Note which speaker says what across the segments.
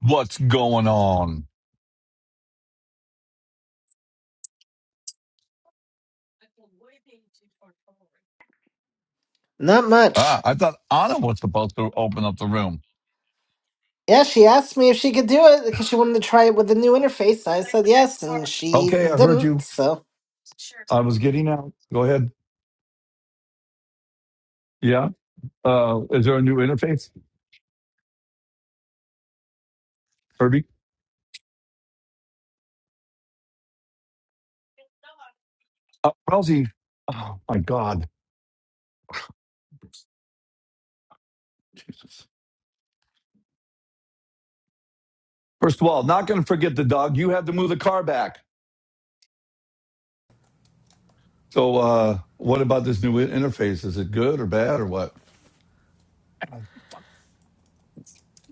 Speaker 1: What's going on?
Speaker 2: Not
Speaker 1: Ah,
Speaker 2: much.
Speaker 1: I thought Anna was supposed to open up the room.
Speaker 2: Yeah, she asked me if she could do it because she wanted to try it with the new interface. I said yes, and she
Speaker 1: Okay, I heard
Speaker 2: didn't.
Speaker 1: you.
Speaker 2: So.
Speaker 1: I was getting out. Go ahead. Yeah. Uh, is there a new interface, Herbie? Uh, Rousey. Oh my God. Jesus. First of all, not going to forget the dog. You had to move the car back. So, uh, what about this new in- interface? Is it good or bad or what?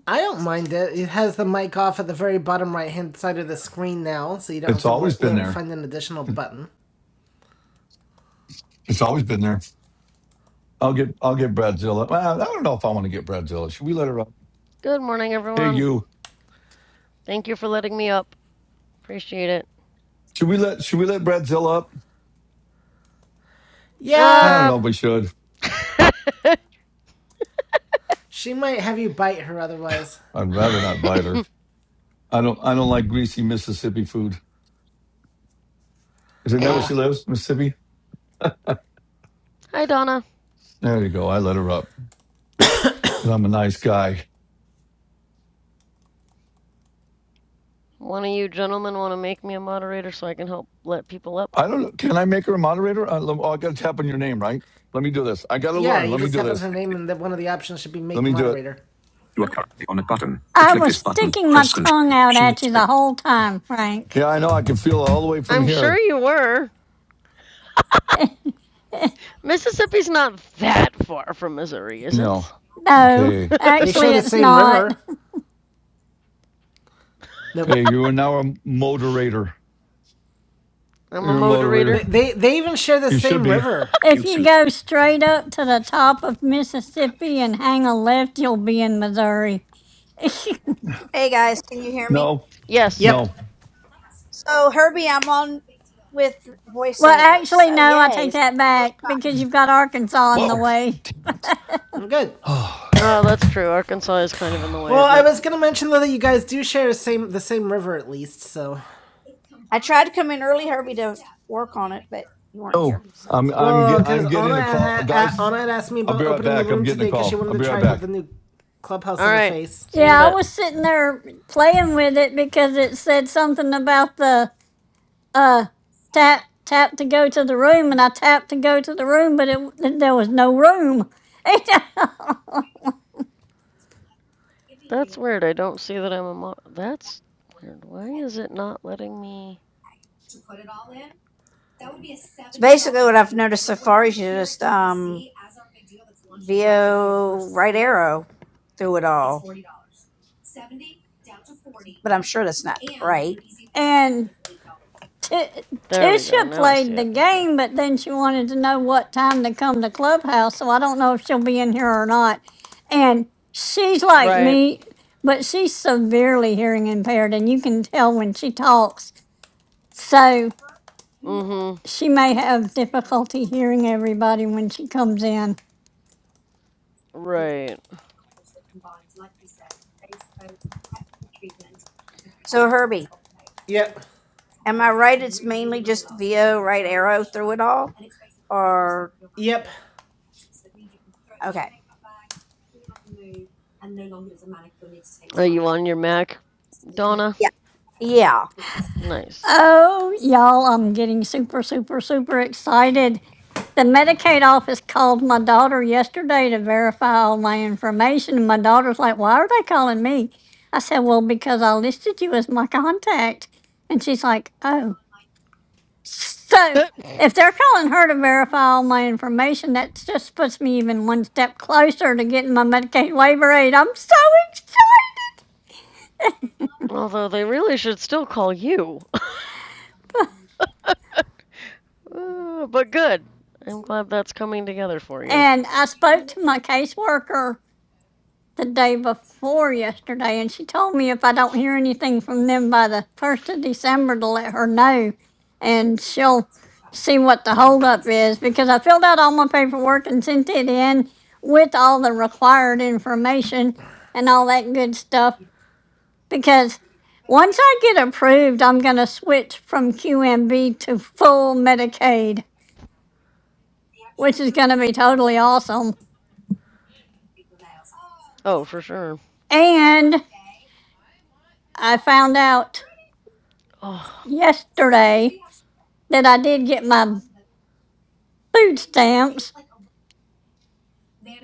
Speaker 3: I don't mind it. It has the mic off at the very bottom right hand side of the screen now, so you don't
Speaker 1: It's
Speaker 3: have to
Speaker 1: always
Speaker 3: work,
Speaker 1: been there.
Speaker 3: find an additional button.
Speaker 1: It's always been there. I'll get I'll get Bradzilla. Well, I don't know if I want to get Bradzilla. Should we let her up?
Speaker 4: Good morning,
Speaker 1: Hey,
Speaker 4: everyone.
Speaker 1: you.
Speaker 4: Thank you for letting me up. Appreciate it.
Speaker 1: Should we let Should we let Bradzilla up? I
Speaker 3: Yeah,
Speaker 1: don't
Speaker 4: Uh.
Speaker 1: know. if We should.
Speaker 3: she might have you bite her otherwise.
Speaker 1: I'd rather not bite her. I don't. I don't like greasy Mississippi food. Is it that where
Speaker 3: Ah, uh,
Speaker 1: she lives, Mississippi?
Speaker 4: Hi, Donna.
Speaker 1: There you go. I let her up because I'm a nice guy.
Speaker 4: One of you gentlemen want to make me a moderator so I can help let people up?
Speaker 1: I don't. know. Can I make her a moderator? I, lem- oh, I got to tap on your name, right? Let me do this. I got to
Speaker 3: yeah,
Speaker 1: learn.
Speaker 3: you
Speaker 1: Let me
Speaker 3: just
Speaker 1: do
Speaker 3: tap on her
Speaker 1: this.
Speaker 3: name, and that one of the options should be
Speaker 1: Let
Speaker 3: make
Speaker 1: me do it.
Speaker 3: moderator.
Speaker 5: You are currently on a button. To
Speaker 6: I
Speaker 5: click
Speaker 6: was
Speaker 5: this button,
Speaker 6: sticking my
Speaker 5: press Control
Speaker 6: tongue out at you
Speaker 5: Space.
Speaker 6: the whole time, Frank.
Speaker 1: Yeah, I know. I can feel it all the way from
Speaker 4: I'm sure
Speaker 1: here.
Speaker 4: you were. Mississippi's not that far from Missouri, is
Speaker 1: No.
Speaker 4: it?
Speaker 6: No,
Speaker 1: Okay.
Speaker 3: They share
Speaker 6: actually,
Speaker 3: the
Speaker 6: it's
Speaker 3: same
Speaker 6: not.
Speaker 3: river. Nope.
Speaker 1: Okay. You are now a moderator.
Speaker 4: I'm a
Speaker 1: You're a
Speaker 4: moderator.
Speaker 1: moderator.
Speaker 3: They, they, they even share the
Speaker 1: You should
Speaker 3: same
Speaker 1: be.
Speaker 3: river.
Speaker 6: If
Speaker 5: Mute
Speaker 6: you go
Speaker 5: selected.
Speaker 6: straight up to the top of Mississippi and hang a left, you'll be in Missouri.
Speaker 5: Hey guys, can you hear me?
Speaker 1: No.
Speaker 4: Yes.
Speaker 1: No.
Speaker 3: Yep,
Speaker 5: So Herbie, I'm on with
Speaker 6: well,
Speaker 5: voiceover.
Speaker 6: actually,
Speaker 5: So
Speaker 6: no, I
Speaker 5: yay!
Speaker 6: take that back because you've got Arkansas in the
Speaker 1: Whoa.
Speaker 6: way.
Speaker 1: Damn it.
Speaker 3: I'm good.
Speaker 4: Oh, that's true. Arkansas is kind of in the
Speaker 1: Oh.
Speaker 4: way,
Speaker 3: Well,
Speaker 4: isn't
Speaker 3: I
Speaker 4: it?
Speaker 3: was gonna mention though that you guys do share the same the same river at least, so
Speaker 5: I tried to come in early, right
Speaker 1: Oh, I'm I'm
Speaker 3: Well,
Speaker 1: get, I'm
Speaker 3: because
Speaker 1: getting
Speaker 3: Anna
Speaker 1: a call,
Speaker 3: had,
Speaker 1: guys.
Speaker 3: Anna had asked me
Speaker 1: I'll be
Speaker 3: about
Speaker 1: right
Speaker 3: opening the
Speaker 1: back. I'm
Speaker 3: room
Speaker 1: getting a
Speaker 3: today because she
Speaker 1: call.
Speaker 3: wanted
Speaker 1: I'll
Speaker 3: to
Speaker 1: be right
Speaker 3: try it with the
Speaker 1: back.
Speaker 3: new clubhouse
Speaker 4: All
Speaker 3: in her
Speaker 4: right.
Speaker 3: face.
Speaker 4: See you in a
Speaker 6: Yeah, I
Speaker 4: bit.
Speaker 6: was sitting there playing with it because it said something about the uh tap tap to go to the room, and I tapped to go to the room, but it there was no room.
Speaker 4: That's weird. I don't see that I'm a mod. That's weird. Why is it not letting me?
Speaker 5: arrow through it all, but I'm sure that's not
Speaker 6: and T-
Speaker 4: There we go.
Speaker 6: Tisha
Speaker 4: Now I see
Speaker 6: played the
Speaker 4: it. Okay.
Speaker 6: game, but then she wanted to know what time to come to Clubhouse. So I don't know if she'll be in here or not. And she's like
Speaker 4: Right.
Speaker 6: me, but she's severely hearing impaired, and you can tell when she talks. So
Speaker 4: mm Mhm.
Speaker 6: she may have difficulty hearing everybody when she comes in.
Speaker 4: Right.
Speaker 3: Yep,
Speaker 5: at all.
Speaker 3: yep,
Speaker 4: Are you on your Mac, Donna?
Speaker 5: Yeah, yeah,
Speaker 4: Nice.
Speaker 6: Oh, y'all, I'm getting super, super, super excited. The Medicaid office called my daughter yesterday to verify all my information, and my daughter's like, Why are they calling me? I said, Well, because I listed you as my contact. And she's like, Oh. So if they're calling her to verify all my information, that just puts me even one step closer to getting my Medicaid waiver aid. I'm so excited.
Speaker 4: Although they really should still call you. Uh, but good. I'm glad that's coming together for you.
Speaker 6: And I spoke to my caseworker the day before yesterday, and she told me if I don't hear anything from them by the 1st of December to let her know, and she'll see what the holdup is because I filled out all my paperwork and sent it in with all the required information and all that good stuff. Because once I get approved, I'm going to switch from QMB to full Medicaid, which is going to be totally awesome.
Speaker 4: Oh, for sure.
Speaker 6: And I found out
Speaker 4: Oh,
Speaker 6: yesterday. that I did get my food stamps.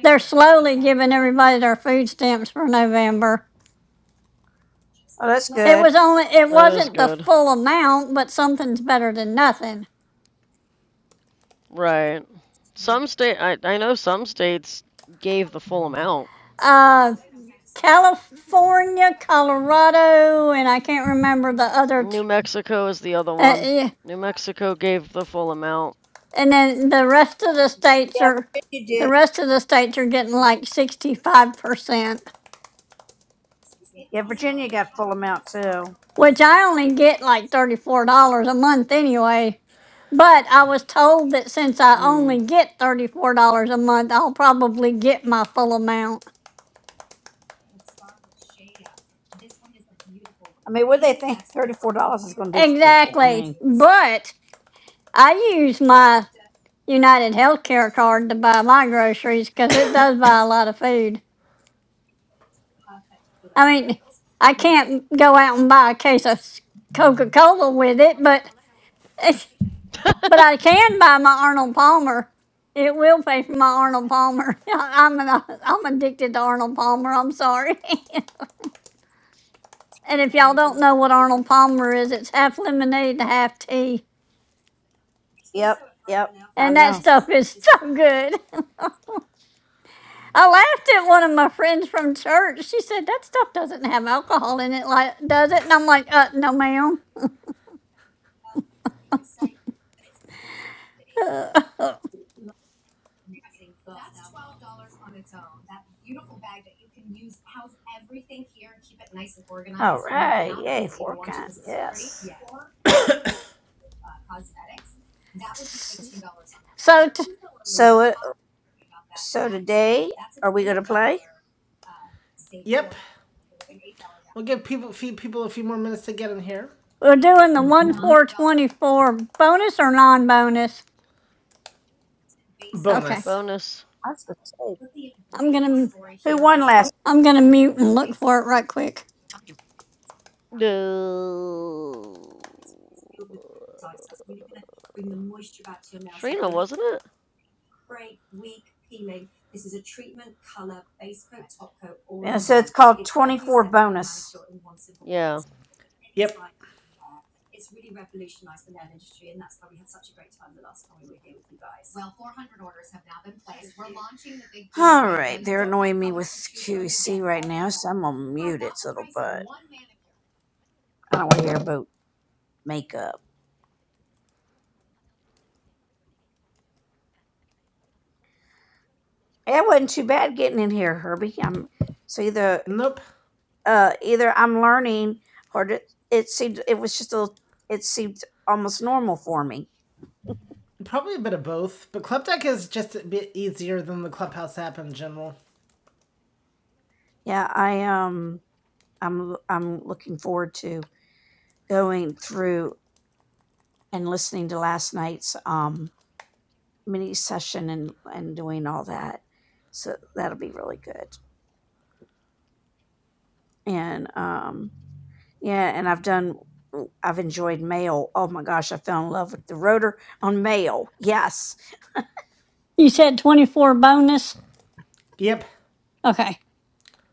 Speaker 6: They're slowly giving everybody their food stamps for November. It was only it
Speaker 4: that is
Speaker 6: wasn't the
Speaker 4: good.
Speaker 6: full amount, but something's better than nothing.
Speaker 4: Right. Some state I I know some states gave the full amount.
Speaker 6: Uh California, Colorado, and I can't remember the other
Speaker 4: New
Speaker 6: t-
Speaker 4: Mexico is the other
Speaker 6: uh,
Speaker 4: one.
Speaker 6: eh,
Speaker 4: New Mexico gave the full amount.
Speaker 6: and then the rest of the states
Speaker 5: yeah. But
Speaker 6: are
Speaker 5: if you
Speaker 6: the
Speaker 5: did
Speaker 6: rest of the states are getting like 65%. which I only get like $34 a month anyway. But I was told that since I only
Speaker 4: Mm.
Speaker 6: get $34 a month, I'll probably get my full amount. Exactly. But I use my United Healthcare card to buy my groceries because it does buy a lot of food. I mean, I can't go out and buy a case of Coca Cola with it, but But I can buy my Arnold Palmer. It will pay for my Arnold Palmer. I'm an, I'm addicted to Arnold Palmer. I'm sorry. and if y'all don't know what Arnold Palmer is, it's half lemonade to half tea. And that stuff is so good. I laughed at one of my friends from church. She said, That stuff doesn't have alcohol in it, like, does it? And I'm like, uh, No, ma'am. S- So t-
Speaker 5: today.
Speaker 3: yep. We'll give people feed people a few more minutes to get in here.
Speaker 6: we're doing the
Speaker 5: Mm-hmm.
Speaker 6: 1 4 24 bonus or non bonus? Okay.
Speaker 3: Bonus.
Speaker 4: Bonus.
Speaker 5: That's the say.
Speaker 6: I'm going to. I'm gonna mute and look for it right quick.
Speaker 4: No. Trina, wasn't it? Yeah.
Speaker 3: Yep.
Speaker 5: I'm on. I don't want to hear about makeup. It wasn't too bad getting in here, Herbie. I'm so either.
Speaker 3: Nope.
Speaker 5: uh, either I'm learning or it, it seemed it was just a little- it seemed almost normal for me.
Speaker 3: Probably a bit of both, but Club Deck is just a bit easier than the Clubhouse app in general.
Speaker 5: Yeah, I um I'm l- I'm looking forward to going through and listening to last night's um mini session and and doing all that. So that'll be really good. and um yeah and i've done i've enjoyed mail oh my gosh i fell in love with the rotor on mail yes
Speaker 6: You said 24 bonus?
Speaker 3: Yep.
Speaker 6: Okay,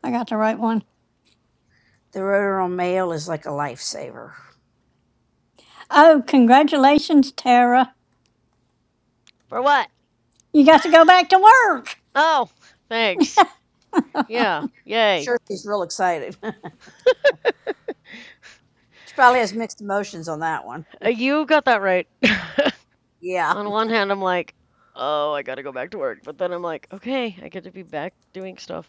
Speaker 6: I got the right one.
Speaker 5: the rotor on mail is like a lifesaver
Speaker 6: Oh, congratulations, Tara.
Speaker 4: For what?
Speaker 6: You got to go back to work.
Speaker 4: Oh, thanks. Yeah. Yay.
Speaker 5: sure she's real excited she probably has mixed emotions on that one
Speaker 4: You got that right.
Speaker 5: yeah
Speaker 4: On one hand, I'm like, oh, I gotta go back to work, but then I'm like, okay, I get to be back doing stuff.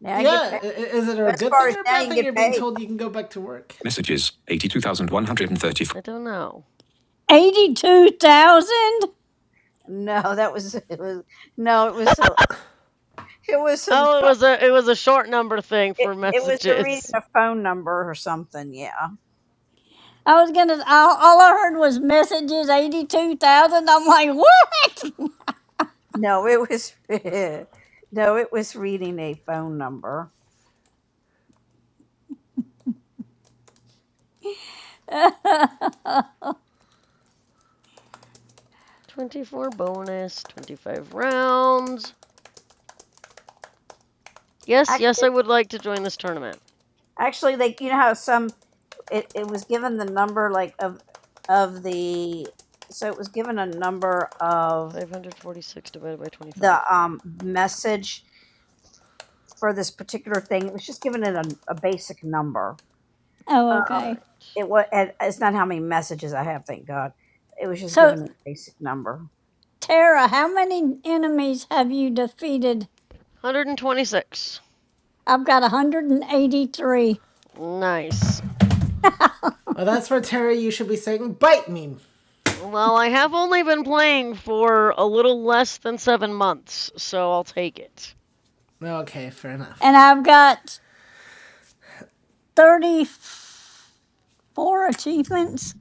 Speaker 5: now i get
Speaker 3: Yeah.
Speaker 5: paid
Speaker 3: Is it a
Speaker 5: best
Speaker 3: good thing
Speaker 5: part is
Speaker 3: or a
Speaker 5: now you
Speaker 3: bad
Speaker 5: can
Speaker 3: thing?
Speaker 5: get
Speaker 3: You're being
Speaker 5: paid
Speaker 3: told you can go back to work.
Speaker 5: Messages 82,134.
Speaker 4: I don't know.
Speaker 6: 82,000?
Speaker 5: no that was it was no it was a, it was a
Speaker 4: Oh, it was a it was a short number thing
Speaker 5: It
Speaker 4: for
Speaker 5: it was the reading
Speaker 4: messages.
Speaker 5: a phone number or something. Yeah.
Speaker 6: I was gonna, all, all I heard was messages 82,000. I'm like, what?
Speaker 5: No, it was no, it was reading a phone number.
Speaker 4: 24 bonus, 25 rounds. Yes, yes, I
Speaker 5: Actually,
Speaker 4: would like to join this tournament.
Speaker 5: actually, they you know how some it, it was given the number like of of the so it was given a number of
Speaker 4: 546 divided by
Speaker 5: the
Speaker 4: 25.
Speaker 5: um message for this particular thing. It was just given it a, a basic number. Uh,
Speaker 6: oh,
Speaker 4: All right.
Speaker 6: okay.
Speaker 5: it was and it's not how many messages I have, thank God. It was just
Speaker 6: So,
Speaker 5: given a basic number.
Speaker 6: Tara, how many enemies have you defeated?
Speaker 4: 126.
Speaker 6: I've got 183,
Speaker 4: Nice.
Speaker 3: Well, that's where Terry. You should be saying, "Bite me."
Speaker 4: Well, I have only been playing for a little less than seven months, so I'll take it.
Speaker 3: Okay, fair enough.
Speaker 6: and I've got 34 achievements.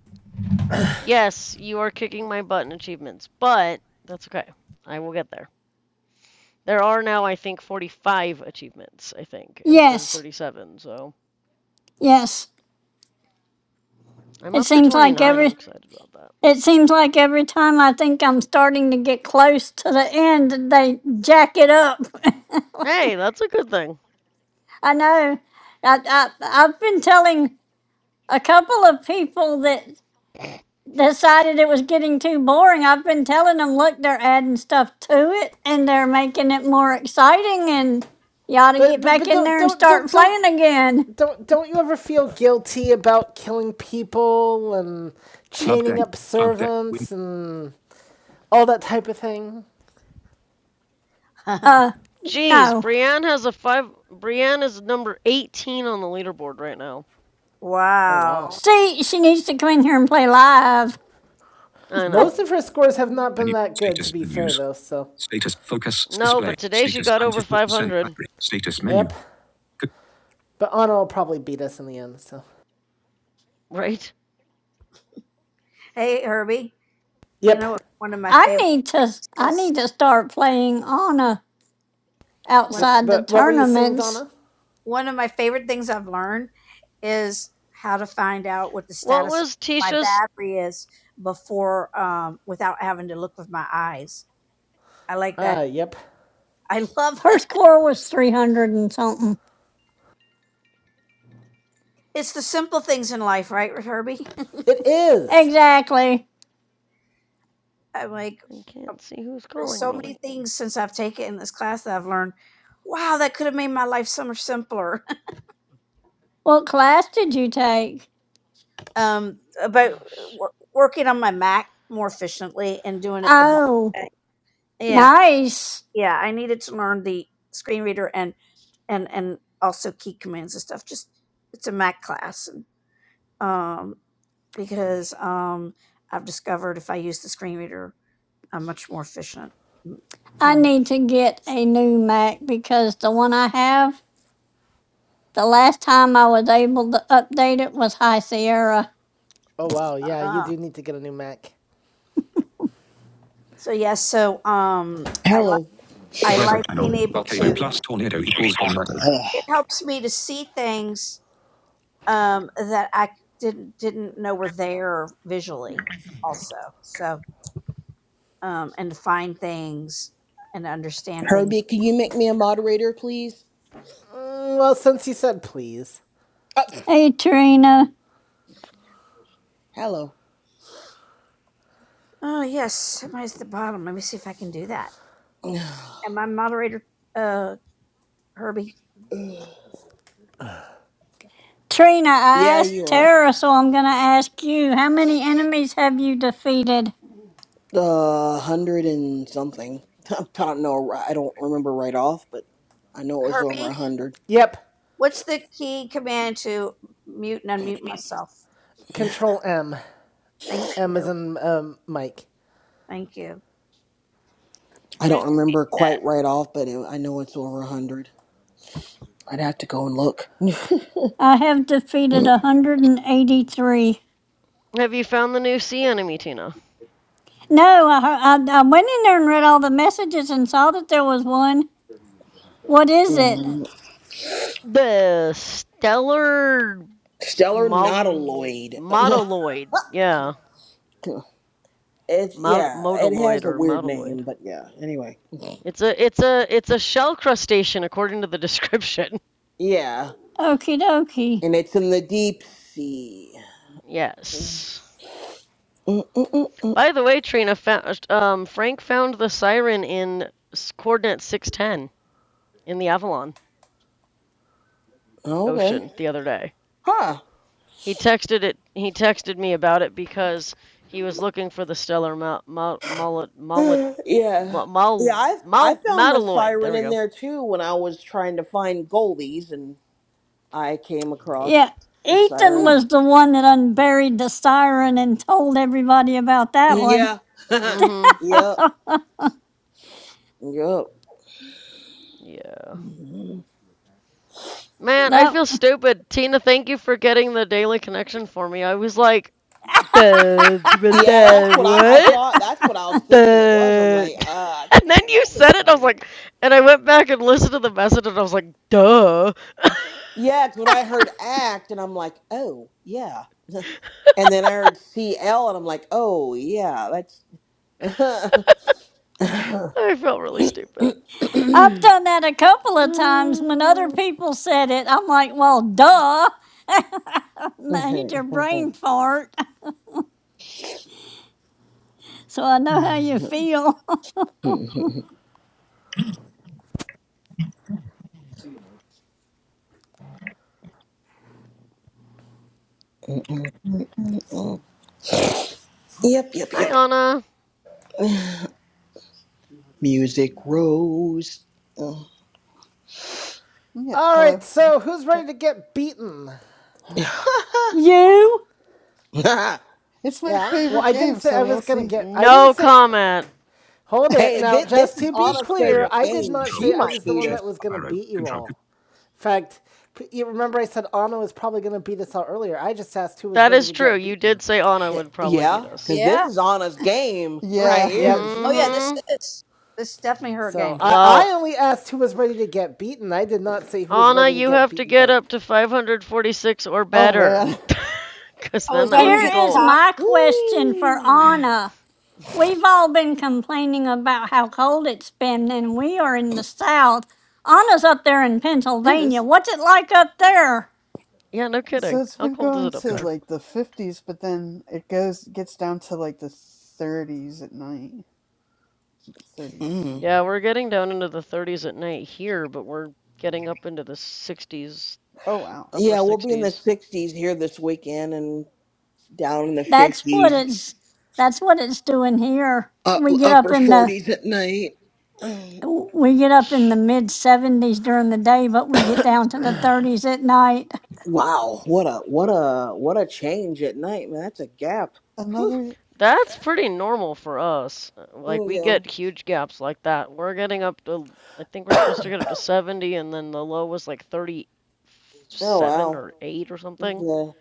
Speaker 4: Yes, you are kicking my butt in achievements, but that's okay. I will get there. There are now, I think, 45 achievements, I think, instead of
Speaker 6: Yes,
Speaker 4: 37, so
Speaker 6: yes.
Speaker 4: I'm
Speaker 6: It
Speaker 4: up to
Speaker 6: seems like
Speaker 4: 29. I'm
Speaker 6: every
Speaker 4: excited about that.
Speaker 6: it seems like every time I think I'm starting to get close to the end, they jack it up.
Speaker 4: Hey, that's a good thing.
Speaker 6: I know. I, I I've been telling a couple of people that decided it was getting too boring. I've been telling them, look, they're adding stuff to it and they're making it more exciting, and you ought to
Speaker 3: But
Speaker 6: get
Speaker 3: but
Speaker 6: back
Speaker 3: but
Speaker 6: in
Speaker 3: don't
Speaker 6: there and
Speaker 3: don't
Speaker 6: start
Speaker 3: don't don't
Speaker 6: playing again.
Speaker 3: Don't don't you ever feel guilty about killing people and
Speaker 5: Club
Speaker 3: chaining
Speaker 5: deck.
Speaker 3: up
Speaker 5: Club deck. Win.
Speaker 3: servants and all that type of thing?
Speaker 6: Uh,
Speaker 4: Jeez,
Speaker 6: no.
Speaker 4: Brienne has a five. Brienne is number 18 on the leaderboard right now.
Speaker 3: Oh wow.
Speaker 5: wow.
Speaker 6: See, she needs to come in here and play live.
Speaker 4: I know.
Speaker 3: Most of her scores have not been
Speaker 5: Menu.
Speaker 3: that good to
Speaker 5: Status
Speaker 3: be fair
Speaker 5: menus.
Speaker 3: though, so
Speaker 5: Status focus
Speaker 4: No,
Speaker 5: display.
Speaker 4: but today she
Speaker 5: Status
Speaker 4: got over
Speaker 5: 94%
Speaker 4: 500,
Speaker 5: battery. Status menu.
Speaker 3: yep.
Speaker 5: C-
Speaker 3: But Anna will probably beat us in the end, so
Speaker 4: right?
Speaker 5: Hey Herbie, you
Speaker 3: Yep.
Speaker 5: know what one of my
Speaker 6: I
Speaker 5: favorite
Speaker 6: need to I
Speaker 5: is
Speaker 6: need to start playing Anna
Speaker 5: one
Speaker 3: Yep.
Speaker 6: outside the
Speaker 3: But what were you saying,
Speaker 6: tournaments.
Speaker 3: Donna?
Speaker 5: one of my favorite things I've learned is how to find out what the
Speaker 4: What
Speaker 5: status of
Speaker 4: was
Speaker 5: my
Speaker 4: Tisha's?
Speaker 5: battery is before um, without having to look with my eyes. I like
Speaker 3: Ah,
Speaker 5: that.
Speaker 3: yep.
Speaker 5: I love
Speaker 6: Her
Speaker 5: that.
Speaker 6: score was three hundred and something.
Speaker 5: It's the simple things in life, right, Herbie?
Speaker 3: It is.
Speaker 6: Exactly.
Speaker 5: I'm like,
Speaker 4: I
Speaker 5: uh,
Speaker 4: can't see who's
Speaker 5: there's
Speaker 4: calling
Speaker 5: so
Speaker 4: me.
Speaker 5: many things since I've taken this class that I've learned. Wow, that could have made my life so much simpler.
Speaker 6: What class did you take?
Speaker 5: um,
Speaker 4: Oh,
Speaker 5: about uh,
Speaker 4: shit.
Speaker 5: wor- working on my Mac more efficiently and doing it the blind
Speaker 6: Oh,
Speaker 5: way. Yeah,
Speaker 6: nice.
Speaker 5: yeah i needed to learn the screen reader and and and also key commands and stuff just it's a mac class and, um because um i've discovered if i use the screen reader i'm much more efficient Mm,
Speaker 6: I
Speaker 5: and
Speaker 6: need to get a new Mac because the one I have, the last time I was able to update it was High Sierra.
Speaker 3: Oh wow, yeah, you
Speaker 5: uh,
Speaker 3: do need to get a new Mac.
Speaker 5: so yeah so um I
Speaker 7: Hello,
Speaker 5: I Weather like panel. being able Volcano to. plus tornado equals tornado. It helps me to see things um, that I didn't didn't know were there visually. Also, so um, and find things and understand things.
Speaker 7: Herbie. Can you make me a moderator, please?
Speaker 3: Mm, well, since you said please.
Speaker 7: Oh, pff,
Speaker 6: Hey Trina.
Speaker 7: hello.
Speaker 5: Oh yes, somebody's at the bottom. Let me see if I can do that. And my moderator, uh, Herbie.
Speaker 6: Trina, I
Speaker 7: Yeah,
Speaker 6: asked
Speaker 7: you are
Speaker 6: Tara, so I'm gonna ask you, how many enemies have you defeated?
Speaker 7: the hundred and something. I don't know. I don't remember right off, but I know it was over
Speaker 5: Herbie,
Speaker 7: a hundred.
Speaker 3: Yep.
Speaker 5: what's the key command to mute and unmute myself?
Speaker 3: Control M.
Speaker 5: Thank
Speaker 3: M is
Speaker 5: you.
Speaker 3: in um, Mike.
Speaker 5: Thank you.
Speaker 7: I don't remember quite right off, but it, I know it's over a hundred. I'd have to go and look.
Speaker 6: I have defeated 183.
Speaker 4: Have you found the new sea enemy, Tina?
Speaker 6: No, I, heard- I, I went in there and read all the messages and saw that there was one. What is it?
Speaker 7: Mm,
Speaker 4: The stellar
Speaker 7: Stellar
Speaker 4: mol-
Speaker 7: Nautiloid.
Speaker 4: modeloid. Yeah,
Speaker 7: It's
Speaker 4: Mod-
Speaker 7: yeah. It has
Speaker 4: modaloid
Speaker 7: a
Speaker 4: or
Speaker 7: weird
Speaker 4: modeloid.
Speaker 7: name, but yeah. Anyway,
Speaker 4: It's a it's a it's a shell crustacean according to the description.
Speaker 7: yeah,
Speaker 6: Okie dokie.
Speaker 7: and it's in the deep sea. Mm,
Speaker 4: Yes.
Speaker 7: mm, mm, mm.
Speaker 4: By the way, Trina, found, um, Frank found the siren in coordinate 610 in the Avalon
Speaker 7: Okay.
Speaker 4: Ocean the other day.
Speaker 7: Huh.
Speaker 4: He texted it. He texted me about it because he was looking for the stellar mal mal mal mal
Speaker 7: yeah.
Speaker 4: mal
Speaker 7: Yeah, I I
Speaker 4: mal
Speaker 7: found the
Speaker 4: metalloid. There
Speaker 7: siren
Speaker 4: we
Speaker 7: in
Speaker 4: go.
Speaker 7: there too when I was trying to find goalies and I came
Speaker 6: Yeah,
Speaker 7: across the
Speaker 6: Ethan
Speaker 4: Hmm.
Speaker 7: siren.
Speaker 6: was the one that unburied the siren and told everybody about that one.
Speaker 7: Yeah.
Speaker 4: Mm-hmm.
Speaker 7: yep. Yep.
Speaker 4: Yeah.
Speaker 7: Mhm.
Speaker 4: Man, I
Speaker 6: That
Speaker 4: feel stupid. Tina, thank you for getting the daily connection for me. I was like, duh, duh,
Speaker 7: Yeah, that's
Speaker 4: duh,
Speaker 7: what I, I
Speaker 4: what?
Speaker 7: thought. That's what I was thinking it was. I'm
Speaker 4: Duh.
Speaker 7: like, uh, I think
Speaker 4: And
Speaker 7: I
Speaker 4: then you
Speaker 7: know
Speaker 4: said
Speaker 7: this
Speaker 4: it, and I was
Speaker 7: one.
Speaker 4: like, and I went back and listened to the message, and I was like, duh.
Speaker 7: Yeah, 'cause when I heard act and I'm like, oh, yeah. And then I heard CL and I'm like, oh, yeah, that's.
Speaker 4: I felt really stupid.
Speaker 6: I've done that a couple of times when other
Speaker 4: Uh,
Speaker 6: people said it. I'm like, well, duh, major brain fart. So I know how you
Speaker 7: Yep,
Speaker 6: feel.
Speaker 7: yep, yep.
Speaker 4: hi, Anna.
Speaker 7: Music rose.
Speaker 8: Yeah,
Speaker 3: All right,
Speaker 8: hello.
Speaker 3: so who's
Speaker 8: Yep.
Speaker 3: ready to get beaten?
Speaker 6: you.
Speaker 8: It's my
Speaker 3: Yeah. Well,
Speaker 8: favorite
Speaker 3: I didn't
Speaker 8: game,
Speaker 3: say
Speaker 8: so
Speaker 3: I was
Speaker 8: we'll
Speaker 3: gonna
Speaker 8: see.
Speaker 3: get. I didn't
Speaker 4: No
Speaker 3: say.
Speaker 4: comment.
Speaker 3: Hold it
Speaker 7: Hey,
Speaker 3: now.
Speaker 7: this, this
Speaker 3: Just
Speaker 7: is
Speaker 3: to be
Speaker 5: This
Speaker 7: Anna's
Speaker 3: clear,
Speaker 5: area.
Speaker 7: favorite
Speaker 3: I did
Speaker 7: game.
Speaker 3: not
Speaker 5: Control
Speaker 7: She
Speaker 3: say I
Speaker 7: might
Speaker 3: was
Speaker 5: Option
Speaker 3: the
Speaker 7: beat
Speaker 3: one
Speaker 5: Shift
Speaker 3: that
Speaker 7: us.
Speaker 3: was
Speaker 5: up
Speaker 3: gonna
Speaker 5: arrow.
Speaker 3: beat you
Speaker 5: Control.
Speaker 3: all. In fact, you remember I said Anna was probably gonna beat us all earlier. I just asked who was
Speaker 4: That
Speaker 3: ready
Speaker 4: is
Speaker 3: to
Speaker 4: true.
Speaker 3: get
Speaker 4: You
Speaker 3: beaten.
Speaker 4: did say Anna
Speaker 7: Eh,
Speaker 4: would probably beat
Speaker 7: yeah,
Speaker 4: us.
Speaker 7: Because
Speaker 5: Yeah.
Speaker 7: this is Anna's game right
Speaker 8: Yeah.
Speaker 7: here.
Speaker 3: Yep.
Speaker 7: She
Speaker 5: Oh yeah,
Speaker 7: going
Speaker 5: this
Speaker 4: Mm-hmm.
Speaker 5: is. This is definitely her
Speaker 3: So
Speaker 5: game.
Speaker 3: I I
Speaker 4: Well,
Speaker 3: only asked who was ready to get beaten. I did not say who was
Speaker 4: Anna,
Speaker 3: ready to
Speaker 4: you
Speaker 3: get
Speaker 4: have to
Speaker 3: beaten
Speaker 4: get
Speaker 3: by.
Speaker 4: up to 546 or
Speaker 8: Oh
Speaker 4: better.
Speaker 8: man.
Speaker 4: Because
Speaker 5: Oh, is
Speaker 4: then that
Speaker 5: that
Speaker 4: would
Speaker 5: who's
Speaker 6: Here
Speaker 4: be
Speaker 5: at the
Speaker 6: is
Speaker 4: gold.
Speaker 5: top?
Speaker 6: my question for
Speaker 7: Woo!
Speaker 6: Anna. We've all been complaining about how cold it's been, and we are in the South. Anna's up there in
Speaker 8: It
Speaker 6: Pennsylvania.
Speaker 8: is
Speaker 6: What's it like up there?
Speaker 4: Yeah, no
Speaker 8: so
Speaker 4: kidding.
Speaker 8: it's
Speaker 4: How
Speaker 8: been
Speaker 4: cold is
Speaker 8: going
Speaker 4: it up
Speaker 8: to
Speaker 5: Control.
Speaker 4: there?
Speaker 8: like the 50s, but then it goes gets down to like the 30s at night. 30s.
Speaker 7: mm.
Speaker 4: Yeah, we're getting down into the 30s at night here, but we're getting up into the 60s,
Speaker 8: Oh wow.
Speaker 4: upper
Speaker 7: Yeah, we'll be in the
Speaker 4: 60s.
Speaker 7: 60s here this weekend and down in the
Speaker 6: That's what
Speaker 7: 50s.
Speaker 6: it's. That's what it's doing here.
Speaker 7: uh,
Speaker 6: We get up
Speaker 7: upper
Speaker 6: in the
Speaker 7: forties at night.
Speaker 6: we get up in the mid 70s during the day, but we get down to the 30s at night.
Speaker 7: Wow, what
Speaker 8: S-
Speaker 7: a what a what a change at night, man. That's a gap.
Speaker 8: Another
Speaker 4: That's pretty normal for us. Uh, Like
Speaker 7: Mm,
Speaker 4: we get
Speaker 7: Yeah.
Speaker 4: huge gaps like that. We're getting up to I think we're supposed to get up to 70 and then the low was like
Speaker 7: Oh
Speaker 4: 37
Speaker 7: wow.
Speaker 4: or 8 or something.
Speaker 7: Yeah.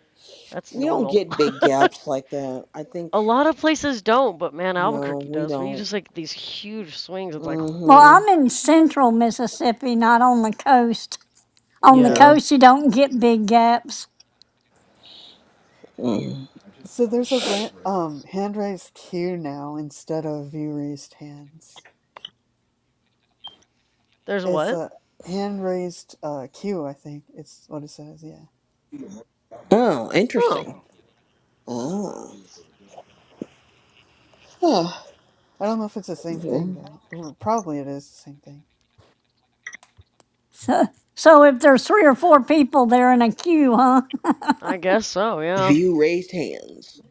Speaker 4: That's
Speaker 7: We don't
Speaker 4: normal.
Speaker 7: get big gaps like that. I think
Speaker 4: A lot of places don't, but man,
Speaker 7: no,
Speaker 4: Albuquerque
Speaker 7: we
Speaker 4: does. We
Speaker 7: don't.
Speaker 4: just like these huge swings. It's like,
Speaker 6: Well,
Speaker 4: holy,
Speaker 6: I'm
Speaker 7: Mm-hmm.
Speaker 6: in central Mississippi, not on the coast. On the
Speaker 7: Yeah.
Speaker 4: yeah.
Speaker 6: coast, you don't get big gaps.
Speaker 7: Mm.
Speaker 8: so there's a ra- um hand raised queue now instead of view raised hands.
Speaker 4: There's
Speaker 8: It's
Speaker 4: what?
Speaker 8: a hand raised uh queue, I think. It's what it says, yeah.
Speaker 7: Oh,
Speaker 4: Oh,
Speaker 7: interesting. Oh. oh.
Speaker 8: I don't know if it's the same thing
Speaker 7: mhm.
Speaker 8: though. R- Probably it is the same thing.
Speaker 6: So, so if there's three or four people there in a queue, huh?
Speaker 4: I guess so, yeah.
Speaker 7: View raised hands.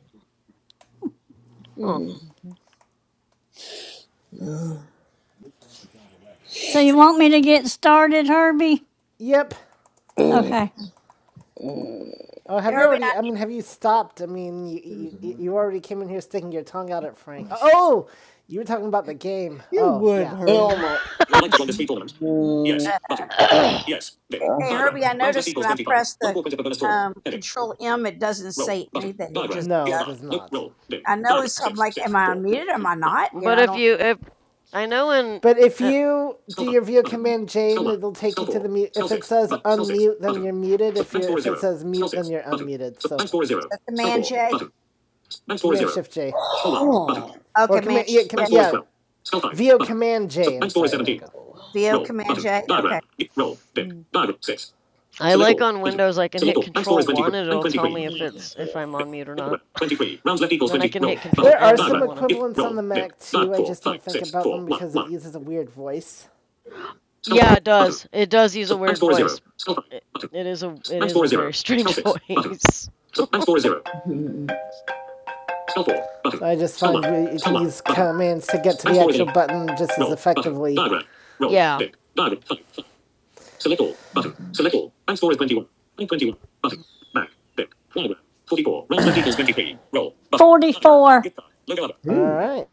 Speaker 4: Huh.
Speaker 7: Mm.
Speaker 8: hmm
Speaker 7: Mm.
Speaker 6: So you want me to get started, Herbie?
Speaker 3: Yep.
Speaker 7: Mm.
Speaker 6: Okay.
Speaker 7: Mm.
Speaker 3: Oh,
Speaker 5: Hey
Speaker 3: have you
Speaker 5: Herbie,
Speaker 3: already?
Speaker 5: I,
Speaker 3: I mean, have you stopped? I mean, you, you, you already came in here sticking your tongue out at
Speaker 8: Oh,
Speaker 3: Frank.
Speaker 8: jeez.
Speaker 3: Oh, you were talking about the game.
Speaker 8: You
Speaker 3: Oh,
Speaker 8: would,
Speaker 3: yeah, yeah.
Speaker 7: Oh
Speaker 8: Herman.
Speaker 7: my. Mm.
Speaker 5: uh,
Speaker 7: Uh.
Speaker 5: hey Herbie, I noticed when I press the um, Control M, it doesn't say anything. It just
Speaker 3: No, it
Speaker 5: does.
Speaker 3: does not.
Speaker 5: I know, it's. I'm like, am I unmuted? Am I not? You know,
Speaker 4: But
Speaker 5: I
Speaker 4: if
Speaker 5: don't. Is
Speaker 4: you if I know in
Speaker 3: But if you do your view command Jane, it'll take you to the mute. If it says unmute, then you're muted. If you're if it says mute, then you're unmuted. So
Speaker 5: that Command J.
Speaker 3: command shift J
Speaker 7: Oh.
Speaker 5: Oh,
Speaker 3: or
Speaker 5: Command
Speaker 3: command yeah com,
Speaker 5: J.
Speaker 3: yeah, VO command J. I'm sorry. There we go.
Speaker 5: VO Command J. Okay.
Speaker 8: Mhm.
Speaker 4: I like on Windows, I can hit Control 1 and it'll tell me if it's if I'm on mute or not. And then I can hit Control
Speaker 3: There are
Speaker 4: M if I
Speaker 3: some
Speaker 4: want to.
Speaker 3: equivalents on the Mac too. I just don't think about them because it uses a weird voice.
Speaker 4: Yeah, it does. It does use a weird voice. It, it is a it is a very strange voice.
Speaker 7: Mm.
Speaker 3: So I just find you can use commands to get to the actual button just as effectively.
Speaker 4: yeah.
Speaker 6: Forty-four.
Speaker 3: All
Speaker 7: Ooh.
Speaker 3: right.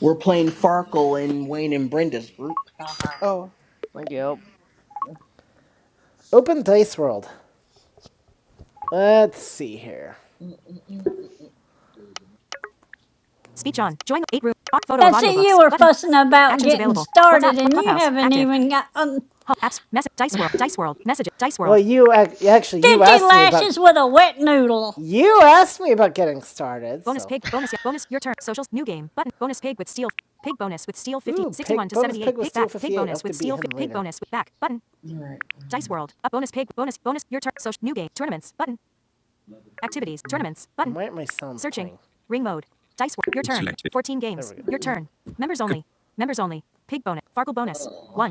Speaker 7: We're playing Farkle in Wayne and Brenda's group. It's
Speaker 8: Oh,
Speaker 7: like,
Speaker 4: Yep.
Speaker 3: Open Dice World. Let's see here.
Speaker 7: mm, mm, mm.
Speaker 6: That's it. You were fussing about getting started, and you haven't even got um,
Speaker 3: message Well, you ac- actually you
Speaker 6: 50
Speaker 3: asked me about
Speaker 6: lashes with a wet noodle.
Speaker 3: you asked me about getting started. so- Ooh, sixty-one pig- bonus pig with him later.
Speaker 7: all right.
Speaker 3: Why my sounds
Speaker 5: Selected. Con-
Speaker 7: Oh.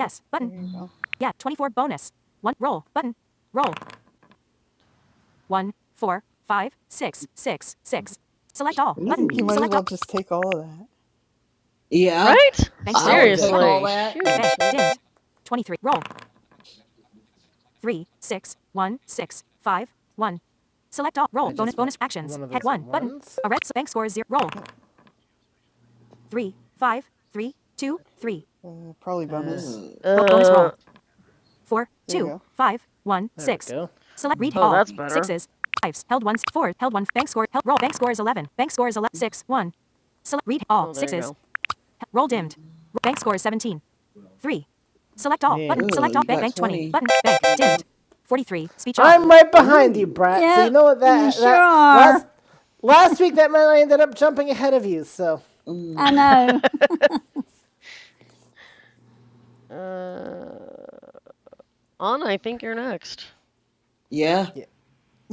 Speaker 8: yep. There you go. I think you
Speaker 7: Ooh.
Speaker 8: might as well just take all of that.
Speaker 7: Yeah,
Speaker 4: right?
Speaker 3: Yeah,
Speaker 7: I would
Speaker 3: did.
Speaker 7: take all
Speaker 4: Seriously.
Speaker 7: that. and-
Speaker 4: Shoot.
Speaker 8: There you go.
Speaker 7: Ooh.
Speaker 3: one once.
Speaker 8: Yep. Uh, probably
Speaker 3: Uh,
Speaker 8: bonus.
Speaker 7: Uh,
Speaker 8: There you
Speaker 4: Uh
Speaker 8: go. There you
Speaker 3: two,
Speaker 8: go.
Speaker 3: five, one, six, three.
Speaker 4: oh,
Speaker 7: mm,
Speaker 4: that's better. Oh, there you
Speaker 7: mm.
Speaker 3: Yeah.
Speaker 7: Uh, you got 20. There you go.
Speaker 3: I'm
Speaker 4: go.
Speaker 3: right behind you,
Speaker 7: Ooh.
Speaker 3: brat. So you
Speaker 6: Yep,
Speaker 3: know what
Speaker 6: you
Speaker 3: that
Speaker 6: sure
Speaker 3: that last
Speaker 6: are.
Speaker 3: last week that man I ended up jumping ahead of you. So
Speaker 6: I
Speaker 7: Mm.
Speaker 6: know.
Speaker 4: Yep. uh Anna, I think you're next
Speaker 7: Yeah.
Speaker 3: yeah,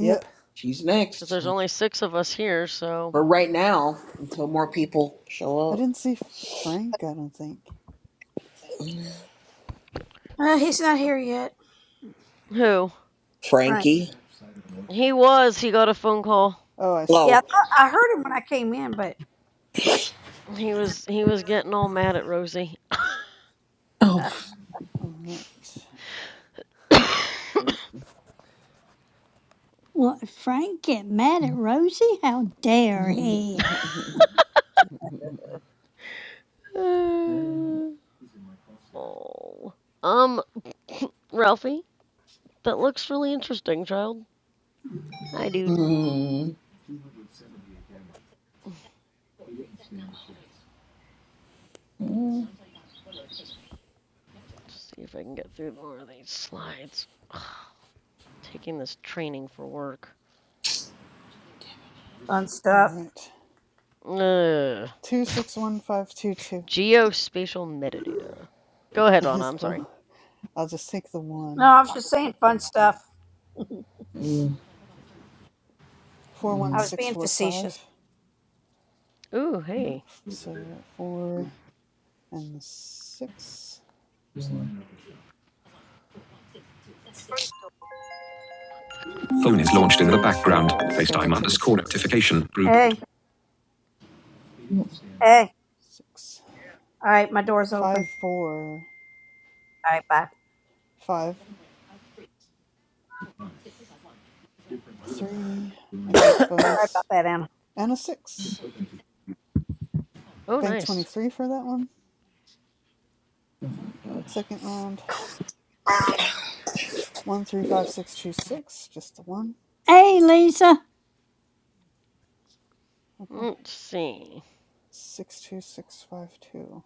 Speaker 3: yep.
Speaker 7: She's
Speaker 4: cuz
Speaker 7: next.
Speaker 4: there's only 6 of us here, so
Speaker 7: For right now, until more people show
Speaker 8: I
Speaker 7: up.
Speaker 8: didn't see Frank, I don't think.
Speaker 5: Uh, he's not here yet,
Speaker 4: who?
Speaker 5: Frank.
Speaker 7: Frankie.
Speaker 4: He was. He got a phone call.
Speaker 8: Oh, I see.
Speaker 5: Yeah, I,
Speaker 7: Oh.
Speaker 5: thought- I heard him when I came in, but
Speaker 4: He was he was getting all mad at Rosie.
Speaker 7: Oh.
Speaker 5: uh,
Speaker 8: All right.
Speaker 6: What, Frank get mad at Rosie? How dare he?
Speaker 4: oh. Um, Ralphie, that looks really interesting, child. Hi, dude. Let's see if I can get through more of these slides. Ugh, Taking this training for work.
Speaker 5: fun
Speaker 8: All
Speaker 5: stuff.
Speaker 8: right.
Speaker 4: Ugh.
Speaker 8: 261522
Speaker 4: Geospatial metadata. Go ahead, Lana.
Speaker 8: is
Speaker 4: I'm sorry.
Speaker 8: cool. I'll just take the
Speaker 5: No,
Speaker 8: one.
Speaker 5: I was just saying fun stuff. I was being
Speaker 8: 41645.
Speaker 5: facetious.
Speaker 4: Ooh, hey.
Speaker 8: So 4 and the 6.
Speaker 4: What the crud is
Speaker 5: Phone is
Speaker 8: Six
Speaker 5: launched in the
Speaker 8: three
Speaker 4: this?
Speaker 5: background.
Speaker 8: two. So I'll
Speaker 5: FaceTime
Speaker 8: take a
Speaker 5: underscore
Speaker 8: six.
Speaker 5: notification group. Hey, hey.
Speaker 8: Six.
Speaker 5: All right, my door's open.
Speaker 8: Five four,
Speaker 5: All right, bye.
Speaker 8: five, three, I think
Speaker 5: Sorry about
Speaker 8: bonus.
Speaker 5: that, Anna.
Speaker 8: And a six.
Speaker 4: Oh,
Speaker 8: Bank twenty
Speaker 4: nice.
Speaker 8: three for that one. Second round. One three five six two six. Just the one.
Speaker 6: Hey, Lisa,
Speaker 8: Oh cool.
Speaker 4: Let's see.
Speaker 8: Six two six five two.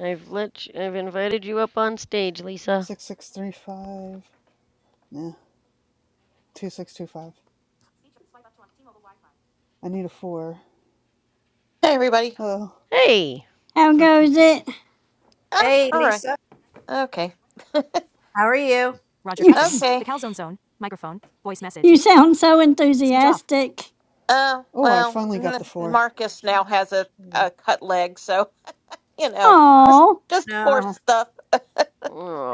Speaker 4: I've let you, I've invited you up on stage, Lisa.
Speaker 8: Six six three five. Nah. Two six two five. I need a four.
Speaker 9: Hey, everybody.
Speaker 8: Oh.
Speaker 4: Hey.
Speaker 6: how
Speaker 8: Three two
Speaker 6: goes
Speaker 8: two.
Speaker 6: it?
Speaker 9: Ah,
Speaker 5: Hey,
Speaker 9: all right.
Speaker 5: Lisa.
Speaker 9: Okay.
Speaker 5: How are you?
Speaker 6: You, s-
Speaker 9: Okay.
Speaker 6: you sound so enthusiastic.
Speaker 9: Uh,
Speaker 8: Oh, I
Speaker 9: well,
Speaker 8: finally got
Speaker 9: n-
Speaker 8: the four.
Speaker 9: Marcus now has a,
Speaker 8: There we go.
Speaker 9: a cut leg, so, you know, just,
Speaker 6: Oh,
Speaker 9: just poor
Speaker 5: No.
Speaker 9: stuff.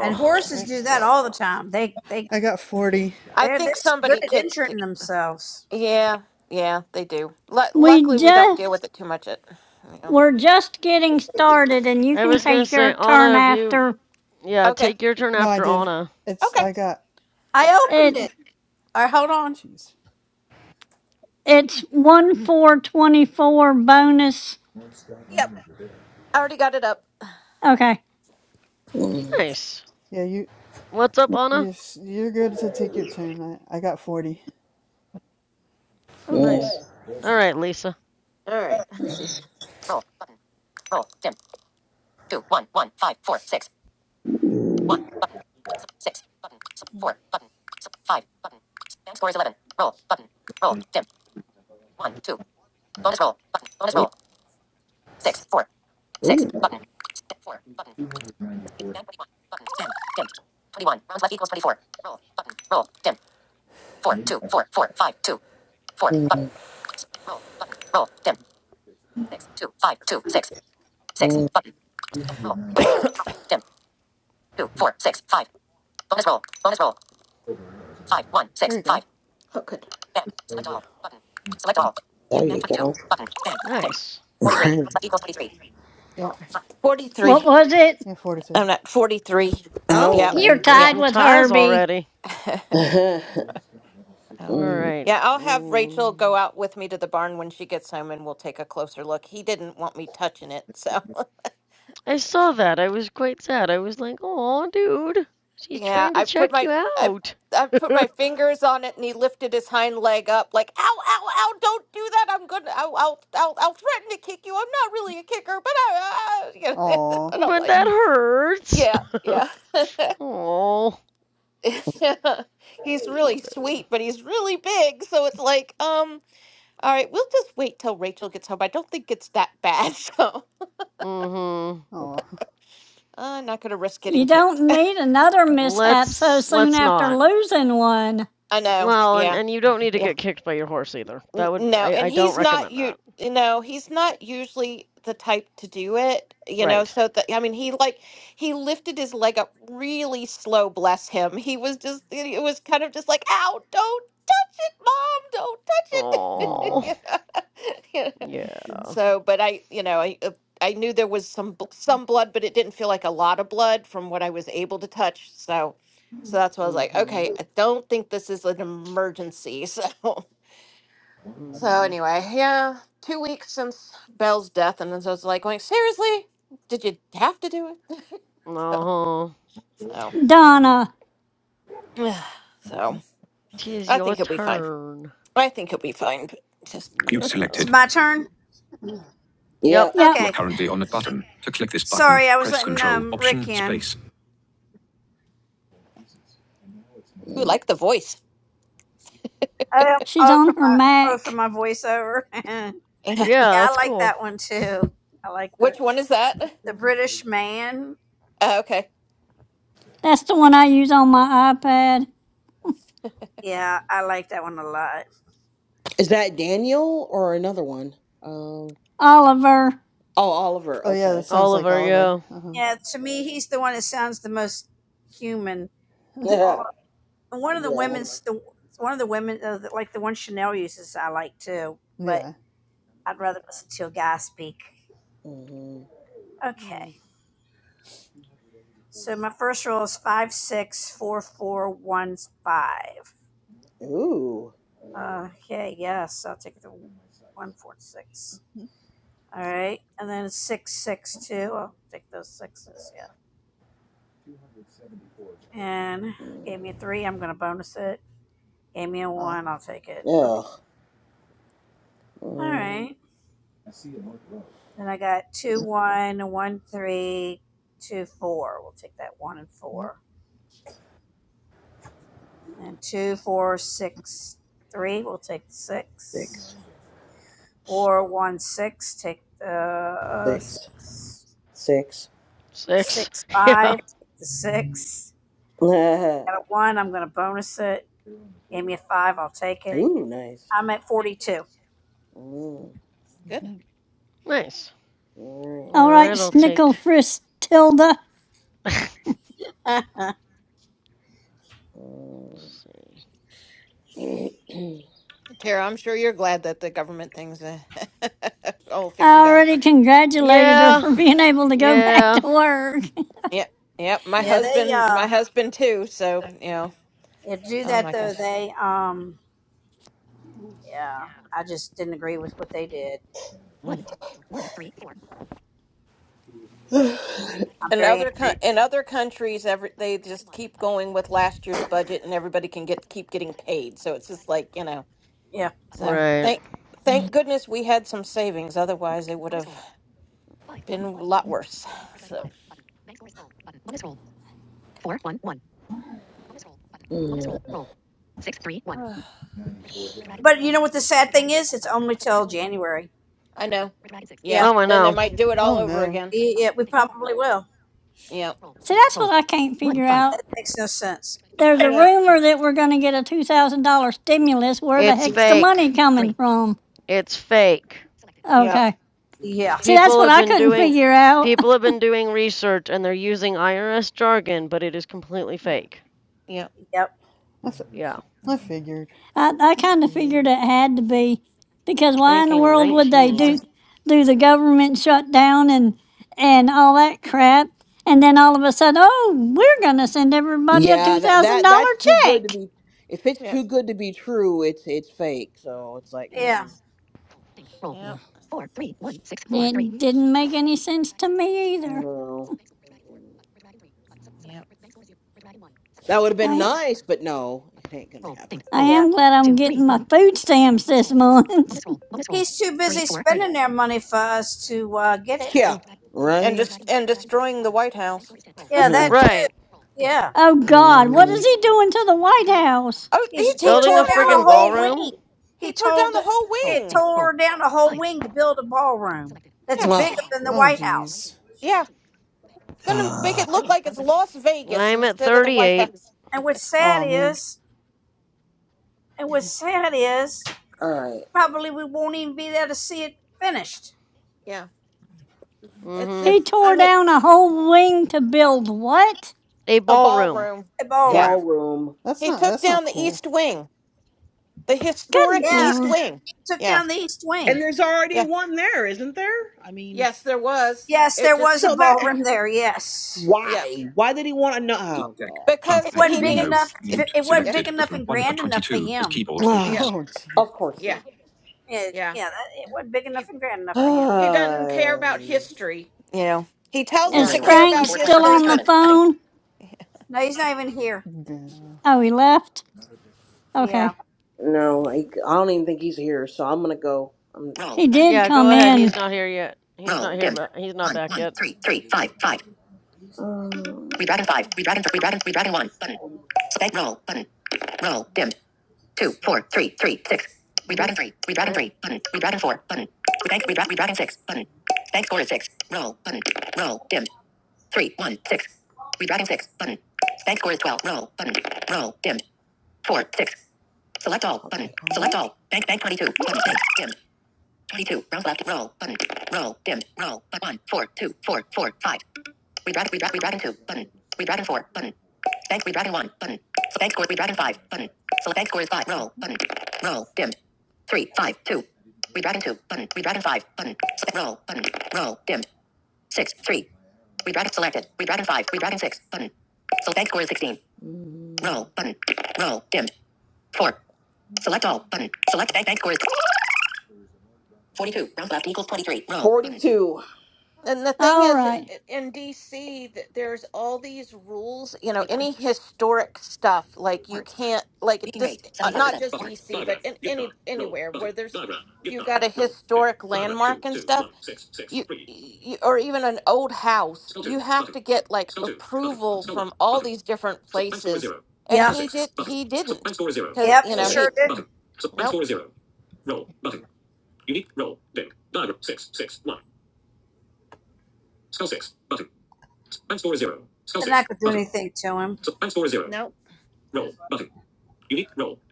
Speaker 5: And horses
Speaker 4: I
Speaker 5: do that
Speaker 4: saw
Speaker 5: all the
Speaker 4: that.
Speaker 5: time. They they
Speaker 8: I got forty.
Speaker 9: I
Speaker 5: they're
Speaker 9: think
Speaker 5: this good
Speaker 9: somebody
Speaker 5: at
Speaker 9: kicked.
Speaker 5: injuring themselves.
Speaker 9: Yeah, yeah, they do. Lu
Speaker 6: we
Speaker 9: luckily, we don't
Speaker 6: just
Speaker 9: deal with it too much. At, you know.
Speaker 6: We're just getting started and you
Speaker 4: I
Speaker 6: can
Speaker 4: was gonna
Speaker 6: take your
Speaker 4: say,
Speaker 6: turn
Speaker 4: Anna, if you,
Speaker 6: after
Speaker 4: yeah,
Speaker 9: Okay.
Speaker 4: take your turn
Speaker 8: No, I
Speaker 4: after
Speaker 8: did.
Speaker 4: Anna.
Speaker 8: It's
Speaker 9: Okay.
Speaker 8: I got
Speaker 5: I opened
Speaker 6: it.
Speaker 5: it. All right, hold on.
Speaker 8: Jeez.
Speaker 6: It's one four twenty four bonus.
Speaker 9: Yep. I already got it up.
Speaker 6: Okay.
Speaker 4: Nice.
Speaker 8: Yeah, you
Speaker 4: What's up, Anna?
Speaker 8: you're s- you're good to take your turn. I, I got forty.
Speaker 4: Oh,
Speaker 8: Yep.
Speaker 4: nice. All right, Lisa.
Speaker 9: All right. Let's see. Roll, roll, dim, two, one, one, five, four, six, one, six, button,
Speaker 8: Mm.
Speaker 9: four, button, five, button.
Speaker 8: There you go.
Speaker 7: There you go.
Speaker 4: Nice.
Speaker 7: Right.
Speaker 9: Yeah. 43.
Speaker 6: What was it?
Speaker 8: Yeah, forty three.
Speaker 9: I'm not 43.
Speaker 4: Oh,
Speaker 9: Yeah,
Speaker 6: You're
Speaker 7: Oh,
Speaker 4: there's
Speaker 9: Yeah.
Speaker 6: tied
Speaker 4: some
Speaker 6: with
Speaker 4: ties
Speaker 6: Herbie.
Speaker 4: already.
Speaker 7: okay.
Speaker 8: Yeah.
Speaker 9: Oh.
Speaker 4: All
Speaker 7: Mm,
Speaker 4: right.
Speaker 9: Yeah, I'll have Rachel
Speaker 4: Mm.
Speaker 9: go out with me to the barn when she gets home and we'll take a closer look. He didn't want me touching it, so
Speaker 4: I saw that. I was quite sad. I was like, oh, dude, she's
Speaker 9: yeah,
Speaker 4: trying to
Speaker 9: I put
Speaker 4: check
Speaker 9: my
Speaker 4: you
Speaker 9: I
Speaker 4: out.
Speaker 9: I put my fingers on it and he lifted his hind leg up like ow ow ow don't do that I'm gonna I'll I'll I'll, I'll threaten to kick you I'm not really a kicker but I, I you know,
Speaker 8: Aw.
Speaker 9: and I'm
Speaker 4: but
Speaker 9: like
Speaker 4: that
Speaker 8: Mm.
Speaker 4: hurts.
Speaker 9: yeah yeah
Speaker 4: Oh,
Speaker 9: he's
Speaker 4: poor
Speaker 9: really
Speaker 4: dude.
Speaker 9: sweet, but he's really big. So it's like, um, all right, we'll just wait till Rachel gets home. I don't think it's that bad. So
Speaker 4: Mm hmm.
Speaker 8: Aw.
Speaker 9: I'm not going to risk
Speaker 6: You
Speaker 9: getting kicked.
Speaker 6: don't need another mishap so
Speaker 4: Let's
Speaker 6: soon
Speaker 4: let's
Speaker 6: after
Speaker 4: not.
Speaker 6: losing one.
Speaker 9: I know.
Speaker 4: Well, and
Speaker 9: Yeah.
Speaker 4: and you don't need to
Speaker 9: yeah.
Speaker 4: get kicked by your horse either.
Speaker 9: N-
Speaker 4: That would
Speaker 9: No,
Speaker 4: I
Speaker 9: and
Speaker 4: I don't
Speaker 9: he's not
Speaker 4: recommend
Speaker 9: you
Speaker 4: that.
Speaker 9: you know, he's not usually the type to do it, you know,
Speaker 4: Right.
Speaker 9: so that I mean he like he lifted his leg up really slow, bless him. He was just it was kind of just like, "Ow, don't touch it, mom, don't touch it."
Speaker 8: Aw.
Speaker 4: Oh.
Speaker 9: you know? you know?
Speaker 4: Yeah.
Speaker 9: So, but I, you know, I uh, I knew there was some bl- some blood, but it didn't feel like a lot of blood from what I was able to touch. So, so that's why I was like,
Speaker 4: Mhm.
Speaker 9: okay, I don't think this is an emergency. So, so
Speaker 4: Mhm.
Speaker 9: anyway, yeah, two weeks since Belle's death, and then so it's like going, seriously, did you have to do it?
Speaker 4: Uh-huh.
Speaker 9: So,
Speaker 6: Donna.
Speaker 9: so, so
Speaker 4: Tis
Speaker 9: I
Speaker 4: your
Speaker 9: think he'll be fine.
Speaker 4: turn.
Speaker 9: I think he'll be fine. But just
Speaker 5: Mute It's selected.
Speaker 4: Yeah.
Speaker 5: my turn.
Speaker 7: yeah.
Speaker 4: Yep.
Speaker 6: Yep.
Speaker 5: Okay. You're currently on a button. To click this button, sorry, I was press letting control, um, option, Rick in. Space.
Speaker 9: who like the voice?
Speaker 5: Um,
Speaker 6: She's
Speaker 5: oh, for
Speaker 6: on her
Speaker 5: my oh for
Speaker 6: Mac.
Speaker 5: my voiceover. yeah,
Speaker 4: Yeah,
Speaker 5: I
Speaker 4: that's
Speaker 5: like
Speaker 4: cool.
Speaker 5: that one too. I like that.
Speaker 9: Which one is that?
Speaker 5: The British Man.
Speaker 9: Uh, okay,
Speaker 6: That's the one I use on my iPad.
Speaker 5: Yeah, I like that one a lot.
Speaker 7: Is that Daniel or another one? Um.
Speaker 6: Oliver.
Speaker 7: Oh, Oliver.
Speaker 8: Oh yeah, that
Speaker 7: Okay.
Speaker 8: sounds like
Speaker 4: Oliver,
Speaker 8: Oliver.
Speaker 4: yeah.
Speaker 8: Uh-huh.
Speaker 5: Yeah, to me, he's the one that sounds the most human.
Speaker 7: yeah.
Speaker 5: All and one of the women's the one of the women uh, the- like the one Chanel uses, I like too. But
Speaker 8: yeah.
Speaker 5: I'd rather listen to a guy speak.
Speaker 7: hmm
Speaker 4: Mm,
Speaker 5: Okay, so my first roll is five six four four one five.
Speaker 7: Ooh.
Speaker 5: Okay, yes, I'll take the one four six.
Speaker 8: Mm.
Speaker 5: All right, and then six six two. I'll take those sixes. Yeah. and gave me a three. I'm gonna bonus it. Gave me a
Speaker 8: Ah.
Speaker 5: one. I'll take it. Okay.
Speaker 7: Ugh.
Speaker 5: All
Speaker 7: Mm,
Speaker 5: right. Then I got two one, one three, two four. We'll take that one and
Speaker 8: yep.
Speaker 5: four. And two four six three. We'll take the six.
Speaker 7: Six.
Speaker 5: Or one six. Take the uh,
Speaker 7: six,
Speaker 5: six.
Speaker 7: six.
Speaker 4: Six.
Speaker 5: Six
Speaker 4: Yeah.
Speaker 5: five. Take the six.
Speaker 7: Ooh,
Speaker 5: Got a one. I'm gonna bonus it. Gave me a five. I'll take it.
Speaker 7: nice.
Speaker 5: I'm at forty two.
Speaker 7: Mm.
Speaker 9: good,
Speaker 8: hmm
Speaker 4: Nice.
Speaker 7: All right.
Speaker 4: All
Speaker 6: All right,
Speaker 4: right, I'll take.
Speaker 6: Snickle Frisk Tilda.
Speaker 4: Let's
Speaker 5: yeah,
Speaker 4: see.
Speaker 7: Mm.
Speaker 9: Tara. I'm sure you're glad that the government things uh, all
Speaker 6: I
Speaker 9: figured out.
Speaker 6: already congratulated her
Speaker 4: Yeah.
Speaker 6: for being able to go back to
Speaker 4: Yeah.
Speaker 6: work.
Speaker 9: Yeah, yeah. My
Speaker 5: they
Speaker 9: husband,
Speaker 5: uh
Speaker 9: my husband too. So you know,
Speaker 5: Yeah, do
Speaker 9: oh
Speaker 5: that
Speaker 9: my
Speaker 5: though.
Speaker 9: gosh.
Speaker 5: They, um, yeah, I just didn't agree with what they did. I'm
Speaker 9: And
Speaker 5: very
Speaker 9: other coun-
Speaker 5: angry.
Speaker 9: in other countries, every they just keep going with last year's budget, and everybody can get keep getting paid. So it's just like you know.
Speaker 5: Yeah,
Speaker 9: So
Speaker 4: Right.
Speaker 9: thank thank goodness we had some savings. Otherwise, it would have been a lot worse. So
Speaker 7: Mm.
Speaker 5: but you know what the sad thing is? It's only till January.
Speaker 9: I know. Yeah.
Speaker 5: Yeah,
Speaker 4: Oh, I
Speaker 9: And then they
Speaker 4: know.
Speaker 9: might do it
Speaker 8: Oh
Speaker 9: all over
Speaker 8: no.
Speaker 9: again.
Speaker 5: Y- yeah, we probably will.
Speaker 9: Yeah.
Speaker 6: See, that's what I can't figure
Speaker 5: That
Speaker 6: out.
Speaker 5: makes no sense.
Speaker 6: There's a
Speaker 9: Yeah.
Speaker 6: rumor that we're going to get a $2,000 stimulus. Where the
Speaker 4: It's
Speaker 6: heck's the
Speaker 4: fake.
Speaker 6: money coming from?
Speaker 4: It's fake.
Speaker 9: Yeah.
Speaker 6: Okay.
Speaker 5: Yeah,
Speaker 6: See, that's
Speaker 4: People
Speaker 6: what
Speaker 4: have
Speaker 6: I
Speaker 4: been
Speaker 6: couldn't
Speaker 4: doing
Speaker 6: figure out.
Speaker 4: people have been doing research and they're using IRS jargon, but it is completely fake.
Speaker 9: Yeah.
Speaker 5: yep,
Speaker 8: I, fi-
Speaker 4: Yeah.
Speaker 8: I figured.
Speaker 6: I, I kind of
Speaker 8: Yeah.
Speaker 6: figured it had to be because why in the
Speaker 4: Banking
Speaker 6: world would they
Speaker 4: 19.
Speaker 6: do do the government shutdown and and all that crap? And then all of a sudden, oh, we're going to send everybody a
Speaker 7: yeah, that
Speaker 6: $2,000
Speaker 7: that that's too good to
Speaker 6: check.
Speaker 7: be. If it's
Speaker 9: Yeah.
Speaker 7: too good to be true, it's it's fake. So it's like,
Speaker 9: Yeah. Yeah.
Speaker 5: yeah,
Speaker 7: mm-mm.
Speaker 9: Yeah.
Speaker 7: Ugh.
Speaker 6: It didn't make any sense to me either.
Speaker 7: no. That would have been
Speaker 6: I
Speaker 7: nice, but no, it ain't gonna happen.
Speaker 6: I
Speaker 5: yeah.
Speaker 6: am glad I'm getting my food stamps this month.
Speaker 5: He's too busy spending their money for us to uh, get it.
Speaker 7: Yeah.
Speaker 9: Yeah. And
Speaker 7: Right.
Speaker 9: just and destroying the White House.
Speaker 5: Yeah, that.
Speaker 7: No.
Speaker 4: Right.
Speaker 5: Yeah,
Speaker 6: oh God, what is
Speaker 7: Mm-hmm.
Speaker 6: he doing to the White House?
Speaker 9: Oh, he
Speaker 5: he's he
Speaker 9: tore
Speaker 4: Building a
Speaker 5: tore
Speaker 9: down a
Speaker 5: down a
Speaker 9: whole
Speaker 4: friggin'
Speaker 5: whole
Speaker 9: wing.
Speaker 4: ballroom.
Speaker 5: wing. He
Speaker 9: He tore down
Speaker 5: told
Speaker 9: the whole
Speaker 5: it
Speaker 9: wing.
Speaker 5: tore down a whole wing to build a ballroom that's
Speaker 9: Yeah.
Speaker 5: bigger than the
Speaker 8: Oh
Speaker 5: White House.
Speaker 8: jeez.
Speaker 9: Yeah. going to make
Speaker 7: All
Speaker 9: it look like it's Las Vegas
Speaker 4: I'm at
Speaker 9: instead of the White
Speaker 4: 38.
Speaker 9: House.
Speaker 5: And what's sad
Speaker 8: Oh man.
Speaker 5: is, and what's sad is,
Speaker 7: right.
Speaker 5: probably we won't even be there to see it finished.
Speaker 9: Yeah. It's
Speaker 4: Mm-hmm.
Speaker 6: He
Speaker 9: just, I
Speaker 6: tore
Speaker 9: mean,
Speaker 6: down a whole wing to build what?
Speaker 4: A
Speaker 9: a
Speaker 4: ballroom.
Speaker 9: ballroom.
Speaker 5: A
Speaker 9: Yeah.
Speaker 5: ballroom.
Speaker 7: Ballroom.
Speaker 8: That's
Speaker 9: He
Speaker 8: not
Speaker 9: took
Speaker 8: that's not
Speaker 9: down the East
Speaker 8: cool.
Speaker 9: Wing, the
Speaker 6: Good.
Speaker 9: historic
Speaker 5: Yeah,
Speaker 9: East
Speaker 6: l-
Speaker 9: Wing.
Speaker 5: took
Speaker 9: Yeah.
Speaker 5: down the east wing.
Speaker 7: And there's already
Speaker 9: Yeah.
Speaker 7: one there, isn't there? I mean,
Speaker 9: Yes, there was.
Speaker 5: Yes,
Speaker 9: It
Speaker 5: there
Speaker 9: just,
Speaker 5: was a
Speaker 7: so that
Speaker 5: ballroom there. Yes,
Speaker 9: yeah.
Speaker 7: why? Why did he want to
Speaker 5: Club
Speaker 7: know?
Speaker 5: deck.
Speaker 7: Oh,
Speaker 5: Club deck. it
Speaker 9: Because
Speaker 5: wasn't
Speaker 9: he
Speaker 5: big Window. enough.
Speaker 9: needs,
Speaker 5: Mute. It wasn't
Speaker 9: yeah.
Speaker 5: big enough and grand enough for 22 is him. keyboard
Speaker 9: Yeah.
Speaker 5: focus.
Speaker 7: God.
Speaker 8: Oh
Speaker 7: Oh,
Speaker 8: jeez.
Speaker 7: of course
Speaker 9: Yeah.
Speaker 7: not.
Speaker 5: Yeah,
Speaker 9: Yeah.
Speaker 5: yeah, it wasn't big enough
Speaker 9: He,
Speaker 5: and grand enough for him.
Speaker 9: he doesn't care about
Speaker 7: Um,
Speaker 9: history. You know, he tells us
Speaker 5: Yeah.
Speaker 6: Is
Speaker 7: Dice
Speaker 9: to
Speaker 7: anyway.
Speaker 9: care
Speaker 7: one
Speaker 6: Frank
Speaker 9: about
Speaker 7: four twenty for
Speaker 6: still
Speaker 7: bonus
Speaker 9: history,
Speaker 6: on the
Speaker 9: but
Speaker 7: tournament. Nothing.
Speaker 6: phone?
Speaker 5: No, he's not even here.
Speaker 8: Yeah.
Speaker 6: Oh, he left?
Speaker 5: Yeah,
Speaker 6: Okay.
Speaker 7: No, like
Speaker 8: Sh-
Speaker 7: I don't even think he's here, so I'm gonna go. I'm... Roll
Speaker 6: He
Speaker 7: button.
Speaker 6: did
Speaker 4: Yeah, go
Speaker 6: come
Speaker 4: ahead.
Speaker 6: in.
Speaker 4: He's not here yet. He's
Speaker 7: Roll
Speaker 4: not here,
Speaker 7: dimmed.
Speaker 4: but he's not
Speaker 7: One
Speaker 4: back
Speaker 7: one
Speaker 4: yet.
Speaker 7: three three five five. Um... Redragon five. Redragon three. Redragon. Redragon one button. Select roll button. Roll dimmed. two, four, three, three, six. Redragon
Speaker 5: he's.
Speaker 7: three, redragon
Speaker 5: great.
Speaker 7: three, button, redragon four, button. Bank, redra- redragon six, button. Bank score is six. Roll, button. Roll, dimmed. Three, one, six. Redragon six, button. Bank score is twelve. Roll, button. Roll, dimmed. Four, six. Select all, button. Select all. Bank, bank twenty-two,
Speaker 8: That's
Speaker 7: button, bank,
Speaker 8: good.
Speaker 7: dimmed. Twenty-two, round left. Roll, button. Roll, dimmed. Roll, but one, four, two, four, four, five. Redragon, redragon, redragon, bank, redragon one, button. bank score, redragon. Select bank score is five. Roll,
Speaker 8: Mhm.
Speaker 7: button. Roll, dimmed. Three, five, two. Button. Redragon five. Button. roll. Button. Roll. Dimmed. Six. Three. Redragon five. Redragon six. Button. So bank score is sixteen. Mm. Roll. Button. Roll. Dimmed. Four. Select all. Button. Select bank bank score is forty-two. Round left equals twenty-three. Roll. Forty-two.
Speaker 9: And the thing
Speaker 6: All
Speaker 9: is, i-
Speaker 6: right.
Speaker 9: i- in DC, th- there's all these rules. You know,
Speaker 7: Button.
Speaker 9: any
Speaker 7: Redragon
Speaker 9: historic stuff, like you
Speaker 7: words.
Speaker 9: can't, like it
Speaker 7: Speaking rate
Speaker 9: just uh,
Speaker 7: seventy-five
Speaker 9: not
Speaker 7: percent.
Speaker 9: just
Speaker 7: Words.
Speaker 9: DC, but in any anywhere where there's you've got a historic landmark and stuff, you, you or even an old house, you have to get like approval from all these different places. And
Speaker 5: Yeah.
Speaker 9: he did, he didn't, because
Speaker 5: Yep.
Speaker 9: you
Speaker 5: He
Speaker 9: know
Speaker 5: sure
Speaker 9: he
Speaker 5: didn't.
Speaker 9: nope,
Speaker 5: They're not gonna do anything to him.
Speaker 9: nope.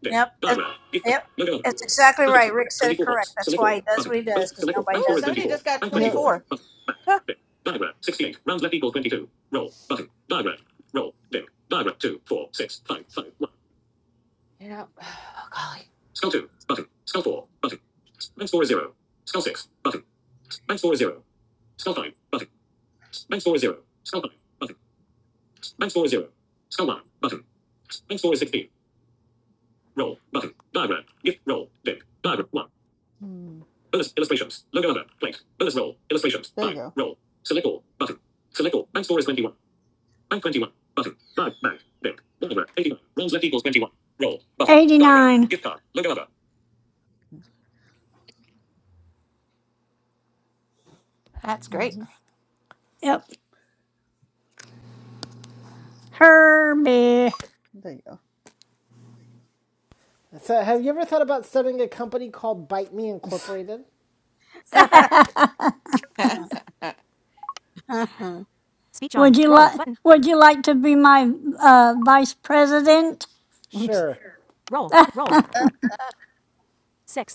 Speaker 5: Yep. That, yep. That's exactly right. Rick said it correct. That's why he does what he does because nobody
Speaker 9: Ooh,
Speaker 5: does anything.
Speaker 9: somebody just got twenty
Speaker 8: Yep.
Speaker 9: four. You know, oh golly,
Speaker 8: Mm. There you go.
Speaker 6: 89. Gift card. Look it up.
Speaker 9: that's
Speaker 8: hmm
Speaker 9: great.
Speaker 6: Yep. Herbie.
Speaker 8: There you go.
Speaker 3: So have you ever thought about starting a company called Bite Me Incorporated?
Speaker 6: would you like would you like to be my uh, vice president?
Speaker 3: Sure.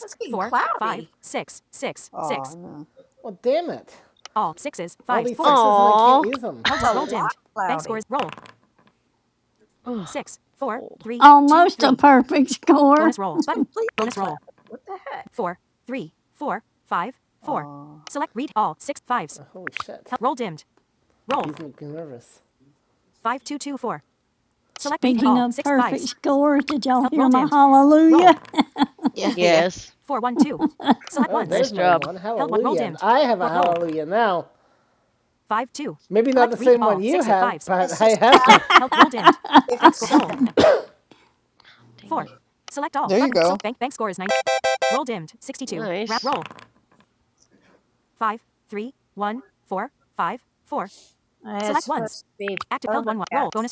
Speaker 5: It's getting cloudy.
Speaker 8: oh no.
Speaker 3: Well, damn it. All all these sixes and I can't
Speaker 4: Aww.
Speaker 3: use them.
Speaker 5: it's a lot cloudy.
Speaker 4: Ugh, cold.
Speaker 6: Almost a perfect score.
Speaker 5: It's completely cloudy. What the heck?
Speaker 8: Oh.
Speaker 3: Holy shit. Held. These make me nervous.
Speaker 6: Speaking of perfect scores, did y'all hear my hallelujah?
Speaker 9: Yeah, yeah.
Speaker 4: Yes.
Speaker 3: Oh,
Speaker 4: Nice
Speaker 3: there's my
Speaker 4: job.
Speaker 3: one. Hallelujah! Held I have a hallelujah now. Maybe not the same one you have, but
Speaker 5: This
Speaker 3: I
Speaker 5: is
Speaker 3: have
Speaker 5: cloud
Speaker 3: one.
Speaker 5: 57.
Speaker 4: Dang it.
Speaker 8: There you go.
Speaker 4: Nice.
Speaker 5: Uh, It's supposed to be overcast,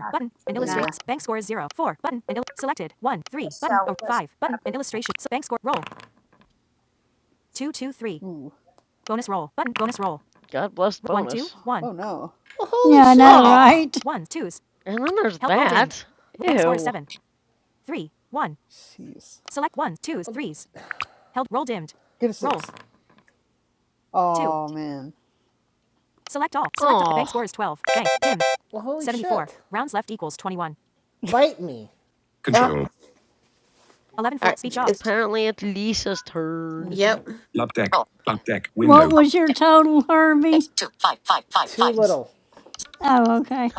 Speaker 5: not
Speaker 8: There you
Speaker 5: 59.
Speaker 8: go.
Speaker 5: The southwest. cloud.
Speaker 8: Ooh.
Speaker 4: God bless bonus.
Speaker 8: Oh no.
Speaker 3: Well, holy
Speaker 6: yeah, I know,
Speaker 3: shit.
Speaker 4: Oh,
Speaker 6: right?
Speaker 4: and then there's that. Ew.
Speaker 8: Jeez. Get a six. Oh man.
Speaker 4: Oh,
Speaker 3: Well, holy shit. Bite me.
Speaker 9: Uh,
Speaker 5: Control.
Speaker 9: all right. It's
Speaker 4: apparently it's Lisa's turn.
Speaker 8: Mm-hmm.
Speaker 9: yep,
Speaker 5: Up deck. Up deck.
Speaker 6: What
Speaker 5: Window.
Speaker 6: was your total, Herbie?
Speaker 3: Too little.
Speaker 6: Oh, okay.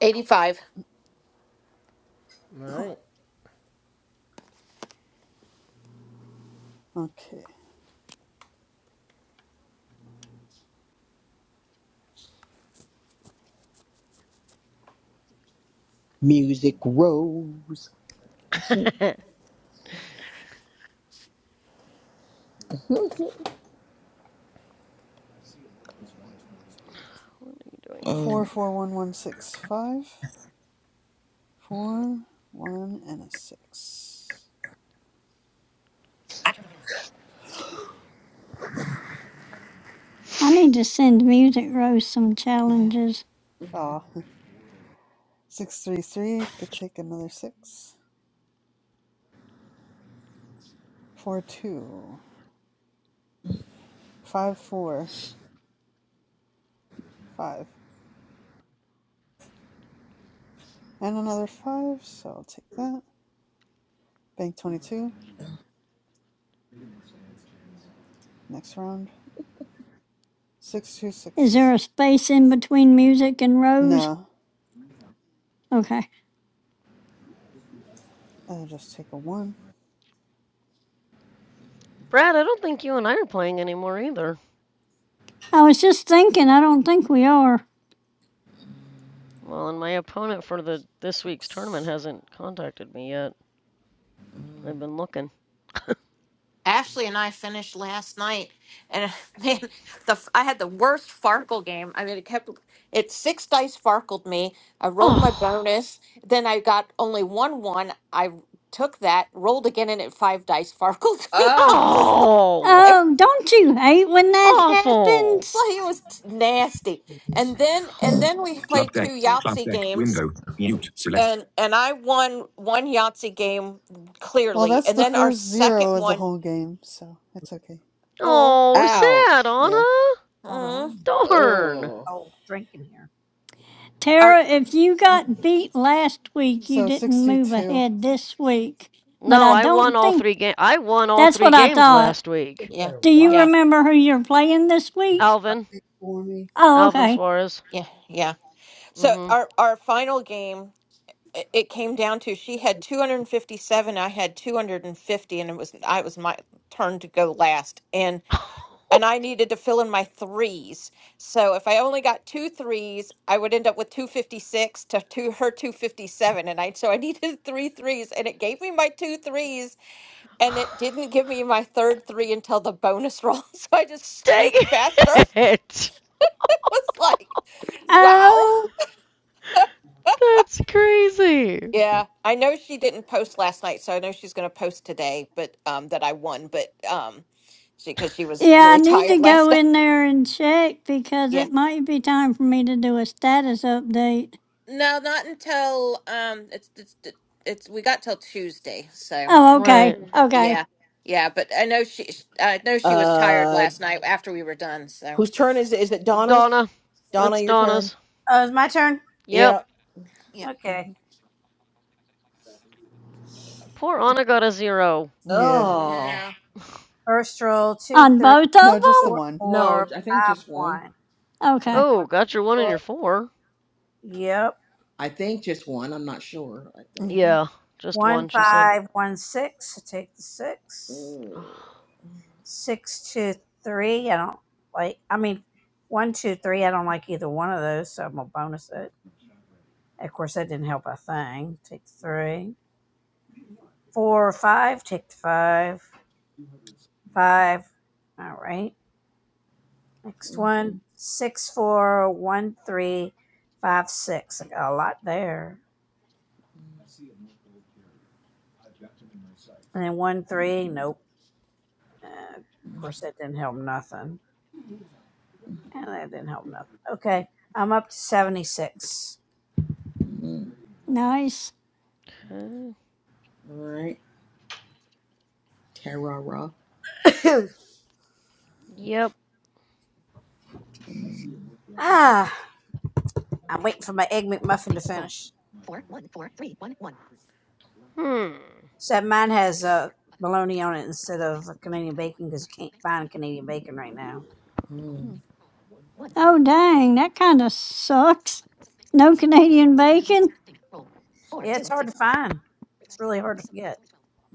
Speaker 9: eighty-five.
Speaker 3: All right.
Speaker 8: okay.
Speaker 7: Music rose.
Speaker 4: what are you doing,
Speaker 8: Four
Speaker 7: Mm.
Speaker 4: computer?
Speaker 8: four one one six five. Four one and a six.
Speaker 6: I need to send Music Rose some challenges.
Speaker 8: Ah, six three three. Could take another six. Four two five four five and another five. So I'll take that. Bank twenty two. Next round. Six two
Speaker 6: Is there
Speaker 8: six.
Speaker 6: a space in between music and Rose?
Speaker 8: No,
Speaker 6: Okay.
Speaker 8: I'll just take a one.
Speaker 4: Brad, I don't think you and I are playing anymore either.
Speaker 6: I was just thinking, I don't think we are.
Speaker 4: Well, and my opponent for the this week's tournament
Speaker 8: Six.
Speaker 4: hasn't contacted me yet. I've been looking.
Speaker 9: Ashley and I finished last night, and man, the I had the worst Farkle game. I mean, it kept it six dice Farkled me. I rolled my
Speaker 4: Oh,
Speaker 9: bonus, then I got only one one. I took that, rolled again, and it five dice Farkled me. I was just
Speaker 7: Ah.
Speaker 9: like,
Speaker 4: oh,
Speaker 9: it,
Speaker 6: Oh, don't you hate when that
Speaker 9: it-
Speaker 4: awful.
Speaker 6: happens?
Speaker 9: like, it was t- nasty. And then and then we
Speaker 5: Club
Speaker 9: played two
Speaker 5: deck. Yeah. Club
Speaker 9: Yahtzee
Speaker 5: deck.
Speaker 9: games,
Speaker 5: Window. Mute. Select.
Speaker 9: And and I won one Yahtzee game
Speaker 8: Well,
Speaker 9: clearly,
Speaker 8: that's
Speaker 9: and
Speaker 8: the
Speaker 9: then our
Speaker 8: first
Speaker 9: second
Speaker 5: Thanks.
Speaker 8: zero of the
Speaker 9: one,
Speaker 8: whole game, so it's okay.
Speaker 9: oh,
Speaker 4: Oh, sad,
Speaker 7: Ouch.
Speaker 8: Yeah.
Speaker 4: Anna.
Speaker 5: Oh, there are.
Speaker 9: mm,
Speaker 5: no-
Speaker 4: Darn.
Speaker 7: Oh.
Speaker 5: Oh, drinking here.
Speaker 9: our
Speaker 6: Tara, if you
Speaker 8: Mm.
Speaker 6: got beat last week, you
Speaker 8: So
Speaker 6: didn't move
Speaker 8: sixty-two.
Speaker 6: ahead this week. But
Speaker 4: No,
Speaker 6: I
Speaker 4: I won
Speaker 6: don't
Speaker 4: all
Speaker 6: think
Speaker 4: three games. I won all
Speaker 6: that's
Speaker 4: three
Speaker 6: what I
Speaker 4: games
Speaker 6: thought.
Speaker 4: last week.
Speaker 9: yeah,
Speaker 6: Do you
Speaker 9: yeah,
Speaker 6: remember who you're playing this week?
Speaker 4: Alvin,
Speaker 6: Oh,
Speaker 4: Alvin
Speaker 6: okay.
Speaker 4: Suarez.
Speaker 9: yeah, yeah. So
Speaker 4: mm
Speaker 9: our our final game, it, it came down to she had 257, I had 250, and it was I it was my turn to go last, and
Speaker 4: hmm
Speaker 9: and I needed to fill in my threes. So if I only got two threes, I would end up with 256 to to two her 257, and I so I needed three threes, and it gave me my two threes and it didn't give me my third three until the bonus roll. So I just
Speaker 4: Dang
Speaker 9: squeaked faster.
Speaker 4: it!
Speaker 9: It was like, wow.
Speaker 6: Oh,
Speaker 4: That's crazy.
Speaker 9: Yeah, I know she didn't post last night, so I know she's going to post today. But um, that I won, but um, she because she was
Speaker 6: yeah, I
Speaker 9: really
Speaker 6: need to
Speaker 9: tired last
Speaker 6: go
Speaker 9: night.
Speaker 6: in there and check because
Speaker 9: Yeah.
Speaker 6: it might be time for me to do a status update.
Speaker 9: No, not until um, it's it's it's we got till Tuesday. So
Speaker 6: Oh, okay.
Speaker 4: Right.
Speaker 6: Okay.
Speaker 9: yeah, yeah. But I know she, I know she was tired
Speaker 7: Uh,
Speaker 9: last night after we were done. So
Speaker 7: whose turn is it? Is it Donna's?
Speaker 4: Donna.
Speaker 7: Donna,
Speaker 4: It's
Speaker 7: your turn.
Speaker 4: Donna's.
Speaker 5: Oh, it's my turn.
Speaker 4: Yep.
Speaker 7: Yeah.
Speaker 9: yeah,
Speaker 5: Okay.
Speaker 8: Mm-hmm.
Speaker 4: Poor Anna got a zero.
Speaker 8: Yeah.
Speaker 7: Oh.
Speaker 9: yeah.
Speaker 5: First roll two,
Speaker 6: On
Speaker 5: three,
Speaker 6: both of
Speaker 8: No, just the
Speaker 5: four,
Speaker 6: them?
Speaker 8: one.
Speaker 7: No,
Speaker 5: four,
Speaker 7: I think
Speaker 5: five,
Speaker 7: just one.
Speaker 5: one. I'm taking the
Speaker 6: Okay.
Speaker 4: Oh,
Speaker 5: one.
Speaker 4: got your one and your four.
Speaker 5: Yep.
Speaker 7: I think just one. I'm not sure. I think.
Speaker 8: Mm-hmm.
Speaker 4: Yeah, just
Speaker 5: One
Speaker 4: one, she said.
Speaker 5: five one six. I take the six.
Speaker 7: Mm.
Speaker 5: Six two three. I don't like. I mean, one two three. I don't like either one of those, so I'm gonna bonus it. Of course, that didn't help a thing. Take the three. Four five. Take the five. Five. All right. Next one. Six four one three five six. I got a lot there. And then one three. Nope. Uh, of course, that didn't help nothing. And that didn't help nothing. Okay, I'm up to 76.
Speaker 7: Mm.
Speaker 6: Nice.
Speaker 4: Okay.
Speaker 7: All right. Terra.
Speaker 4: Yep.
Speaker 5: ah, I'm waiting for my Egg McMuffin to finish.
Speaker 4: Hmm.
Speaker 5: Said mine has uh, bologna on it instead of Canadian bacon because you can't find Canadian bacon right now.
Speaker 7: Mm.
Speaker 8: Hmm.
Speaker 6: Oh, dang. That kind of sucks. No Canadian bacon?
Speaker 5: Yeah, it's hard to find. It's really hard to get.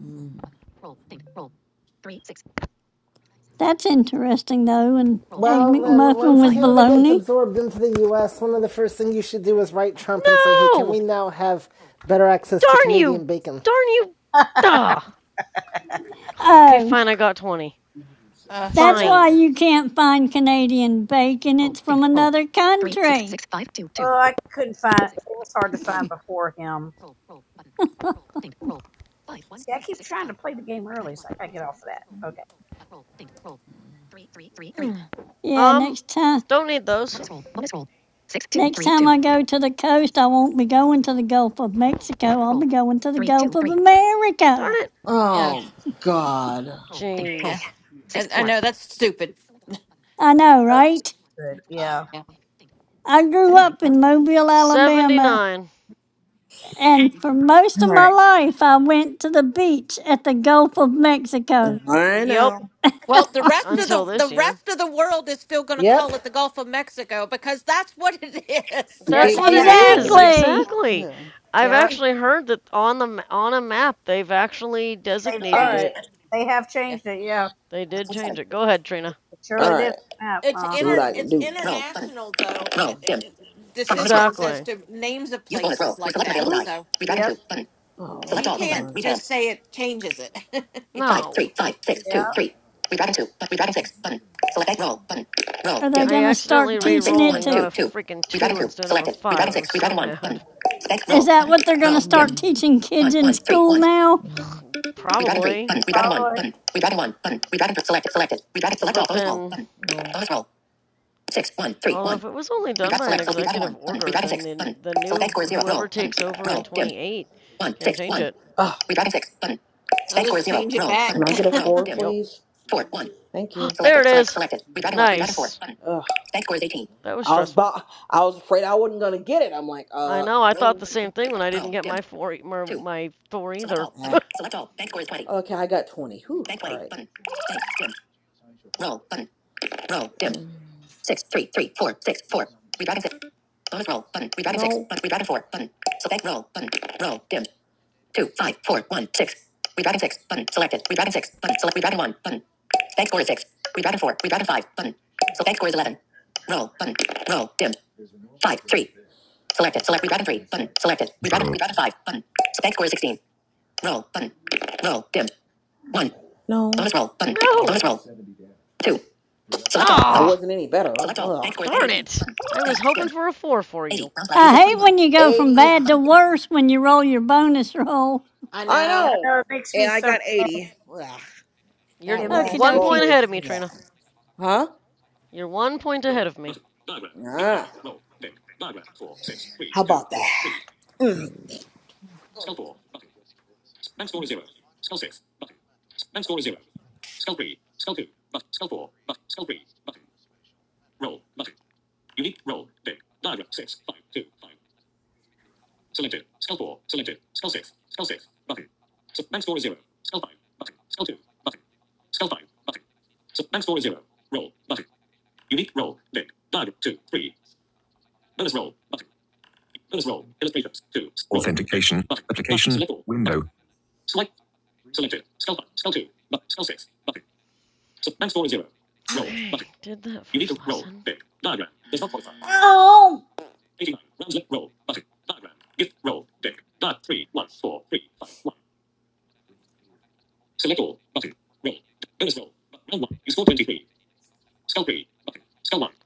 Speaker 7: Mm.
Speaker 6: That's interesting, though. And Egg
Speaker 3: Well, then,
Speaker 6: McMuffin
Speaker 3: once
Speaker 6: with
Speaker 3: Canada gets
Speaker 6: bologna?
Speaker 3: absorbed into the U.S., one of the first things you should do is write Trump and say, hey, can
Speaker 4: No!
Speaker 3: we now have better access to
Speaker 4: Darn
Speaker 3: Canadian
Speaker 4: you!
Speaker 3: bacon?
Speaker 4: Darn you! Duh. Okay,
Speaker 6: Oh,
Speaker 4: fine, I got 20.
Speaker 9: Uh,
Speaker 5: I'm sure
Speaker 6: that's
Speaker 5: that.
Speaker 6: why
Speaker 4: Fine.
Speaker 6: you can't find Canadian bacon. It's from another country.
Speaker 5: Oh, I couldn't find. It was hard to find before him. See, I keep trying to play the game early, so I gotta get off of that. Okay.
Speaker 9: mm,
Speaker 6: Yeah,
Speaker 4: Um,
Speaker 6: next time
Speaker 4: don't need those.
Speaker 6: next time I go to the coast, I won't be going to the Gulf of Mexico. I'll be going to the Gulf of
Speaker 4: Darn
Speaker 6: America.
Speaker 4: it.
Speaker 9: yeah,
Speaker 7: Oh God.
Speaker 9: yeah.
Speaker 4: Jeez.
Speaker 9: I I know that's stupid.
Speaker 6: I know,
Speaker 5: Oh,
Speaker 6: right?
Speaker 5: good. Yeah.
Speaker 9: Yeah.
Speaker 6: I grew up in Mobile, Alabama,
Speaker 4: 79.
Speaker 6: and for most of my life I went to the beach at the Gulf of Mexico.
Speaker 7: I
Speaker 4: Yep,
Speaker 7: know.
Speaker 9: Well, the rest of
Speaker 4: until
Speaker 9: the the
Speaker 4: this year.
Speaker 9: rest of the world is still going to
Speaker 3: Yep.
Speaker 9: call it the Gulf of Mexico because that's what it is.
Speaker 5: Yeah,
Speaker 4: That's
Speaker 5: that's
Speaker 4: what it
Speaker 5: exactly.
Speaker 4: is.
Speaker 7: Exactly.
Speaker 6: Exactly.
Speaker 4: Exactly.
Speaker 8: Yeah.
Speaker 4: I've
Speaker 9: you,
Speaker 5: Yeah,
Speaker 4: actually heard that on the on a map they've actually
Speaker 5: they've
Speaker 7: All
Speaker 4: designated
Speaker 5: changed
Speaker 7: right.
Speaker 4: it.
Speaker 5: it. They have
Speaker 9: yeah,
Speaker 5: changed it. Yeah.
Speaker 4: They did change it. Go ahead, Trina.
Speaker 5: It
Speaker 7: All
Speaker 5: surely
Speaker 9: but
Speaker 5: did.
Speaker 7: right.
Speaker 5: Yep.
Speaker 9: it's
Speaker 7: See
Speaker 5: Uh-huh.
Speaker 7: what
Speaker 9: inter
Speaker 7: I can
Speaker 9: it's
Speaker 7: do. Roll button.
Speaker 9: international though uh,
Speaker 7: Roll dimmed.
Speaker 9: uh,
Speaker 7: Five bonus roll.
Speaker 9: decisions
Speaker 7: Button.
Speaker 9: as
Speaker 4: Exactly.
Speaker 9: to names of
Speaker 7: Use bonus
Speaker 9: places
Speaker 7: roll. We're
Speaker 9: like
Speaker 7: selecting
Speaker 9: that.
Speaker 7: available
Speaker 9: So.
Speaker 7: die. Redragon
Speaker 5: Yep.
Speaker 7: two button. Oh, select
Speaker 9: he
Speaker 7: all come
Speaker 9: can't
Speaker 7: button. on. Read hand.
Speaker 9: just say it changes it.
Speaker 7: Five
Speaker 4: No.
Speaker 7: three five six
Speaker 5: Yep.
Speaker 7: two three. Redragon two. But redragon six button. Select egg roll button. Roll
Speaker 6: Are
Speaker 7: dimmed.
Speaker 6: they
Speaker 4: I
Speaker 6: going to
Speaker 4: accidentally
Speaker 6: start
Speaker 7: One,
Speaker 6: teaching
Speaker 7: six,
Speaker 4: re-rolled
Speaker 6: it
Speaker 7: one,
Speaker 4: and
Speaker 6: to
Speaker 4: got
Speaker 7: two,
Speaker 4: a
Speaker 7: two.
Speaker 4: freaking
Speaker 7: Redragon
Speaker 4: 2
Speaker 7: two.
Speaker 4: instead of a
Speaker 7: Selected.
Speaker 4: 5.
Speaker 7: Redragon
Speaker 4: I
Speaker 7: six.
Speaker 4: was so
Speaker 7: Redragon one. Button.
Speaker 4: mad.
Speaker 7: Select
Speaker 6: Is
Speaker 7: roll.
Speaker 6: that
Speaker 7: Button.
Speaker 6: what they're going to
Speaker 7: Roll. Mm. Dim.
Speaker 6: start
Speaker 7: Mm.
Speaker 6: teaching kids
Speaker 7: One,
Speaker 6: in
Speaker 7: one, three,
Speaker 6: school
Speaker 7: one.
Speaker 6: now?
Speaker 7: Mm. Redragon three.
Speaker 4: Probably.
Speaker 7: Button. Redragon one.
Speaker 5: Probably.
Speaker 7: Button. Redragon one. Button. Redragon three. Selected. Selected. Redragon select all.
Speaker 4: But
Speaker 7: Bonus roll.
Speaker 4: then
Speaker 7: Button. Mm. Bonus roll. Six, one, three,
Speaker 4: although
Speaker 7: one.
Speaker 4: if it was only done
Speaker 7: Redragon
Speaker 4: by an
Speaker 7: select. So redragon
Speaker 4: executive
Speaker 7: one. Button.
Speaker 4: order,
Speaker 7: Redragon
Speaker 4: then
Speaker 7: six.
Speaker 4: the
Speaker 7: Button.
Speaker 4: the
Speaker 7: Select bank
Speaker 4: new
Speaker 7: score is zero.
Speaker 4: whoever
Speaker 7: Roll. Button.
Speaker 4: takes over in
Speaker 7: Roll. Dim.
Speaker 4: 28
Speaker 7: One,
Speaker 4: can
Speaker 7: six,
Speaker 4: change
Speaker 7: one.
Speaker 4: it.
Speaker 7: Ah, Redraft six. Button.
Speaker 9: They'll
Speaker 7: Bank score is
Speaker 9: just
Speaker 7: zero.
Speaker 9: change it
Speaker 7: Roll.
Speaker 9: back.
Speaker 7: Button. can I get a Roll. four, Dim.
Speaker 4: Yep.
Speaker 7: please? Four, one. Thank you.
Speaker 4: there it
Speaker 7: Selected. Selected.
Speaker 4: is.
Speaker 7: Selected. Redraft one. Redraft four.
Speaker 4: Nice.
Speaker 7: Button. Ugh. Bank score is 18.
Speaker 4: That was
Speaker 7: I was
Speaker 4: stressful.
Speaker 7: about, I was afraid I wasn't gonna get it. I'm like,
Speaker 4: I
Speaker 7: uh,
Speaker 4: know. I
Speaker 7: Roll.
Speaker 4: thought
Speaker 7: oh.
Speaker 4: the
Speaker 7: Button.
Speaker 4: same thing when I
Speaker 7: Roll.
Speaker 4: didn't get
Speaker 7: Dim.
Speaker 4: my four e, my,
Speaker 7: Two.
Speaker 4: my Thor
Speaker 7: Select
Speaker 4: either.
Speaker 7: all. Button. Ah. Select all. Bank score is 20. Okay, I got 20. Whew, Bank 20. All right. Button. Bank. Dim. Roll. Button. Roll. Dim. Mm. Six, three, three, four, six, four. Redraft six. Bonus roll. Button. Redraft six. No. Button. Redraft four. Button. So bank roll. Button. Roll. Dim two, five, four, one, six. Redragon six button selected. Redragon six button select. Redragon one button. Bank score is six. Redragon four. Redragon five button. So bank score is eleven. Roll button. Roll dimmed. Selected. selected. Redragon
Speaker 5: Control.
Speaker 7: redragon five button. So bank score is sixteen. Roll button. Roll dimmed. One. No. Bonus roll button. Bonus
Speaker 4: no.
Speaker 7: two. Select all. That
Speaker 4: Ah,
Speaker 7: wasn't any better. Select all. Bank score is bank
Speaker 4: darn
Speaker 7: eighteen.
Speaker 4: it.
Speaker 7: Button.
Speaker 4: I
Speaker 7: Bank
Speaker 4: was hoping
Speaker 7: dimmed.
Speaker 4: for a four for you.
Speaker 7: Eighty. Rounds left
Speaker 6: I
Speaker 7: equals twenty
Speaker 6: hate
Speaker 7: one.
Speaker 6: when you go
Speaker 7: Eighty.
Speaker 6: from
Speaker 7: Roll
Speaker 6: bad to
Speaker 7: button.
Speaker 6: worse when you roll your bonus roll.
Speaker 9: I
Speaker 7: I
Speaker 9: know.
Speaker 5: And I
Speaker 7: know.
Speaker 5: know it makes me
Speaker 7: And I
Speaker 5: so
Speaker 7: got
Speaker 5: mad.
Speaker 7: eighty. Ugh. That
Speaker 4: You're
Speaker 5: It
Speaker 6: Okie
Speaker 5: makes
Speaker 7: last
Speaker 4: one
Speaker 5: me.
Speaker 7: roll
Speaker 6: dokie.
Speaker 4: point
Speaker 7: was.
Speaker 4: ahead of me, Trina.
Speaker 7: Ugh. Huh?
Speaker 4: You're one point ahead of me.
Speaker 7: Ah. How about that?
Speaker 5: Authentication. Application. Window.
Speaker 4: Okay, did that first lesson.
Speaker 6: Oh.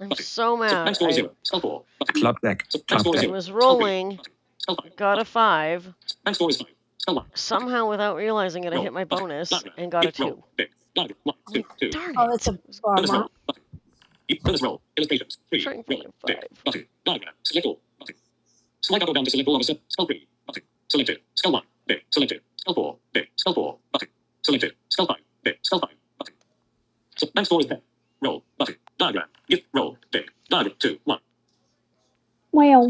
Speaker 4: I'm so mad. I
Speaker 5: Club deck. Club
Speaker 4: I
Speaker 5: deck.
Speaker 4: was rolling, got a five, somehow without realizing it, I hit my bonus and got a two. I'm like, darn
Speaker 5: Oh, that's
Speaker 4: it. I
Speaker 5: a
Speaker 4: was
Speaker 5: bummer.
Speaker 4: trying for my five.
Speaker 6: Well.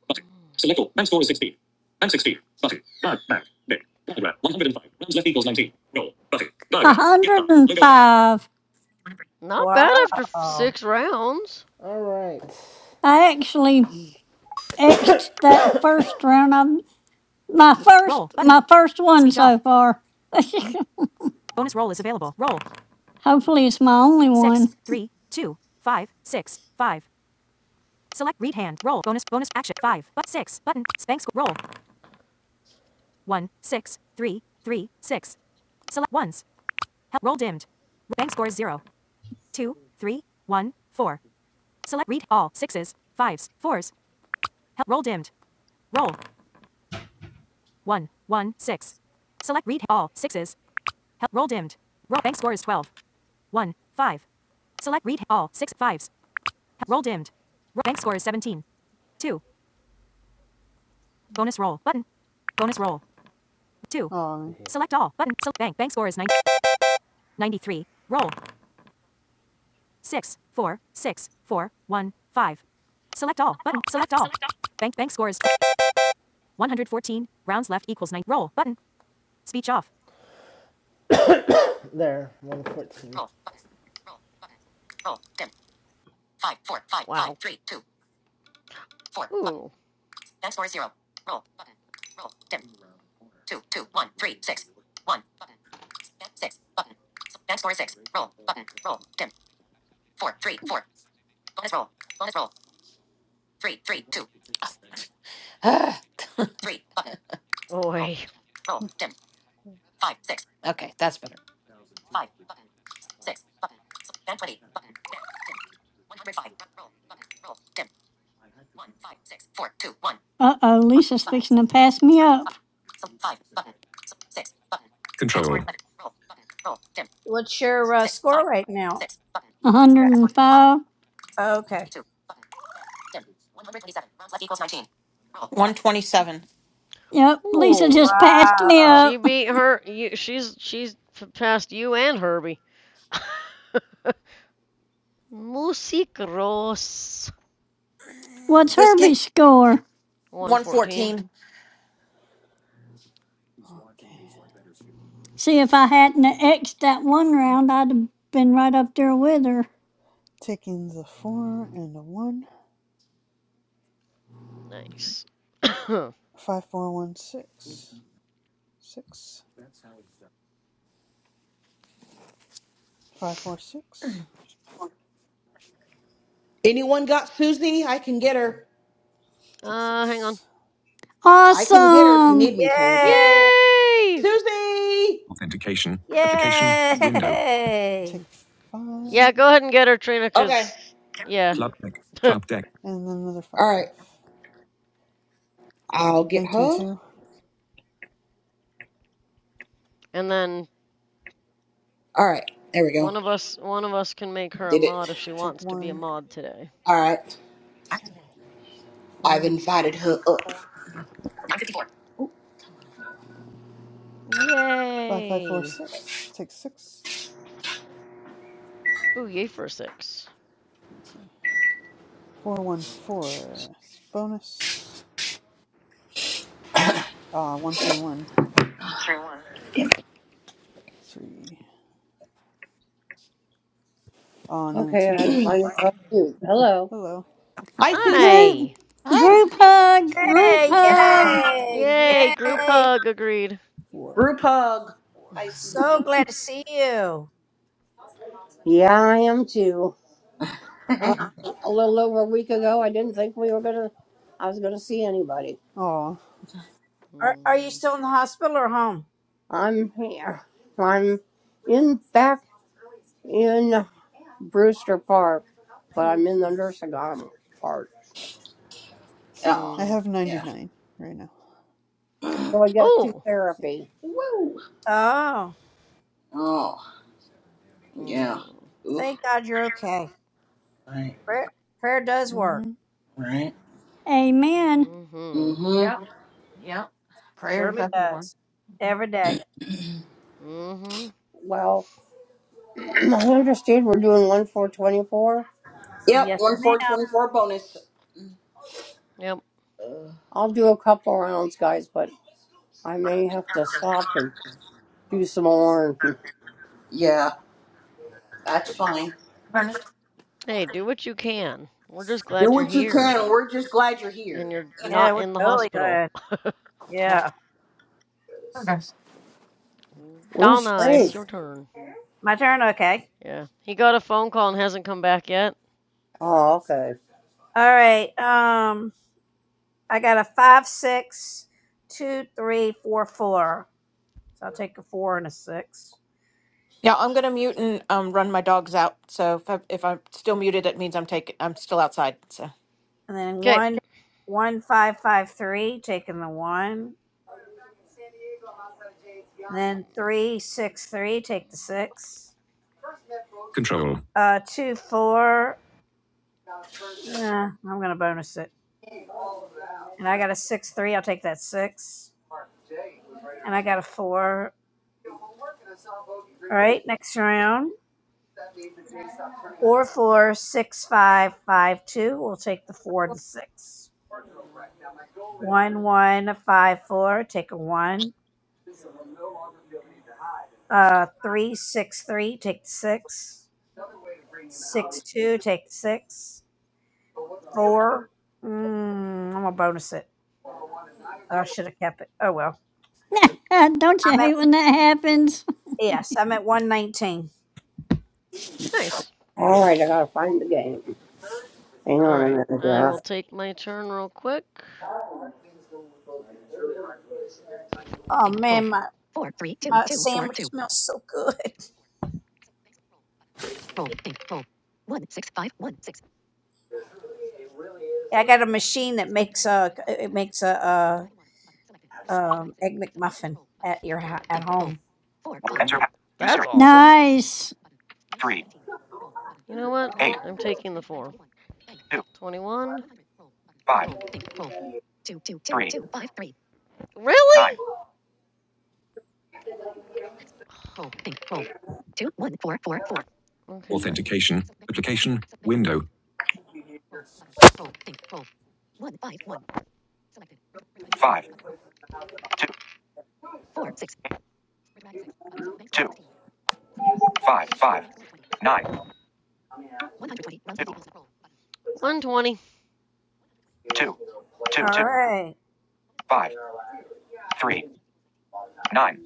Speaker 4: Mm-hmm.
Speaker 6: 105.
Speaker 4: Not bad after f-
Speaker 5: Wow.
Speaker 4: six rounds.
Speaker 3: All right.
Speaker 6: I actually X'd that first round. I'm my first my first one so far. Hopefully it's my only one.
Speaker 8: Oh.
Speaker 3: There, 114.
Speaker 4: Wow. Ooh. Oi.
Speaker 9: okay, that's better.
Speaker 6: Uh oh, Lisa's fixing to pass me up.
Speaker 5: Control. What's your uh, score right now?
Speaker 6: 105.
Speaker 5: Okay.
Speaker 9: 127.
Speaker 6: Yep, Lisa
Speaker 4: Ooh.
Speaker 6: just passed me
Speaker 5: Wow.
Speaker 4: She
Speaker 6: up.
Speaker 4: beat her. You, she's she's p- passed you and Herbie. Musicros.
Speaker 6: What's
Speaker 9: This kid,
Speaker 6: Herbie's score?
Speaker 4: 114.
Speaker 9: 114.
Speaker 8: Okay.
Speaker 6: See, if I hadn't X'd that one
Speaker 8: Three.
Speaker 6: round, I'd have been right up there with her.
Speaker 8: Taking the four and the one.
Speaker 4: Nice. uh,
Speaker 8: Five four one six. Six. Five four six.
Speaker 7: Anyone got Susie? I can get her.
Speaker 8: Take
Speaker 4: hang on.
Speaker 8: six.
Speaker 7: I can get her if you need
Speaker 6: Awesome!
Speaker 7: me to, but
Speaker 5: Yay.
Speaker 4: Yay!
Speaker 7: Susie!
Speaker 5: Authentication. Yay. Application. Window.
Speaker 8: Take five,
Speaker 4: Yeah, go ahead and get her, Trina,
Speaker 7: Okay.
Speaker 4: cause yeah.
Speaker 5: Club deck.
Speaker 4: and
Speaker 5: Club deck.
Speaker 8: and then another
Speaker 7: Alright.
Speaker 8: five.
Speaker 7: I'll get
Speaker 8: Bank
Speaker 7: her.
Speaker 8: twenty-two.
Speaker 4: then
Speaker 7: Alright. There we go.
Speaker 4: one of us one of us can make her a
Speaker 7: Did it.
Speaker 4: mod if she
Speaker 8: Take
Speaker 4: wants to be a
Speaker 8: one,
Speaker 4: mod today.
Speaker 7: Alright. I've
Speaker 8: four,
Speaker 7: invited her up. nine fifty-four.
Speaker 8: four, five, five, four,
Speaker 4: Yay!
Speaker 8: six. Take six.
Speaker 4: Ooh, yay for a six.
Speaker 8: Let's see. Four, one, four. Bonus. Ah, one, three, one, three. Oh no,
Speaker 10: Okay,
Speaker 8: two,
Speaker 10: I had
Speaker 8: two.
Speaker 10: to find this out too. Hello.
Speaker 8: Hello,
Speaker 7: Hi Susie.
Speaker 4: Hi.
Speaker 6: Group,
Speaker 9: Hi.
Speaker 6: group hug, group
Speaker 5: Yay.
Speaker 8: two
Speaker 6: hug.
Speaker 4: Yay,
Speaker 5: Yay.
Speaker 4: group
Speaker 5: Yay.
Speaker 4: hug agreed.
Speaker 8: four
Speaker 7: Group hug.
Speaker 5: So glad to see you.
Speaker 10: Yeah, I am too. Uh, a little over a week ago, I didn't think we were gonna. I was gonna see anybody.
Speaker 8: oh
Speaker 5: Are, are you
Speaker 4: Mm,
Speaker 5: still in the hospital or home?
Speaker 10: I'm here. I'm in back in Brewster Park, but I'm in the nursing home part.
Speaker 8: I
Speaker 7: oh.
Speaker 4: mm.
Speaker 8: have ninety
Speaker 7: Yeah.
Speaker 8: nine right now.
Speaker 10: So I guess to
Speaker 4: Oh.
Speaker 8: Yeah.
Speaker 10: therapy.
Speaker 7: Woo.
Speaker 5: Oh,
Speaker 7: Oh. Yeah.
Speaker 4: Mm,
Speaker 7: Oof.
Speaker 5: thank God you're okay.
Speaker 7: Right.
Speaker 5: Prayer, prayer does work.
Speaker 8: Mm-hmm.
Speaker 7: Right.
Speaker 6: Amen.
Speaker 4: mhm.
Speaker 7: Mm-hmm.
Speaker 5: Surely does. Every day.
Speaker 4: Mhm.
Speaker 10: Well, I understand we're doing one four twenty four.
Speaker 7: Yep,
Speaker 5: Yes,
Speaker 7: one four
Speaker 5: ma'am.
Speaker 7: twenty four bonus.
Speaker 4: Yep.
Speaker 7: Uh,
Speaker 10: I'll do a couple rounds, guys, but I may have to stop and do some more.
Speaker 7: yeah, that's fine.
Speaker 4: Hey, do what you can. We're just
Speaker 7: Do
Speaker 4: glad you're
Speaker 7: what you
Speaker 4: here
Speaker 7: can. We're just glad you're
Speaker 4: and
Speaker 7: here.
Speaker 4: you're
Speaker 5: Yeah,
Speaker 4: not
Speaker 5: we're
Speaker 4: in the
Speaker 5: totally
Speaker 4: hospital.
Speaker 5: good. Yeah.
Speaker 10: Where's
Speaker 4: Donna, it's
Speaker 10: Frank?
Speaker 4: your turn.
Speaker 5: My turn. Okay.
Speaker 4: Yeah. He got a phone call and hasn't come back yet.
Speaker 10: Oh, okay.
Speaker 5: All right. Um, I got a five, six, two, three, four, four. So I'll take a four and a six,
Speaker 9: Yeah, I'm gonna mute and um run my dogs out. So if I if I'm still muted, it means I'm taking I'm still outside. So.
Speaker 5: and then
Speaker 4: Okay.
Speaker 5: one, one, five, five, three. Taking the one, and then three, six, three. Take the six. Control. Uh, two, four. Nah, I'm gonna bonus it. And I got a six, three. I'll take that six. And I got a four. All right, next round. Four, four, six, five, five, two. We'll take the four and the six. One, one, five, four. Take a one. Uh, three, six, three. Take the six. Six, two. Take the six. Four. Mm, I'm gonna bonus it. I should have kept it. Oh well.
Speaker 6: Ah, Don't you
Speaker 5: I'm
Speaker 6: hate
Speaker 5: at
Speaker 6: when that happens?
Speaker 5: yes. I'm at one nineteen.
Speaker 4: Nice.
Speaker 10: All right, I gotta find the game. Hang
Speaker 4: All
Speaker 10: on a
Speaker 4: right.
Speaker 10: minute
Speaker 4: I will
Speaker 10: here.
Speaker 4: take my turn real quick.
Speaker 5: Oh man, my My sandwich smells so good. I got a machine that makes a it makes a, a um, egg McMuffin at your ho- at home.
Speaker 10: Enter pass. Use
Speaker 4: That's
Speaker 10: Siri.
Speaker 4: awesome.
Speaker 6: Nice.
Speaker 10: 3,
Speaker 4: You know what?
Speaker 10: eight,
Speaker 4: I'm taking the 4.
Speaker 10: two,
Speaker 4: 21.
Speaker 10: five, three, nine,
Speaker 4: Really? Okay, fine.
Speaker 5: Authentication. Application. Window.
Speaker 10: five, two, eight, two, five, five, nine, two,
Speaker 4: 120.
Speaker 10: two, two, two,
Speaker 5: All right,
Speaker 10: five, three, nine,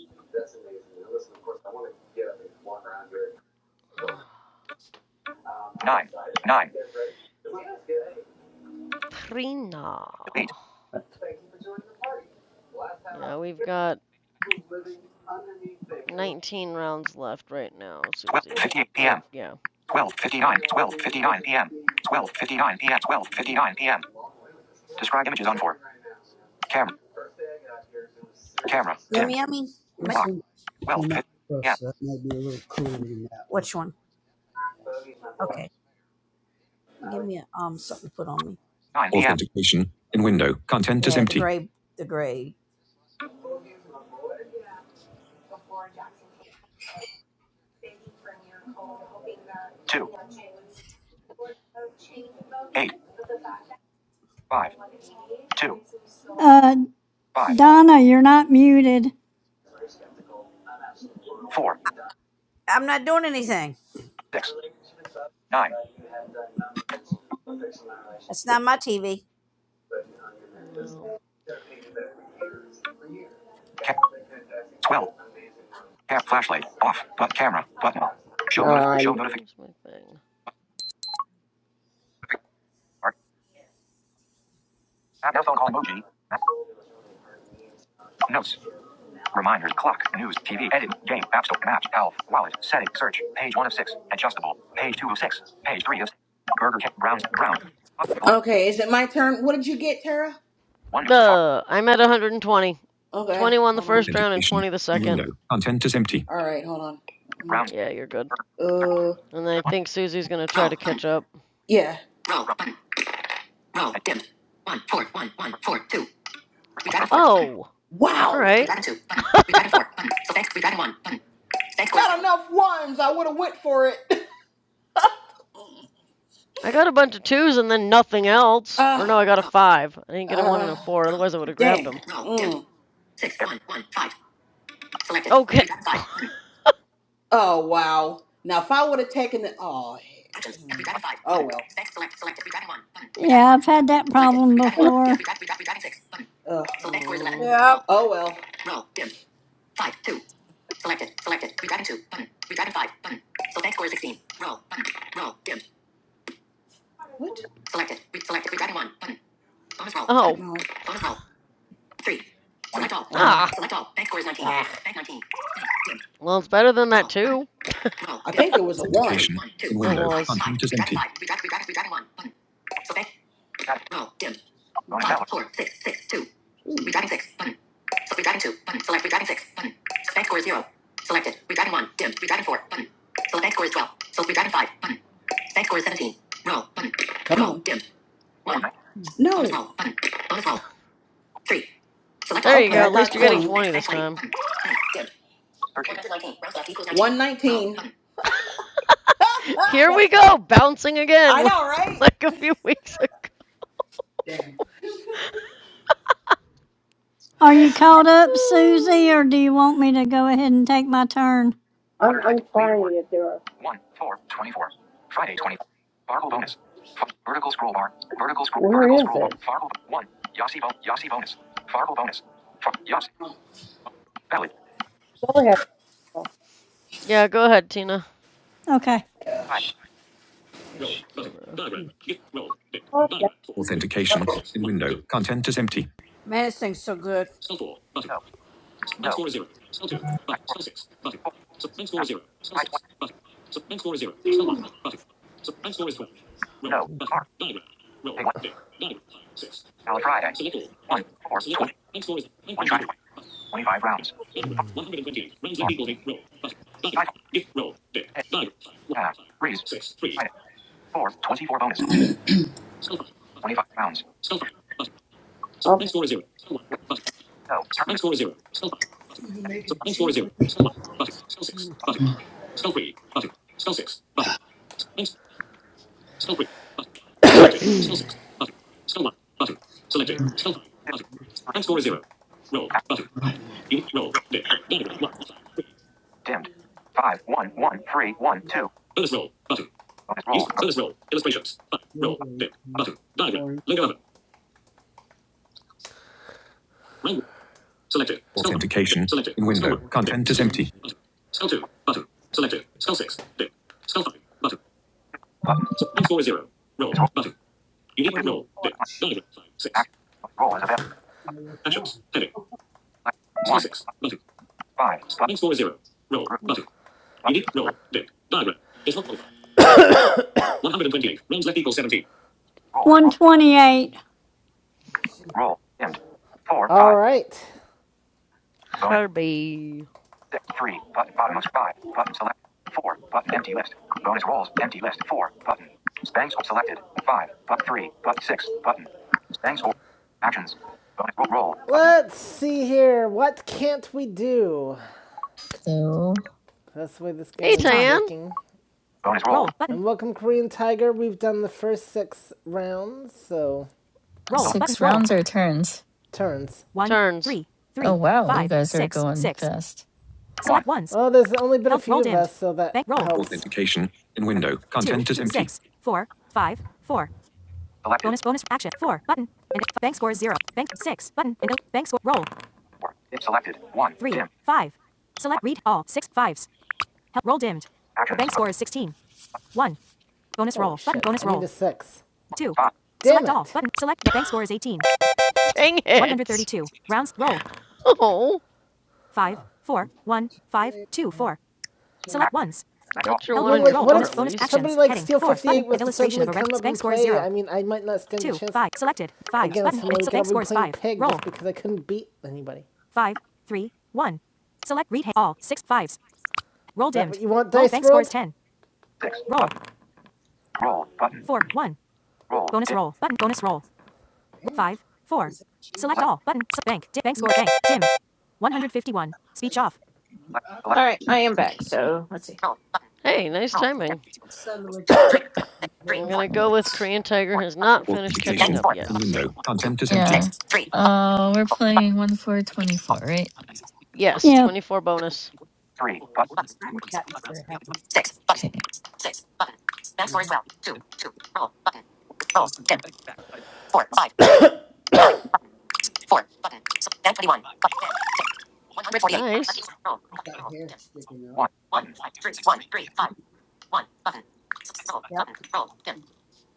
Speaker 10: nine, nine.
Speaker 4: Prina.
Speaker 10: delete,
Speaker 4: Yeah, we've got 19 rounds left right now, Susie.
Speaker 10: 12.58 p.m.,
Speaker 4: Or, yeah.
Speaker 10: 12.59, 12.59 p.m., 12.59 p.m., 12.59 p.m. Describe images on 4. Camera, camera,
Speaker 5: yummy,
Speaker 10: dimmed,
Speaker 5: yummy. This
Speaker 10: locked,
Speaker 5: one
Speaker 10: Twelve
Speaker 5: came out
Speaker 10: fifty p.m.,
Speaker 5: first, so that might be a little cooler than that Which one? Okay, give me a, um something to put on me.
Speaker 10: 9 p.m.,
Speaker 5: Authentication. In window. Content is Yeah, the empty. The gray, the gray.
Speaker 10: Two five two
Speaker 6: Uh,
Speaker 10: five
Speaker 6: Donna, you're not muted.
Speaker 10: four six.
Speaker 5: I'm not doing anything.
Speaker 10: Nine.
Speaker 5: That's not my TV.
Speaker 4: No.
Speaker 10: Cap. Twelve. Cap. Flashlight. Off. But camera. Button. Show. Ah, Notif- show notification.
Speaker 4: Where's my thing?
Speaker 10: App. Now phone call emoji. Notes. Reminders. Clock. News. TV. Edit. Game. App Store. Maps. Health. Wallet. Setting. Search. Page one of six. Adjustable. Page two of six. Page three of six. Burger King. Browns. Brown.
Speaker 7: Okay, is it my turn? What did you get, Tara?
Speaker 10: One. Safari.
Speaker 4: Duh! I'm at 120.
Speaker 7: Okay,
Speaker 4: 21 the
Speaker 7: hold on.
Speaker 4: first round and
Speaker 5: Authentication.
Speaker 4: 20 the
Speaker 5: In
Speaker 4: second.
Speaker 5: window. Content is empty.
Speaker 7: All right, hold on. Mm,
Speaker 10: Browns.
Speaker 4: Yeah, you're good.
Speaker 10: Burger. King. Search.
Speaker 7: Uh,
Speaker 4: And I
Speaker 10: One.
Speaker 4: think Susie's gonna try
Speaker 7: Roll
Speaker 4: to
Speaker 7: button.
Speaker 4: catch up.
Speaker 7: yeah. Roll
Speaker 10: Trump.
Speaker 7: button. Roll
Speaker 10: Ed-
Speaker 7: dimmed. One four one one four two. We got a
Speaker 10: Burger.
Speaker 7: four. button.
Speaker 4: Oh!
Speaker 10: Di-
Speaker 7: Wow. We We We
Speaker 4: Alright.
Speaker 7: got got got a a a two. four. button. So thanks. Thanks. one. button. Thanks. Not enough ones. I would have went for it.
Speaker 4: I got a bunch of twos and then nothing else. Or
Speaker 7: Uh,
Speaker 4: no, I got a
Speaker 7: Roll button.
Speaker 4: five. I didn't get
Speaker 7: uh,
Speaker 4: a one and
Speaker 7: Roll
Speaker 4: a four, otherwise I would
Speaker 7: button.
Speaker 4: have grabbed them.
Speaker 7: dang. Roll dimmed. Mm. Six
Speaker 10: Air-
Speaker 7: one one five. Selected.
Speaker 4: Okay.
Speaker 7: We got a five button. Oh wow! Now if I would have taken the oh. Actions. Hmm. Redragon five. Oh well. Thanks. Select. Select. Redragon one. Button. Redragon
Speaker 6: Yeah,
Speaker 7: one.
Speaker 6: I've
Speaker 7: Button.
Speaker 6: had that
Speaker 7: Selected.
Speaker 6: problem
Speaker 7: Redragon one. Dim.
Speaker 6: before.
Speaker 7: Redragon. Redragon. Redragon six. Button. Ugh. Select score is eleven.
Speaker 4: Mm,
Speaker 5: Yeah.
Speaker 7: Roll. Oh well. Roll. Dim. Five. Two. Selected. Selected. Redragon two. Button. Redragon five. Button. Select score is sixteen. Roll. Button. Roll. Dim. What? Selected. Re- selected. Redragon one. Button. Bonus roll. Button.
Speaker 4: oh.
Speaker 7: No. Bonus roll. Three.
Speaker 10: Twenty.
Speaker 7: Select all. Button. Wow.
Speaker 4: Ah.
Speaker 7: Select all. Bank score is nineteen. Ah. Bank nineteen. Bank. Dim.
Speaker 4: Well, it's better than that,
Speaker 7: Roll. Button.
Speaker 4: too.
Speaker 7: Roll. I think it was a one. Three,
Speaker 5: Authentication.
Speaker 7: one, two,
Speaker 5: In
Speaker 4: It
Speaker 7: five,
Speaker 5: window.
Speaker 7: five,
Speaker 4: was.
Speaker 7: five.
Speaker 5: Content is
Speaker 7: Redragon
Speaker 5: empty.
Speaker 7: five. Redragon, redragon, redragon one. Button. Select. Roll. Dim.
Speaker 10: Bonus
Speaker 7: Five,
Speaker 10: valor.
Speaker 7: four, six, six, two. Ooh. Redragon six. Button. So redragon two. Button. Select redragon six. Button. Select score is zero. Selected. Redragon one. Dim. Redragon four. Button. Select bank score is twelve. So redragon five. Button. Bank score is seventeen. Roll. Button. Come roll. on. Dim.
Speaker 10: Score.
Speaker 7: One.
Speaker 10: Nine.
Speaker 7: No. Bonus roll. Button. Bonus roll. Three. Select
Speaker 4: There
Speaker 7: all.
Speaker 4: you
Speaker 7: Okay, button.
Speaker 4: go.
Speaker 7: I
Speaker 4: At
Speaker 7: got
Speaker 4: least you're getting
Speaker 7: 20. Bank,
Speaker 4: 20
Speaker 7: bank
Speaker 4: this
Speaker 7: 20.
Speaker 4: time.
Speaker 7: Button. Dim.
Speaker 10: Searching.
Speaker 7: 119. Round left equals 19. 119. Ah,
Speaker 4: Here we
Speaker 7: that's funny.
Speaker 4: go. Bouncing again,
Speaker 7: I
Speaker 4: like,
Speaker 7: know, right?
Speaker 4: like a few weeks ago.
Speaker 6: Are
Speaker 10: you,
Speaker 6: you caught up, Susie, or do you want me to go ahead and take my turn?
Speaker 10: I'm, I'm one, sorry if there are. one, four, twenty-four. Friday, 24. Fargo bonus. vertical scroll bar. Vertical scroll. Where Vertical is scroll it? bar. Fargo one. Yossi, bo- Yossi bonus. Fargo bonus. F- Yossi. Valid. Go ahead.
Speaker 4: yeah, go ahead, Tina.
Speaker 6: Okay.
Speaker 10: Five.
Speaker 4: Go, bro.
Speaker 10: Paul,
Speaker 5: Authentication. In window. Content is empty. Man, this thing's so good.
Speaker 10: No. No. Back four. Four. Now. Try 20. No. Car. Pay one. Valid Friday. One. Four. 20. One. Try 20. 25 rounds. Five. Four. Five. Ten. Yeah. Threes. Friday. Four. 24 bonus. 25 rounds. Okay. No. Terminal.
Speaker 5: Cheap.
Speaker 10: Two. Three. Dimmed. Five one one three one two. Bonus roll button.
Speaker 5: Authentication. In window. Content is empty.
Speaker 10: Bonus roll two
Speaker 5: What do you
Speaker 10: one. Action. roll is available.
Speaker 5: watch?
Speaker 10: one five button. Group button. three. Roll is roll.
Speaker 6: 128.
Speaker 10: Roll dimmed. Four
Speaker 3: All
Speaker 10: five.
Speaker 3: right.
Speaker 10: Bonus
Speaker 4: Herbie.
Speaker 10: six three button. Bottomless five button. Select four button. Empty list. Bonus rolls empty list four button. Spangs selected five button three button six button. Spangs or actions. Bonus roll roll button.
Speaker 3: Let's see here. What can't we do?
Speaker 11: So
Speaker 3: That's the way this game
Speaker 4: Hey,
Speaker 3: is
Speaker 4: Tan.
Speaker 3: looking.
Speaker 10: Bonus roll.
Speaker 3: And welcome, Korean Tiger. We've done the first six rounds, so
Speaker 10: Select
Speaker 11: six rounds or turns.
Speaker 3: turns.
Speaker 4: Turns.
Speaker 11: Oh wow, you guys are going fast.
Speaker 10: one.
Speaker 3: Oh, there's only been a few of us, so that helps. Roll.
Speaker 5: Authentication in window. Content is empty.
Speaker 10: Selected four. Dim selected one. Dim one. Actions.
Speaker 3: Oh, shit. I need Need a six.
Speaker 10: Five.
Speaker 3: Damn it.
Speaker 4: Dang it. Oh.
Speaker 5: Oh,
Speaker 10: Act.
Speaker 5: champion.
Speaker 10: Select all.
Speaker 4: Got your one and
Speaker 3: like,
Speaker 4: your four, at least.
Speaker 3: somebody like steal 58 with somebody I mean, I might not stand a chance Two. against somebody pig because I couldn't beat anybody. that what you want, dice Roll rolled?
Speaker 10: Six. Button. Roll. Button. Roll. Dim.
Speaker 5: Damn! Is that cheating?
Speaker 10: Select.
Speaker 5: Like,
Speaker 10: Select.
Speaker 5: I'm
Speaker 10: Select.
Speaker 9: All right, I am back.
Speaker 11: Okay.
Speaker 9: So let's see.
Speaker 4: Hey, nice timing.
Speaker 5: just sounding like a
Speaker 4: I'm
Speaker 11: All
Speaker 5: very...
Speaker 4: gonna go with
Speaker 11: Right.
Speaker 4: Korean Tiger has not finished catching
Speaker 5: Authentication
Speaker 4: up yet,
Speaker 5: in
Speaker 4: so.
Speaker 5: window. Content is
Speaker 11: Yeah.
Speaker 5: empty.
Speaker 11: Uh we're playing one four twenty four, right?
Speaker 4: Yes,
Speaker 6: Yeah,
Speaker 4: 24 bonus.
Speaker 10: Three. Button.
Speaker 5: I'm up.
Speaker 11: Okay.
Speaker 5: Got
Speaker 10: Six.
Speaker 4: Nice.
Speaker 5: hair Hair. sticking up.
Speaker 10: One. Button.
Speaker 5: Yep.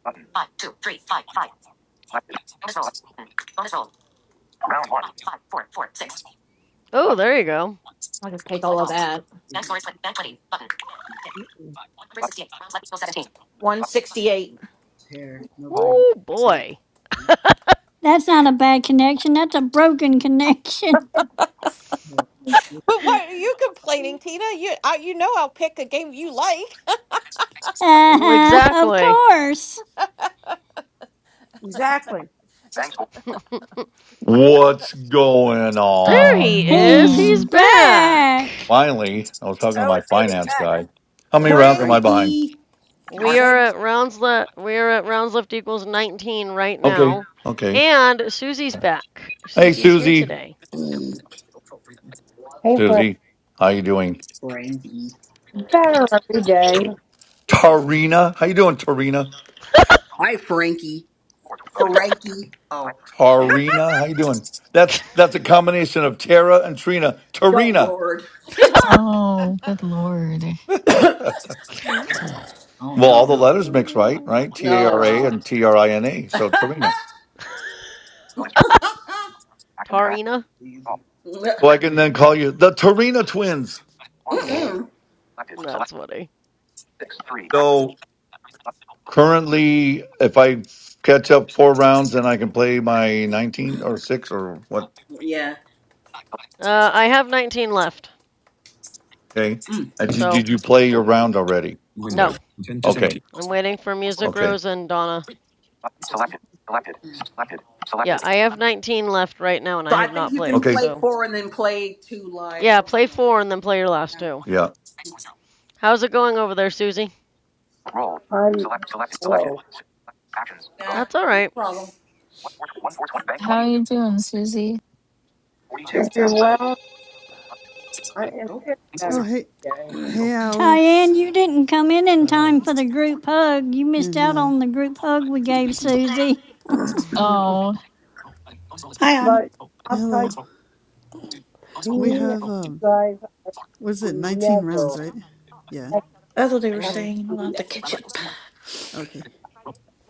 Speaker 10: Button. Selected. Button. Round one.
Speaker 4: Oh,
Speaker 10: Button.
Speaker 4: there you go.
Speaker 9: I'll just take all of that.
Speaker 5: Mm-mm.
Speaker 10: Button. Button.
Speaker 9: 168.
Speaker 5: Hair.
Speaker 10: Roll.
Speaker 5: Nobody.
Speaker 4: Oh boy.
Speaker 6: that's not a bad connection. That's a broken connection.
Speaker 9: But why are you complaining, Tina? You I, you know I'll pick a game you like.
Speaker 6: Uh huh, of
Speaker 4: Exactly.
Speaker 6: course.
Speaker 5: Exactly.
Speaker 10: Bang score. Select.
Speaker 1: What's going
Speaker 4: There
Speaker 11: Oh
Speaker 1: on?
Speaker 4: he is.
Speaker 6: He's
Speaker 4: He's
Speaker 11: man.
Speaker 4: back.
Speaker 6: back.
Speaker 1: Finally, I was talking to
Speaker 5: Oh,
Speaker 1: my
Speaker 5: it made it
Speaker 1: finance
Speaker 5: back.
Speaker 1: guy. How many
Speaker 4: I'm
Speaker 1: rounds am I
Speaker 4: sorry.
Speaker 1: behind?
Speaker 7: Frankie.
Speaker 10: Turn.
Speaker 4: We
Speaker 5: Sick.
Speaker 4: are at rounds left. We are at rounds left equals 19 right
Speaker 1: Okay,
Speaker 4: now,
Speaker 1: okay.
Speaker 4: and Susie's back.
Speaker 1: Hey,
Speaker 4: Susie's here
Speaker 1: Susie.
Speaker 4: today.
Speaker 7: Mm,
Speaker 10: Pay for it
Speaker 1: Susie, how you doing?
Speaker 7: Frankie.
Speaker 10: better every day.
Speaker 1: Tarina, how you doing, Tarina?
Speaker 7: Hi, Frankie.
Speaker 10: Four. Bonus roll.
Speaker 7: Frankie.
Speaker 10: Nine.
Speaker 7: Oh,
Speaker 1: Tarina, how you doing? That's that's a combination of Tara and Trina.
Speaker 7: oh
Speaker 1: Tarina.
Speaker 7: Lord.
Speaker 11: Oh good lord.
Speaker 5: Mhm.
Speaker 7: oh
Speaker 1: Well, all the
Speaker 7: no.
Speaker 1: letters mix, right? Right? T A
Speaker 7: Oh
Speaker 1: R A
Speaker 7: wow.
Speaker 1: and T R I N A. So Tarina.
Speaker 10: Bonus turn. Action. Back.
Speaker 4: Tarina.
Speaker 7: Jeez.
Speaker 10: All.
Speaker 1: So I can then call you the Torino Twins.
Speaker 10: One.
Speaker 4: That's
Speaker 7: Mm-mm.
Speaker 10: Selected. Select.
Speaker 4: funny.
Speaker 10: Six. Three. Action.
Speaker 1: So
Speaker 10: Button.
Speaker 1: currently, if I catch up four rounds, then I can play my 19 or six or what?
Speaker 7: yeah.
Speaker 4: Uh, I have 19 left,
Speaker 1: Okay.
Speaker 7: Mm.
Speaker 1: Uh, Did
Speaker 4: so
Speaker 1: did you play your round already?
Speaker 5: Window.
Speaker 4: no.
Speaker 5: Content is empty.
Speaker 1: Okay.
Speaker 4: I'm waiting for Music
Speaker 1: Okay.
Speaker 4: Rose and Donna.
Speaker 10: Button. Selected. Selected.
Speaker 7: So
Speaker 10: Selected.
Speaker 4: Yeah,
Speaker 10: Selected.
Speaker 4: I have 19 left right now and I
Speaker 7: I
Speaker 4: have
Speaker 7: think
Speaker 4: not
Speaker 7: you
Speaker 4: played.
Speaker 7: can
Speaker 1: Okay.
Speaker 7: play
Speaker 4: So,
Speaker 7: four and then play two live.
Speaker 4: yeah,
Speaker 7: Or, You
Speaker 4: play
Speaker 7: know.
Speaker 4: four and then play your last
Speaker 7: Yeah,
Speaker 4: two.
Speaker 1: Yeah.
Speaker 4: How's it going over there, Susie?
Speaker 10: Roll. I'm select. Selected. slow. Selected. slow. Actions.
Speaker 7: Yeah,
Speaker 10: Bonus.
Speaker 4: That's all
Speaker 7: no
Speaker 4: right.
Speaker 7: problem.
Speaker 10: One four, one, four, twenty, Bank
Speaker 11: How
Speaker 10: 20
Speaker 11: you doing, Susie?
Speaker 10: Forty-two. You're welcome. I am
Speaker 7: Nope.
Speaker 10: feeling better
Speaker 8: Oh hey,
Speaker 10: today.
Speaker 8: hey Alice,
Speaker 6: Tyann, you didn't come in in
Speaker 3: Oh.
Speaker 6: time for the group hug. You missed
Speaker 8: and
Speaker 6: out
Speaker 8: uh,
Speaker 6: on the group hug we gave Susie.
Speaker 4: mm-hmm.
Speaker 11: Oh,
Speaker 12: Hi, Anna.
Speaker 10: But I'll tell you,
Speaker 8: hello. We
Speaker 10: being
Speaker 8: have um,
Speaker 10: guys, I
Speaker 8: was it
Speaker 10: never,
Speaker 8: nineteen rounds,
Speaker 10: never
Speaker 8: right? Yeah.
Speaker 12: That's what they were
Speaker 10: have to
Speaker 12: saying. I'll
Speaker 10: be
Speaker 12: have to catch up.
Speaker 8: Okay.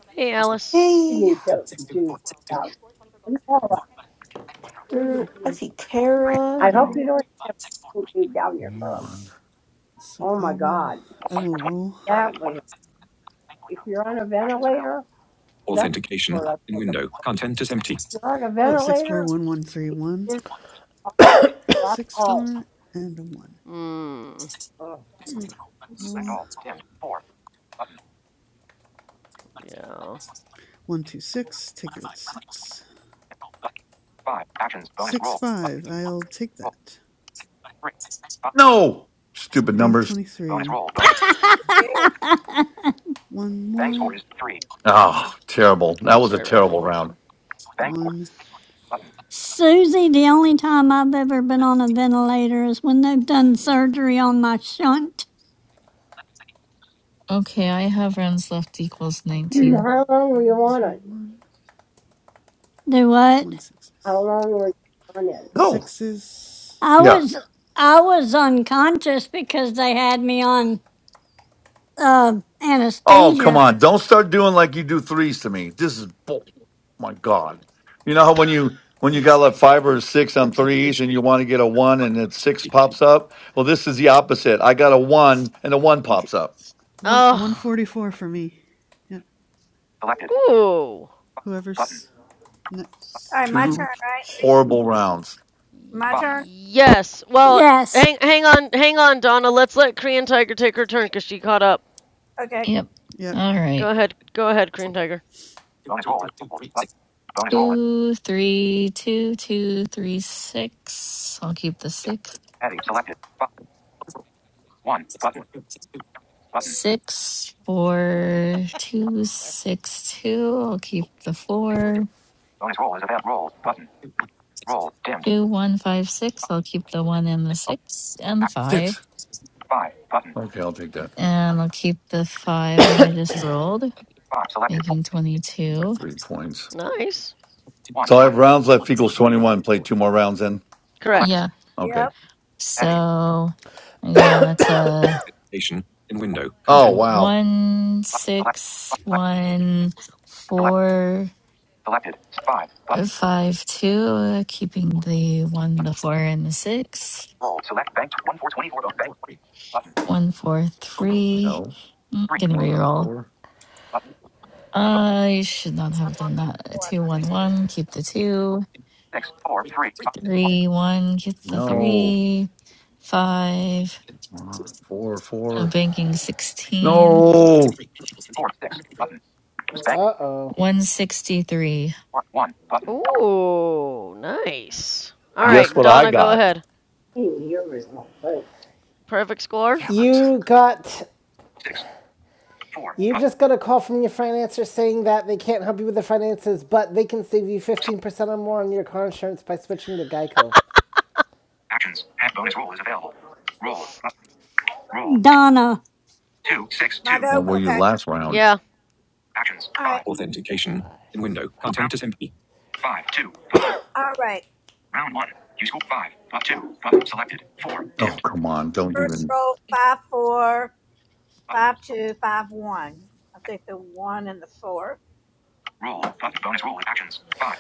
Speaker 4: Hey, Alice.
Speaker 12: Hey,
Speaker 10: you to do that. No,
Speaker 12: Ter- I see Tara
Speaker 10: I hope
Speaker 12: and
Speaker 10: you don't have to do down your
Speaker 1: You
Speaker 10: throat.
Speaker 1: won.
Speaker 8: So
Speaker 10: Oh my
Speaker 8: I will,
Speaker 10: God.
Speaker 8: I will roll.
Speaker 10: That one, if you're on a ventilator, that's
Speaker 5: Authentication
Speaker 10: what I'm
Speaker 5: in
Speaker 10: looking for.
Speaker 5: window. Content is empty.
Speaker 10: If you're on a
Speaker 8: Oh, six four
Speaker 10: ventilator,
Speaker 8: one one three one
Speaker 10: it's a lot of
Speaker 8: six
Speaker 10: fault.
Speaker 8: four and a one.
Speaker 4: Mm,
Speaker 10: Select
Speaker 5: Mm. So good.
Speaker 8: Roll
Speaker 10: all. Dimmed. Four. Button.
Speaker 4: yeah.
Speaker 8: one two six. Take that six
Speaker 10: Dimmed. Button. Five. Actions. Bonus
Speaker 8: six
Speaker 10: roll.
Speaker 8: five.
Speaker 10: Button.
Speaker 8: I'll take
Speaker 10: Roll.
Speaker 8: that.
Speaker 10: Three. Five.
Speaker 1: No. Stupid
Speaker 8: Bank
Speaker 1: numbers.
Speaker 8: twenty
Speaker 10: Bonus
Speaker 8: three.
Speaker 10: roll. Bonus.
Speaker 5: Yeah.
Speaker 8: One
Speaker 10: Bank score
Speaker 8: more.
Speaker 10: is three.
Speaker 1: Oh, terrible. That
Speaker 4: Oh,
Speaker 1: was a
Speaker 4: sorry, Ralphie.
Speaker 1: terrible round.
Speaker 10: Bank score
Speaker 8: One
Speaker 10: button.
Speaker 6: Susie, the only time I've ever been on a ventilator is when they've done
Speaker 8: four.
Speaker 6: surgery on my shunt.
Speaker 11: okay, I have rounds left equals
Speaker 8: Oh,
Speaker 11: nineteen.
Speaker 10: How long were
Speaker 8: four
Speaker 10: you
Speaker 8: one
Speaker 10: on
Speaker 8: three
Speaker 10: it?
Speaker 8: one
Speaker 6: Do what?
Speaker 8: one six
Speaker 10: How
Speaker 8: six.
Speaker 10: long were you on it?
Speaker 1: No.
Speaker 8: Sixes
Speaker 6: I
Speaker 1: Yeah.
Speaker 6: was I was unconscious because they had me on uh,
Speaker 1: Oh, come
Speaker 6: anesthesia.
Speaker 1: on. Don't start doing like you do threes to me. This is bull. My God. You know how when you when you
Speaker 8: and a
Speaker 1: got like
Speaker 8: six.
Speaker 1: five or six on threes
Speaker 5: Authentication.
Speaker 1: and you want to get a one and then
Speaker 5: is
Speaker 1: six
Speaker 5: empty.
Speaker 1: pops up? Well, this is the opposite. I got a one and a one
Speaker 8: Okay,
Speaker 1: pops up.
Speaker 8: one one
Speaker 4: Oh,
Speaker 8: forty four for me. Yeah,
Speaker 10: Selected.
Speaker 4: ooh.
Speaker 10: Button.
Speaker 8: whoever's
Speaker 5: All
Speaker 8: next.
Speaker 5: right, my
Speaker 1: Two
Speaker 5: turn, right?
Speaker 1: horrible rounds.
Speaker 5: My
Speaker 10: Button.
Speaker 5: turn?
Speaker 4: Yes. Well,
Speaker 6: Yes,
Speaker 4: hang, hang on, hang on, Donna. Let's let Korean Tiger take her turn because she caught up.
Speaker 5: Okay.
Speaker 11: Yep.
Speaker 8: Yep.
Speaker 11: All
Speaker 4: Go
Speaker 11: right.
Speaker 4: ahead, go ahead, Korean Tiger.
Speaker 10: Bonus roll is roll. Button. Bonus roll is
Speaker 11: Two, three, two, two, three, six. I'll keep the six.
Speaker 10: heading selected. Button. One. Button. Button.
Speaker 11: Six, four, two,
Speaker 9: Sorry.
Speaker 11: six, two. I'll keep the four.
Speaker 10: Bonus roll is about roll. Button. Roll. Dimmed.
Speaker 11: Two, one, five, six.
Speaker 10: Five.
Speaker 11: I'll keep the one and the six
Speaker 10: Button.
Speaker 11: and the five.
Speaker 1: Six.
Speaker 10: Five. Button.
Speaker 1: Okay, I'll take that.
Speaker 11: And I'll keep the five that I just rolled,
Speaker 10: Five. Selected. Four.
Speaker 11: making
Speaker 1: By
Speaker 11: 22.
Speaker 1: three points.
Speaker 4: Nice.
Speaker 10: One.
Speaker 1: So I have rounds left equals twenty one. Play two more rounds in.
Speaker 10: Select.
Speaker 11: Yeah.
Speaker 4: Correct.
Speaker 1: Okay.
Speaker 5: Yep.
Speaker 10: Heading.
Speaker 11: So I got uh,
Speaker 5: Authentication. In window.
Speaker 1: Oh
Speaker 5: Content.
Speaker 1: wow.
Speaker 11: one,
Speaker 10: Button. Select.
Speaker 11: six,
Speaker 10: Select.
Speaker 11: one,
Speaker 10: Select.
Speaker 11: four,
Speaker 10: Selected. Five.
Speaker 11: uh,
Speaker 10: Button.
Speaker 11: five, two, uh, keeping the one, the four, and the six.
Speaker 10: Roll. Select. Bank. One. Four. Twenty-four. Bank. Button.
Speaker 11: One, four, three.
Speaker 1: No.
Speaker 11: I'm
Speaker 10: Three.
Speaker 1: Come
Speaker 11: gonna
Speaker 1: on.
Speaker 11: reroll.
Speaker 1: Four.
Speaker 10: Button.
Speaker 11: I should not
Speaker 5: Oops, I'm
Speaker 11: have
Speaker 5: on
Speaker 11: done
Speaker 5: the
Speaker 11: that.
Speaker 5: I'm
Speaker 11: Two,
Speaker 5: not
Speaker 11: one, one. Keep the two.
Speaker 10: Six. Four. Three. Five.
Speaker 5: receptive.
Speaker 10: One.
Speaker 11: Three, one. Keep the
Speaker 1: No.
Speaker 11: three. Five.
Speaker 1: Come on. Four.
Speaker 11: I'm
Speaker 1: Four.
Speaker 11: banking sixteen.
Speaker 1: No.
Speaker 10: Four six button. Spank
Speaker 3: Uh oh.
Speaker 11: One sixty-three.
Speaker 10: one one button.
Speaker 4: Ooh, nice. All
Speaker 10: Round.
Speaker 1: Guess
Speaker 4: right,
Speaker 1: what I
Speaker 4: Donna, go
Speaker 1: got?
Speaker 4: ahead.
Speaker 10: Hey, here is my vote.
Speaker 4: Perfect score?
Speaker 1: Damn it.
Speaker 3: You got
Speaker 10: Six four
Speaker 3: You
Speaker 10: button.
Speaker 3: just got a call from your financer saying that they can't help you with the finances, but they can save you
Speaker 10: Select
Speaker 3: 15% or more on your car insurance by switching to Geico.
Speaker 10: actions. Half bonus roll is available. Roll button. Roll T-
Speaker 6: Donna.
Speaker 10: two six
Speaker 5: My
Speaker 10: two
Speaker 5: go?
Speaker 1: When were
Speaker 3: Divided
Speaker 1: you
Speaker 3: by,
Speaker 5: Okay.
Speaker 1: last round?
Speaker 4: Yeah.
Speaker 10: actions
Speaker 5: All right.
Speaker 10: five
Speaker 3: divided
Speaker 5: Authentication.
Speaker 3: by,
Speaker 5: In window.
Speaker 3: divided
Speaker 10: round
Speaker 5: Content
Speaker 3: by.
Speaker 5: is empty.
Speaker 10: five two button
Speaker 5: All right.
Speaker 10: round one. You score five but two button selected four
Speaker 1: Oh,
Speaker 10: dimmed
Speaker 1: come on. Don't
Speaker 5: First
Speaker 1: even
Speaker 5: roll five four
Speaker 10: button.
Speaker 5: five two five one. I'll take the one and the four.
Speaker 10: Roll button bonus roll actions five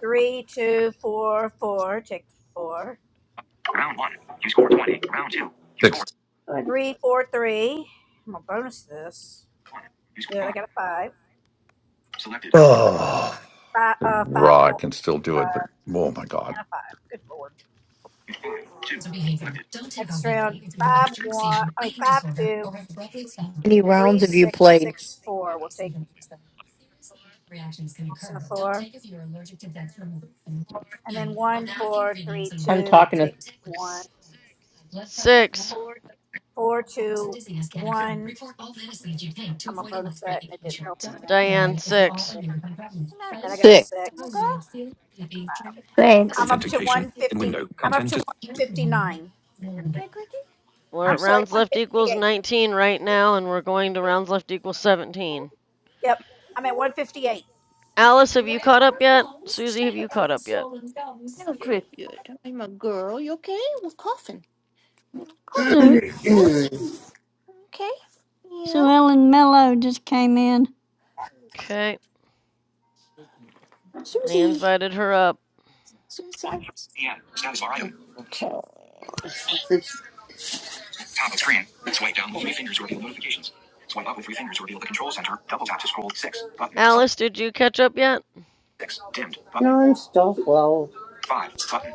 Speaker 5: Three two four four. Take the four.
Speaker 10: round one. You score twenty round two. You score
Speaker 1: fix.
Speaker 5: Three four three. I'm gonna bonus this.
Speaker 10: one. You score
Speaker 5: Good. I
Speaker 10: five
Speaker 5: got a five.
Speaker 10: selected.
Speaker 1: Oh,
Speaker 5: Five uh five
Speaker 1: raw.
Speaker 5: four.
Speaker 1: I can still do it, but
Speaker 5: five,
Speaker 1: oh my God.
Speaker 5: and a five. Good lord.
Speaker 10: You five two selected.
Speaker 5: Next round, five one. I mean five two
Speaker 13: many
Speaker 5: three
Speaker 13: rounds have you
Speaker 5: six
Speaker 13: played?
Speaker 5: six four. We'll take six and a four, and then one four three
Speaker 13: I'm
Speaker 5: two.
Speaker 13: talking to.
Speaker 5: Take one
Speaker 4: S- six.
Speaker 5: four two one. I'm a bonus set, and it didn't help anything.
Speaker 9: Okay,
Speaker 4: Diane,
Speaker 9: great.
Speaker 4: six.
Speaker 5: Okay.
Speaker 9: What's the matter,
Speaker 5: Then I got
Speaker 9: Cricket?
Speaker 5: a
Speaker 13: Six.
Speaker 9: My girl?
Speaker 5: six. I'm up to one fifty. I'm up to one fifty nine.
Speaker 4: We're
Speaker 5: I'm
Speaker 4: at
Speaker 5: sorry,
Speaker 4: rounds
Speaker 5: one
Speaker 4: left
Speaker 5: fifty
Speaker 4: equals
Speaker 5: eight.
Speaker 4: 19 right now, and we're going to rounds left equals 17.
Speaker 5: Yep. I'm at 158.
Speaker 4: Alice, have you caught up yet? Susie, have you caught up yet?
Speaker 6: Su-
Speaker 10: Mm.
Speaker 6: Sue Ellen Mello just came in.
Speaker 4: Okay. I invited her up.
Speaker 10: 1 p.m. Status bar item. Top of screen. Swipe down with three fingers to reveal notifications. Swipe up with three fingers to reveal the control center. Double tap to scroll. 6 button.
Speaker 4: Alice, did you catch up yet?
Speaker 10: 6 dimmed button. No, I'm still well. 5 button.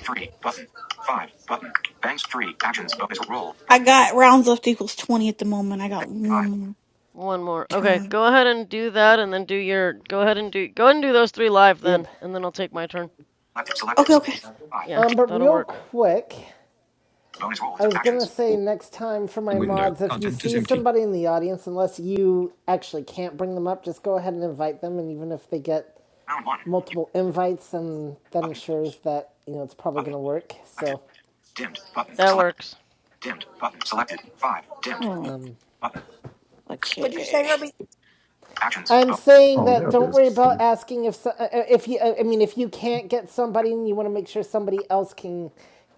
Speaker 10: 3 button. 5 button. Banks 3 actions bonus roll
Speaker 12: I
Speaker 10: button.
Speaker 12: got rounds left equals twenty at the moment. I got one
Speaker 10: 5
Speaker 12: more
Speaker 4: One more. Okay,
Speaker 12: turn.
Speaker 4: go ahead and do that, and then do your. Go ahead and do. Go ahead and do those three live
Speaker 3: Yep.
Speaker 4: then, and then I'll take my turn.
Speaker 10: selected selected.
Speaker 12: Okay, okay.
Speaker 10: 5
Speaker 4: Yeah,
Speaker 3: Um,
Speaker 10: dim,
Speaker 3: but
Speaker 4: that'll
Speaker 3: real
Speaker 4: work.
Speaker 3: quick,
Speaker 10: bonus roll is
Speaker 3: I
Speaker 10: of
Speaker 3: was gonna
Speaker 10: actions.
Speaker 3: say next time for my
Speaker 5: Window.
Speaker 3: mods, if you
Speaker 5: Content is
Speaker 3: see
Speaker 5: empty.
Speaker 3: somebody in the audience, unless you actually can't bring them up, just go ahead and invite them, and even if they get
Speaker 10: Round 1
Speaker 3: multiple invites, then that
Speaker 10: button
Speaker 3: ensures that you know it's probably
Speaker 10: button
Speaker 3: gonna work.
Speaker 10: selected
Speaker 3: So
Speaker 10: dimmed button
Speaker 4: That
Speaker 10: select
Speaker 4: works.
Speaker 10: dimmed button selected 5 dimmed
Speaker 12: Alright,
Speaker 3: um,
Speaker 10: button
Speaker 5: Would you say,
Speaker 12: Okay,
Speaker 5: Herbie?
Speaker 10: actions
Speaker 3: I'm
Speaker 10: bo-
Speaker 3: saying
Speaker 1: Oh, there
Speaker 3: that
Speaker 1: it
Speaker 3: don't
Speaker 1: is.
Speaker 3: worry about asking if so, uh, uh, if you uh, I mean if you can't get somebody and you want to make sure somebody else can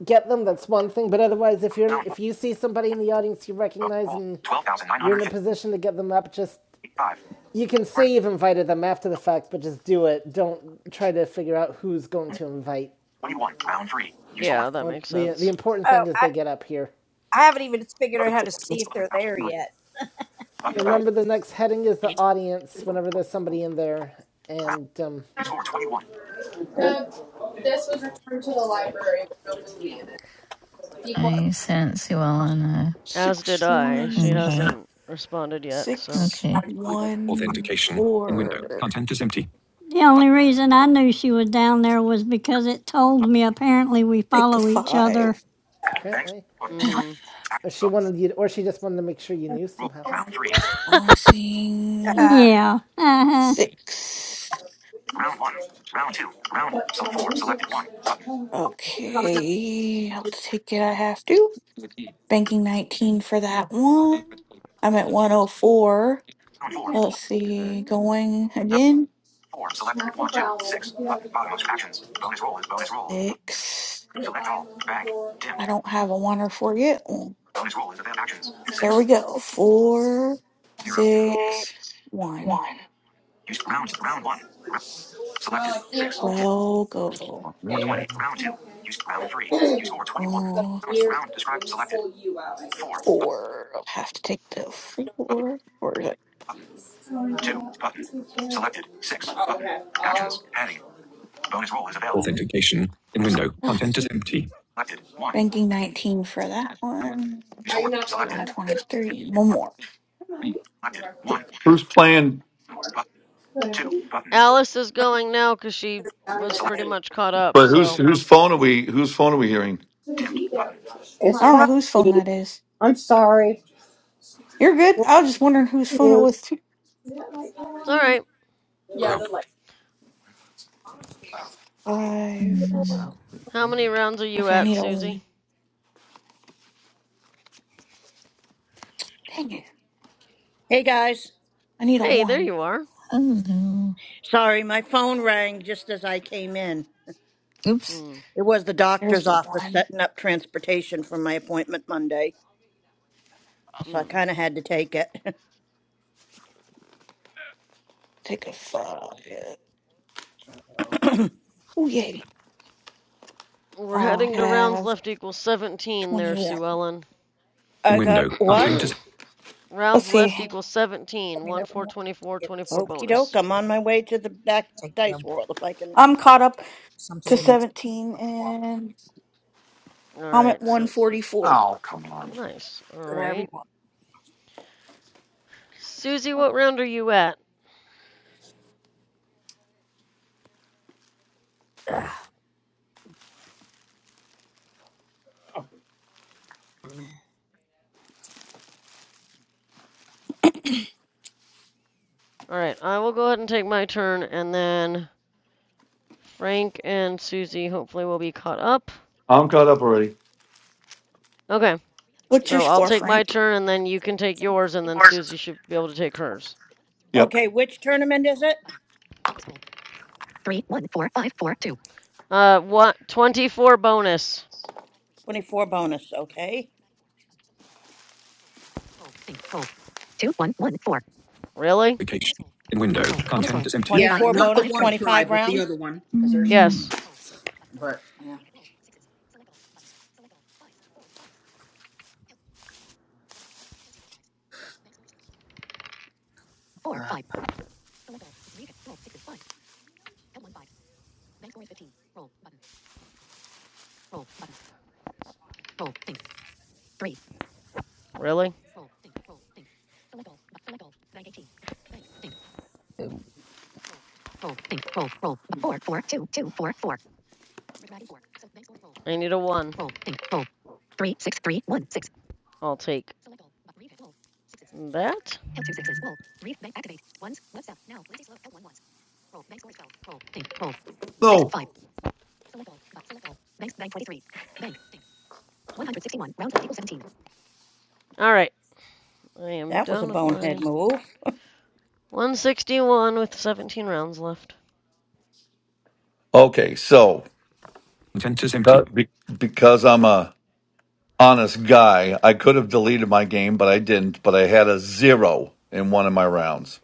Speaker 3: get them that's one thing but otherwise if you're
Speaker 10: round
Speaker 3: if you see somebody in the audience you
Speaker 10: bonus
Speaker 3: recognize
Speaker 10: roll
Speaker 3: and you're in a
Speaker 10: 12,955
Speaker 3: position to get them up just you can say you've invited them after the fact but just do it don't try to figure out who's going to invite
Speaker 10: 21. Round 3. You scored.
Speaker 4: Yeah, that
Speaker 3: Well,
Speaker 4: makes
Speaker 3: the the
Speaker 4: sense.
Speaker 3: important
Speaker 5: Oh,
Speaker 3: thing is
Speaker 5: I.
Speaker 3: they get up here
Speaker 5: I haven't even figured
Speaker 10: Up,
Speaker 5: out how to see if they're
Speaker 10: up,
Speaker 5: there yet.
Speaker 10: up, down,
Speaker 3: remember the next heading is the audience whenever there's somebody in there
Speaker 10: round.
Speaker 3: and um
Speaker 10: You scored 21.
Speaker 11: I sent Sue Ellen an
Speaker 4: As did
Speaker 12: six
Speaker 4: I.
Speaker 11: uh,
Speaker 4: She
Speaker 12: one
Speaker 11: invite.
Speaker 4: hasn't responded yet, so.
Speaker 12: six
Speaker 11: Okay.
Speaker 10: One.
Speaker 12: one
Speaker 5: Authentication in window.
Speaker 12: four.
Speaker 5: Content is empty.
Speaker 6: The
Speaker 10: Up,
Speaker 6: only reason I knew she was down there was because it told
Speaker 10: up.
Speaker 6: me apparently we
Speaker 12: Take the
Speaker 6: follow each other.
Speaker 12: five.
Speaker 10: Banks.
Speaker 3: apparently
Speaker 10: 1. 3.
Speaker 4: Mhm.
Speaker 10: Action.
Speaker 3: Or she
Speaker 10: Bonus.
Speaker 3: wanted you, to, or she just wanted to make sure you knew
Speaker 10: Roll.
Speaker 3: somehow.
Speaker 10: Round 3.
Speaker 12: I want to see
Speaker 5: Uh,
Speaker 6: Yeah. Uh-huh.
Speaker 12: six.
Speaker 10: Round 1. Round 2. Round. So 4. Selected 1. Up.
Speaker 12: Okay, I'll take it. I have to. Banking 19 for that one. I'm at 104.
Speaker 10: Round 4. Round
Speaker 12: Let's see,
Speaker 4: Okay.
Speaker 12: going again.
Speaker 10: 4. Selected. 1. Six. Up. Bottom of actions. Bonus roll is bonus roll.
Speaker 12: Six.
Speaker 10: Select all. Bank. Dimmed.
Speaker 12: I don't have a one or four yet. Oh,
Speaker 10: Bonus roll is event actions.
Speaker 12: There
Speaker 10: 6.
Speaker 12: we go. Four,
Speaker 10: 0.
Speaker 12: six, one.
Speaker 10: Use round. Round 1. Selected. 6. Dimmed.
Speaker 12: Twelve, go.
Speaker 10: Score
Speaker 1: Really?
Speaker 10: 20. Round 2. Use round 3. You score 21.
Speaker 12: Oh,
Speaker 10: Round. Round. Describe. Selected. Four. Button.
Speaker 12: four. I'll have to take the four. Where is it?
Speaker 10: Two. Button. Selected. Six. Button. okay. Actions. um, Heading. Bonus roll is available.
Speaker 5: Authentication in window.
Speaker 12: Ah,
Speaker 5: Content is empty.
Speaker 10: Selected. One.
Speaker 12: Banking 19 for that one.
Speaker 10: Use four. Selected.
Speaker 4: Okay.
Speaker 12: 123. One more.
Speaker 10: Selected. One.
Speaker 1: Who's playing?
Speaker 10: Button. Two. Button.
Speaker 4: Alice is going now because she was pretty
Speaker 10: Selected.
Speaker 4: much caught up.
Speaker 1: But who's
Speaker 4: So
Speaker 1: whose phone are we? Whose phone are we hearing?
Speaker 10: Button. It's
Speaker 12: I don't know
Speaker 10: fine.
Speaker 12: whose phone that is.
Speaker 10: I'm sorry.
Speaker 12: You're good.
Speaker 10: you
Speaker 12: I was just wondering whose phone it was. Two
Speaker 4: it's all right.
Speaker 12: five. let's-
Speaker 11: Mm,
Speaker 4: How many rounds are you
Speaker 12: Okay, I
Speaker 4: at,
Speaker 12: need a
Speaker 4: Susie?
Speaker 12: one. Dang it!
Speaker 14: Hey guys,
Speaker 12: I need a
Speaker 4: Hey, there
Speaker 12: one.
Speaker 4: you are.
Speaker 11: hello.
Speaker 14: sorry, my phone rang just as I came in.
Speaker 11: Oops.
Speaker 4: Mm.
Speaker 14: It was the
Speaker 12: There's
Speaker 14: doctor's
Speaker 12: the
Speaker 14: office
Speaker 12: one.
Speaker 14: setting up transportation for my appointment Monday, so I
Speaker 4: Mm.
Speaker 14: kind of had to take it.
Speaker 12: Take a five. Oh yay!
Speaker 4: We're
Speaker 12: I
Speaker 4: heading to rounds
Speaker 12: have
Speaker 4: left equals 17 there,
Speaker 12: twenty-one.
Speaker 4: Sue Ellen.
Speaker 5: In
Speaker 14: I got
Speaker 5: window.
Speaker 14: what?
Speaker 5: Content is
Speaker 12: Let's
Speaker 4: rounds left
Speaker 12: see.
Speaker 4: equals
Speaker 5: let
Speaker 4: 17.
Speaker 5: me know
Speaker 4: 1,
Speaker 5: when you
Speaker 4: 4,
Speaker 5: want me to
Speaker 4: 24
Speaker 5: get
Speaker 4: twenty-four
Speaker 5: stuff
Speaker 14: Okie
Speaker 5: together.
Speaker 14: doke,
Speaker 4: bonus.
Speaker 14: I'm
Speaker 5: To
Speaker 14: on my way to the back of the
Speaker 5: take down
Speaker 14: dice world if I can.
Speaker 12: I'm caught up
Speaker 5: Some
Speaker 12: to
Speaker 5: today must
Speaker 12: seventeen, and
Speaker 4: All
Speaker 12: I'm
Speaker 4: right,
Speaker 12: at one
Speaker 4: so
Speaker 12: forty-four.
Speaker 4: nice. All
Speaker 5: Good
Speaker 4: right.
Speaker 5: everyone.
Speaker 4: Susie, what round are you at? All right, I will go ahead and take my turn and then Frank and Susie hopefully will be caught up.
Speaker 1: I'm caught up already.
Speaker 4: Okay,
Speaker 12: What's your
Speaker 4: so I'll
Speaker 12: score,
Speaker 4: take my
Speaker 12: Frank?
Speaker 4: turn and then you can take yours and then Susie should be able to take hers.
Speaker 1: Yep.
Speaker 14: Okay, which tournament is it?
Speaker 4: Uh, what? 24 bonus.
Speaker 14: 24 bonus, okay.
Speaker 4: Really?
Speaker 5: Vacation. In window, content is empty.
Speaker 7: Yeah,
Speaker 14: 24
Speaker 7: not the
Speaker 14: bonus,
Speaker 7: one try,
Speaker 14: 25
Speaker 7: but the other
Speaker 14: rounds.
Speaker 7: one, because there's two.
Speaker 11: Mm,
Speaker 4: Yes.
Speaker 7: But yeah,
Speaker 4: Really? I need a 1. I'll take that.
Speaker 1: No.
Speaker 4: All right, I am
Speaker 14: That was a
Speaker 4: done with
Speaker 14: bonehead
Speaker 4: mine.
Speaker 14: move.
Speaker 4: 161 with 17 rounds left.
Speaker 1: Okay. So
Speaker 5: Content is
Speaker 1: uh,
Speaker 5: empty.
Speaker 1: be- because I'm a honest guy, I could have deleted my game, but I didn't. But I had a zero in one of my rounds.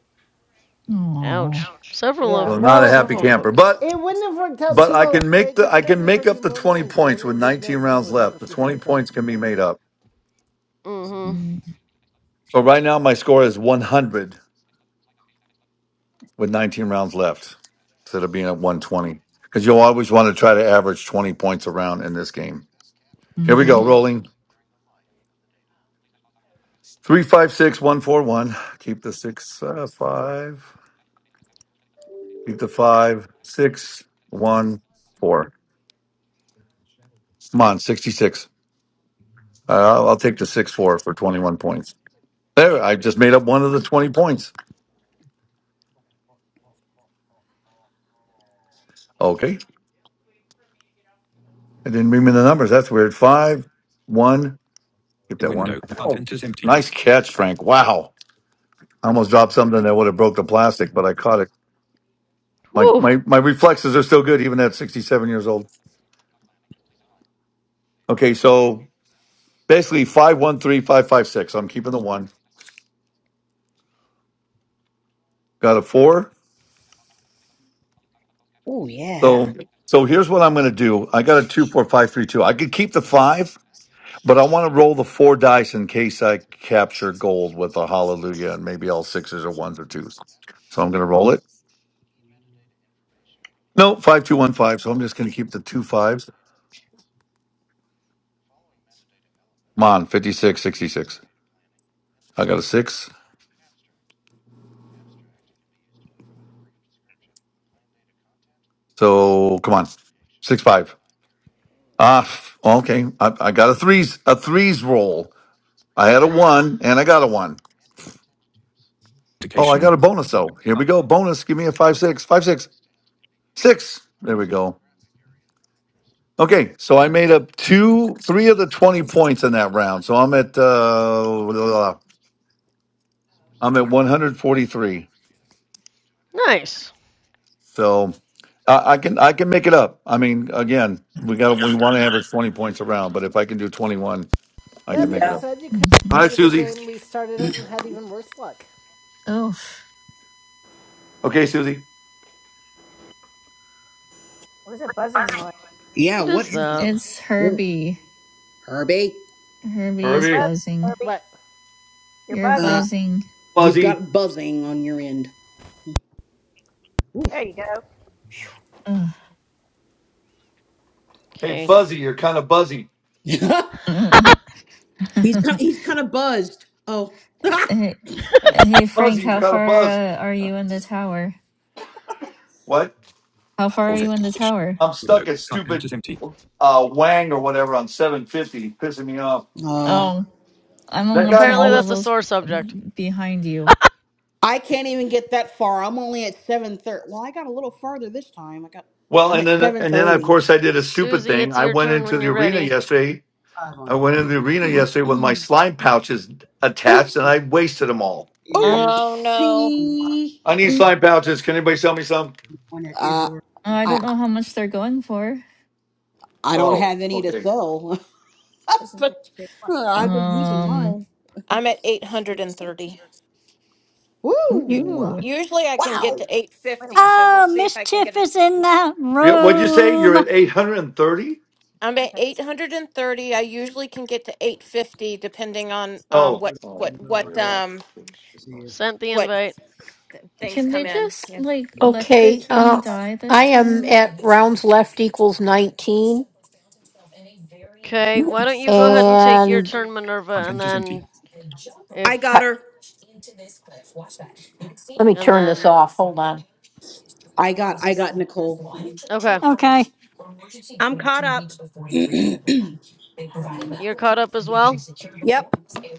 Speaker 11: oh.
Speaker 4: Ouch. Several
Speaker 1: So
Speaker 3: Yeah,
Speaker 1: I'm
Speaker 4: of
Speaker 1: not a
Speaker 3: well,
Speaker 1: happy
Speaker 4: several
Speaker 1: camper,
Speaker 4: folks.
Speaker 1: but
Speaker 3: it wouldn't have worked out
Speaker 1: But
Speaker 3: too
Speaker 1: I
Speaker 3: well.
Speaker 1: can make
Speaker 3: Wait,
Speaker 1: the I
Speaker 3: considering
Speaker 1: can
Speaker 3: we
Speaker 1: make
Speaker 3: heard you
Speaker 1: up the
Speaker 3: moaning
Speaker 1: 20
Speaker 3: and
Speaker 1: points with
Speaker 3: groaning, we'd
Speaker 1: 19
Speaker 3: know something
Speaker 1: rounds
Speaker 3: was up
Speaker 1: left. The
Speaker 3: if you had a
Speaker 1: 20
Speaker 3: perfect
Speaker 1: points can be
Speaker 3: score.
Speaker 1: made up.
Speaker 4: Mhm.
Speaker 11: Mm,
Speaker 1: So right now my score is 100 with 19 rounds left instead of being at 120 because you'll always want to try to average 20 points around in this game. Here we
Speaker 11: hmm
Speaker 1: go,
Speaker 4: Mhm.
Speaker 1: rolling. Three five six one four one. Keep the six uh, five. Keep the five six one four. Come on, sixty six. Uh, I'll I'll take the six four for twenty one points. There, I just made up one of the twenty points. Okay. It didn't bring me the numbers. That's weird. Five, one. Keep
Speaker 5: In
Speaker 1: that one.
Speaker 5: window,
Speaker 1: Oh,
Speaker 5: content is empty.
Speaker 1: nice catch, Frank. Wow. I almost dropped something that would have broke the plastic, but I caught it. My
Speaker 4: Whew.
Speaker 1: my my reflexes are still good, even at sixty seven years old. Okay, so basically five one three five five six. I'm keeping the one. Got a four.
Speaker 14: Oh, yeah.
Speaker 1: So so here's what I'm going to do. I got a two four five three two. I could keep the five, but I want to roll the four dice in case I capture gold with a hallelujah and maybe all sixes or ones or twos. So I'm going to roll it. No, 5215. So I'm just going to keep the two fives. Come on, 56, 66. I got a six. So come on, six, five. Ah, f- okay. I, I got a threes, a threes roll. I had a one and I got a one. Oh, I
Speaker 5: Vacation.
Speaker 1: got a bonus though. Here
Speaker 5: Con-
Speaker 1: we go. Bonus. Give me a five, six, five, six, six. There we go. Okay. So I made up two, three of the 20 points in that round. So I'm at, uh, I'm at 143.
Speaker 4: Nice.
Speaker 1: So I, I can I can make it up. I mean, again, we got we want to average twenty points around, but if I can do twenty one, I can
Speaker 3: That
Speaker 1: make it
Speaker 3: being
Speaker 7: yeah,
Speaker 1: up.
Speaker 3: said, you could have
Speaker 11: hmm
Speaker 1: All right,
Speaker 3: deleted the
Speaker 1: Susie.
Speaker 3: game, restarted it, and had even worse luck.
Speaker 11: Oh,
Speaker 1: Okay, Susie.
Speaker 5: What is that buzzing noise?
Speaker 7: yeah.
Speaker 4: What
Speaker 7: What
Speaker 4: is
Speaker 7: is that?
Speaker 4: that?
Speaker 11: it's
Speaker 7: Ooh,
Speaker 11: Herbie.
Speaker 7: Herbie.
Speaker 11: Herbie is
Speaker 1: Already,
Speaker 5: Buzz,
Speaker 11: buzzing.
Speaker 5: Herbie.
Speaker 3: What?
Speaker 5: You're
Speaker 11: You're
Speaker 5: buzzing.
Speaker 7: Uh,
Speaker 11: buzzing.
Speaker 7: You've
Speaker 1: Fuzzy.
Speaker 7: got buzzing on your end.
Speaker 5: There you go.
Speaker 11: Ugh.
Speaker 1: Hey,
Speaker 4: Okay.
Speaker 1: Fuzzy, you're kind of buzzy.
Speaker 7: he's ki- he's kind of buzzed. Oh,
Speaker 11: hey, hey,
Speaker 1: Fuzzy,
Speaker 11: Frank,
Speaker 1: you're
Speaker 11: how
Speaker 1: kind of
Speaker 11: far
Speaker 1: buzzed.
Speaker 11: uh, are you in the tower?
Speaker 1: What?
Speaker 11: How far are you in the
Speaker 5: authentication.
Speaker 11: tower?
Speaker 1: I'm
Speaker 5: Window,
Speaker 1: stuck at
Speaker 5: content
Speaker 1: stupid
Speaker 5: is empty.
Speaker 1: uh, Wang or whatever on 750, pissing me off.
Speaker 7: uh,
Speaker 11: Oh, I'm
Speaker 1: That
Speaker 11: only
Speaker 1: guy
Speaker 4: Apparently
Speaker 11: 10
Speaker 1: always.
Speaker 4: that's a
Speaker 11: levels
Speaker 4: sore subject.
Speaker 11: b- behind you.
Speaker 7: I can't even get that far. I'm only at seven thirty. Well, I got a little farther this time. I got
Speaker 1: Well,
Speaker 7: I'm
Speaker 1: and
Speaker 7: at
Speaker 1: then
Speaker 7: seven
Speaker 1: and then of
Speaker 7: thirty.
Speaker 1: course I did a stupid
Speaker 4: Susie,
Speaker 1: thing.
Speaker 4: it's
Speaker 1: I
Speaker 4: your
Speaker 1: went
Speaker 4: turn
Speaker 1: into
Speaker 4: when
Speaker 1: the
Speaker 4: you're
Speaker 1: arena
Speaker 4: ready.
Speaker 1: yesterday
Speaker 5: five
Speaker 1: I
Speaker 5: on
Speaker 1: went
Speaker 5: here.
Speaker 1: into the arena yesterday with my slime pouches
Speaker 7: Oops,
Speaker 1: attached, and
Speaker 5: Now
Speaker 1: I wasted them all.
Speaker 5: in use
Speaker 9: Oh no,
Speaker 5: one box
Speaker 7: oopsie.
Speaker 1: I need
Speaker 11: Mm,
Speaker 1: slime pouches. Can anybody sell me some?
Speaker 5: that is
Speaker 7: Uh,
Speaker 5: working.
Speaker 11: I
Speaker 7: I
Speaker 11: don't know how much they're going for.
Speaker 7: I don't
Speaker 1: Oh,
Speaker 7: have any to
Speaker 1: okay.
Speaker 7: sell,
Speaker 5: is not there
Speaker 7: but
Speaker 5: a big wash
Speaker 7: uh,
Speaker 5: that
Speaker 7: I've been using
Speaker 11: Um,
Speaker 7: mine.
Speaker 9: I'm at 830.
Speaker 5: yeah,
Speaker 9: You,
Speaker 7: Woo!
Speaker 11: woohoo.
Speaker 9: usually I can get to
Speaker 7: Wow!
Speaker 5: Wait a
Speaker 9: 850,
Speaker 5: while.
Speaker 9: so we'll
Speaker 6: Oh,
Speaker 9: see if I can get
Speaker 6: mischief
Speaker 9: it.
Speaker 6: is in the
Speaker 1: Yeah, what'd you say? You're
Speaker 6: room.
Speaker 1: at eight hundred and thirty.
Speaker 9: I'm at
Speaker 5: Okay.
Speaker 9: 830. I usually can get to 850 depending on um
Speaker 1: Oh,
Speaker 9: what
Speaker 1: oh,
Speaker 9: what
Speaker 1: where
Speaker 9: what
Speaker 1: you're at.
Speaker 9: um
Speaker 5: see if
Speaker 4: Sent the
Speaker 9: what
Speaker 4: invite.
Speaker 9: th- things
Speaker 11: Can they
Speaker 9: come
Speaker 5: Yeah.
Speaker 9: in.
Speaker 11: just,
Speaker 9: Yeah.
Speaker 11: like, let the
Speaker 13: Okay.
Speaker 11: king
Speaker 13: Uh,
Speaker 11: die this
Speaker 13: I am
Speaker 11: time?
Speaker 13: at rounds left equals 19. and
Speaker 4: Okay, why don't you go ahead and take your turn, Minerva, and
Speaker 5: Content is
Speaker 4: then
Speaker 5: empty.
Speaker 7: I
Speaker 4: if
Speaker 7: got
Speaker 13: pa-
Speaker 7: her.
Speaker 13: let me
Speaker 4: and
Speaker 13: turn this
Speaker 4: then
Speaker 13: off. Hold on.
Speaker 7: I got I got Nicole.
Speaker 4: okay,
Speaker 6: Okay.
Speaker 14: I'm caught up.
Speaker 4: you're caught up as well.
Speaker 14: Yep.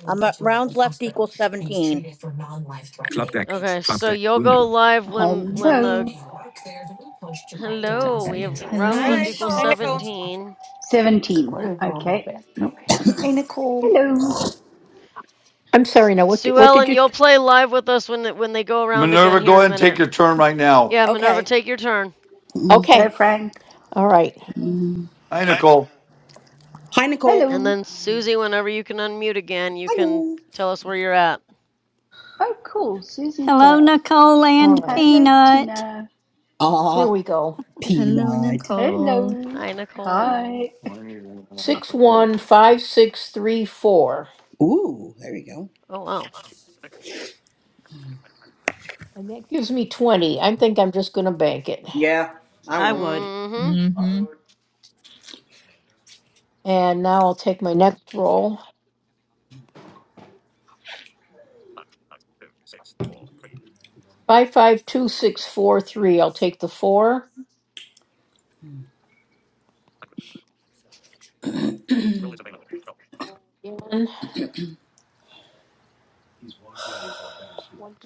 Speaker 14: I'm at rounds left equals 17.
Speaker 5: Club deck.
Speaker 4: Okay,
Speaker 5: Club
Speaker 4: so
Speaker 5: deck.
Speaker 4: you'll
Speaker 5: Window.
Speaker 4: go live when when the
Speaker 15: Hello.
Speaker 11: Sorry,
Speaker 4: hello we
Speaker 11: bag.
Speaker 4: have
Speaker 11: Hello,
Speaker 4: rounds
Speaker 5: I
Speaker 4: left
Speaker 9: Hi.
Speaker 4: equals
Speaker 11: Mischief.
Speaker 9: Hi
Speaker 5: know.
Speaker 9: Nicole.
Speaker 4: seventeen.
Speaker 15: 17. Okay.
Speaker 12: Hey, Nicole.
Speaker 15: Hello.
Speaker 13: I'm sorry. Now, what did,
Speaker 4: Sue
Speaker 13: what did
Speaker 4: Ellen,
Speaker 13: you?
Speaker 4: you'll play live with us when when they go around again
Speaker 1: Minerva,
Speaker 4: here
Speaker 1: go
Speaker 4: in a
Speaker 1: ahead and take
Speaker 4: minute.
Speaker 1: your turn right now.
Speaker 4: Yeah, Minerva,
Speaker 14: Okay.
Speaker 4: take your turn,
Speaker 7: Mm.
Speaker 15: Hello,
Speaker 13: Okay.
Speaker 15: Frank.
Speaker 13: All right.
Speaker 1: Hi, Nicole.
Speaker 7: Hi Nicole.
Speaker 4: and
Speaker 15: Hello.
Speaker 4: then Susie, whenever you can unmute again, you can
Speaker 7: Hello.
Speaker 4: tell us where you're at.
Speaker 15: Oh, cool. Susie's
Speaker 6: Hello,
Speaker 15: here.
Speaker 6: Nicole
Speaker 13: All
Speaker 6: and
Speaker 13: right.
Speaker 15: Hello,
Speaker 6: Peanut.
Speaker 15: Tina.
Speaker 13: Here
Speaker 7: Ah,
Speaker 13: we go.
Speaker 11: Hello,
Speaker 7: peanut.
Speaker 11: Nicole.
Speaker 15: Hello.
Speaker 4: Hi, Nicole.
Speaker 15: Hi.
Speaker 13: Six
Speaker 1: 20,
Speaker 13: one five six three four.
Speaker 7: Ooh, there you go.
Speaker 4: Oh, wow.
Speaker 13: That gives me twenty. I think I'm just going to bank it.
Speaker 7: Yeah, I
Speaker 14: I
Speaker 7: would.
Speaker 14: would.
Speaker 4: Mm-hmm.
Speaker 11: Mm-hmm.
Speaker 13: And now I'll take my next roll. Five five two six four three. I'll take the four.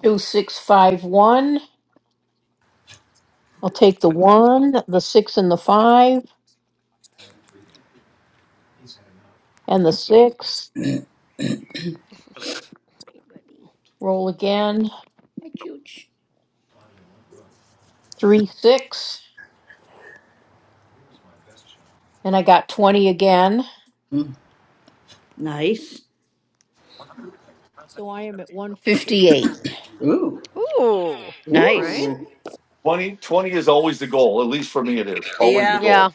Speaker 13: Two, six, five, one. I'll take the one, the six and the five, and the six. Roll again.
Speaker 14: That's huge.
Speaker 13: Three, six. And I got 20 again.
Speaker 14: Nice.
Speaker 13: So I am at 158.
Speaker 7: Ooh,
Speaker 4: Ooh. Right?
Speaker 14: Nice.
Speaker 7: ooh,
Speaker 1: 20 is always the goal. At least for me, it is always the
Speaker 7: Yeah,
Speaker 4: Yeah,
Speaker 1: goal.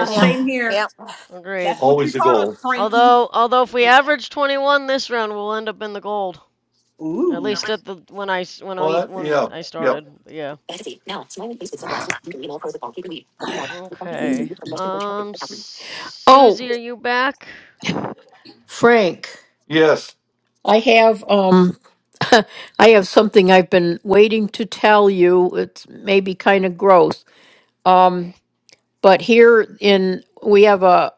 Speaker 7: same here.
Speaker 4: Agreed.
Speaker 7: That's what you
Speaker 1: Always the
Speaker 7: taught us,
Speaker 1: goal.
Speaker 7: Frankie.
Speaker 4: Although, although if we average 21 this round, we'll end up in the gold. At
Speaker 7: ooh.
Speaker 4: least at the when I s- when
Speaker 1: Well,
Speaker 4: I
Speaker 1: that,
Speaker 4: when
Speaker 1: yeah,
Speaker 4: I
Speaker 1: yeah,
Speaker 4: started. But yeah. Okay. Um,
Speaker 13: oh,
Speaker 4: Susie, are you back?
Speaker 13: Frank,
Speaker 1: yes.
Speaker 13: I have, um, I have something I've been waiting to tell you. It's maybe kind of gross. Um, but here in, we have a,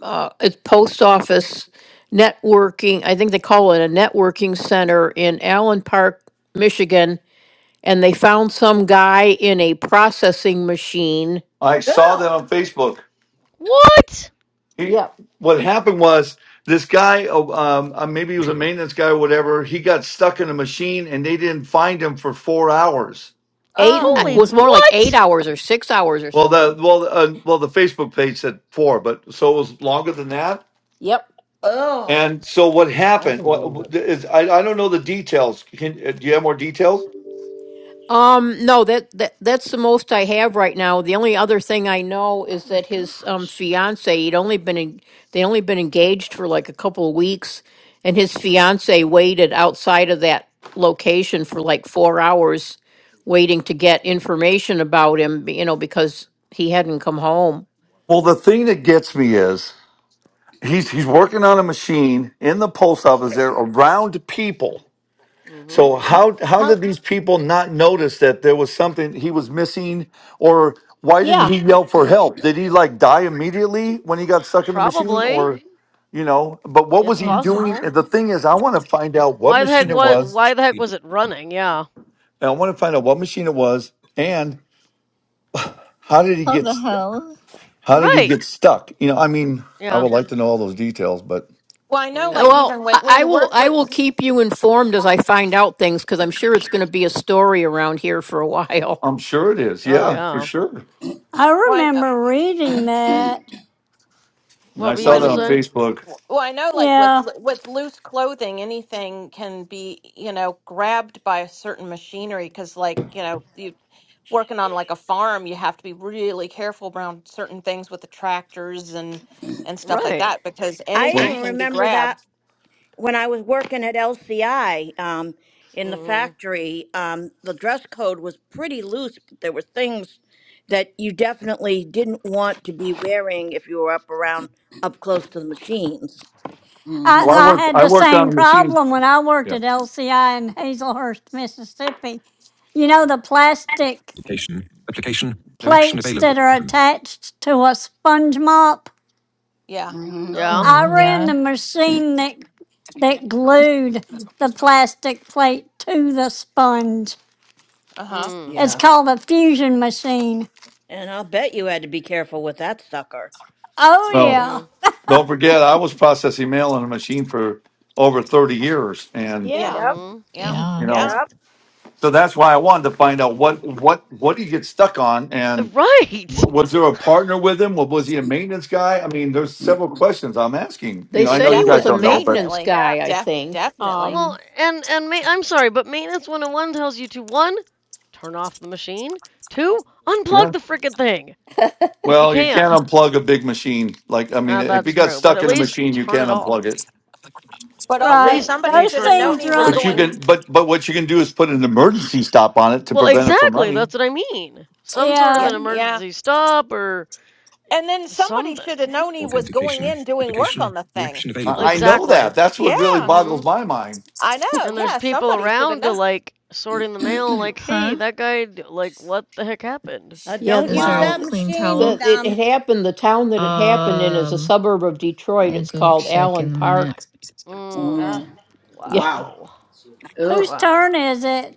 Speaker 13: uh, it's post office networking. I think they call it a networking center in Allen Park, Michigan, and they found some guy in a processing machine.
Speaker 1: I saw that on Facebook.
Speaker 4: What?
Speaker 1: he
Speaker 13: Yep,
Speaker 1: what happened was this guy uh, um uh, maybe he was a
Speaker 5: Usual.
Speaker 1: maintenance guy or whatever he got stuck in a machine and they didn't find him for four hours
Speaker 13: eight
Speaker 9: Oh,
Speaker 13: uh,
Speaker 4: Holy
Speaker 11: Ooh.
Speaker 13: was more like eight
Speaker 4: what?
Speaker 13: hours or six hours or
Speaker 1: well the
Speaker 13: something.
Speaker 1: well uh, well the facebook page said four but so it was longer than that
Speaker 13: Yep,
Speaker 7: Oh,
Speaker 1: and so what
Speaker 3: I
Speaker 1: happened
Speaker 3: can believe it.
Speaker 1: what, is, I, I don't know the details Can, uh, do you have more details
Speaker 13: Um, no, that, that that's the most I have right now. The only other thing I know is
Speaker 4: Oh my
Speaker 13: that his um
Speaker 4: gosh.
Speaker 13: fiance, he'd only been in, they'd only been engaged for like a couple of weeks, and his fiance waited outside of that location for like four hours, waiting to get information about him. b- You know, because he hadn't come home.
Speaker 1: well the thing that gets me is he's he's working on a machine in the post office there around people
Speaker 4: Mm-hmm.
Speaker 1: So how how did
Speaker 14: How?
Speaker 1: these people not notice that there was something he was missing, or why didn't
Speaker 13: Yeah.
Speaker 1: he yell for help? Did he like die immediately when he got stuck in the machine,
Speaker 4: Probably.
Speaker 1: or you know? But what was
Speaker 4: It's
Speaker 1: he
Speaker 11: Ugh.
Speaker 1: doing? And
Speaker 4: possible.
Speaker 1: the thing is, I want to find out what
Speaker 4: Why the heck
Speaker 1: machine it
Speaker 4: was
Speaker 1: was,
Speaker 4: why the heck was it running? Yeah.
Speaker 1: and I want to find out what machine it was, and how did he
Speaker 11: How
Speaker 1: get
Speaker 11: the
Speaker 1: s-
Speaker 11: hell?
Speaker 1: how did he
Speaker 4: Right.
Speaker 1: get stuck? You know, I mean, I
Speaker 4: Yeah.
Speaker 1: would like to know all those details, but
Speaker 9: well I know
Speaker 13: Uh,
Speaker 9: like
Speaker 4: Mhm.
Speaker 13: Well,
Speaker 9: even when, when
Speaker 13: I I
Speaker 9: you
Speaker 13: will.
Speaker 9: work
Speaker 13: I
Speaker 9: with
Speaker 13: will keep you informed as I find out things because I'm sure it's going to be a story around here for a while.
Speaker 1: I'm sure it is,
Speaker 4: Oh
Speaker 1: yeah, for
Speaker 4: yeah.
Speaker 1: sure.
Speaker 6: I
Speaker 9: one
Speaker 6: remember reading that.
Speaker 1: And I
Speaker 4: What were you
Speaker 1: saw
Speaker 4: gonna
Speaker 1: that on
Speaker 7: Mm,
Speaker 4: say?
Speaker 1: Facebook.
Speaker 9: Well, I know, like with
Speaker 6: Yeah.
Speaker 9: lo- with loose clothing, anything can be, you know, grabbed by a certain machinery because, like, you know, you working on like a farm, you have to be really careful around certain things with the tractors and and stuff like
Speaker 4: Right.
Speaker 9: that because
Speaker 14: I
Speaker 1: When,
Speaker 9: anything
Speaker 14: even
Speaker 9: can be
Speaker 14: remember that
Speaker 9: grabbed.
Speaker 14: when I was working at LCI um, in the
Speaker 4: Mhm.
Speaker 14: factory, um, the dress code was pretty loose, but there were things that you definitely didn't want to be wearing if you were up around up close to the machines.
Speaker 6: I,
Speaker 1: well, I
Speaker 7: mm-hmm,
Speaker 6: I
Speaker 4: Mhm.
Speaker 1: worked
Speaker 6: had
Speaker 1: I
Speaker 6: the
Speaker 1: worked on
Speaker 6: same
Speaker 1: a machine.
Speaker 6: problem when I worked
Speaker 1: Yeah.
Speaker 6: at LCI in Hazelhurst, Mississippi. You know, the plastic
Speaker 5: Authentication. Application. No action
Speaker 6: plates
Speaker 5: available.
Speaker 6: that are
Speaker 5: Button.
Speaker 6: attached to a sponge mop.
Speaker 9: Yeah.
Speaker 7: mm-hmm.
Speaker 4: Yeah.
Speaker 11: Oh,
Speaker 6: I ran
Speaker 11: yeah,
Speaker 6: the machine that that glued the plastic plate to the sponge.
Speaker 9: Uh huh.
Speaker 4: Mm.
Speaker 6: It's
Speaker 7: Yeah.
Speaker 6: called a fusion machine.
Speaker 14: And I'll bet you had to be careful with that sucker.
Speaker 6: Oh
Speaker 1: Well.
Speaker 6: yeah,
Speaker 4: Mhm.
Speaker 1: Don't forget, I was processing mail on a machine for over 30 years. And,
Speaker 9: Yeah.
Speaker 13: Yeah.
Speaker 5: Yep.
Speaker 4: Mhm.
Speaker 9: Yeah.
Speaker 5: Mhm.
Speaker 1: you
Speaker 11: yeah.
Speaker 1: know,
Speaker 9: Yeah.
Speaker 5: Yep.
Speaker 1: so that's why I wanted to find out what, what, what he gets stuck on.
Speaker 4: Uh,
Speaker 1: And
Speaker 4: Right.
Speaker 1: w- was there a partner with him? Wa- Was he a maintenance guy? I mean, there's several questions I'm asking. You
Speaker 13: They
Speaker 1: know, I
Speaker 9: It
Speaker 1: know
Speaker 13: said
Speaker 1: you
Speaker 13: he
Speaker 1: guys
Speaker 13: was a
Speaker 9: definitely,
Speaker 4: Mhm.
Speaker 1: don't know, but
Speaker 13: maintenance
Speaker 9: definitely,
Speaker 5: Yeah.
Speaker 13: guy, I
Speaker 9: def-
Speaker 13: think.
Speaker 9: definitely.
Speaker 4: Well,
Speaker 13: Um,
Speaker 4: and and ma- I'm sorry, but maintenance 101 tells you to one, turn off the machine. Two,
Speaker 1: yeah.
Speaker 4: unplug the frickin' thing if you
Speaker 1: Well, you can't
Speaker 4: can.
Speaker 1: unplug a big machine. Like, I mean,
Speaker 4: Ah,
Speaker 1: if you
Speaker 4: that's
Speaker 1: got
Speaker 4: true, but
Speaker 1: stuck
Speaker 4: at
Speaker 1: in a
Speaker 4: least
Speaker 1: machine, you
Speaker 4: turn
Speaker 1: can't
Speaker 4: it
Speaker 1: unplug
Speaker 4: off.
Speaker 1: it.
Speaker 9: But
Speaker 4: At
Speaker 9: also,
Speaker 4: least
Speaker 6: right.
Speaker 9: somebody
Speaker 4: make
Speaker 6: Those
Speaker 9: should
Speaker 4: sure
Speaker 9: have
Speaker 4: it's
Speaker 9: known
Speaker 6: things
Speaker 4: not
Speaker 9: he was
Speaker 1: But
Speaker 6: run.
Speaker 1: you
Speaker 9: going.
Speaker 1: can,
Speaker 4: running.
Speaker 1: but, but what you can do is put an emergency stop on it to
Speaker 4: Well,
Speaker 1: prevent it from
Speaker 4: exactly.
Speaker 1: running.
Speaker 4: That's what I mean. Some sort of
Speaker 9: Yeah.
Speaker 6: Yeah,
Speaker 4: an
Speaker 9: Yeah.
Speaker 4: emergency stop or
Speaker 9: And then somebody should have
Speaker 4: something.
Speaker 9: known he was going
Speaker 5: Authentication.
Speaker 9: in doing work
Speaker 5: Application.
Speaker 9: on the
Speaker 5: No
Speaker 9: thing
Speaker 5: action available.
Speaker 1: I, I
Speaker 5: Button.
Speaker 1: know
Speaker 4: Exactly.
Speaker 1: that. That's what really
Speaker 9: Yeah,
Speaker 1: boggles
Speaker 4: Mhm.
Speaker 1: my mind
Speaker 9: I know.
Speaker 4: And there's
Speaker 9: Yeah,
Speaker 4: people
Speaker 9: somebody should have
Speaker 4: around to
Speaker 9: known.
Speaker 4: like sorting the mail like, "Hey,
Speaker 11: Huh?
Speaker 4: that guy d- like what the heck happened?"
Speaker 14: Uh,
Speaker 13: yeah,
Speaker 14: don't
Speaker 11: Is
Speaker 13: this
Speaker 14: use
Speaker 11: there a
Speaker 7: wow,
Speaker 14: that
Speaker 13: the,
Speaker 11: clean
Speaker 14: machine.
Speaker 11: towel?
Speaker 13: the it,
Speaker 14: Um,
Speaker 13: it happened. The town that it happened in is a
Speaker 11: Um,
Speaker 13: suburb of Detroit.
Speaker 11: I'll
Speaker 13: It's
Speaker 11: go
Speaker 13: called
Speaker 11: check in
Speaker 13: Allen
Speaker 11: a minute.
Speaker 13: Park.
Speaker 4: Mm.
Speaker 9: Uh,
Speaker 7: Mm.
Speaker 13: Yeah,
Speaker 7: wow.
Speaker 4: Wow.
Speaker 7: Ugh.
Speaker 6: whose
Speaker 4: Wow.
Speaker 6: turn is it?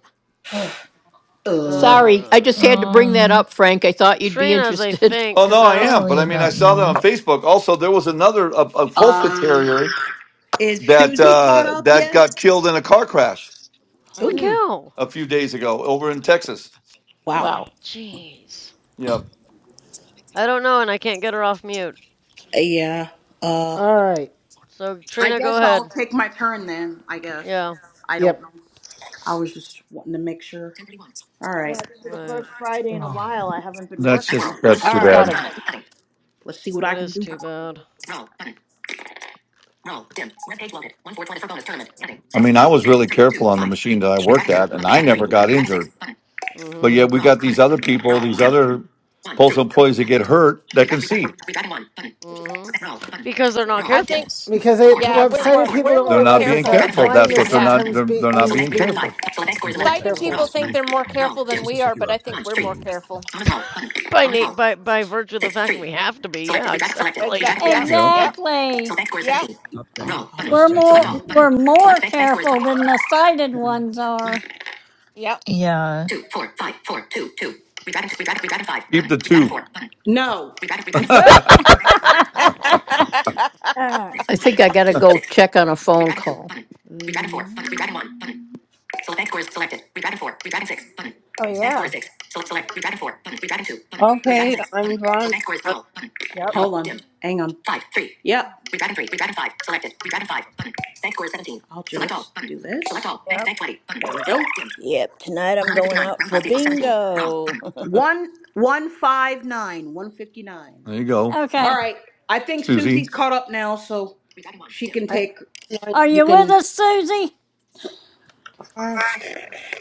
Speaker 7: Uh.
Speaker 13: sorry, I
Speaker 4: Uh
Speaker 13: just had to bring that
Speaker 11: Um,
Speaker 13: up, Frank. I thought you'd be
Speaker 4: Trina's I
Speaker 13: interested.
Speaker 4: think
Speaker 1: Oh no,
Speaker 4: cuz I
Speaker 1: I
Speaker 4: don't
Speaker 1: am. But
Speaker 11: probably
Speaker 1: I mean, I
Speaker 11: about
Speaker 1: saw that on
Speaker 11: noon.
Speaker 13: Yeah.
Speaker 1: Facebook. Also, there was another a, a Polska
Speaker 7: Um,
Speaker 1: Terrier
Speaker 7: is
Speaker 1: that
Speaker 7: Susie caught
Speaker 1: uh,
Speaker 7: up
Speaker 1: that
Speaker 7: yet?
Speaker 1: got killed in a car crash
Speaker 4: Holy
Speaker 9: mm,
Speaker 7: Ooh.
Speaker 13: Mm,
Speaker 4: cow.
Speaker 1: a few days ago over in Texas.
Speaker 7: Wow.
Speaker 9: mm.
Speaker 13: wow.
Speaker 4: Jeez.
Speaker 1: Yep,
Speaker 4: I don't know and I can't get her off mute.
Speaker 7: Yeah. Uh.
Speaker 3: All right.
Speaker 4: So
Speaker 7: I
Speaker 4: Trina, go
Speaker 7: guess I'll
Speaker 4: ahead.
Speaker 7: take my turn then. I guess
Speaker 4: Yeah.
Speaker 7: I don't know.
Speaker 3: Yep.
Speaker 7: I was just wanting to make sure. All right.
Speaker 14: yeah, this is the
Speaker 4: Right.
Speaker 14: first Friday in a while I haven't been
Speaker 1: that's just
Speaker 14: working.
Speaker 1: that's
Speaker 7: All
Speaker 1: too
Speaker 13: I
Speaker 7: right.
Speaker 1: bad.
Speaker 13: gotta.
Speaker 7: Let's see what I
Speaker 4: That
Speaker 7: can
Speaker 4: is
Speaker 7: do.
Speaker 4: too
Speaker 7: Roll.
Speaker 4: bad.
Speaker 7: Button. Roll. Dim. Web page loaded. One four twenty for bonus tournament. Heading.
Speaker 1: I
Speaker 7: six,
Speaker 1: mean, I was
Speaker 7: six,
Speaker 1: really
Speaker 7: three, two, five. Six. Two.
Speaker 1: careful on the
Speaker 7: Five.
Speaker 1: machine that I
Speaker 7: Three
Speaker 5: Action.
Speaker 1: worked
Speaker 7: dragon two.
Speaker 1: at,
Speaker 5: No
Speaker 1: and
Speaker 7: Three
Speaker 1: I
Speaker 5: action
Speaker 7: dragon three.
Speaker 1: never
Speaker 5: available.
Speaker 1: got
Speaker 7: Three dragon six.
Speaker 1: injured.
Speaker 7: Button.
Speaker 4: hmm
Speaker 1: But yet, we
Speaker 7: Roll.
Speaker 1: got these
Speaker 7: Button.
Speaker 1: other people,
Speaker 7: Roll.
Speaker 1: these
Speaker 7: Dim.
Speaker 1: other
Speaker 7: One, three,
Speaker 1: postal employees that
Speaker 7: five.
Speaker 1: get hurt
Speaker 7: Three.
Speaker 1: that
Speaker 7: Five. five.
Speaker 1: can
Speaker 7: Three
Speaker 1: see.
Speaker 7: dragon. one. Button.
Speaker 4: hmm
Speaker 7: Roll. Button.
Speaker 4: Because they're not
Speaker 7: Roll.
Speaker 9: I
Speaker 7: Dim.
Speaker 9: think,
Speaker 4: careful.
Speaker 3: Because
Speaker 7: Four,
Speaker 3: it,
Speaker 9: yeah,
Speaker 7: one,
Speaker 3: what
Speaker 9: we're
Speaker 7: five,
Speaker 9: more
Speaker 3: sighted
Speaker 7: four. One. Five.
Speaker 3: people
Speaker 9: we're
Speaker 3: don't
Speaker 1: They're
Speaker 9: more
Speaker 1: not
Speaker 3: realize is
Speaker 1: being
Speaker 7: Four.
Speaker 9: careful.
Speaker 7: dragon
Speaker 3: that
Speaker 1: careful.
Speaker 7: five. Three
Speaker 1: That's
Speaker 3: blindness
Speaker 1: what
Speaker 7: dragon
Speaker 1: they're
Speaker 7: four.
Speaker 9: Yeah,
Speaker 1: not.
Speaker 7: Button.
Speaker 3: sometimes
Speaker 1: They're
Speaker 3: be,
Speaker 1: they're not
Speaker 7: Select.
Speaker 3: means
Speaker 7: bank.
Speaker 1: being
Speaker 7: dragon
Speaker 5: Text.
Speaker 3: being
Speaker 7: five.
Speaker 1: careful.
Speaker 7: Select. score is
Speaker 5: Enter
Speaker 3: more
Speaker 7: eleven.
Speaker 9: sighted
Speaker 5: text in
Speaker 4: hmm
Speaker 3: careful.
Speaker 9: people
Speaker 5: this
Speaker 7: Roll.
Speaker 9: think
Speaker 7: Button.
Speaker 5: field.
Speaker 9: they're more
Speaker 5: Fine.
Speaker 7: Roll.
Speaker 9: careful
Speaker 5: This
Speaker 9: than
Speaker 7: Dim.
Speaker 5: is a
Speaker 9: we are, but
Speaker 5: secure
Speaker 9: I think
Speaker 7: One.
Speaker 5: text
Speaker 9: we're more
Speaker 7: Three.
Speaker 5: field.
Speaker 9: careful.
Speaker 7: Bonus roll. Button.
Speaker 4: By
Speaker 7: Bonus roll.
Speaker 4: Nate, by by virtue of the
Speaker 7: Six.
Speaker 4: fact that
Speaker 7: Three.
Speaker 4: we have to be.
Speaker 7: Selected.
Speaker 4: Yeah,
Speaker 7: Redraft. Selected.
Speaker 4: exactly.
Speaker 7: Redraft.
Speaker 9: Exactly. Yeah.
Speaker 7: Redraft. Six.
Speaker 1: Yeah,
Speaker 9: Yeah.
Speaker 7: Button. So
Speaker 6: Exactly.
Speaker 7: bank score is
Speaker 9: Yeah.
Speaker 7: 17.
Speaker 5: Club
Speaker 7: Oh,
Speaker 5: deck.
Speaker 7: Roll. Button.
Speaker 5: Club
Speaker 6: We're
Speaker 5: deck
Speaker 7: Select
Speaker 6: more
Speaker 7: all.
Speaker 5: window.
Speaker 7: Button.
Speaker 6: we're
Speaker 7: Fuck Select
Speaker 6: more
Speaker 7: bank. Bank score is
Speaker 6: careful than the sighted
Speaker 7: 20.
Speaker 6: ones are.
Speaker 9: Yeah.
Speaker 11: Yeah.
Speaker 7: two, four, five, four, two, two. Two. Four. Five. Five.
Speaker 1: keep
Speaker 7: Button.
Speaker 1: the
Speaker 7: Redraft.
Speaker 1: two.
Speaker 7: Four. Button. No. Redraft. Redraft. Four.
Speaker 1: there
Speaker 7: bank score. Roll. Button. Roll. Dim.
Speaker 5: Ah.
Speaker 7: Six,
Speaker 13: I
Speaker 7: one,
Speaker 13: think I
Speaker 7: four,
Speaker 13: gotta
Speaker 7: two,
Speaker 13: go
Speaker 7: six. One.
Speaker 13: check on a phone
Speaker 7: Two.
Speaker 13: call.
Speaker 7: Button. Redraft. Four. Button. Redraft. One. Button. Select bank score is selected. Redragon four. Redragon six. Button.
Speaker 5: Oh
Speaker 7: Bank score
Speaker 5: yeah.
Speaker 7: is six. Select select. Redragon four. Button. Redragon two. Button. Redragon
Speaker 10: Okay,
Speaker 7: six.
Speaker 10: I'm
Speaker 7: Button.
Speaker 10: Ron.
Speaker 7: So bank score is
Speaker 10: I'm,
Speaker 7: roll. Button.
Speaker 5: Yep.
Speaker 7: Hold on. Dim. Hang on. Five. Three. Yep. Redragon three. Redragon five. Selected. Redragon five. Button. Bank score is seventeen. I'll just select all. Button. do this. Select all. Bank
Speaker 5: Yep.
Speaker 7: bank twenty. Button. There we go. Dim.
Speaker 14: Yep, tonight
Speaker 7: One
Speaker 14: I'm
Speaker 7: hundred fifty
Speaker 14: going
Speaker 7: nine.
Speaker 14: out
Speaker 7: Round
Speaker 14: for
Speaker 7: left equals seventeen. Roll. Button.
Speaker 14: bingo.
Speaker 7: One one five nine. One fifty nine.
Speaker 1: you go,
Speaker 7: All
Speaker 6: okay.
Speaker 7: right. I think
Speaker 1: Susie.
Speaker 7: Susie's caught up now, so she can
Speaker 10: I'm,
Speaker 7: take.
Speaker 6: Are
Speaker 7: You
Speaker 6: you with
Speaker 7: can.
Speaker 6: us, Susie?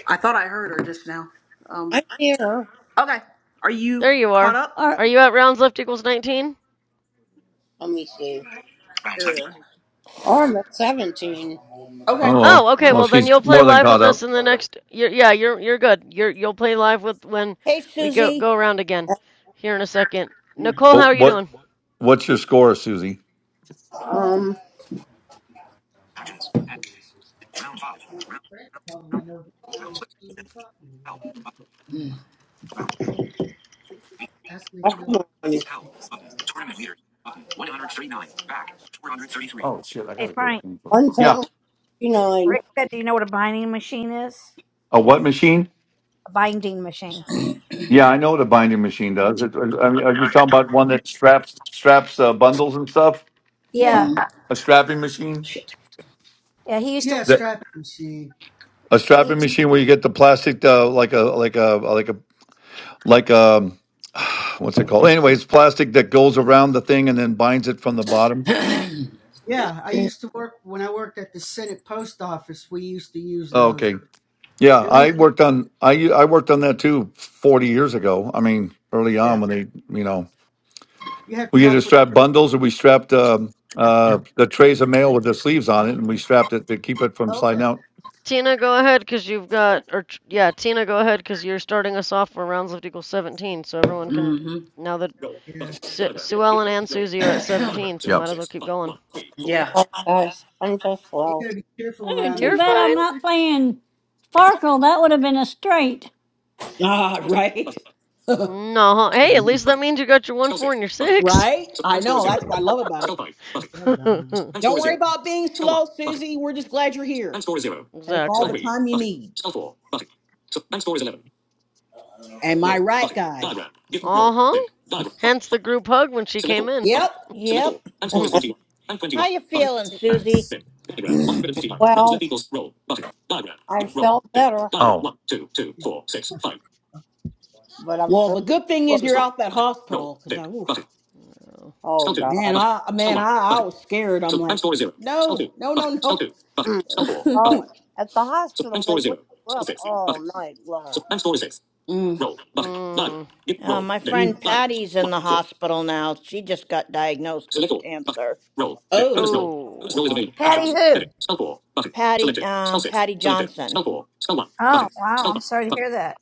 Speaker 7: I thought I heard her just now. Um.
Speaker 10: I'm here.
Speaker 7: Okay. Are you
Speaker 4: There you
Speaker 7: caught
Speaker 4: are.
Speaker 7: up?
Speaker 6: Or
Speaker 4: Are you at rounds left equals 19?
Speaker 10: Let me see. Round left.
Speaker 7: Yeah.
Speaker 10: Oh, I'm at 17.
Speaker 1: Oh
Speaker 7: Okay.
Speaker 1: well,
Speaker 4: Oh, okay.
Speaker 1: well
Speaker 4: Well,
Speaker 7: Well.
Speaker 4: then
Speaker 1: she's
Speaker 4: you'll play
Speaker 1: more than
Speaker 4: live
Speaker 1: caught
Speaker 4: with
Speaker 1: up.
Speaker 4: us in the next. You're, yeah, you're you're good. You're you'll play live with when
Speaker 14: hey,
Speaker 4: we go
Speaker 14: Susie.
Speaker 4: go around again here in a second. Nicole, how are
Speaker 1: But
Speaker 4: you
Speaker 1: what
Speaker 4: doing?
Speaker 1: what's your score, Susie?
Speaker 10: Um. Round five.
Speaker 5: Probably knows what I'm talking about.
Speaker 10: round,
Speaker 5: Ask me
Speaker 10: Oh,
Speaker 5: if you know what.
Speaker 10: Button. Tournament leaders. Button. 139. Back. 433.
Speaker 5: Hey Frank.
Speaker 1: Yeah,
Speaker 10: 139.
Speaker 5: Rick said, "Do you know what a binding machine is?
Speaker 1: a what machine?
Speaker 5: A binding machine."
Speaker 1: Yeah, I know what a binding machine does. It, uh, I mean, are you talking about one that straps straps uh, bundles and stuff? A,
Speaker 5: Yeah,
Speaker 1: a strapping machine?
Speaker 5: Yeah, yeah. He used yeah, to. yeah,
Speaker 1: That
Speaker 5: strapping machine.
Speaker 1: a
Speaker 5: He,
Speaker 1: strapping machine where you get the plastic uh, like a like a like a like a what's it called? Anyways, plastic that goes around the thing and then binds it from the bottom.
Speaker 5: Yeah, I used to work when I worked at the Senate Post Office. We used to use
Speaker 1: Oh,
Speaker 5: those,
Speaker 1: okay. Yeah,
Speaker 5: and we
Speaker 1: I worked on I I worked on that too 40 years ago. I mean, early
Speaker 5: yeah,
Speaker 1: on when they, you know.
Speaker 5: you have to
Speaker 1: We either
Speaker 5: watch where.
Speaker 1: strapped bundles or we strapped um, uh, the trays of mail with the sleeves on it, and we strapped it to keep it from sliding
Speaker 5: Okay,
Speaker 1: out.
Speaker 4: Tina, go ahead because you've got or Tr- yeah, Tina, go ahead because you're starting us off for rounds left equals 17. So everyone can
Speaker 7: mm hmm
Speaker 4: now that
Speaker 5: yeah,
Speaker 4: Su- Sue Ellen and Susie are at 17, so we
Speaker 1: Yep.
Speaker 4: might as well keep going.
Speaker 7: Yeah.
Speaker 10: Guys, I'm just
Speaker 5: you
Speaker 10: low.
Speaker 5: gotta be careful
Speaker 6: Ooh,
Speaker 5: around those.
Speaker 6: too
Speaker 4: You're
Speaker 6: bad I'm
Speaker 4: fine.
Speaker 6: not playing Farkle. That would have been a straight.
Speaker 7: Ah, right.
Speaker 4: No, hey, at least that means you got your one, four, and your six.
Speaker 7: right? I know. That's
Speaker 5: Control.
Speaker 7: what I love about it.
Speaker 5: What's that Donald?
Speaker 7: Don't worry about being slow, Susie. We're just glad you're here. Take all the
Speaker 4: exactly.
Speaker 7: time you need. Am I right, guys?
Speaker 4: Uh huh. Hence the group hug when she came in.
Speaker 7: Yep.
Speaker 14: Yep. How you feeling, Susie?
Speaker 5: Oh,
Speaker 10: Well, I felt better,
Speaker 1: Oh,
Speaker 5: yeah.
Speaker 10: but I'm
Speaker 7: Well,
Speaker 10: sure.
Speaker 7: the good thing is you're out that hospital because I, oof,
Speaker 10: Oh, God.
Speaker 7: man, I, man, I, I was scared. I'm like, no, no, no, no.
Speaker 10: Mm. Oh, at the hospital, they wake you up all night long.
Speaker 7: Mm,
Speaker 4: mm.
Speaker 14: Uh, my friend
Speaker 7: mm.
Speaker 14: Patty's in the hospital now. She just got diagnosed with cancer.
Speaker 7: Oh,
Speaker 10: Oh,
Speaker 4: Oh.
Speaker 10: my God.
Speaker 5: Patty who?
Speaker 14: Patty, um, Patty Johnson.
Speaker 5: Oh wow, I'm sorry to hear that.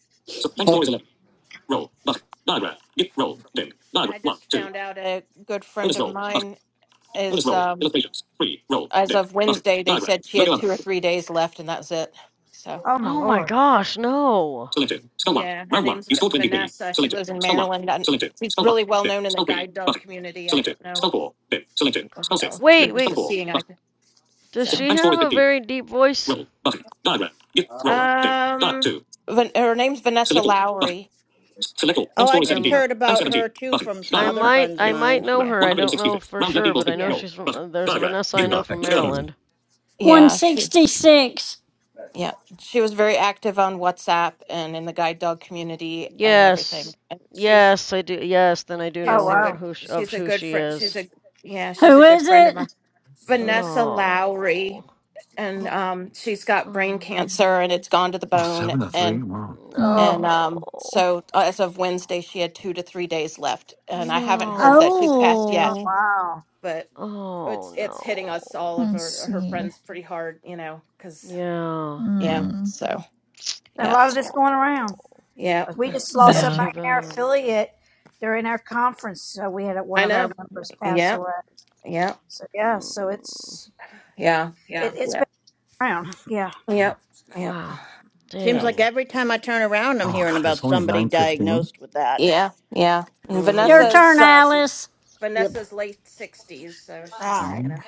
Speaker 9: I just found out a good friend of mine is um as of Wednesday. They said she had two or three days left, and that's it. So.
Speaker 5: Oh my
Speaker 4: Oh my
Speaker 5: lord.
Speaker 4: gosh, no.
Speaker 9: Yeah, her name's V- Vanessa. She lives in Maryland. And she's really well known in the guide dog community. I don't know. if People know she
Speaker 4: Wait,
Speaker 9: was a
Speaker 4: wait.
Speaker 9: seeing eye.
Speaker 4: Does
Speaker 9: So,
Speaker 4: she have a very deep voice?
Speaker 10: Oh,
Speaker 9: um, Van- her name's Vanessa Lowry.
Speaker 14: Oh, I just
Speaker 4: I'm.
Speaker 14: heard about her too from some
Speaker 4: I
Speaker 14: other
Speaker 4: might.
Speaker 14: friends of
Speaker 4: I might
Speaker 14: mine.
Speaker 4: know
Speaker 9: Yeah,
Speaker 4: her. I don't know for sure, but I know
Speaker 9: yeah,
Speaker 4: she's from. uh, There's a
Speaker 9: y-
Speaker 4: Vanessa I
Speaker 5: QR
Speaker 4: know from
Speaker 5: text field.
Speaker 4: Maryland.
Speaker 9: yeah. She,
Speaker 6: 166.
Speaker 9: yeah, she was very active on WhatsApp and in the guide dog community and everything.
Speaker 4: Yes. Yes, I do. Yes, then I do
Speaker 9: She
Speaker 5: Oh
Speaker 9: was
Speaker 4: know
Speaker 9: a
Speaker 5: wow.
Speaker 4: her
Speaker 9: good.
Speaker 4: who of
Speaker 9: She's a
Speaker 4: who
Speaker 9: good
Speaker 4: she
Speaker 9: friend.
Speaker 4: is.
Speaker 9: She's a yeah. She's a
Speaker 6: Who
Speaker 9: good
Speaker 6: is
Speaker 9: friend of
Speaker 6: it?
Speaker 9: mine. Vanessa Lowry,
Speaker 4: Oh.
Speaker 9: and um, she's got brain
Speaker 4: Oh man.
Speaker 9: cancer and it's gone to the
Speaker 1: oh,
Speaker 9: bone.
Speaker 1: seven to three.
Speaker 9: And
Speaker 1: Wow.
Speaker 5: Oh
Speaker 9: and
Speaker 11: Hmm.
Speaker 9: um,
Speaker 4: No.
Speaker 9: so uh, as of Wednesday, she had two to three days left, and I haven't heard that she's passed
Speaker 4: No.
Speaker 5: oh
Speaker 9: yet.
Speaker 6: Oh,
Speaker 5: wow.
Speaker 9: But
Speaker 4: Oh
Speaker 9: it's it's hitting us
Speaker 4: no.
Speaker 9: all of
Speaker 11: Let's
Speaker 9: her, her
Speaker 11: see.
Speaker 9: friends pretty hard, you know, because
Speaker 4: Yeah.
Speaker 9: yeah.
Speaker 11: Hmm.
Speaker 9: So
Speaker 5: And a
Speaker 9: yeah,
Speaker 5: lot of this going around.
Speaker 4: Oh.
Speaker 9: yeah.
Speaker 5: Okay. We just lost
Speaker 9: So
Speaker 4: That's
Speaker 11: Yeah.
Speaker 5: somebody
Speaker 4: too
Speaker 5: in our
Speaker 4: bad.
Speaker 5: affiliate during our conference. So we had one
Speaker 9: I
Speaker 5: of our
Speaker 9: know.
Speaker 5: members pass
Speaker 9: Yeah,
Speaker 5: away.
Speaker 9: yeah,
Speaker 5: So yeah,
Speaker 4: Mm.
Speaker 5: so it's
Speaker 9: yeah,
Speaker 5: it's been around. Yeah.
Speaker 9: yeah,
Speaker 4: Wow.
Speaker 14: Seems
Speaker 9: yeah.
Speaker 14: like
Speaker 4: Dang.
Speaker 14: every time I turn around, I'm
Speaker 1: Oh
Speaker 14: hearing
Speaker 1: God,
Speaker 14: about
Speaker 1: it's only
Speaker 14: somebody
Speaker 1: nine fifteen.
Speaker 14: diagnosed with that.
Speaker 9: Yeah, yeah. And
Speaker 6: your
Speaker 4: Mm-hmm.
Speaker 6: turn,
Speaker 9: Vanessa's uh,
Speaker 6: Alice.
Speaker 3: Yep.
Speaker 9: Vanessa's late sixties, so
Speaker 12: All
Speaker 9: she's
Speaker 12: right.
Speaker 9: you know,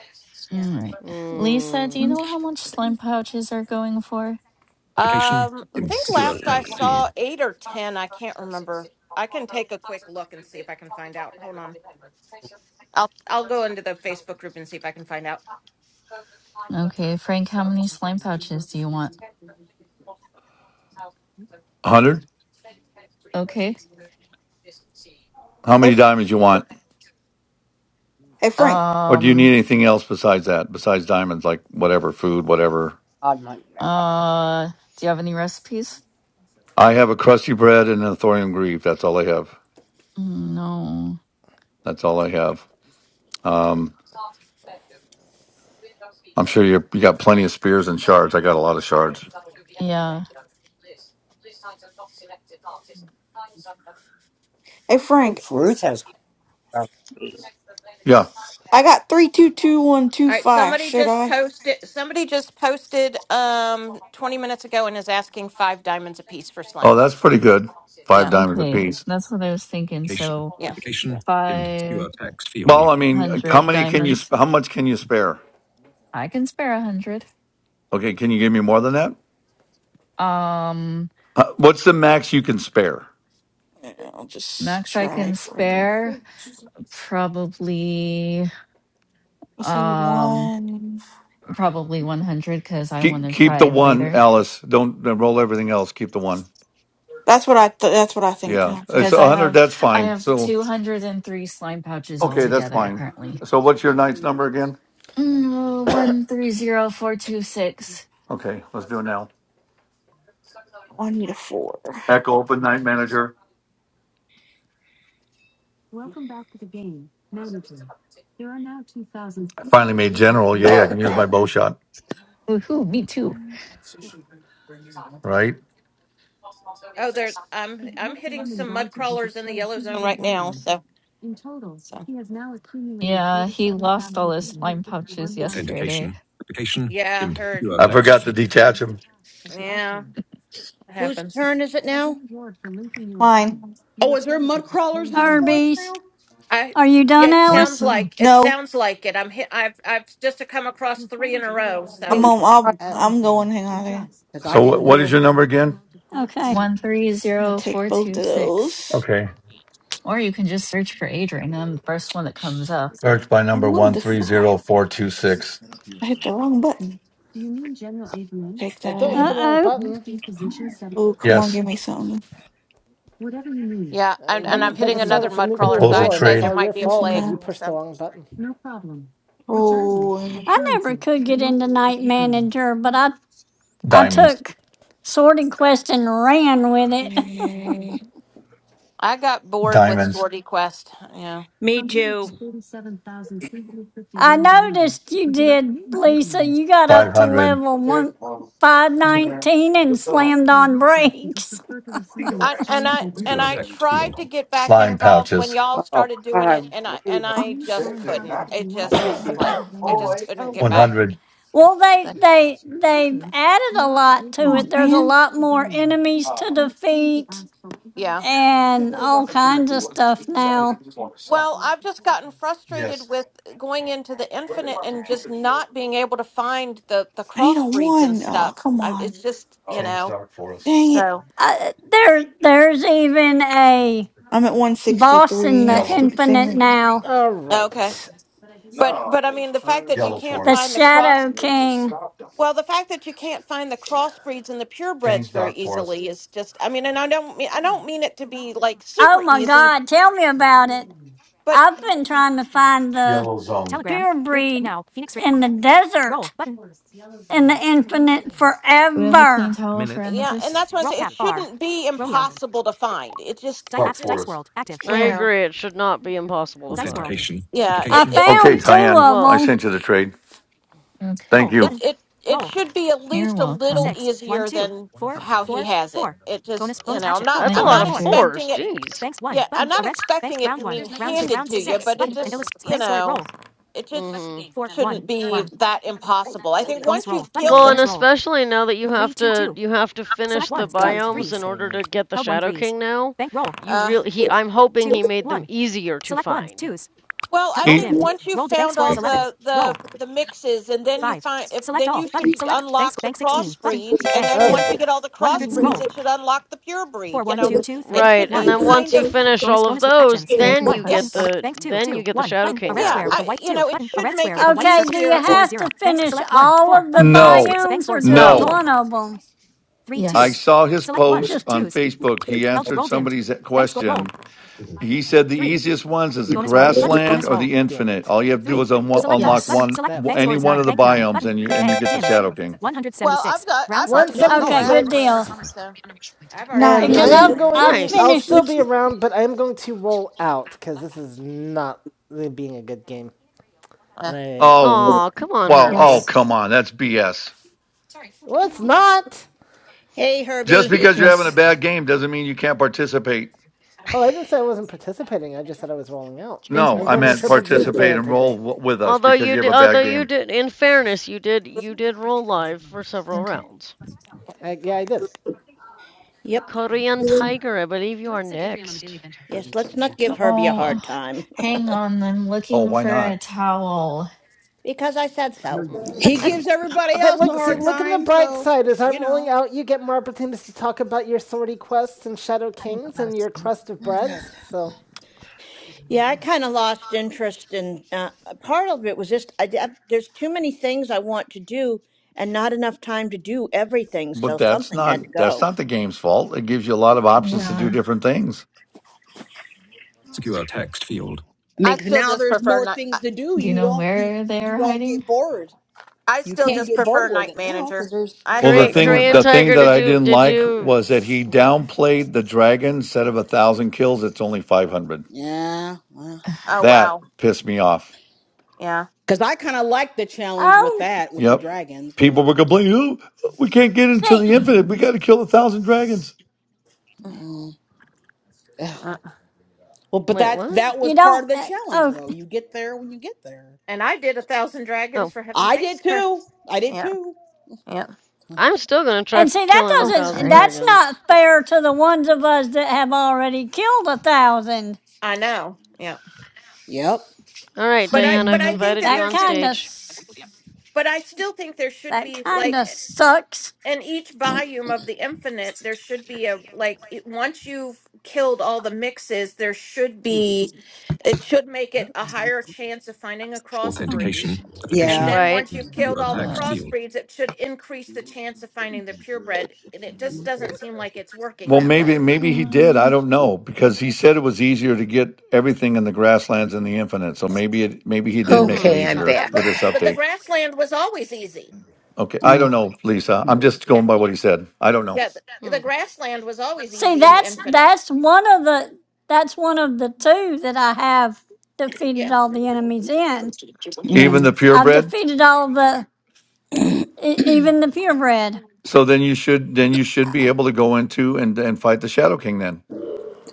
Speaker 9: yeah.
Speaker 11: All right. Lisa, do you
Speaker 4: Mm.
Speaker 11: know how much slime pouches are going for?
Speaker 5: Application
Speaker 9: Um, I
Speaker 5: dimmed
Speaker 12: Let's
Speaker 9: think
Speaker 5: secure
Speaker 9: last I
Speaker 12: see.
Speaker 5: text field.
Speaker 9: saw eight or ten. I can't remember. I can take a quick look and see if I can find out. Hold on. I'll I'll go into the Facebook group and see if I can find out.
Speaker 11: Okay, Frank, how many slime pouches do you want?
Speaker 1: Hundred.
Speaker 11: Okay.
Speaker 1: How
Speaker 12: Hey,
Speaker 1: many diamonds you
Speaker 12: Fr-
Speaker 1: want,
Speaker 12: hey, Frank.
Speaker 1: or do you
Speaker 11: Um,
Speaker 1: need anything else besides that? Besides diamonds, like whatever food, whatever.
Speaker 10: God, my. I
Speaker 11: uh, do you have any recipes?
Speaker 1: I have a crusty bread and a thorium grieve. That's all I have.
Speaker 11: Mm, No.
Speaker 1: That's all I have. Um, I'm sure you you got plenty of spears and shards. I got a lot of shards.
Speaker 11: Yeah.
Speaker 12: Hey, Frank.
Speaker 10: think Ruth has.
Speaker 1: Yeah.
Speaker 12: I got three two two one two
Speaker 9: All right,
Speaker 12: five.
Speaker 9: somebody
Speaker 12: Should
Speaker 9: just
Speaker 12: I?
Speaker 9: posted somebody just posted um 20 minutes ago and is asking 5 diamonds apiece for slime
Speaker 1: Oh, that's
Speaker 9: pouch.
Speaker 1: pretty good. Five
Speaker 9: Yeah.
Speaker 1: diamonds
Speaker 11: Okay.
Speaker 1: apiece.
Speaker 11: That's what I was thinking.
Speaker 5: Application
Speaker 11: So
Speaker 9: Yeah.
Speaker 5: application dimmed
Speaker 11: 500
Speaker 5: secure text field.
Speaker 1: Well, I mean, how many can you?
Speaker 11: diamonds.
Speaker 1: sp- How much can you spare?
Speaker 11: I can spare a 100.
Speaker 1: Okay, can you give me more than that?
Speaker 11: Um
Speaker 1: Uh, what's the max you can spare?
Speaker 12: Yeah, I'll just
Speaker 11: max I
Speaker 12: try
Speaker 11: can
Speaker 12: for.
Speaker 11: spare
Speaker 12: the-
Speaker 11: probably
Speaker 12: Let's see.
Speaker 11: um
Speaker 12: One.
Speaker 11: probably 100 cuz I want
Speaker 1: Keep
Speaker 11: to
Speaker 1: keep the
Speaker 11: try
Speaker 1: one,
Speaker 11: later
Speaker 1: Alice. Don't, don't roll everything else. Keep the one.
Speaker 12: That's what I. Th- that's what I think.
Speaker 1: Yeah,
Speaker 12: Okay.
Speaker 1: it's
Speaker 11: cuz I
Speaker 1: a hundred.
Speaker 11: have
Speaker 1: That's
Speaker 11: I
Speaker 1: fine.
Speaker 11: have
Speaker 1: So
Speaker 11: 203 slime pouches
Speaker 1: okay, that's
Speaker 11: altogether
Speaker 1: fine.
Speaker 11: currently.
Speaker 1: So what's your knight's number again?
Speaker 11: Mm, 130426.
Speaker 1: Okay, let's do it now.
Speaker 12: Oh, I need a four.
Speaker 1: Echo open night manager. I finally made general. Yay! I can use my bow shot.
Speaker 11: Woohoo, me too.
Speaker 1: Right.
Speaker 9: Oh, there I'm I'm hitting some mud crawlers in the yellow zone right now, so so
Speaker 11: Yeah, he lost all his slime pouches yesterday.
Speaker 5: Authentication application
Speaker 9: yeah, I
Speaker 5: dimmed
Speaker 9: heard.
Speaker 5: secure
Speaker 1: I
Speaker 5: text
Speaker 1: forgot to
Speaker 5: field.
Speaker 1: detach him.
Speaker 9: Yeah, it
Speaker 14: Whose
Speaker 9: happens.
Speaker 14: turn is it now?
Speaker 12: Mine.
Speaker 7: oh, is there mud crawlers in the forest
Speaker 6: Herbies.
Speaker 7: now?
Speaker 9: I
Speaker 6: Are you
Speaker 9: yeah,
Speaker 6: done,
Speaker 9: it
Speaker 11: What
Speaker 9: sounds
Speaker 6: Alice?
Speaker 11: the?
Speaker 9: like it
Speaker 12: No.
Speaker 9: sounds like it. I'm hit I've I've just come across 3 in a row,
Speaker 12: I'm
Speaker 9: so
Speaker 10: Please.
Speaker 12: on.
Speaker 10: I-
Speaker 12: I'll,
Speaker 7: Oh,
Speaker 12: I'm going. Hang on. a second.
Speaker 7: because I
Speaker 1: So what,
Speaker 7: didn't
Speaker 1: what is your
Speaker 7: hear.
Speaker 1: number again?
Speaker 6: Okay.
Speaker 12: I'm gonna take both of
Speaker 11: 130426.
Speaker 12: those.
Speaker 1: Okay.
Speaker 11: Or you can just search for Adrian. I'm the first one that comes up.
Speaker 1: Search by
Speaker 12: I
Speaker 1: number
Speaker 12: wanted the five.
Speaker 1: 130426.
Speaker 12: I hit the wrong button. Take
Speaker 3: Well, don't hit
Speaker 12: that.
Speaker 3: the
Speaker 6: Uh
Speaker 3: wrong
Speaker 6: oh.
Speaker 3: button.
Speaker 12: Oh, come on,
Speaker 1: Yes.
Speaker 12: give me something.
Speaker 9: yeah, and,
Speaker 3: Uh,
Speaker 9: and I'm
Speaker 3: that,
Speaker 12: Oh,
Speaker 3: that
Speaker 9: hitting
Speaker 3: could start
Speaker 9: another
Speaker 3: off a
Speaker 9: mud crawler,
Speaker 3: nuclear
Speaker 9: so
Speaker 1: Propose a
Speaker 11: Do
Speaker 3: war,
Speaker 9: I'd
Speaker 3: and
Speaker 9: say
Speaker 3: it's
Speaker 9: there
Speaker 3: all
Speaker 1: trade.
Speaker 9: might
Speaker 3: your
Speaker 9: be a
Speaker 3: fault
Speaker 12: loosen
Speaker 3: because
Speaker 9: plague.
Speaker 12: that.
Speaker 3: you pushed the
Speaker 9: So
Speaker 3: wrong button.
Speaker 12: Rolling.
Speaker 6: I never could get into Night Manager, but I, I
Speaker 1: Diamonds.
Speaker 6: took Sorted Quest and ran with it.
Speaker 12: Okay.
Speaker 9: I got bored with
Speaker 1: Diamonds.
Speaker 9: Swordy Quest. Yeah.
Speaker 14: Me too.
Speaker 6: I noticed you did, Lisa. You got up to
Speaker 1: 500.
Speaker 6: level one, 519 and slammed on brakes.
Speaker 9: I, and I and
Speaker 5: Secure
Speaker 9: I
Speaker 5: text
Speaker 9: tried
Speaker 5: field.
Speaker 9: to get back
Speaker 1: Slime
Speaker 9: involved when
Speaker 1: pouches.
Speaker 9: y'all
Speaker 10: Oh, God,
Speaker 9: started doing it,
Speaker 10: I'm
Speaker 9: and I and
Speaker 10: breathing.
Speaker 12: Oh,
Speaker 9: I just couldn't. It just was like I just couldn't get
Speaker 10: Oh,
Speaker 9: back.
Speaker 1: 100.
Speaker 6: Well, they
Speaker 9: So,
Speaker 6: they they've added a lot to
Speaker 12: come
Speaker 6: it.
Speaker 12: on,
Speaker 6: There's a
Speaker 12: man.
Speaker 6: lot more enemies to defeat
Speaker 9: yeah.
Speaker 6: and all kinds of stuff now.
Speaker 9: Well, I've just gotten frustrated
Speaker 1: Yes.
Speaker 9: with going into the infinite and just not being able to find the the
Speaker 12: I need a
Speaker 9: crossbreeds and
Speaker 12: one. Oh,
Speaker 9: stuff.
Speaker 12: come
Speaker 9: I,
Speaker 12: on.
Speaker 9: it's just you
Speaker 1: Change
Speaker 9: know.
Speaker 1: dark forest.
Speaker 12: Dang it.
Speaker 9: So
Speaker 6: Uh, there there's even a
Speaker 12: I'm at
Speaker 6: boss in
Speaker 12: 163.
Speaker 6: the
Speaker 12: and
Speaker 1: Yellow.
Speaker 12: Stupid thing.
Speaker 6: Infinite
Speaker 12: that-
Speaker 6: now,
Speaker 3: All
Speaker 9: okay,
Speaker 3: right.
Speaker 9: but but I mean the fact that you
Speaker 1: Yellow
Speaker 9: can't
Speaker 6: the
Speaker 1: forest.
Speaker 9: find the cross.
Speaker 6: Shadow King.
Speaker 9: Well, the fact that you can't find the crossbreeds and the purebreds
Speaker 1: Change
Speaker 9: very
Speaker 1: dark forest.
Speaker 9: easily is just I mean, and I don't mean I don't mean it to be like
Speaker 6: Oh
Speaker 9: super
Speaker 6: my
Speaker 9: easy,
Speaker 6: God! Tell me about it.
Speaker 9: but
Speaker 6: I've been trying to find the
Speaker 1: Yellow zone.
Speaker 6: pure breed in the desert in the Infinite
Speaker 11: we have a clean
Speaker 6: forever.
Speaker 11: towel for
Speaker 9: yeah, and
Speaker 11: Amethyst?
Speaker 9: that's why I say it shouldn't be impossible to find. It just
Speaker 1: Dark
Speaker 9: it should
Speaker 1: forest.
Speaker 4: I
Speaker 9: you
Speaker 11: Where?
Speaker 9: know.
Speaker 4: agree. It should not be impossible to find.
Speaker 5: Authentication
Speaker 9: Yeah,
Speaker 6: I
Speaker 9: it
Speaker 5: application
Speaker 9: it
Speaker 1: Okay,
Speaker 5: dim.
Speaker 6: found two
Speaker 1: Tyann.
Speaker 6: of
Speaker 4: Well,
Speaker 1: I
Speaker 6: them,
Speaker 1: sent you the trade.
Speaker 11: Okay.
Speaker 1: Thank you.
Speaker 9: it it it should be at
Speaker 11: You're
Speaker 9: least a little
Speaker 11: welcome.
Speaker 9: easier than how he has it. It just you know, I'm not
Speaker 4: that's a
Speaker 11: Night
Speaker 9: I'm
Speaker 4: lot
Speaker 9: not
Speaker 4: of
Speaker 11: manager.
Speaker 4: fours.
Speaker 9: expecting it
Speaker 4: Jeez.
Speaker 9: yeah, I'm not expecting it to be handed to you, but it just you know it just
Speaker 4: Mm-hmm.
Speaker 9: shouldn't be that impossible. I think once you've
Speaker 4: Well,
Speaker 9: gilded,
Speaker 4: and especially now that you have to you have to finish the
Speaker 3: Got to be
Speaker 4: biomes
Speaker 3: Be
Speaker 4: in
Speaker 3: kidding
Speaker 4: order
Speaker 3: me.
Speaker 4: to get the Shadow King now, you
Speaker 9: uh,
Speaker 4: really he I'm hoping he made them easier to find.
Speaker 9: well, I
Speaker 1: He-
Speaker 9: think once you've found all the the the mixes, and then you find if then you should unlock the crossbreeds, and then
Speaker 3: Okay.
Speaker 9: once
Speaker 3: Okay.
Speaker 9: you get all the crossbreeds, it should unlock the pure breed. You know, it
Speaker 4: Right,
Speaker 9: should
Speaker 4: and
Speaker 9: be
Speaker 4: then once
Speaker 9: kind
Speaker 4: you
Speaker 9: of
Speaker 4: finish all of those,
Speaker 11: Trade
Speaker 4: then you
Speaker 9: yeah,
Speaker 4: get
Speaker 11: requests.
Speaker 4: the then you get the Shadow
Speaker 9: it
Speaker 4: King
Speaker 9: yeah,
Speaker 4: now.
Speaker 9: I you know, it should make it
Speaker 6: Okay, do you
Speaker 9: easier. At,
Speaker 6: have to finish all of the
Speaker 1: No.
Speaker 6: biomes or just
Speaker 4: No.
Speaker 1: No.
Speaker 6: one of them?
Speaker 1: I
Speaker 11: Yes.
Speaker 1: saw his post
Speaker 6: Just
Speaker 1: on Facebook. He answered somebody's question. He said the easiest ones is the grassland or the
Speaker 3: Damn
Speaker 1: infinite.
Speaker 3: it.
Speaker 1: All you have to do is un- unlock
Speaker 11: Yes.
Speaker 1: one,
Speaker 3: That
Speaker 1: any one of the biomes, and you and you get the Shadow King.
Speaker 9: well, I've got I've already done the
Speaker 6: okay,
Speaker 5: You are
Speaker 6: good deal.
Speaker 9: grasslands,
Speaker 3: 176.
Speaker 5: Stephen.
Speaker 9: so I've already
Speaker 3: And
Speaker 9: done the
Speaker 3: I
Speaker 6: Because
Speaker 12: Nice.
Speaker 6: I
Speaker 3: am
Speaker 9: grasslands, so.
Speaker 6: I
Speaker 3: going. I'll
Speaker 4: Nice.
Speaker 3: still be
Speaker 6: finished.
Speaker 3: around, but I am going to roll out because this is not really being a good game.
Speaker 9: Uh,
Speaker 3: And I.
Speaker 1: Oh,
Speaker 4: Aw, come on,
Speaker 1: well, oh
Speaker 4: Herbie.
Speaker 1: come on, that's BS.
Speaker 3: Well, it's not.
Speaker 14: Hey,
Speaker 1: Just
Speaker 14: Herbie.
Speaker 1: because you're having a
Speaker 11: Yes.
Speaker 1: bad game doesn't mean you can't participate.
Speaker 3: Oh, I didn't say I wasn't participating. I just said I was rolling out.
Speaker 11: Trade
Speaker 1: No,
Speaker 3: I'm
Speaker 1: I
Speaker 3: joining
Speaker 1: meant
Speaker 3: Triple
Speaker 11: requests.
Speaker 3: G's
Speaker 1: participate
Speaker 3: band
Speaker 1: and roll
Speaker 3: today.
Speaker 1: w- with us
Speaker 4: Although
Speaker 1: because
Speaker 4: you
Speaker 1: you have a
Speaker 4: did, although
Speaker 1: bad
Speaker 4: you
Speaker 1: game.
Speaker 4: did, in fairness, you did, you did roll live for several
Speaker 11: Okay.
Speaker 4: rounds.
Speaker 3: I, yeah, I did.
Speaker 14: Yep.
Speaker 4: Korean Tiger, I believe you are next.
Speaker 5: I'm
Speaker 14: Yes, let's
Speaker 5: actually that.
Speaker 14: not give Herbie a
Speaker 11: Oh, uh,
Speaker 14: hard time.
Speaker 11: hang on. I'm
Speaker 1: Oh,
Speaker 11: looking
Speaker 1: why
Speaker 11: for
Speaker 1: not?
Speaker 11: a towel.
Speaker 14: because I said
Speaker 5: I know
Speaker 14: so.
Speaker 5: you
Speaker 4: Mm.
Speaker 5: don't say
Speaker 7: he
Speaker 5: no.
Speaker 7: gives everybody
Speaker 3: But
Speaker 7: else a
Speaker 3: look,
Speaker 5: I
Speaker 3: see,
Speaker 7: hard
Speaker 1: Okay,
Speaker 3: look on the
Speaker 7: time
Speaker 3: bright
Speaker 7: so
Speaker 3: side. As
Speaker 7: you
Speaker 3: I'm rolling
Speaker 7: know
Speaker 3: out, you get more opportunities to talk about your sortie quests and Shadow
Speaker 5: think
Speaker 3: Kings
Speaker 5: not a
Speaker 3: and your
Speaker 5: stomach.
Speaker 3: crust of
Speaker 5: I'm to
Speaker 3: breads. So,
Speaker 5: do that
Speaker 14: Yeah, I
Speaker 5: now.
Speaker 14: kind of lost interest in uh, a part of it was just I, I, there's too many things I want to do and not enough time to do everything,
Speaker 1: but
Speaker 14: so
Speaker 1: that's
Speaker 14: something had to
Speaker 1: not that's
Speaker 14: go.
Speaker 1: not the game's fault. It gives you a lot of options to do
Speaker 11: Yeah.
Speaker 1: different things.
Speaker 5: Secure text field.
Speaker 7: i
Speaker 9: I
Speaker 7: mean 'cause
Speaker 9: still
Speaker 7: now
Speaker 9: just
Speaker 7: there's
Speaker 9: prefer
Speaker 7: more
Speaker 9: not.
Speaker 7: things to do
Speaker 11: Do you
Speaker 7: you
Speaker 11: know
Speaker 7: don't you
Speaker 11: where they
Speaker 7: you
Speaker 11: are
Speaker 7: don't
Speaker 11: hiding?
Speaker 7: get bored
Speaker 9: I
Speaker 7: you
Speaker 9: still
Speaker 11: Okay.
Speaker 7: can't
Speaker 9: just
Speaker 7: get bored
Speaker 9: prefer
Speaker 7: with
Speaker 9: night
Speaker 7: it now because
Speaker 9: manager.
Speaker 7: there's
Speaker 9: I
Speaker 1: Well, the
Speaker 9: still
Speaker 4: Korean
Speaker 7: there's
Speaker 9: just
Speaker 7: more
Speaker 1: thing
Speaker 4: Korean
Speaker 1: the
Speaker 9: prefer.
Speaker 7: things to
Speaker 1: thing
Speaker 4: tiger,
Speaker 1: that
Speaker 7: do
Speaker 4: did
Speaker 1: I
Speaker 4: you
Speaker 1: didn't
Speaker 4: did
Speaker 1: like
Speaker 4: you
Speaker 1: was that he downplayed the dragon. Instead of a thousand kills, it's only five hundred.
Speaker 7: yeah
Speaker 9: Oh
Speaker 1: That
Speaker 9: wow,
Speaker 1: pissed me off.
Speaker 9: yeah.
Speaker 7: because i kind of like the challenge with
Speaker 6: Oh,
Speaker 7: that with the
Speaker 1: Yep,
Speaker 7: dragons
Speaker 1: people
Speaker 7: but
Speaker 1: were complaining, "Oh, we can't get into
Speaker 6: see,
Speaker 1: the
Speaker 11: Hmm.
Speaker 1: infinite. We got to kill a thousand dragons."
Speaker 7: mm, ugh.
Speaker 9: Uh.
Speaker 7: well but
Speaker 4: wait,
Speaker 7: that's
Speaker 4: what?
Speaker 7: that was
Speaker 6: you
Speaker 7: part
Speaker 6: don't.
Speaker 7: of the
Speaker 6: uh,
Speaker 7: challenge
Speaker 6: Oh,
Speaker 7: though you get there when you get there
Speaker 9: And I did a thousand dragons
Speaker 4: Oh,
Speaker 9: for heaven's
Speaker 7: i did
Speaker 9: sakes.
Speaker 7: too i did
Speaker 9: yeah,
Speaker 7: too
Speaker 9: yeah.
Speaker 4: I'm still gonna try
Speaker 6: and
Speaker 4: f-
Speaker 6: see that
Speaker 4: killing a
Speaker 11: Oh,
Speaker 4: thousand
Speaker 6: doesn't.
Speaker 11: sorry.
Speaker 6: That's
Speaker 4: dragons.
Speaker 6: not fair to the ones of us that have already killed a thousand.
Speaker 9: I know. Yeah.
Speaker 7: yep
Speaker 4: All right,
Speaker 9: But I
Speaker 4: Diane,
Speaker 9: but
Speaker 4: I've
Speaker 11: Hmm.
Speaker 9: I think
Speaker 4: invited
Speaker 9: that
Speaker 4: you
Speaker 6: That
Speaker 9: there
Speaker 4: on
Speaker 9: should
Speaker 6: kind of
Speaker 4: stage.
Speaker 9: but I still think there should
Speaker 6: that
Speaker 9: be
Speaker 6: kind
Speaker 9: like
Speaker 6: of
Speaker 9: e,
Speaker 6: sucks.
Speaker 9: in each volume of the infinite there should be a like it, once you've killed all the mixes there should be it should make it a higher chance of finding a
Speaker 11: Oh,
Speaker 9: crossbreed
Speaker 5: Authentication.
Speaker 9: And
Speaker 7: yeah
Speaker 5: Application.
Speaker 9: then
Speaker 4: Right.
Speaker 9: once
Speaker 5: and
Speaker 9: you've killed
Speaker 5: Secure
Speaker 9: all the
Speaker 5: text
Speaker 11: uh,
Speaker 5: field.
Speaker 9: crossbreeds, it should increase the chance of finding the purebred. And it just doesn't seem like it's working
Speaker 1: Well,
Speaker 9: that
Speaker 5: Mm.
Speaker 1: maybe
Speaker 9: way.
Speaker 1: maybe he did. I
Speaker 11: um,
Speaker 1: don't know because he said it was easier to get everything in the grasslands in the infinite. So maybe it maybe he did make it
Speaker 4: Hmm.
Speaker 13: Okay, I'm
Speaker 9: Uh,
Speaker 1: easier
Speaker 9: uh,
Speaker 13: back.
Speaker 1: with
Speaker 9: but
Speaker 1: this
Speaker 9: but the
Speaker 1: update.
Speaker 9: grassland was always easy.
Speaker 1: Okay, I
Speaker 9: The
Speaker 1: don't know, Lisa. I'm just
Speaker 9: yeah
Speaker 1: going by what he said. I don't know.
Speaker 9: yeah the, the
Speaker 4: Hmm.
Speaker 9: grassland was always
Speaker 6: See,
Speaker 9: easy in the
Speaker 6: that's
Speaker 9: infinite.
Speaker 6: that's one of the that's one of the two that I have defeated
Speaker 9: Yeah
Speaker 6: all the enemies in.
Speaker 9: yeah.
Speaker 1: Even the
Speaker 6: I've
Speaker 1: purebred.
Speaker 6: defeated all the E- even the purebred.
Speaker 1: So then you should then you should be able to go into and and fight the Shadow King then.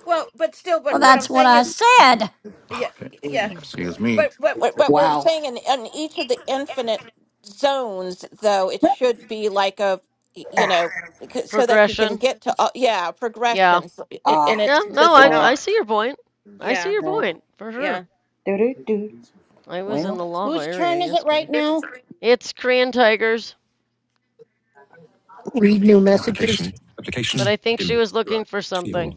Speaker 9: Well, but still,
Speaker 6: Well,
Speaker 9: but what I'm
Speaker 6: that's what
Speaker 9: saying
Speaker 6: I
Speaker 9: is
Speaker 6: said.
Speaker 9: yeah
Speaker 1: Okay.
Speaker 9: yeah.
Speaker 1: Excuse me.
Speaker 9: But but what what we're
Speaker 7: wow
Speaker 9: saying in in each of the infinite zones though, it should be like a y- you know c- so that you can
Speaker 4: Progression.
Speaker 9: get to all, yeah
Speaker 4: Yeah.
Speaker 9: progression so it, and
Speaker 7: ah
Speaker 4: Yeah.
Speaker 9: it's
Speaker 4: No,
Speaker 9: just
Speaker 4: I
Speaker 7: wow
Speaker 4: I
Speaker 9: not.
Speaker 4: see your point. I see
Speaker 9: Yeah.
Speaker 4: your
Speaker 7: yeah.
Speaker 4: point for sure.
Speaker 9: Yeah.
Speaker 7: Do-do-do.
Speaker 4: I was in
Speaker 7: well
Speaker 4: the lava
Speaker 14: Whose
Speaker 4: area
Speaker 14: turn is it right
Speaker 4: yesterday.
Speaker 14: now?
Speaker 4: It's Korean tigers,
Speaker 13: Read new
Speaker 1: Damn it.
Speaker 5: Application.
Speaker 13: messages.
Speaker 5: Application.
Speaker 4: but I think she
Speaker 5: Dim.
Speaker 4: was
Speaker 5: Secure
Speaker 4: looking for
Speaker 5: text field.
Speaker 4: something.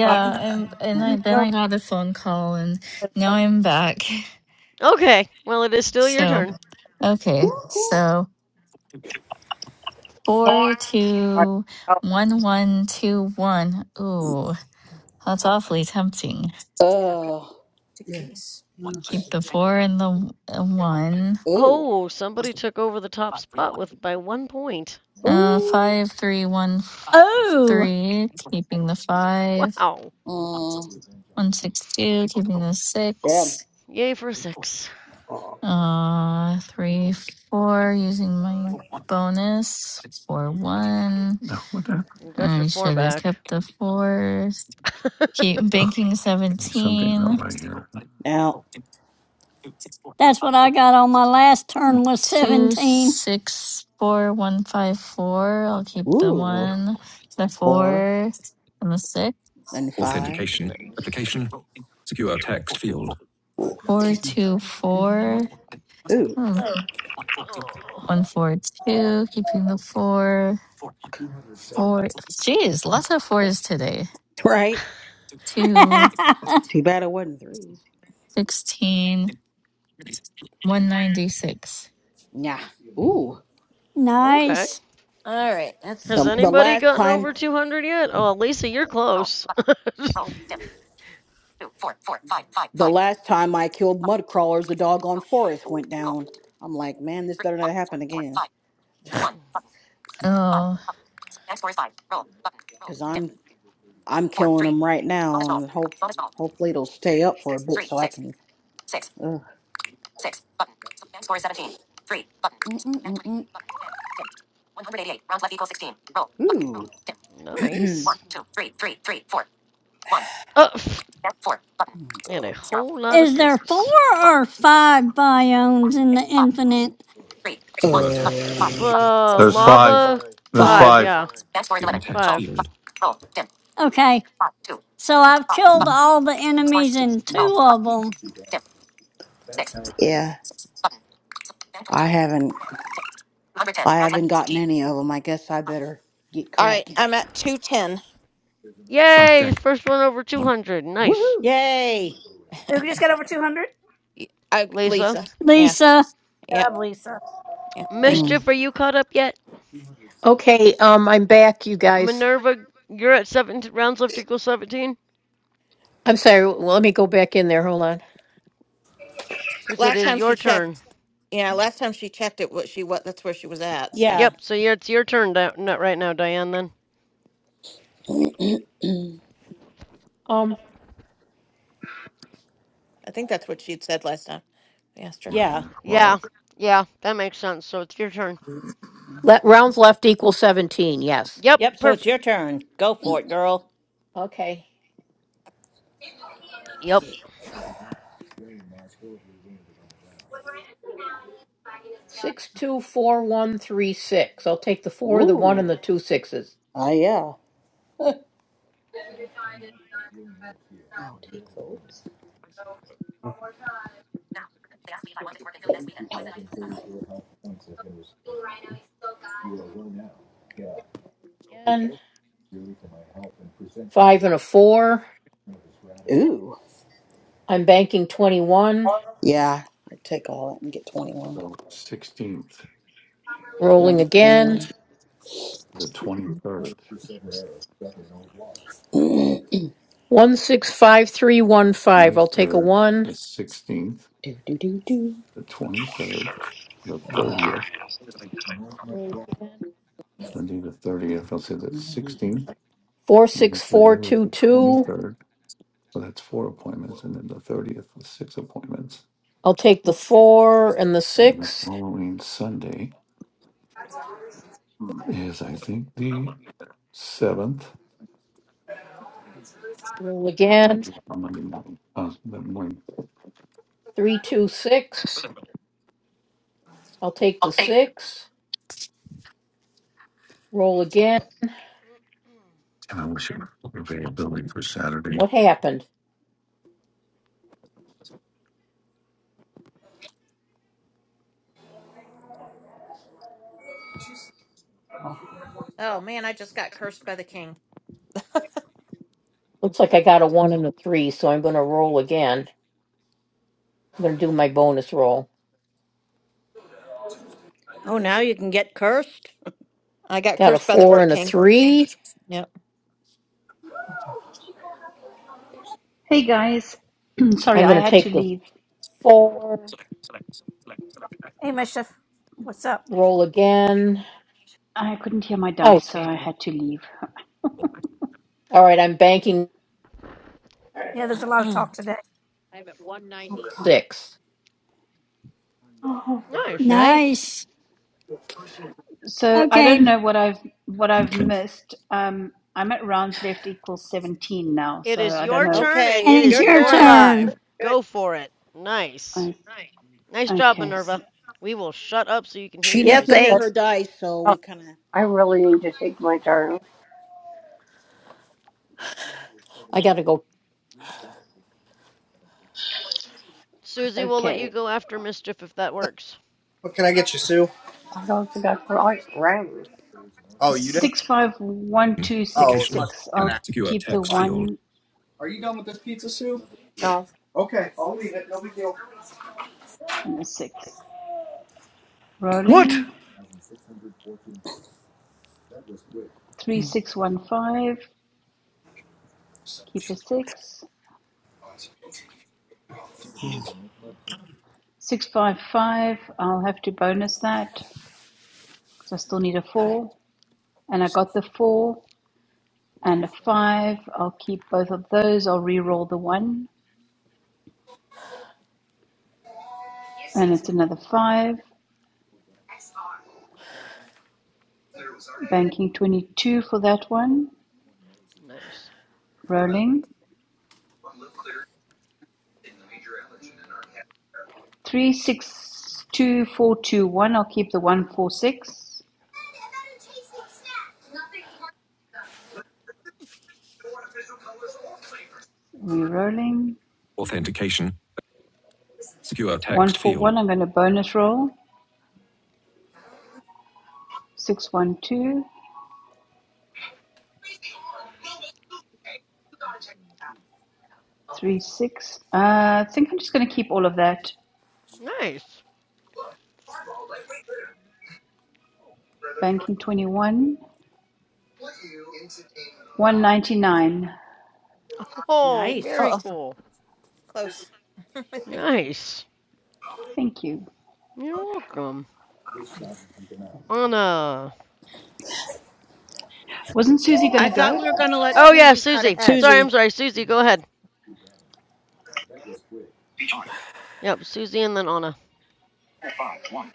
Speaker 10: God,
Speaker 11: I'm, and I,
Speaker 10: you
Speaker 11: then
Speaker 10: know
Speaker 11: I got a phone call, and
Speaker 10: that
Speaker 11: now I'm back.
Speaker 4: Okay. Well, it is still your
Speaker 11: So,
Speaker 4: turn.
Speaker 11: okay. So four
Speaker 10: I
Speaker 11: two one one two one. Ooh, that's awfully tempting.
Speaker 7: Uh,
Speaker 5: Yeah. Yes.
Speaker 11: Keep the four and the uh, one.
Speaker 7: ooh,
Speaker 4: Oh, somebody took over the top spot with by one point.
Speaker 11: Uh,
Speaker 7: ooh,
Speaker 11: five three one
Speaker 6: Oh,
Speaker 11: three. Keeping the five.
Speaker 4: Wow.
Speaker 7: mm,
Speaker 11: One six two. Keeping the
Speaker 7: damn.
Speaker 11: six.
Speaker 4: Yay for a six.
Speaker 11: Uh, three, four, using my bonus. Four, one.
Speaker 1: No. What the?
Speaker 4: You got your
Speaker 11: I
Speaker 4: four
Speaker 11: should have
Speaker 4: back.
Speaker 11: kept the four. Keep banking
Speaker 1: Okay, something's not
Speaker 11: 17.
Speaker 1: right here.
Speaker 7: Now,
Speaker 6: that's what I got on my last turn was
Speaker 11: Two,
Speaker 6: 17.
Speaker 11: six, four, one, five, four. I'll keep the
Speaker 7: ooh,
Speaker 11: one, the
Speaker 7: four
Speaker 11: four, and the six.
Speaker 7: and five.
Speaker 5: authentication,
Speaker 4: nice.
Speaker 5: application, secure text field.
Speaker 11: Four, two, four.
Speaker 7: Ooh,
Speaker 11: Hmm.
Speaker 4: Oh.
Speaker 11: One, four, two. Keeping the four. Four. Jeez, lots of fours today.
Speaker 7: right?
Speaker 11: to
Speaker 7: Too bad it wasn't threes.
Speaker 11: 16, one ninety-six.
Speaker 7: Nah. Ooh.
Speaker 4: Okay.
Speaker 6: nice.
Speaker 9: All right, let's see
Speaker 4: Has
Speaker 7: The,
Speaker 9: here.
Speaker 7: the
Speaker 4: anybody
Speaker 7: last
Speaker 4: gotten
Speaker 7: time,
Speaker 4: over 200 yet? Oh, Lisa, you're close.
Speaker 7: the last time I killed mud crawlers, the doggone forest went down. I'm like, man, this better not happen again.
Speaker 11: Oh,
Speaker 7: Cause I'm, I'm killing them right now, and hope, hopefully it'll stay up for a bit so I can. Uh, mm, mm, mm, mm.
Speaker 4: nice. Oh, and a whole lot of
Speaker 6: Is there four
Speaker 4: threes.
Speaker 6: or five biomes in the infinite?
Speaker 5: Secure text
Speaker 4: F-
Speaker 5: field.
Speaker 7: Uh,
Speaker 4: uh,
Speaker 1: There's five.
Speaker 4: lava,
Speaker 1: There's
Speaker 4: five,
Speaker 7: five.
Speaker 4: Five,
Speaker 1: five.
Speaker 4: yeah,
Speaker 5: on a text
Speaker 4: five.
Speaker 5: field.
Speaker 6: Okay, so I've killed
Speaker 7: Mm,
Speaker 6: all the enemies in two of them.
Speaker 7: Yeah, I haven't. I haven't gotten any of them. I guess I better get
Speaker 9: All right,
Speaker 7: cracking.
Speaker 9: I'm at 210.
Speaker 5: Club
Speaker 4: Yay!
Speaker 5: deck.
Speaker 4: First one over
Speaker 5: You.
Speaker 4: 200. Nice.
Speaker 7: Woohoo!
Speaker 14: Yay.
Speaker 5: Who just got over 200?
Speaker 9: I
Speaker 4: Lisa.
Speaker 9: Lisa. Yeah,
Speaker 6: Lisa,
Speaker 9: yeah,
Speaker 5: I believe so.
Speaker 9: yeah. Thank you.
Speaker 7: Mm.
Speaker 4: Mischief, are you caught up yet?
Speaker 13: Okay, um, I'm back, you guys.
Speaker 4: Minerva, you're at seventeen rounds left equals 17?
Speaker 13: I'm sorry. Well, let me go back in there. Hold on.
Speaker 4: Because it
Speaker 9: Last
Speaker 4: is
Speaker 9: time she
Speaker 4: your turn.
Speaker 9: checked, yeah, last time she checked it, what she what that's where she was at. So
Speaker 14: Yeah.
Speaker 4: Yep. So yeah, it's your turn da- no, right now, Diane. Then.
Speaker 13: Um,
Speaker 9: I think that's what she had said last time. I asked her.
Speaker 1: Eleven
Speaker 14: Yeah.
Speaker 4: Yeah.
Speaker 1: o'clock.
Speaker 4: Yeah. That makes sense. So it's your turn.
Speaker 13: let rounds left equals seventeen. Yes.
Speaker 4: Yep.
Speaker 14: Yep, so it's
Speaker 4: Perfect.
Speaker 14: your turn. Go for it, girl.
Speaker 13: Okay.
Speaker 4: Yep.
Speaker 13: Six two four one three six. I'll take the four, the one,
Speaker 7: Ooh.
Speaker 13: and the two sixes.
Speaker 7: Oh, yeah.
Speaker 13: Again. Five and a four.
Speaker 7: Ooh.
Speaker 13: I'm banking twenty one.
Speaker 7: Yeah. I take all that and get 21.
Speaker 13: Rolling
Speaker 7: 21.
Speaker 13: again.
Speaker 7: Mm.
Speaker 13: One six five three one five. I'll take a one.
Speaker 7: do, do.
Speaker 13: Roll again. Four six four two two. I'll take the four and the six. Roll again. Three two six. I'll take the six. Roll again. What happened?
Speaker 9: Oh man, I just got cursed by the king.
Speaker 13: Looks like I got a one and a three, so I'm going to roll again. I'm gonna do my bonus roll.
Speaker 14: Oh, now you can get cursed.
Speaker 9: I got
Speaker 13: Got a
Speaker 9: cursed by the
Speaker 13: four
Speaker 9: Orc
Speaker 13: and a
Speaker 9: King.
Speaker 13: three.
Speaker 9: Yep.
Speaker 15: Hey, guys. Sorry,
Speaker 13: I'm
Speaker 15: I
Speaker 13: gonna
Speaker 15: had
Speaker 13: take
Speaker 15: to
Speaker 13: the
Speaker 15: leave.
Speaker 13: four.
Speaker 5: Hey, Mischief. What's up?
Speaker 13: Roll again.
Speaker 15: I couldn't hear my
Speaker 13: Oh,
Speaker 15: dice, so I
Speaker 13: dang.
Speaker 15: had to leave.
Speaker 13: All right, I'm banking.
Speaker 5: Yeah, there's a lot of talk today.
Speaker 13: I'm at 196.
Speaker 4: Nice.
Speaker 14: Nice.
Speaker 6: nice.
Speaker 15: So I don't
Speaker 6: Okay,
Speaker 15: know what I've what I've missed. Um, I'm at rounds left equals 17 now,
Speaker 4: It
Speaker 15: so
Speaker 4: is
Speaker 15: I don't
Speaker 4: your
Speaker 15: know.
Speaker 4: turn, and
Speaker 14: Okay,
Speaker 4: it
Speaker 6: and
Speaker 14: it's
Speaker 6: it's
Speaker 4: is
Speaker 14: your
Speaker 6: your
Speaker 4: your
Speaker 14: turn.
Speaker 4: live.
Speaker 6: turn.
Speaker 4: Go
Speaker 5: Good.
Speaker 4: for it. Nice.
Speaker 15: I,
Speaker 4: Nice job,
Speaker 15: okay. s-
Speaker 4: Minerva. We will shut up so you can hear
Speaker 7: She
Speaker 4: your
Speaker 13: Yep.
Speaker 7: needs to
Speaker 4: dice.
Speaker 7: hear her dice, so we kind of.
Speaker 10: I really need to take my turn.
Speaker 13: I gotta go.
Speaker 4: Susie will let
Speaker 15: Okay.
Speaker 4: you go after mischief if that works.
Speaker 10: What can I get you, Sue? I don't think I can write Oh, you did?
Speaker 15: Six five one two
Speaker 10: Oh,
Speaker 15: six
Speaker 10: it
Speaker 5: Location.
Speaker 10: must
Speaker 15: six.
Speaker 10: have been
Speaker 5: Dimmed.
Speaker 10: acting.
Speaker 15: I'll
Speaker 5: Secure
Speaker 15: keep the
Speaker 5: text
Speaker 10: fine.
Speaker 5: field.
Speaker 15: one
Speaker 10: Are you done with this pizza, Sue? No. Okay, I'll leave it. No big deal.
Speaker 15: and the six.
Speaker 1: What?
Speaker 15: Rolling. Three six one five. Keep a six. Six five five. I'll have to bonus that because I still need a
Speaker 13: I
Speaker 15: four. And I got the four and a five. I'll keep both of those. I'll re-roll the one, and it's another five. Banking twenty two for that one.
Speaker 4: Nice.
Speaker 15: Rolling. Three six two four two one. I'll keep the one four six. Rerolling.
Speaker 5: Authentication. Secure
Speaker 15: One
Speaker 5: text
Speaker 15: for
Speaker 5: field.
Speaker 15: I'm going to bonus roll. Six one two three six. Uh, I think I'm just going to keep all of that.
Speaker 4: Nice.
Speaker 15: Banking twenty one. One ninety nine.
Speaker 4: Oh, very
Speaker 14: Nice.
Speaker 9: Oh,
Speaker 4: cool.
Speaker 9: Close.
Speaker 4: Nice.
Speaker 15: Thank you.
Speaker 4: You're welcome. Anna.
Speaker 15: Wasn't Susie going
Speaker 14: I
Speaker 15: to
Speaker 14: thought
Speaker 15: go?
Speaker 14: we were going to let
Speaker 4: Oh yeah,
Speaker 14: Susie cut
Speaker 4: Susie.
Speaker 14: ahead.
Speaker 4: Sorry, I'm
Speaker 7: Susie.
Speaker 4: sorry. Susie, go ahead.
Speaker 10: Speech on.
Speaker 4: Yep, Susie and then Anna.
Speaker 10: Five, one,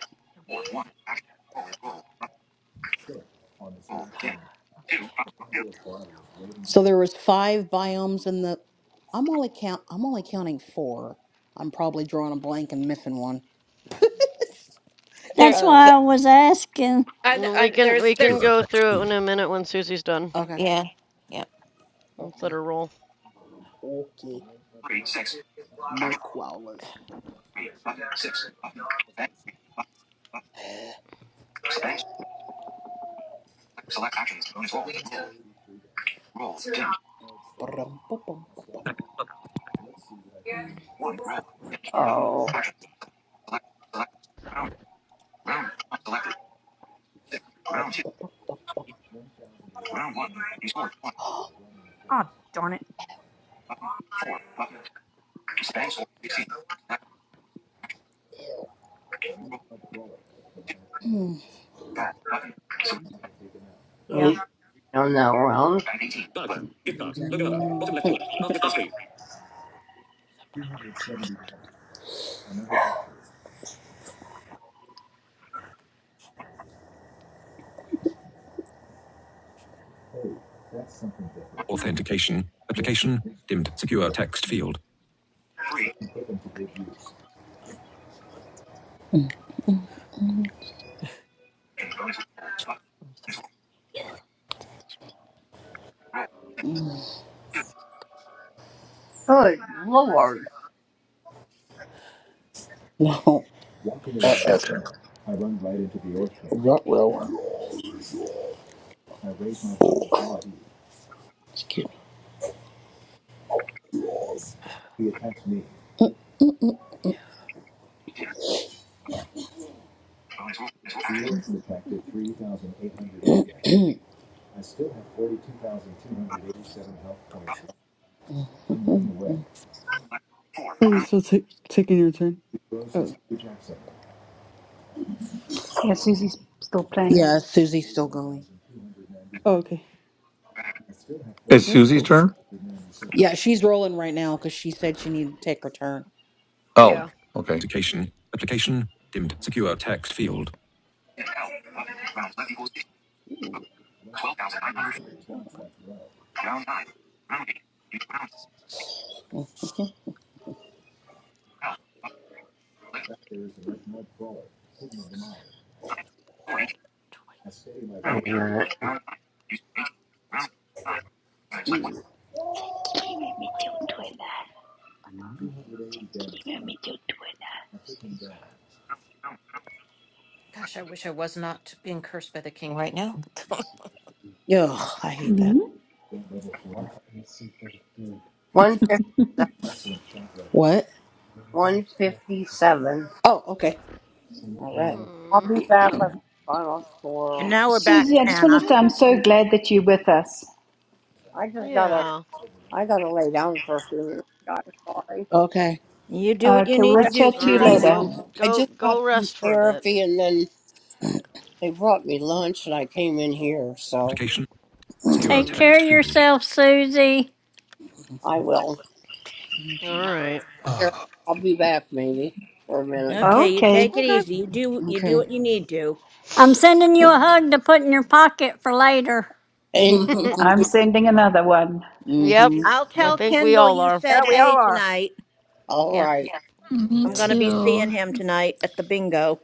Speaker 10: four, one. Action. Forward roll. Roll again. Two, five,
Speaker 13: can't.
Speaker 7: So there was five biomes in the. I'm only count. I'm only counting four. I'm probably drawing a blank and missing one.
Speaker 9: there.
Speaker 6: That's
Speaker 7: Oh.
Speaker 9: The,
Speaker 6: why I was asking.
Speaker 9: I,
Speaker 4: And we
Speaker 9: I
Speaker 4: can
Speaker 9: there's
Speaker 4: we can
Speaker 9: there's
Speaker 5: Secure
Speaker 4: go
Speaker 5: text
Speaker 4: through it
Speaker 5: field.
Speaker 4: in a minute when Susie's done.
Speaker 7: Okay.
Speaker 9: yeah, yeah.
Speaker 4: Let's let
Speaker 7: Okay.
Speaker 4: her roll.
Speaker 7: Okay.
Speaker 10: three, six.
Speaker 7: Mud.
Speaker 10: Action. Three, button, six, button. Bang, three, button, button. Bang. Select, actions. Bonus roll. Roll. Roll. Dim. One. Roll. Dim. Oh. Action. Select. Select. Round. Round. Selected. Six. Round. Round one. You one.
Speaker 5: Oh, darn it.
Speaker 10: Button. Four. Button. Span score 16. Selected. Roll. Two. Call. Button. Select.
Speaker 5: Yeah.
Speaker 10: Meet on that round. Span 18. Button.
Speaker 5: Exactly that. Authentication. Application. Dimmed. Secure text field.
Speaker 10: Three. Action. Bonus roll. Button. Bonus roll. Roll. Roll. Oh. Dim. Bonus roll. Bonus roll. Actions. Four.
Speaker 8: Are you
Speaker 10: Round.
Speaker 8: still ta- taking your turn? Oh,
Speaker 15: Yeah, Susie's still playing.
Speaker 7: Yeah, Susie's still going.
Speaker 8: oh, okay.
Speaker 10: Back.
Speaker 1: It's
Speaker 8: That's
Speaker 1: Susie's
Speaker 8: cool.
Speaker 1: turn.
Speaker 7: Yeah, she's rolling right now because she said she needed to take her turn.
Speaker 10: Dim.
Speaker 1: Oh.
Speaker 4: Yeah.
Speaker 1: Okay.
Speaker 5: Authentication. Application. Dimmed. Secure text field.
Speaker 10: Dim. L. Button. Round left equals 16. Button. 12,900. Round nine. Round eight. round. Eight. L. Score Round eight. Round nine. Round score Round nine. Select one. Round.
Speaker 9: gosh, I wish I was not being cursed by the king. Right now.
Speaker 7: Yo, I hate that.
Speaker 15: Mm-hmm.
Speaker 10: 157.
Speaker 7: What?
Speaker 10: 157.
Speaker 7: Oh, okay. All right.
Speaker 10: I'll
Speaker 4: Mm,
Speaker 10: be back
Speaker 14: Oh,
Speaker 10: with the final
Speaker 14: and
Speaker 10: score.
Speaker 14: now we're back
Speaker 15: Susie, I
Speaker 14: to
Speaker 15: just want
Speaker 14: Anna.
Speaker 15: to say I'm
Speaker 4: okay.
Speaker 15: so glad that you're with us.
Speaker 10: I just
Speaker 4: Yeah.
Speaker 10: gotta, I gotta lay down for a few minutes, guys. Sorry.
Speaker 7: Okay.
Speaker 14: You do what you
Speaker 15: Okay,
Speaker 14: need
Speaker 15: we'll
Speaker 10: I,
Speaker 14: to do,
Speaker 15: chat
Speaker 10: I
Speaker 4: All
Speaker 15: to you
Speaker 14: Susie
Speaker 10: got
Speaker 4: right.
Speaker 10: some-
Speaker 15: later.
Speaker 14: Q.
Speaker 4: Go
Speaker 10: I
Speaker 4: go
Speaker 10: just got
Speaker 4: go
Speaker 10: through
Speaker 4: rest for a bit.
Speaker 10: therapy and then they brought me lunch and I came in here, so
Speaker 5: Application. Secure
Speaker 6: Take
Speaker 4: Mm,
Speaker 6: care
Speaker 5: text
Speaker 6: of
Speaker 5: field.
Speaker 6: yourself, Susie.
Speaker 10: I will.
Speaker 4: all right.
Speaker 10: Here, I'll be back maybe for a minute.
Speaker 14: Okay, you
Speaker 15: Okay,
Speaker 14: take it
Speaker 4: Okay.
Speaker 14: easy. You do you do
Speaker 7: Okay.
Speaker 14: what you need to.
Speaker 6: I'm sending you a hug to put in your pocket for later.
Speaker 10: Thank you.
Speaker 15: I'm
Speaker 10: honey.
Speaker 15: sending another one.
Speaker 4: yep.
Speaker 7: mm-hmm.
Speaker 14: I'll
Speaker 4: I
Speaker 14: tell
Speaker 4: think we
Speaker 14: Kendall
Speaker 4: all
Speaker 14: you
Speaker 4: are.
Speaker 5: Yeah,
Speaker 14: said
Speaker 5: we all
Speaker 14: hey
Speaker 5: are.
Speaker 14: tonight.
Speaker 10: All
Speaker 9: Yeah.
Speaker 10: right.
Speaker 11: me
Speaker 14: I'm
Speaker 4: Yeah.
Speaker 14: gonna be
Speaker 11: too.
Speaker 14: seeing him tonight at the bingo.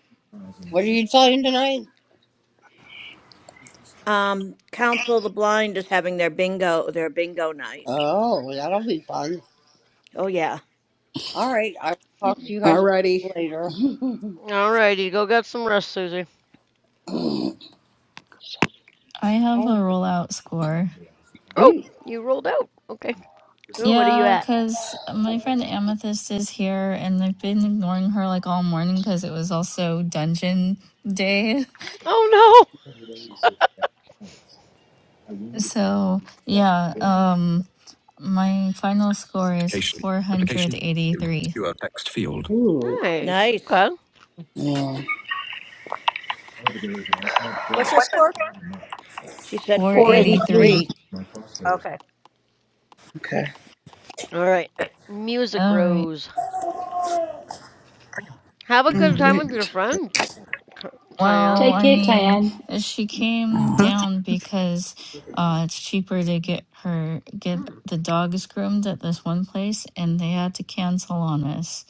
Speaker 10: What are you playing tonight?
Speaker 14: Um, Council of the Blind is having their bingo their bingo night.
Speaker 10: Oh, that'll be fun.
Speaker 14: Oh yeah.
Speaker 10: All right. I'll talk to you guys
Speaker 7: Alrighty.
Speaker 10: later.
Speaker 4: All righty. Go get some rest, Susie.
Speaker 11: I have a
Speaker 10: Oh,
Speaker 11: rollout score.
Speaker 4: Oh,
Speaker 7: Ooh.
Speaker 4: you rolled out. Okay. Oh, what are you
Speaker 11: Yeah,
Speaker 4: at?
Speaker 11: because my friend Amethyst is here and I've been ignoring her like all morning because it was also dungeon day.
Speaker 4: Oh
Speaker 11: So, yeah, um, my final score is
Speaker 5: Application. Application. Input
Speaker 11: 483.
Speaker 5: secure text field.
Speaker 4: no.
Speaker 7: Ooh.
Speaker 4: Nice.
Speaker 14: Nice.
Speaker 4: Okay.
Speaker 5: What's your score?
Speaker 14: She said four eighty
Speaker 15: 483.
Speaker 14: three.
Speaker 11: 483.
Speaker 5: Okay.
Speaker 7: Okay.
Speaker 4: All right. Music
Speaker 11: All right.
Speaker 4: Rose. Have a
Speaker 8: All
Speaker 4: good time with your
Speaker 8: right.
Speaker 4: friends. C- Cyan.
Speaker 11: Well,
Speaker 15: Take
Speaker 11: I
Speaker 15: care,
Speaker 11: mean,
Speaker 15: Tayan.
Speaker 11: uh, she came
Speaker 7: Oh.
Speaker 8: Huh?
Speaker 11: down
Speaker 8: It's-
Speaker 11: because uh, it's cheaper to get her get the dogs groomed at this one place, and they had to cancel on us.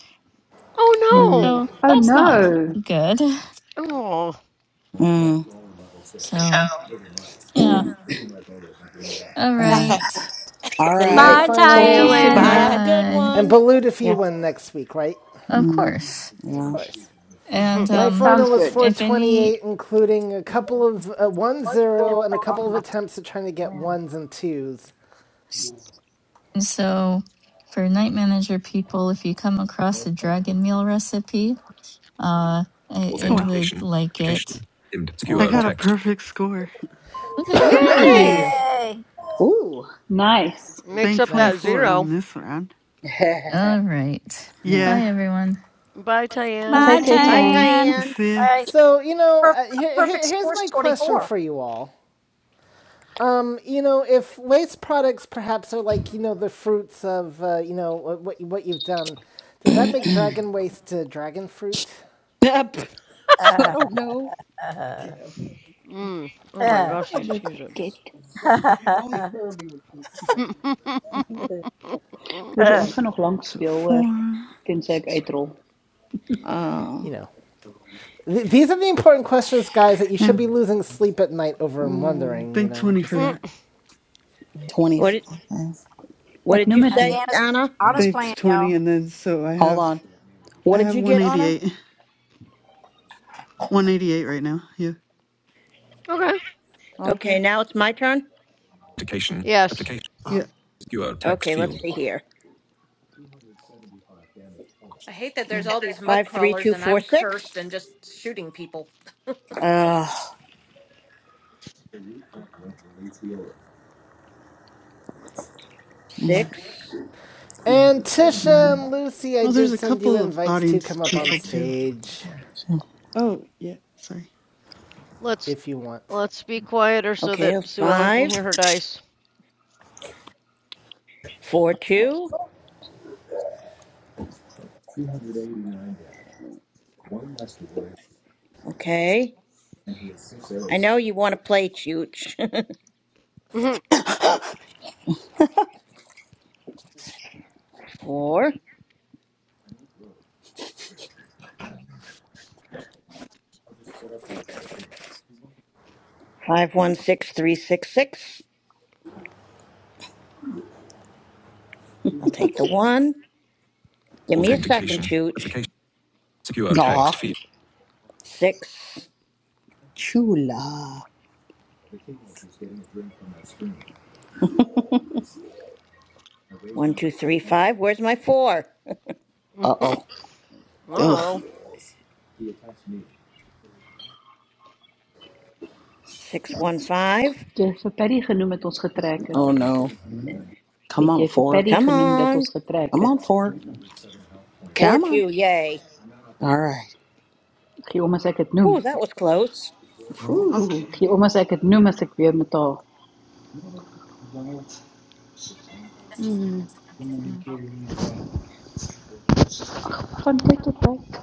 Speaker 7: Mm,
Speaker 4: Oh no!
Speaker 11: So
Speaker 15: Oh
Speaker 11: that's not
Speaker 15: no.
Speaker 11: good.
Speaker 4: Oh,
Speaker 7: mm,
Speaker 11: So yeah, all
Speaker 7: uh,
Speaker 9: Gosh, I.
Speaker 11: right,
Speaker 7: all
Speaker 3: so
Speaker 11: Uh,
Speaker 3: my
Speaker 7: right.
Speaker 6: Bye,
Speaker 4: see
Speaker 15: Chat to
Speaker 4: you
Speaker 15: you
Speaker 7: My
Speaker 3: final
Speaker 11: mm,
Speaker 6: Tan.
Speaker 9: By
Speaker 15: soon.
Speaker 7: turn.
Speaker 4: later.
Speaker 14: Have a
Speaker 9: time.
Speaker 14: good
Speaker 11: bye.
Speaker 3: and
Speaker 14: one.
Speaker 3: Balut if you
Speaker 9: Yeah.
Speaker 3: win next week, right?
Speaker 11: Of
Speaker 7: Mm,
Speaker 11: course,
Speaker 3: Of
Speaker 7: yeah.
Speaker 3: course.
Speaker 11: and
Speaker 3: My
Speaker 11: um,
Speaker 3: final
Speaker 15: Sounds
Speaker 3: was
Speaker 15: good.
Speaker 11: if any,
Speaker 3: 428, including a couple of uh, one zero and a couple of attempts at trying to get ones and twos.
Speaker 11: so for night manager people, if you come across a dragon meal recipe. Uh, I, I
Speaker 8: well,
Speaker 11: would
Speaker 5: Authentication.
Speaker 11: like
Speaker 5: Application.
Speaker 11: it.
Speaker 8: I
Speaker 5: secure
Speaker 7: Okay.
Speaker 8: got a
Speaker 5: text.
Speaker 8: perfect score.
Speaker 9: Oh, good.
Speaker 11: Woohoo!
Speaker 15: Mmm,
Speaker 4: Yay!
Speaker 14: Nice.
Speaker 5: Yay!
Speaker 7: Ooh.
Speaker 15: nice.
Speaker 4: Mix
Speaker 8: Bank
Speaker 4: up that
Speaker 3: Nice.
Speaker 8: 24
Speaker 4: zero.
Speaker 8: on this round.
Speaker 11: All right.
Speaker 7: Huh.
Speaker 11: Bye,
Speaker 8: Yeah.
Speaker 11: everyone.
Speaker 4: Bye, Tyann.
Speaker 6: Bye,
Speaker 15: Take care,
Speaker 14: Bye,
Speaker 15: Tan.
Speaker 6: Tan.
Speaker 14: Tyann.
Speaker 8: See?
Speaker 5: I,
Speaker 3: So, you know,
Speaker 5: per,
Speaker 3: uh,
Speaker 5: a
Speaker 3: here,
Speaker 5: perfect
Speaker 3: here, here's
Speaker 5: score is
Speaker 3: my question
Speaker 5: 24.
Speaker 3: for you all. Um, you know, if waste products perhaps are like, you know, the fruits of, uh, you know, what, what you- have done, does that make dragon waste uh, dragon fruit?
Speaker 7: Yep. I
Speaker 5: Uh,
Speaker 7: don't know.
Speaker 5: uh,
Speaker 4: Mm. Oh my
Speaker 5: yeah, uh.
Speaker 4: gosh, these
Speaker 15: Hele
Speaker 4: cheeses.
Speaker 15: pakket.
Speaker 5: only Kirby would think of something.
Speaker 15: Hoor, so
Speaker 5: Uh,
Speaker 15: ons gaan nog lank
Speaker 8: So
Speaker 15: speel hoor,
Speaker 8: 4
Speaker 15: tensy ek
Speaker 8: 16,
Speaker 15: uitrol.
Speaker 7: Uh,
Speaker 3: You know, th- these are the important questions, guys, that you should
Speaker 8: and
Speaker 3: be losing sleep at night over and
Speaker 7: mm,
Speaker 3: wondering, you
Speaker 8: bank
Speaker 3: know,
Speaker 8: 20
Speaker 3: just.
Speaker 8: for
Speaker 4: Mm,
Speaker 8: that.
Speaker 7: 20.
Speaker 14: What did
Speaker 7: Okay.
Speaker 14: what
Speaker 15: Ek
Speaker 14: did you
Speaker 15: noem
Speaker 5: I
Speaker 15: dit
Speaker 5: think
Speaker 15: nie.
Speaker 14: say,
Speaker 5: Anna's,
Speaker 14: Donna?
Speaker 5: Anna's
Speaker 8: Bank
Speaker 5: playing, y'all.
Speaker 8: 20, and then so I
Speaker 7: Hold
Speaker 8: have,
Speaker 7: on. What
Speaker 8: I
Speaker 7: did
Speaker 8: have
Speaker 7: you get, Anna?
Speaker 8: 188. 188 right now. Yeah.
Speaker 4: okay.
Speaker 14: Okay,
Speaker 7: Okay.
Speaker 14: now it's my turn.
Speaker 5: Authentication.
Speaker 4: Yes.
Speaker 5: Application.
Speaker 8: Yeah.
Speaker 5: Secure text
Speaker 14: Okay, let's
Speaker 5: field.
Speaker 14: see here.
Speaker 9: I hate that there's all these mud
Speaker 14: Five three
Speaker 9: crawlers
Speaker 14: two
Speaker 9: and
Speaker 14: four
Speaker 9: I'm
Speaker 14: six.
Speaker 9: cursed and just shooting people.
Speaker 7: Uh, mm,
Speaker 14: Six.
Speaker 3: And Tisha and Lucy, I
Speaker 8: Well, there's
Speaker 3: did
Speaker 8: a
Speaker 3: send you
Speaker 8: couple of
Speaker 3: invites to
Speaker 8: audience
Speaker 3: come up on
Speaker 8: people too.
Speaker 3: stage
Speaker 8: Oh, yeah. Sorry.
Speaker 4: Let's
Speaker 3: if you want.
Speaker 4: let's be quieter so
Speaker 14: Okay, a
Speaker 4: that Sue Ellen can
Speaker 14: five.
Speaker 4: hear her dice.
Speaker 14: Four, two. Okay. I know you want to play chooch. Four, five, one, six, three, six, six. I'll take the one. Give me a second,
Speaker 5: Authentication.
Speaker 14: chooch.
Speaker 5: Application. Secure text field.
Speaker 14: Six,
Speaker 7: chula.
Speaker 14: one, two, three, five. Where's my four?
Speaker 7: Uh oh. Ugh.
Speaker 4: oh.
Speaker 14: Six, one, five.
Speaker 15: Het Jy het vir Paddy genoem dat ons getrek het.
Speaker 7: Oh no. Come
Speaker 15: Het
Speaker 7: on,
Speaker 15: jy vir
Speaker 7: four.
Speaker 15: Paddy
Speaker 14: Come
Speaker 15: genoem dat
Speaker 14: on.
Speaker 15: ons getrek
Speaker 7: Come on,
Speaker 15: het?
Speaker 7: four.
Speaker 14: Four,
Speaker 7: Come on.
Speaker 14: two. Yay.
Speaker 7: All right.
Speaker 15: Gee om as ek het noem.
Speaker 14: Ooh, that was close.
Speaker 16: Okay.
Speaker 7: Whew.
Speaker 15: Gee om as ek het noem as ek weer met haar. Van tyd tot tyd.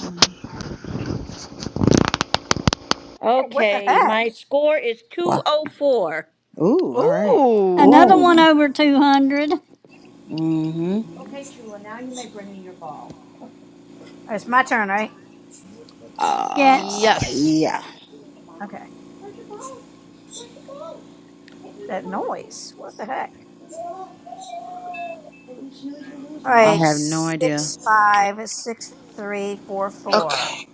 Speaker 7: Mm.
Speaker 5: Hey, what the
Speaker 14: Okay,
Speaker 5: heck?
Speaker 14: my score is
Speaker 7: Wow.
Speaker 14: 204.
Speaker 7: Ooh, all right.
Speaker 6: Another
Speaker 4: Ooh.
Speaker 6: one
Speaker 15: Oh,
Speaker 6: over 200.
Speaker 7: Mm-hmm.
Speaker 14: Okay, Chula, now you may bring me your ball.
Speaker 5: It's my turn, right?
Speaker 7: Uh,
Speaker 6: Yes.
Speaker 4: Yes.
Speaker 7: yeah.
Speaker 5: Okay. that noise. What the heck? All
Speaker 7: I
Speaker 5: right,
Speaker 7: have no idea.
Speaker 5: six five six three four four.
Speaker 16: Okay.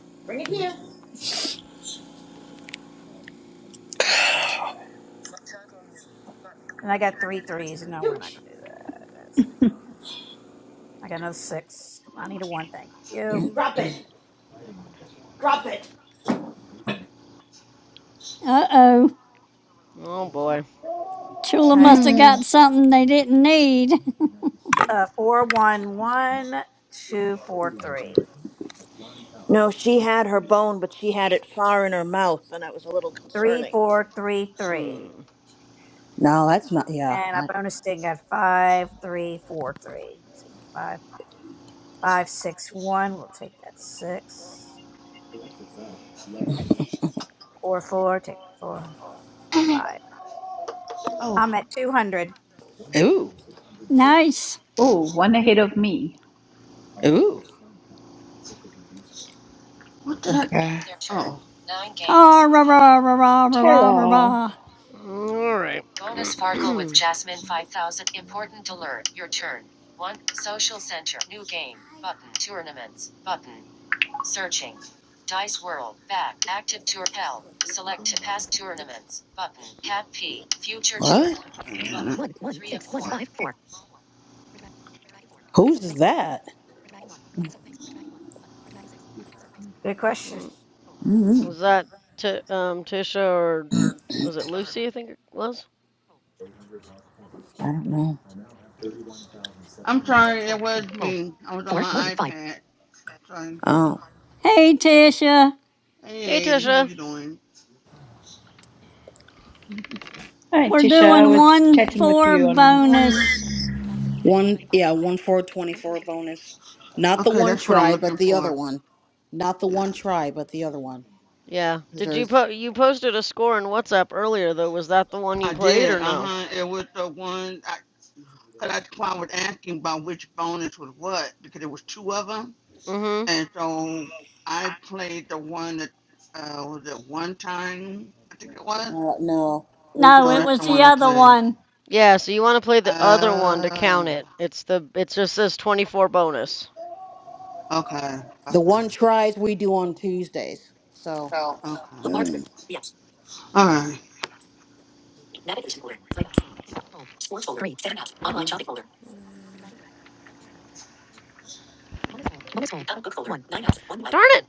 Speaker 5: And I got three threes. No, we're not gonna. I got another six. Come on, I need a one. Thank you.
Speaker 14: Drop it.
Speaker 6: Uh oh.
Speaker 4: Oh
Speaker 5: All
Speaker 4: boy.
Speaker 6: Chula
Speaker 5: right,
Speaker 6: must have got something they didn't need.
Speaker 5: uh, four one one two four three
Speaker 14: No, she had her bone, but she had it far in her mouth, and that was a little
Speaker 5: three
Speaker 14: concerning.
Speaker 5: four three three.
Speaker 4: Mm.
Speaker 7: No, that's not. Yeah.
Speaker 5: And I
Speaker 7: I,
Speaker 5: bonus thing got five three four three six five five six one. We'll take that six four four. Take the four five.
Speaker 16: Oh,
Speaker 5: I'm at two hundred.
Speaker 6: nice.
Speaker 15: oh, one ahead of me.
Speaker 16: what the heck?
Speaker 7: okay.
Speaker 16: Their turn. Oh, Nine
Speaker 6: Ta
Speaker 16: games.
Speaker 6: ra
Speaker 16: Heading.
Speaker 6: ra ra ra ra ra ra
Speaker 15: Terra.
Speaker 6: ra.
Speaker 4: All right.
Speaker 16: Bonus Farkle with Jasmine 5000. Important alert. Your turn. One. Social Center. New game. Button. Tournaments. Button. Searching. Dice World. Back. Active Tour. L. Select past tournaments. Button. Cap P. Future
Speaker 7: What?
Speaker 16: tournaments. wait a minute. Three and four.
Speaker 7: Who's that?
Speaker 5: Good question.
Speaker 4: Mm, Was that T um Tisha or was it Lucy? I think it was.
Speaker 7: I don't know.
Speaker 16: I'm sorry, it was me. I was on my iPad. Sorry.
Speaker 7: Oh.
Speaker 6: Hey, Tisha.
Speaker 16: Hey,
Speaker 4: Hey
Speaker 16: lady, how
Speaker 4: Tisha.
Speaker 16: you doing?
Speaker 15: Hi,
Speaker 6: We're
Speaker 15: Tisha. I
Speaker 6: doing
Speaker 15: was
Speaker 6: one
Speaker 15: chatting with
Speaker 6: four
Speaker 15: you
Speaker 16: How you
Speaker 15: on
Speaker 16: doing?
Speaker 6: bonus.
Speaker 7: One, yeah, one for 24 bonus. Not the
Speaker 16: Okay,
Speaker 7: one
Speaker 16: that's what I'm
Speaker 7: try, but
Speaker 16: looking
Speaker 7: the other
Speaker 16: for.
Speaker 7: one. Not the
Speaker 16: Yeah,
Speaker 7: one try, but the other one.
Speaker 4: Yeah.
Speaker 7: 'Cause
Speaker 4: Did you
Speaker 7: there's,
Speaker 4: po you posted a score in WhatsApp earlier though? Was that the one you
Speaker 16: I
Speaker 4: played
Speaker 16: did.
Speaker 4: or
Speaker 16: Uh
Speaker 4: no?
Speaker 16: huh. It was the one I, cause that's why I was asking about which bonus was what because it was two of them,
Speaker 4: Mm-hmm.
Speaker 16: and so I played the one that uh, was it one time I think it was.
Speaker 7: uh, no, we do
Speaker 6: No,
Speaker 16: So
Speaker 7: the
Speaker 6: it
Speaker 16: that's
Speaker 7: other
Speaker 16: the
Speaker 6: was the
Speaker 16: one
Speaker 7: one.
Speaker 16: I
Speaker 6: other
Speaker 16: played.
Speaker 6: one.
Speaker 4: Yeah. So you want to play the other one to
Speaker 16: Uh,
Speaker 4: count it. It's the it just says 24 bonus.
Speaker 16: okay,
Speaker 7: The
Speaker 16: okay,
Speaker 7: one tries we do on Tuesdays. So.
Speaker 16: okay.
Speaker 7: Mm.
Speaker 16: All right.
Speaker 4: Mm. Darn it!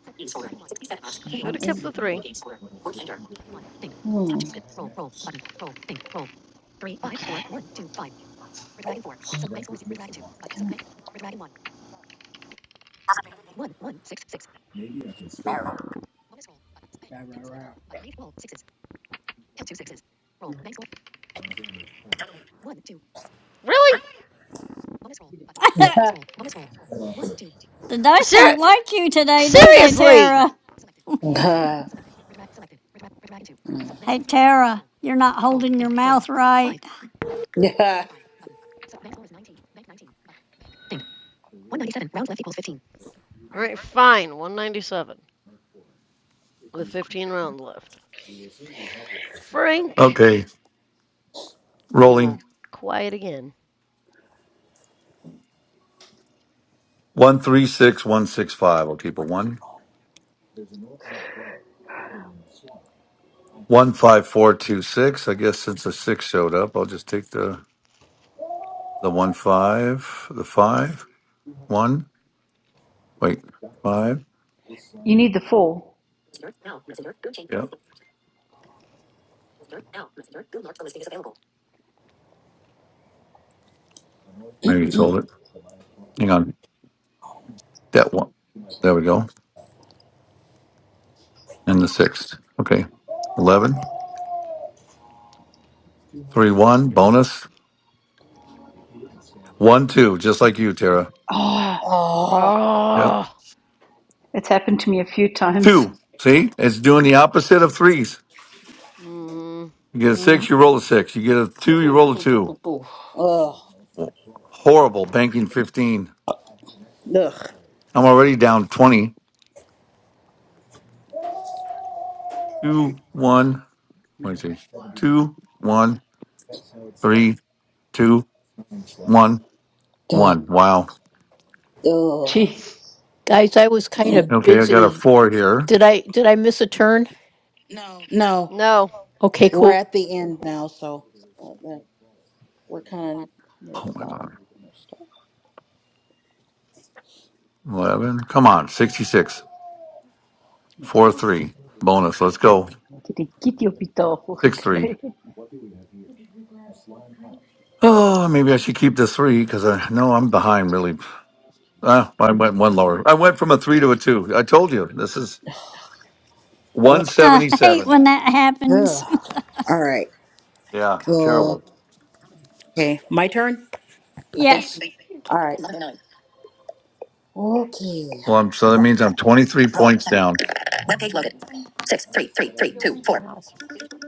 Speaker 4: Should have kept the three.
Speaker 7: Mm.
Speaker 16: Okay.
Speaker 5: Rah, rah, rah.
Speaker 4: Really?
Speaker 5: You don't scare
Speaker 6: The dice
Speaker 4: Ser
Speaker 6: don't like you today, do they,
Speaker 4: seriously?
Speaker 6: Tara?
Speaker 5: me.
Speaker 7: mm.
Speaker 6: Hey, Tara, you're not holding your mouth right.
Speaker 4: All right. Fine. 197 with 15 rounds left. Frank.
Speaker 1: Okay.
Speaker 4: We will
Speaker 1: Rolling.
Speaker 4: quiet again.
Speaker 1: One three six one six five. I'll keep a one. One five four two six. I guess since the six showed up, I'll just take the The one five, the five, one, wait, five.
Speaker 15: You Need the Fall.
Speaker 1: Yeah, maybe it sold it. Hang on, that one. There we go. And the six. Okay, eleven, three, one, bonus, one, two, just like you, Tara.
Speaker 15: Oh,
Speaker 7: Oh,
Speaker 1: Yep,
Speaker 4: Oh.
Speaker 15: it's happened to me a few times.
Speaker 1: two. See, it's doing the opposite of threes.
Speaker 4: Mm,
Speaker 1: You get a
Speaker 5: Mm-hmm.
Speaker 1: six, you roll a six. You get a two, you
Speaker 13: Boo,
Speaker 1: roll a
Speaker 13: boo, boo,
Speaker 1: two.
Speaker 13: boo, boo.
Speaker 7: ugh,
Speaker 1: Horrible banking fifteen.
Speaker 7: ugh,
Speaker 1: I'm already down twenty. Two, one. Let me see. Two, one, three, two. One, one. Wow.
Speaker 7: ugh,
Speaker 15: Gee,
Speaker 13: Guys, I was kind
Speaker 7: ugh.
Speaker 13: of
Speaker 1: Okay, I got a
Speaker 13: busy.
Speaker 1: four here.
Speaker 13: Did I did I miss a turn?
Speaker 7: No,
Speaker 4: no.
Speaker 13: Okay,
Speaker 7: we're
Speaker 13: cool.
Speaker 7: at the end now, so uh, that- we're kind of near
Speaker 1: Oh
Speaker 7: the
Speaker 1: my god.
Speaker 7: bottom.
Speaker 1: Eleven. Come on. Sixty-six. Four three. Bonus. Let's go.
Speaker 15: ek het die kitty op die tafel
Speaker 1: Six three.
Speaker 15: gekry.
Speaker 1: Oh, maybe I should keep the three because I know I'm behind. Really. Ah, I went one lower. I went from a three to a two. I told you this is one
Speaker 6: I hate
Speaker 1: seventy-seven.
Speaker 6: when that
Speaker 7: Ugh.
Speaker 6: happens.
Speaker 7: All right.
Speaker 1: Yeah, terrible.
Speaker 7: Okay, my turn. I think.
Speaker 6: Yes.
Speaker 7: All right. Eleven nine. Okay.
Speaker 1: Well, I'm, so that means I'm twenty-three
Speaker 7: Roll. button, Roll.
Speaker 1: points
Speaker 7: Button.
Speaker 1: down.
Speaker 7: Web page loaded. Six.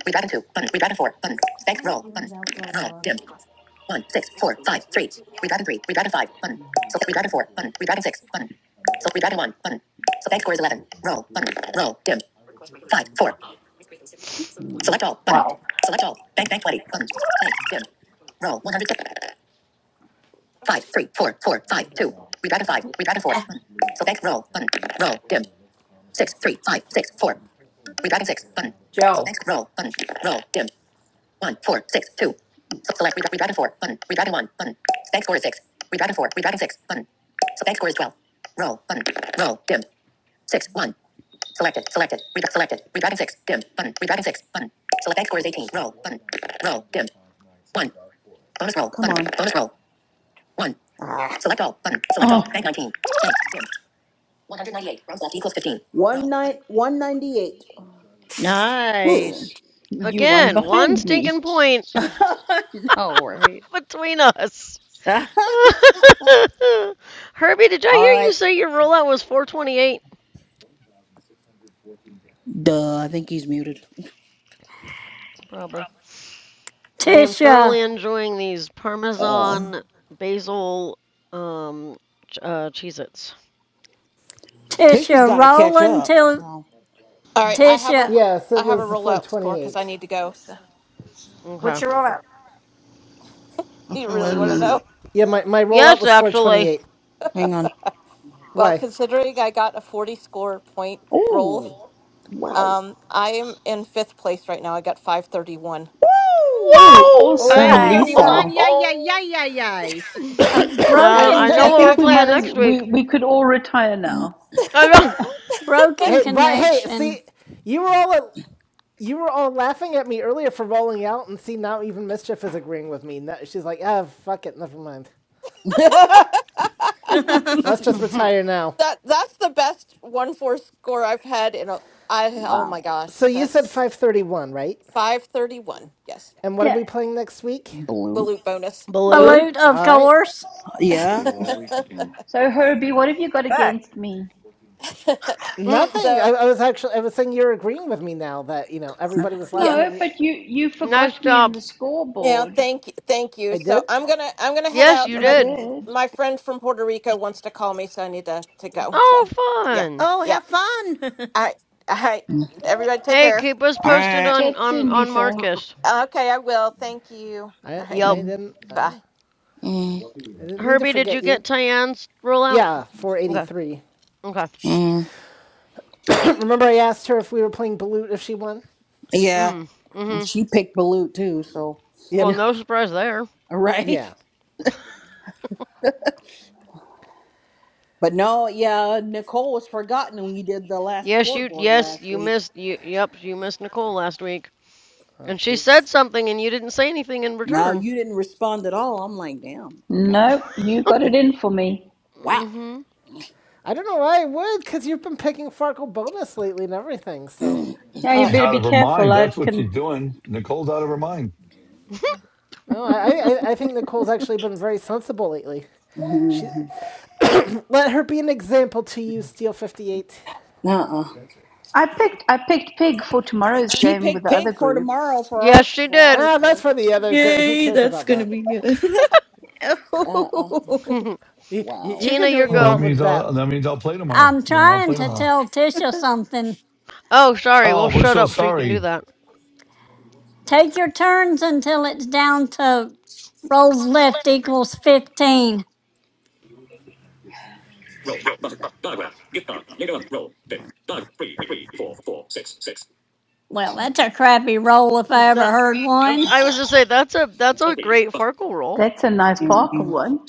Speaker 7: Read back and two. Button. Read back and four. Button. Bank roll. Button. Roll. Dimmed. One. Six. Four. Five. Three. Read back and three. Read back and five. Button. read back and four. Button. Read back and six. Button. So read back and one. Button. So bank score is eleven. Roll. Dimmed. Select all. Button. Select all. Bank bank 20. Button. Bank Dim. Roll 100. Five, three, four, four. We back and five. We back four. Five, six.
Speaker 13: Joe.
Speaker 7: Bank. Roll. Button. Roll. Dim. One, four, six, two. S- Select. We, we back four. Button. We back one. Button. Bank score is six. We back four. We back six. Button. So bank score is 12. Roll. Button. Roll. Dim. Six, one. Selected. Selected. We back selected. We back six. Dim. Button. We back six. Button. Select bank score is eight. roll. Dim. One. Bonus roll. Come button. on. Bonus roll. One. Ah. Select all. Button. Select
Speaker 15: Oh,
Speaker 7: all. Bank 19. Bank. Dim. 198. Rounds left equals 15. One nine, 198.
Speaker 15: ooh,
Speaker 14: Nice.
Speaker 7: Round
Speaker 15: you
Speaker 7: 6
Speaker 15: one
Speaker 7: equals
Speaker 4: Again,
Speaker 7: 20.
Speaker 4: one
Speaker 15: behind me.
Speaker 4: stinking point
Speaker 7: no, right?
Speaker 4: between us. Herbie, did
Speaker 7: All
Speaker 4: I hear you
Speaker 7: right.
Speaker 4: say your rollout was 428?
Speaker 7: Duh, I think he's muted.
Speaker 4: Probably. I am
Speaker 6: Tisha,
Speaker 4: thoroughly enjoying these Parmesan basil um ch- uh Cheez Its.
Speaker 7: Tisha's
Speaker 6: Tisha,
Speaker 7: got to catch
Speaker 6: rolling
Speaker 7: up.
Speaker 6: till
Speaker 7: So,
Speaker 9: All right, I have a
Speaker 6: Tisha,
Speaker 3: Yes, it
Speaker 9: I have a
Speaker 3: was
Speaker 9: rollout score because
Speaker 3: 428.
Speaker 9: I need to go. So
Speaker 5: What's
Speaker 4: Okay.
Speaker 5: your rollout?
Speaker 9: you
Speaker 16: Okay. Wait
Speaker 9: really
Speaker 16: a
Speaker 9: want to
Speaker 16: minute.
Speaker 9: know?
Speaker 3: Yeah, my, my rollout
Speaker 4: Yes,
Speaker 3: was
Speaker 4: actually.
Speaker 3: 428.
Speaker 7: hang on.
Speaker 9: Well,
Speaker 3: Why?
Speaker 9: considering I got a forty score point roll,
Speaker 7: Ooh.
Speaker 9: um, I'm in fifth place right now. I got five thirty one.
Speaker 7: Woo!
Speaker 15: Oh,
Speaker 4: Whoa!
Speaker 15: awesome,
Speaker 5: Right.
Speaker 3: Oh
Speaker 4: uh,
Speaker 14: 531.
Speaker 3: wow!
Speaker 15: Lisa.
Speaker 14: Yay, yay, yay, yay, yay.
Speaker 6: a
Speaker 9: I
Speaker 3: And
Speaker 9: don't
Speaker 6: broken,
Speaker 4: I
Speaker 7: Damn.
Speaker 15: I
Speaker 4: know what
Speaker 9: think
Speaker 6: co-
Speaker 4: we're
Speaker 15: think
Speaker 9: I've
Speaker 15: we might
Speaker 4: playing
Speaker 9: had
Speaker 15: as
Speaker 4: next
Speaker 15: we
Speaker 4: week.
Speaker 15: we could all retire now.
Speaker 4: I
Speaker 9: that.
Speaker 6: broken
Speaker 3: hey, but hey,
Speaker 6: connection.
Speaker 3: see, you were all at, you were all laughing at me earlier for rolling out, and see now even mischief is agreeing with me. No- She's like, ah, oh, fuck it, never mind. Let's just
Speaker 4: know.
Speaker 3: retire now.
Speaker 9: That's the best one four score I've had in a. I oh my
Speaker 7: wow.
Speaker 9: gosh,
Speaker 3: So you said
Speaker 9: that's
Speaker 3: five thirty one, right?
Speaker 9: five thirty one. Yes,
Speaker 3: And what are
Speaker 15: yeah,
Speaker 3: we playing next week?
Speaker 7: Blue.
Speaker 9: balut bonus.
Speaker 4: Balut.
Speaker 15: salute.
Speaker 6: Balut, of
Speaker 3: All right,
Speaker 6: course.
Speaker 7: Yeah.
Speaker 15: So Herbie, what have you got
Speaker 5: Back.
Speaker 15: against me?
Speaker 4: Mm,
Speaker 3: nothing.
Speaker 9: so
Speaker 3: I, I was actually I was saying you're agreeing with me now that you know everybody was
Speaker 9: Yeah.
Speaker 3: laughing at
Speaker 15: No,
Speaker 3: me.
Speaker 15: but you you
Speaker 4: nice
Speaker 15: forgot me in
Speaker 4: job.
Speaker 15: the
Speaker 9: Yeah,
Speaker 15: scoreboard.
Speaker 9: thank you. Thank you.
Speaker 3: I did.
Speaker 9: So I'm going to I'm going to head
Speaker 4: Yes,
Speaker 9: out.
Speaker 4: you
Speaker 15: You
Speaker 9: My
Speaker 4: did.
Speaker 15: did.
Speaker 9: my friend from Puerto Rico wants to call me, so I need to to go. So,
Speaker 4: Oh,
Speaker 9: yeah.
Speaker 4: fun.
Speaker 14: oh,
Speaker 9: Yeah.
Speaker 14: have fun.
Speaker 9: All right. All right.
Speaker 7: Mm,
Speaker 9: Everybody take
Speaker 4: Hey,
Speaker 9: care.
Speaker 4: keep us
Speaker 7: All
Speaker 4: posted
Speaker 7: right.
Speaker 4: on
Speaker 15: Chat
Speaker 4: on
Speaker 15: soon,
Speaker 4: on
Speaker 15: Lisa.
Speaker 9: Mm,
Speaker 4: Marcus.
Speaker 9: mm. Okay, I will. Thank you.
Speaker 3: I
Speaker 9: All right.
Speaker 3: I
Speaker 4: Yep.
Speaker 7: mm,
Speaker 3: didn't Uh,
Speaker 9: Bye.
Speaker 7: mm,
Speaker 3: I didn't mean to
Speaker 4: Herbie, did
Speaker 3: forget
Speaker 4: you
Speaker 3: you.
Speaker 4: get Tyann's rule out?
Speaker 3: Yeah, four eighty
Speaker 4: Okay.
Speaker 3: three.
Speaker 4: Okay.
Speaker 7: mm.
Speaker 3: Remember, I asked her if we were playing Balut if she won?
Speaker 7: Yeah.
Speaker 4: Mm. Mm-hmm.
Speaker 7: She picked Balut too, so.
Speaker 4: Well,
Speaker 3: Yep.
Speaker 4: no surprise there.
Speaker 7: All right?
Speaker 3: Yeah.
Speaker 7: But no, yeah, Nicole was forgotten when you did the last
Speaker 4: Yes, you.
Speaker 7: scoreboard
Speaker 4: Yes,
Speaker 7: last
Speaker 4: you
Speaker 7: week.
Speaker 4: missed. You. Yep. You missed Nicole last week,
Speaker 3: Uh,
Speaker 4: and she said
Speaker 3: oops.
Speaker 4: something, and you didn't say anything in
Speaker 7: No,
Speaker 4: return.
Speaker 7: you didn't respond at all. I'm like, damn. Okay.
Speaker 15: Nope, you got it in for me.
Speaker 7: Wow.
Speaker 4: Mm-hmm.
Speaker 3: I don't know why I would, because you've been picking Farkle bonus lately and everything, so.
Speaker 15: Yeah,
Speaker 7: Uh.
Speaker 15: you better be careful. I can.
Speaker 1: Doing Nicole's out of her mind.
Speaker 3: No, I, I, I think Nicole's actually been very sensible lately. She Let her be an example to you, Steel 58.
Speaker 7: Uh. uh
Speaker 15: I picked. I picked Pig for tomorrow's
Speaker 7: She
Speaker 15: game with
Speaker 7: picked
Speaker 15: the
Speaker 7: pill
Speaker 15: other group.
Speaker 7: for
Speaker 4: Yes,
Speaker 7: ours.
Speaker 4: she
Speaker 7: For
Speaker 4: did.
Speaker 7: ours.
Speaker 3: Ah, that's for the other girl.
Speaker 7: Oh.
Speaker 3: Who
Speaker 12: Yay,
Speaker 3: cares
Speaker 12: that's
Speaker 3: about
Speaker 12: gonna
Speaker 3: that?
Speaker 12: be good.
Speaker 7: Uh. Uh.
Speaker 14: Oh,
Speaker 3: You, you,
Speaker 7: Wow.
Speaker 3: you
Speaker 4: Tina,
Speaker 3: can do
Speaker 4: your
Speaker 3: what you
Speaker 1: Oh, that
Speaker 4: go.
Speaker 3: want
Speaker 1: means
Speaker 3: with that.
Speaker 1: I'll, that means I'll play tomorrow.
Speaker 6: I'm
Speaker 1: Then I'll
Speaker 6: trying
Speaker 1: play
Speaker 6: to
Speaker 1: tomorrow.
Speaker 6: tell Tisha something.
Speaker 4: Oh, sorry. Well,
Speaker 1: Oh, we're
Speaker 4: shut
Speaker 1: so
Speaker 4: up so you can do
Speaker 1: sorry,
Speaker 4: that.
Speaker 6: Take your turns until it's down to rolls left equals 15. Well, that's a crappy roll if I
Speaker 4: Duh.
Speaker 6: ever heard
Speaker 4: Um,
Speaker 6: one.
Speaker 4: I was just say that's a that's a great Farkle roll.
Speaker 15: That's a nice Parker one.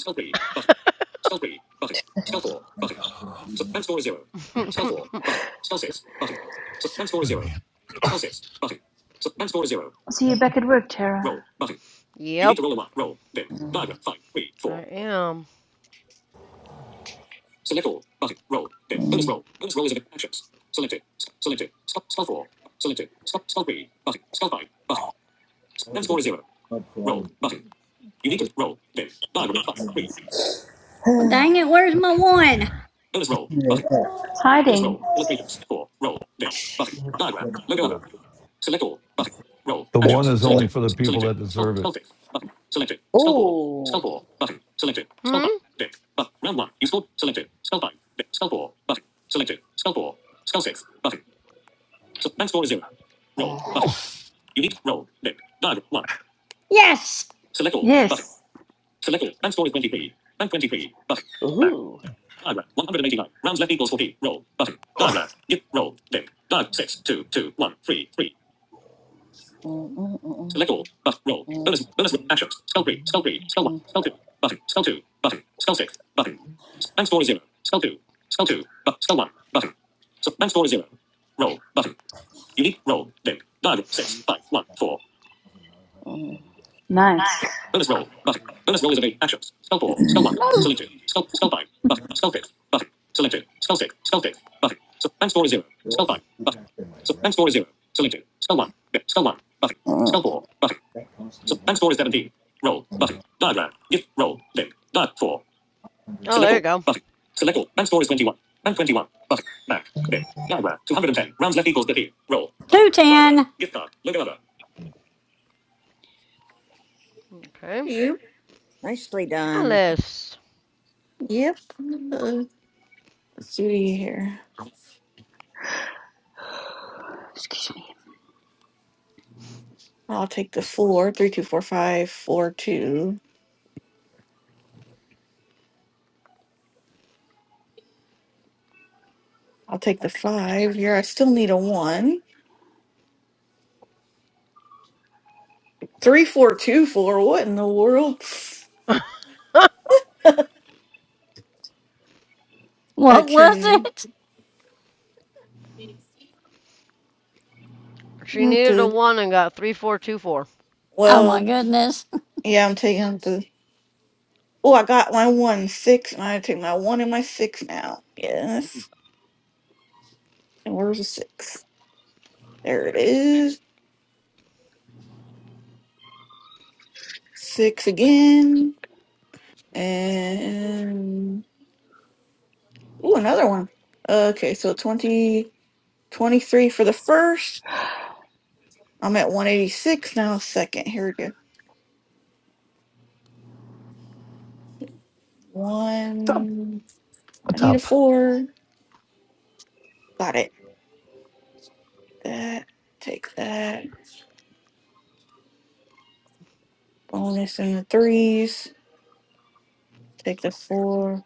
Speaker 15: I'll see you back at work, Tara.
Speaker 4: yep, I am.
Speaker 6: Well, dang it, where's my one?
Speaker 15: Hiding.
Speaker 7: Ooh.
Speaker 4: Hmm.
Speaker 7: Uh,
Speaker 6: Yes!
Speaker 15: Yes.
Speaker 7: ooh. Mm, mm, mm, mm, mm, mm,
Speaker 15: Nice. No.
Speaker 7: mm.
Speaker 4: Oh, there you go.
Speaker 6: 210.
Speaker 4: Okay,
Speaker 12: yep.
Speaker 14: nicely done.
Speaker 4: Alice.
Speaker 12: Yep. Uh, let's see here.
Speaker 15: Excuse me.
Speaker 12: I'll take the four. Three, two, four, five, four, two. I'll take the five here. I still need a one. Three, four, two, four. What in the world?
Speaker 6: What was
Speaker 12: Okay.
Speaker 6: it?
Speaker 4: she
Speaker 12: I have
Speaker 4: needed a one and got three four two four.
Speaker 6: Oh my
Speaker 12: Well,
Speaker 6: goodness.
Speaker 12: yeah, I'm taking out the. Oh, I got my one six, and I take my one and my six now. Yes. And where's the six? There it is. Six again. And. Ooh, another one. Okay, so 20 23 for the first. I'm at 186 now, second. Here we go. One. I need a four. Got it. That. Take that. Bonus in the threes. Take the four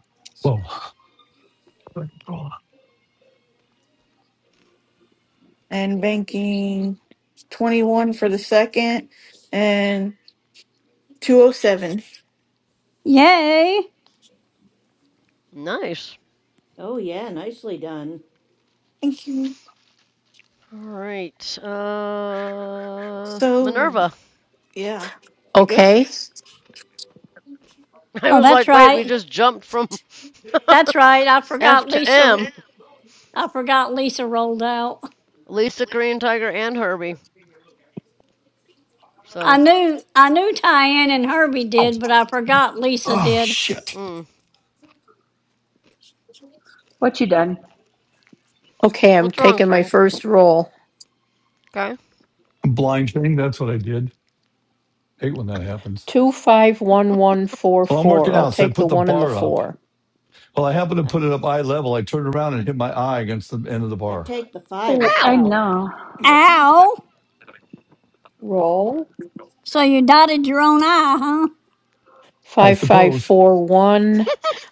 Speaker 12: and banking 21 for the second and 207.
Speaker 6: Yay!
Speaker 4: Nice.
Speaker 14: Oh, yeah, nicely done.
Speaker 12: Thank you.
Speaker 4: All right. Uh,
Speaker 12: So,
Speaker 4: Minerva.
Speaker 12: yeah, I guess
Speaker 13: Okay.
Speaker 4: I
Speaker 6: Oh,
Speaker 4: was
Speaker 6: that's
Speaker 4: like, wait, we
Speaker 6: right.
Speaker 4: just jumped from
Speaker 6: That's right. I
Speaker 4: F
Speaker 6: forgot
Speaker 4: to
Speaker 6: Lisa.
Speaker 4: M.
Speaker 6: I forgot Lisa rolled out.
Speaker 4: Lisa, Korean Tiger, and Herbie.
Speaker 6: I
Speaker 4: So,
Speaker 6: knew I knew Tyann and Herbie did, but I forgot Lisa did.
Speaker 4: mm.
Speaker 15: What you done?
Speaker 13: Okay, I'm
Speaker 4: what's wrong,
Speaker 13: taking my
Speaker 4: Frank?
Speaker 13: first roll.
Speaker 4: Okay.
Speaker 1: blind thing. That's what I did. Hate when that happens.
Speaker 13: Two five one one four
Speaker 1: Well, I'm working
Speaker 13: four. I'll
Speaker 1: out, so I
Speaker 13: take the
Speaker 1: put the
Speaker 13: one and the
Speaker 1: bar up.
Speaker 13: four.
Speaker 1: Well, I happen to
Speaker 14: I,
Speaker 1: put it up eye level. I turned around and hit my eye against the end of the
Speaker 14: I'd
Speaker 1: bar.
Speaker 14: take the five
Speaker 15: Oh,
Speaker 14: as
Speaker 15: I
Speaker 4: Ow.
Speaker 14: well.
Speaker 15: know.
Speaker 6: Ow!
Speaker 13: Roll.
Speaker 6: So you dotted your own eye, huh?
Speaker 1: I
Speaker 13: Five, five,
Speaker 1: suppose.
Speaker 13: four, one.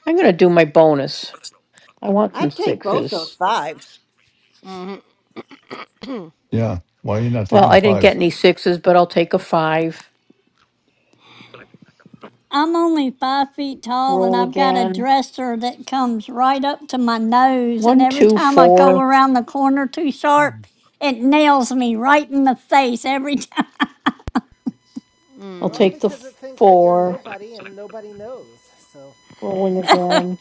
Speaker 13: I'm gonna do my bonus. I want some
Speaker 14: I'd take both those
Speaker 13: sixes.
Speaker 14: fives.
Speaker 4: Mm-hmm.
Speaker 1: Yeah. Why are you not taking
Speaker 13: Well,
Speaker 1: the
Speaker 13: I didn't get
Speaker 1: fives?
Speaker 13: any sixes, but I'll take a five.
Speaker 6: I'm only five feet tall and
Speaker 13: Roll
Speaker 6: I've got a
Speaker 13: again.
Speaker 6: dresser that comes right up to my nose, and
Speaker 13: One,
Speaker 6: every
Speaker 13: two,
Speaker 6: time I go
Speaker 13: four.
Speaker 6: around the corner too sharp, it nails me right in the face every time.
Speaker 13: I'll
Speaker 3: Well,
Speaker 4: mm.
Speaker 13: take the
Speaker 3: because it thinks that you're
Speaker 13: four.
Speaker 3: nobody and nobody knows, so.
Speaker 13: Rolling again.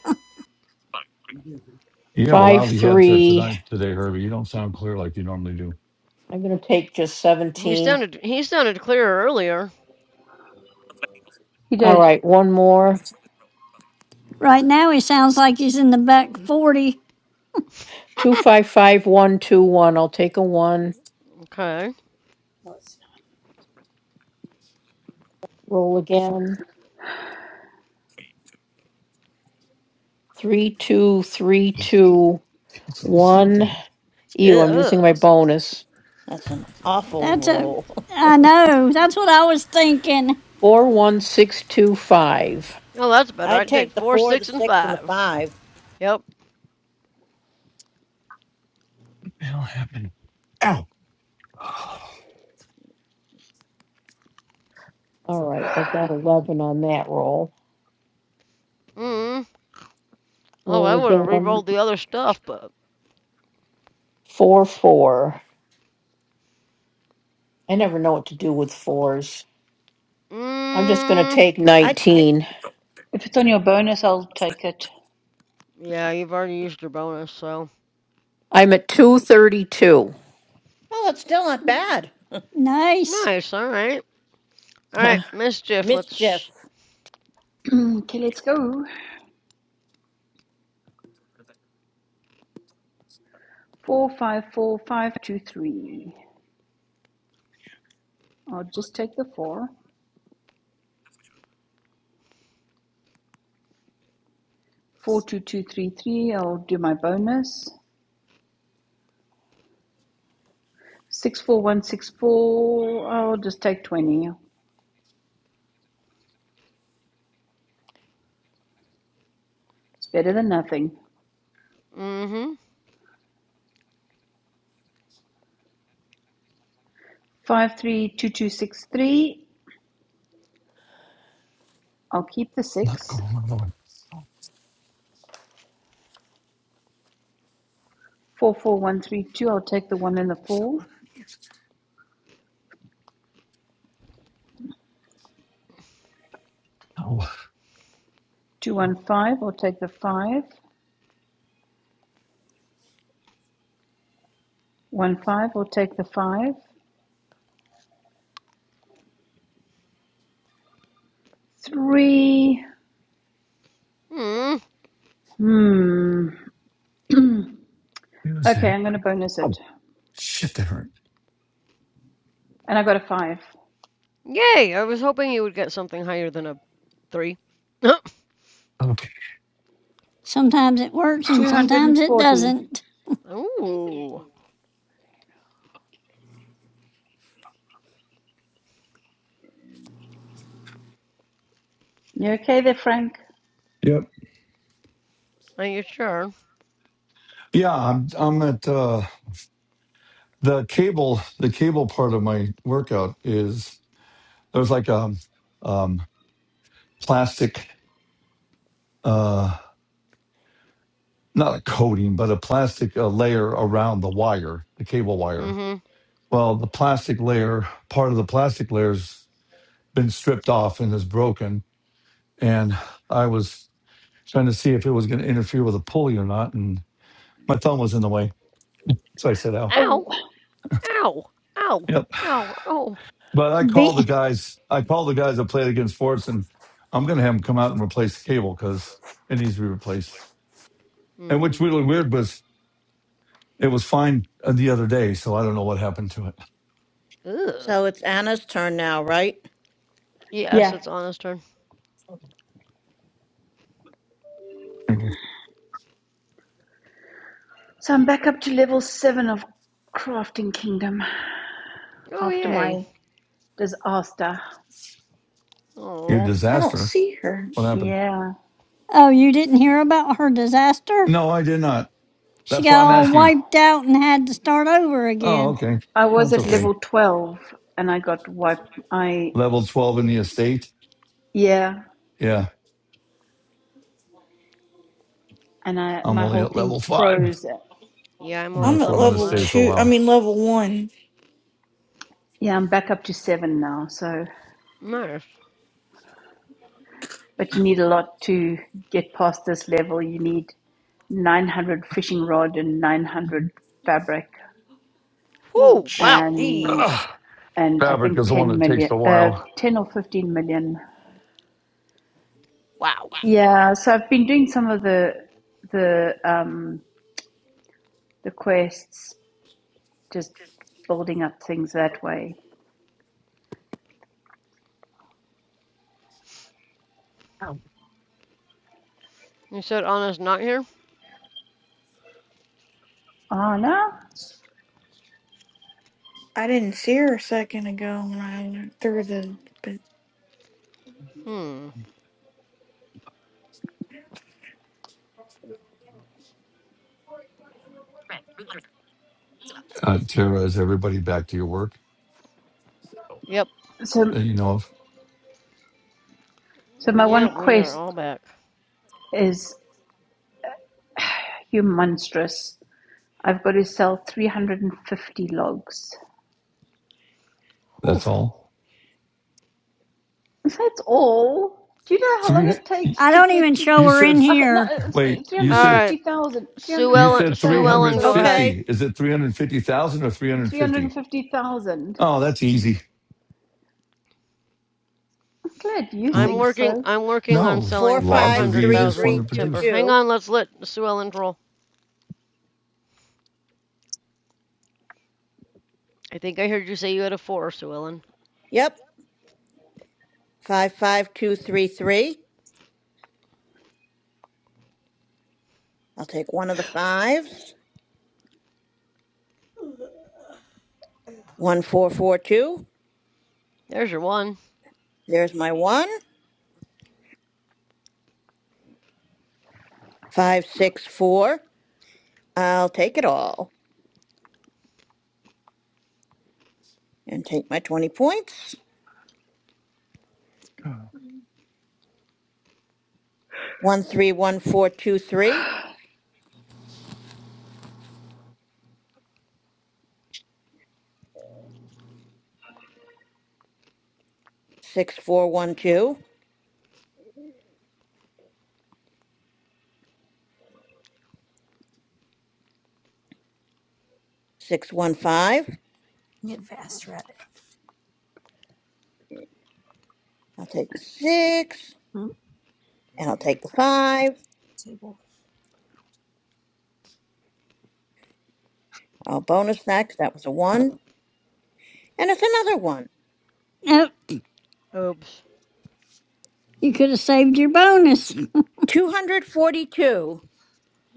Speaker 5: You do. huh?
Speaker 1: You have a
Speaker 13: Five,
Speaker 1: lousy headset
Speaker 13: three.
Speaker 1: tonight today, Herbie. You don't sound clear like you normally do.
Speaker 13: I'm gonna take just
Speaker 4: He
Speaker 13: seventeen.
Speaker 4: sounded he sounded clearer earlier.
Speaker 15: You
Speaker 13: All
Speaker 15: did.
Speaker 13: right, one more.
Speaker 6: right now he sounds like he's in the back forty.
Speaker 13: Two, five, five, one, two, one. I'll take a one.
Speaker 4: Okay.
Speaker 5: No, it's
Speaker 13: Roll again. Three, two, three, two, one. Ew, I'm
Speaker 14: Ugh,
Speaker 13: using my
Speaker 4: Oh,
Speaker 13: bonus.
Speaker 14: that's an awful
Speaker 6: That's a,
Speaker 14: roll.
Speaker 6: I know, that's what I was thinking.
Speaker 13: 41625.
Speaker 4: Oh, that's better.
Speaker 14: I'd
Speaker 4: I'd take
Speaker 14: take the
Speaker 4: four,
Speaker 14: four, the
Speaker 4: six, and
Speaker 14: six, and the
Speaker 4: five.
Speaker 14: five.
Speaker 4: Yep.
Speaker 13: All right, I've got 11 on that roll.
Speaker 4: Mm. Oh, I
Speaker 13: Roll
Speaker 4: would have
Speaker 13: again.
Speaker 4: re-rolled the other stuff, but
Speaker 13: 4 4. I never know what to do with fours. I'm just going to
Speaker 4: mm.
Speaker 13: take
Speaker 14: I
Speaker 13: 19.
Speaker 15: If it's on your bonus, I'll take it.
Speaker 4: Yeah, you've already used your bonus, so
Speaker 13: I'm at 232.
Speaker 14: well, it's still not bad.
Speaker 6: Nice.
Speaker 4: nice. All right. All right,
Speaker 13: Huh,
Speaker 4: mischief. Let's.
Speaker 14: Mischief.
Speaker 4: Sh-
Speaker 15: okay, let's go. Four five four five two three. I'll just take the four. Four two two three three. I'll do my bonus. Six four one six four. I'll just take twenty. It's better than nothing.
Speaker 4: mm-hmm.
Speaker 15: Five three two two six three. I'll keep the six. Four four one three two. I'll take the one and the four. Two one five. I'll take the five. One five. I'll take the five. Three.
Speaker 4: Mm.
Speaker 15: Hmm. okay, I'm going to bonus it, and I got a five.
Speaker 4: Yay! I was hoping you would get something higher than a three.
Speaker 6: Sometimes it works and
Speaker 15: Two hundred and
Speaker 6: sometimes it
Speaker 15: forty.
Speaker 6: doesn't.
Speaker 4: Ooh.
Speaker 15: You okay there, Frank?
Speaker 4: Are you sure?
Speaker 1: Yeah, I'm I'm at uh the cable the cable part of my workout is there's like a um plastic uh not a coating, but a plastic uh, layer around the wire, the cable wire
Speaker 4: Mm-hmm.
Speaker 1: Well, the plastic layer, part of the plastic layer's been stripped off and is broken. And I was trying to see if it was going to interfere with a pulley or not. And my thumb was in the way. So I said, ow.
Speaker 15: Oh,
Speaker 4: Ow! Ow! Ow!
Speaker 1: Yep.
Speaker 4: Ow! Oh.
Speaker 1: But I called the
Speaker 6: Be,
Speaker 1: guys, I called the guys that played against Forts and I'm going to have them come out and replace the cable because it needs to be replaced. And
Speaker 4: Mm-hmm.
Speaker 1: what's really weird was it was fine uh, the other day. So I don't know what happened to it.
Speaker 4: Ugh.
Speaker 14: So it's Anna's turn now, right?
Speaker 4: Yes,
Speaker 15: yeah.
Speaker 4: it's Anna's turn.
Speaker 15: So I'm back up to level seven of Crafting Kingdom.
Speaker 4: Oh,
Speaker 15: after
Speaker 4: yay.
Speaker 15: my disaster.
Speaker 1: Your
Speaker 4: Oh,
Speaker 12: I don't
Speaker 1: disaster.
Speaker 12: see her.
Speaker 1: What happened?
Speaker 15: Yeah.
Speaker 6: oh, you didn't hear about her disaster?
Speaker 1: No, I did not.
Speaker 6: She
Speaker 1: That's
Speaker 6: got
Speaker 1: why I'm
Speaker 6: all
Speaker 1: asking.
Speaker 6: wiped out and had to start over
Speaker 1: Oh,
Speaker 6: again.
Speaker 1: okay.
Speaker 15: I was
Speaker 1: That's
Speaker 15: at
Speaker 1: okay.
Speaker 15: level 12 and I got wiped. I,
Speaker 1: Level 12 in the estate.
Speaker 15: yeah.
Speaker 1: Yeah,
Speaker 15: And I,
Speaker 1: I'm
Speaker 15: my
Speaker 1: only
Speaker 15: whole
Speaker 1: at
Speaker 15: thing
Speaker 1: level five.
Speaker 15: froze.
Speaker 4: yeah, I'm
Speaker 1: And
Speaker 4: only
Speaker 12: I'm
Speaker 4: at
Speaker 1: that's
Speaker 12: at
Speaker 1: where I'm
Speaker 4: level
Speaker 1: going to
Speaker 12: level
Speaker 1: stay
Speaker 4: 5.
Speaker 1: for a
Speaker 12: two, I
Speaker 1: while.
Speaker 12: mean, level one.
Speaker 15: Yeah, I'm back up to seven now. So,
Speaker 4: Nice.
Speaker 15: but you need a lot to get past this level. You need 900 fishing rod and 900 fabric
Speaker 12: Oh,
Speaker 4: Whoo, wow.
Speaker 15: and,
Speaker 12: jeez.
Speaker 1: Ugh.
Speaker 15: and I
Speaker 1: Fabric
Speaker 15: think
Speaker 1: is the one
Speaker 15: 10
Speaker 1: that takes a
Speaker 15: million, uh,
Speaker 1: while.
Speaker 15: 10 or 15 million.
Speaker 4: Wow.
Speaker 15: Yeah. So I've been doing some of the, the, um, the quests just building up things that way.
Speaker 4: You said Anna's not here?
Speaker 15: Oh no.
Speaker 12: I didn't see her a second ago when I went through the. But
Speaker 4: Hmm.
Speaker 1: Uh, Tara, is everybody back to your work
Speaker 4: Yep.
Speaker 15: So
Speaker 1: that you know of?
Speaker 15: so my
Speaker 4: Yep,
Speaker 15: one
Speaker 4: we are
Speaker 15: quest
Speaker 4: all back.
Speaker 15: is you monstrous. I've got to sell 350 logs.
Speaker 4: Whew.
Speaker 1: That's all.
Speaker 15: That's all. Do you know how long
Speaker 1: Three.
Speaker 15: it takes
Speaker 6: I
Speaker 15: to
Speaker 6: don't
Speaker 15: get
Speaker 6: even
Speaker 15: to
Speaker 6: show
Speaker 1: You
Speaker 6: her in
Speaker 1: said,
Speaker 15: Ugh, no,
Speaker 6: here.
Speaker 15: uh,
Speaker 1: wait, you
Speaker 4: All
Speaker 1: said,
Speaker 4: right.
Speaker 15: 350,000.
Speaker 4: Sue
Speaker 1: you
Speaker 4: Ellen,
Speaker 1: said
Speaker 4: Sue
Speaker 15: 350,000,
Speaker 4: Ellen, go
Speaker 15: sorry.
Speaker 4: ahead.
Speaker 1: 350.
Speaker 14: Okay.
Speaker 1: Is it 350,000 or 350?
Speaker 15: 350,000.
Speaker 1: Oh, that's easy.
Speaker 15: I'm glad you
Speaker 4: I'm
Speaker 1: L-
Speaker 15: think
Speaker 4: working,
Speaker 15: so.
Speaker 4: I'm working on
Speaker 1: No,
Speaker 14: Four,
Speaker 4: selling
Speaker 1: logs are
Speaker 14: five,
Speaker 1: the
Speaker 14: three,
Speaker 1: easiest one
Speaker 14: three,
Speaker 1: to
Speaker 4: 500,000
Speaker 14: two,
Speaker 4: timber.
Speaker 1: produce.
Speaker 4: Hang
Speaker 14: two.
Speaker 4: on, let's let Sue Ellen roll. I think I heard you say you had a 4, Sue Ellen.
Speaker 14: Yep. 55233. I'll take one of the fives.
Speaker 5: not.
Speaker 14: 1442.
Speaker 4: There's your 1.
Speaker 14: There's my one. 564. I'll take it all and take my 20 points. 131423. 6412. 615. I'll take the six and I'll
Speaker 5: Justin.
Speaker 14: take the five. I'll bonus that 'cause that was a one. And it's another one.
Speaker 6: Nope,
Speaker 4: Oops.
Speaker 6: you could have saved your bonus.
Speaker 14: 242.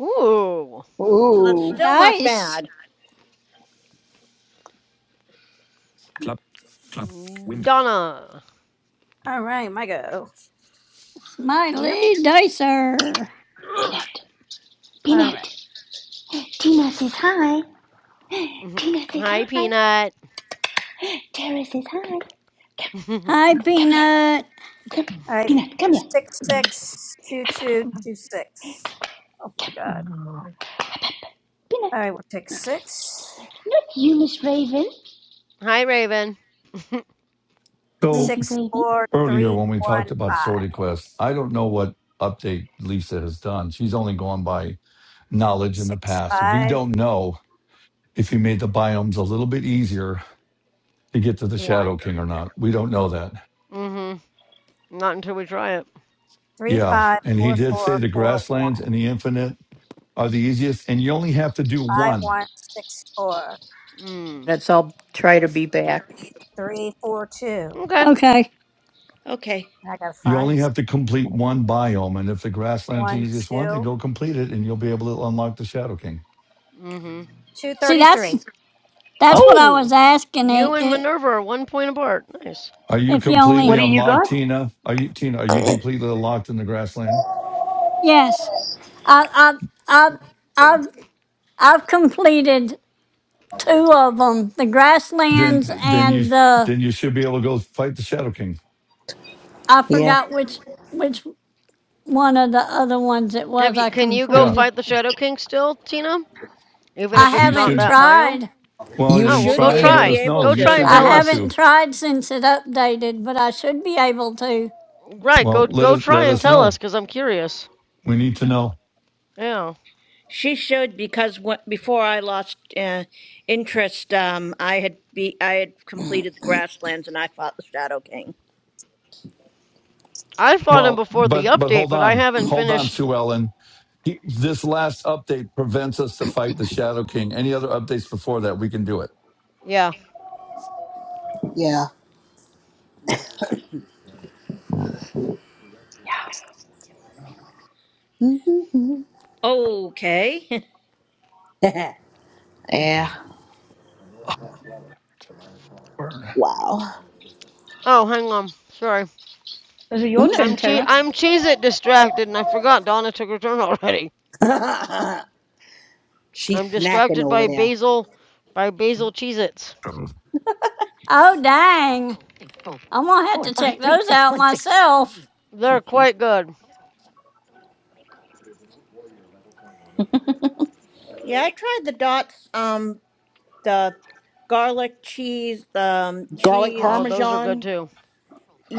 Speaker 4: Ooh.
Speaker 14: So that's
Speaker 15: Oh,
Speaker 14: still not
Speaker 6: Nice.
Speaker 14: bad.
Speaker 5: Club. Club. Window.
Speaker 4: Donna.
Speaker 5: All right, my go.
Speaker 14: Yep.
Speaker 6: Smiley Dicer.
Speaker 15: Peanut.
Speaker 5: All right.
Speaker 15: Peanut. Tina says hi. Tina says
Speaker 4: Hi,
Speaker 15: hi.
Speaker 4: Peanut.
Speaker 15: Tara says hi. Come,
Speaker 6: Hi,
Speaker 15: come here.
Speaker 6: Peanut.
Speaker 15: Come,
Speaker 5: I
Speaker 15: Peanut, come here.
Speaker 5: six six two two two six. Oh my god. All
Speaker 15: Peanut,
Speaker 5: right, we'll take six.
Speaker 15: not you, Miss Raven.
Speaker 4: Hi, Raven.
Speaker 1: So.
Speaker 15: Ravy,
Speaker 5: Six
Speaker 15: ravy.
Speaker 5: four
Speaker 1: earlier
Speaker 5: three
Speaker 1: when we
Speaker 5: one
Speaker 1: talked about
Speaker 5: five.
Speaker 1: sortie Quest, I don't know what update Lisa has done. She's only gone by knowledge in the
Speaker 5: Six
Speaker 1: past. We
Speaker 5: five
Speaker 1: don't know if he made the biomes a little bit easier to get to the
Speaker 5: one.
Speaker 1: Shadow King or not. We don't know that.
Speaker 4: hmm Not until we try it.
Speaker 5: Three
Speaker 1: Yeah.
Speaker 5: five
Speaker 1: And he
Speaker 5: four
Speaker 1: did say
Speaker 5: four
Speaker 1: the
Speaker 5: four one.
Speaker 1: grasslands and the infinite are the easiest, and you only have to do
Speaker 5: Five
Speaker 1: one.
Speaker 5: one six four.
Speaker 4: Mm.
Speaker 13: That's I'll try to be back.
Speaker 5: Three four two.
Speaker 4: Okay.
Speaker 6: Okay.
Speaker 14: Okay.
Speaker 5: And I got a
Speaker 1: You
Speaker 5: five.
Speaker 1: only have to complete one biome. And if the grassland's the
Speaker 5: One,
Speaker 1: easiest one, then
Speaker 5: two,
Speaker 1: go complete it and you'll be able to unlock the Shadow King.
Speaker 4: hmm
Speaker 5: two
Speaker 6: See, that's
Speaker 5: thirty-three.
Speaker 6: that's what I
Speaker 4: Oh,
Speaker 6: was asking.
Speaker 4: you
Speaker 6: It,
Speaker 4: and
Speaker 6: it,
Speaker 4: Minerva are one point apart. Nice.
Speaker 1: Are you
Speaker 6: if you
Speaker 1: completely
Speaker 15: What
Speaker 6: only
Speaker 15: do you
Speaker 1: unlocked,
Speaker 15: got?
Speaker 1: Tina? Are you Tina, are you completely unlocked in the grassland?
Speaker 6: yes, I, I've, I've, I've, I've completed two of them, the
Speaker 1: then
Speaker 6: grasslands
Speaker 1: then you
Speaker 6: and the,
Speaker 1: then you should be able to go fight the Shadow King.
Speaker 6: I
Speaker 7: Yeah.
Speaker 6: forgot which, which one of the other ones it
Speaker 4: Have
Speaker 6: was
Speaker 4: you?
Speaker 6: I
Speaker 4: Can you go
Speaker 1: Yeah,
Speaker 6: completed.
Speaker 4: fight the Shadow King still, Tina?
Speaker 1: you,
Speaker 4: Even
Speaker 6: I
Speaker 4: if
Speaker 1: sh-
Speaker 4: it's
Speaker 1: you
Speaker 4: not
Speaker 6: haven't
Speaker 1: should.
Speaker 4: that biome.
Speaker 6: tried.
Speaker 1: Well,
Speaker 4: Oh,
Speaker 1: then
Speaker 4: well,
Speaker 14: You
Speaker 4: go
Speaker 1: try and
Speaker 14: should
Speaker 1: let
Speaker 14: be
Speaker 4: try.
Speaker 1: us know.
Speaker 14: able
Speaker 4: Go
Speaker 1: You
Speaker 14: to,
Speaker 4: try and
Speaker 1: should
Speaker 6: I
Speaker 1: be
Speaker 14: though.
Speaker 4: tell
Speaker 1: able
Speaker 4: us.
Speaker 1: to.
Speaker 6: haven't tried since it updated, but I should be able to.
Speaker 4: Right.
Speaker 1: Well,
Speaker 4: Go
Speaker 1: let
Speaker 4: go
Speaker 1: us
Speaker 4: try
Speaker 1: let
Speaker 4: and
Speaker 1: us
Speaker 4: tell
Speaker 1: know.
Speaker 4: us, cause I'm curious.
Speaker 1: We need to know.
Speaker 4: Yeah.
Speaker 14: She should because wh- before I lost uh, interest, um, I had be I had completed the grasslands and I fought the Shadow King.
Speaker 4: I fought him
Speaker 1: Well,
Speaker 4: before the
Speaker 1: but but
Speaker 4: update,
Speaker 1: hold
Speaker 4: but I
Speaker 1: on,
Speaker 4: haven't
Speaker 1: hold on,
Speaker 4: finished.
Speaker 1: Sue Ellen. He, this last update prevents us to fight the Shadow King. Any other updates before that, we can do it.
Speaker 4: Yeah.
Speaker 7: Yeah.
Speaker 15: Yeah.
Speaker 14: Okay.
Speaker 7: yeah. Wow.
Speaker 4: Oh, hang on. Sorry.
Speaker 15: Is it your
Speaker 4: I'm
Speaker 15: turn,
Speaker 4: che-
Speaker 15: Tara?
Speaker 4: I'm cheese it distracted, and I forgot Donna took her turn already. I'm
Speaker 7: She's snacking
Speaker 4: distracted
Speaker 7: over
Speaker 4: by
Speaker 7: there.
Speaker 4: basil by basil Cheez Its.
Speaker 5: Trouble.
Speaker 6: Oh, dang. I'm gonna have to check those out myself.
Speaker 4: They're quite good.
Speaker 14: yeah, I tried the dots, um, the garlic cheese, the um,
Speaker 7: Garlic
Speaker 4: Oh,
Speaker 14: cheese.
Speaker 4: those are good
Speaker 7: parmesan.
Speaker 4: too.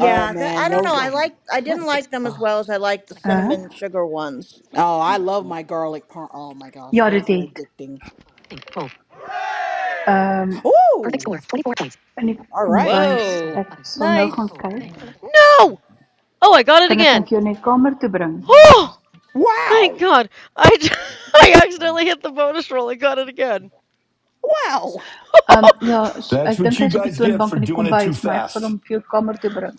Speaker 7: Oh
Speaker 14: the,
Speaker 7: man,
Speaker 14: I don't
Speaker 7: those.
Speaker 14: know.
Speaker 7: Are,
Speaker 14: I like I didn't like them as
Speaker 7: oh,
Speaker 14: well as I liked the
Speaker 15: Huh?
Speaker 14: cinnamon sugar ones.
Speaker 7: oh, I love my garlic par. Oh my gosh,
Speaker 15: Ja, dit
Speaker 7: those are
Speaker 15: het.
Speaker 7: addicting.
Speaker 15: Ehm
Speaker 7: Ooh.
Speaker 15: in die
Speaker 7: All right.
Speaker 15: kombuis.
Speaker 14: Whoa,
Speaker 15: Ek sal nou
Speaker 7: Nice.
Speaker 15: gaan kyk.
Speaker 4: No! Oh, I got it
Speaker 15: Kan ek hom
Speaker 4: again.
Speaker 15: vir jou net kamer toe bring?
Speaker 4: Oh!
Speaker 7: Wow.
Speaker 4: Thank God. I I accidentally hit the bonus roll. I got it again.
Speaker 7: Wow.
Speaker 15: Ehm ja, s-
Speaker 1: That's
Speaker 15: ek
Speaker 1: what
Speaker 15: dink
Speaker 1: you
Speaker 15: hy's op die
Speaker 1: guys get
Speaker 15: toonbank
Speaker 1: for
Speaker 15: in die
Speaker 1: doing it too
Speaker 15: kombuis, maar ek sal
Speaker 1: fast.
Speaker 15: hom vir jou kamer toe bring.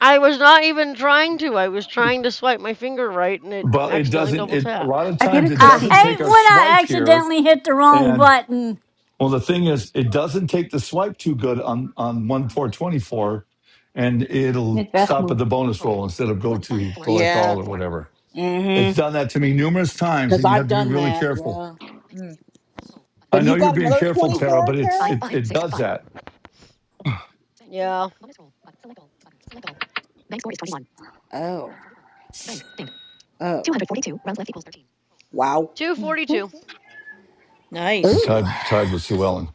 Speaker 4: I was not even trying to. I was trying to swipe my finger right and it
Speaker 1: But it
Speaker 4: accidentally
Speaker 1: doesn't.
Speaker 4: double
Speaker 1: It a lot
Speaker 4: tapped.
Speaker 1: of
Speaker 15: Ek het
Speaker 1: times
Speaker 15: dit
Speaker 1: it
Speaker 6: I
Speaker 1: doesn't
Speaker 15: gesien,
Speaker 1: take
Speaker 6: hate
Speaker 1: our
Speaker 6: when I
Speaker 1: swipe here,
Speaker 6: accidentally hit the wrong
Speaker 1: and
Speaker 6: button.
Speaker 1: Well, the thing is, it doesn't take the swipe too good on on one four twenty four, and it'll
Speaker 15: net
Speaker 1: stop at
Speaker 15: wegmoer.
Speaker 1: the bonus roll instead of go to select all
Speaker 7: Yeah.
Speaker 1: or whatever.
Speaker 7: Mm
Speaker 1: It's
Speaker 7: hmm.
Speaker 1: done that to me numerous times,
Speaker 7: Because
Speaker 1: and you have
Speaker 7: I've
Speaker 1: to be
Speaker 7: done
Speaker 1: really
Speaker 7: that.
Speaker 1: careful.
Speaker 7: Yeah.
Speaker 1: I
Speaker 7: But you
Speaker 1: know you're
Speaker 7: got
Speaker 1: being
Speaker 7: another
Speaker 1: careful, Tara,
Speaker 7: 24,
Speaker 1: but it's
Speaker 7: Tara?
Speaker 1: it it does that.
Speaker 4: Yeah.
Speaker 7: Oh. Oh. Wow.
Speaker 4: 242.
Speaker 1: You're
Speaker 14: nice.
Speaker 7: Ooh.
Speaker 1: tied tied with Sue Ellen.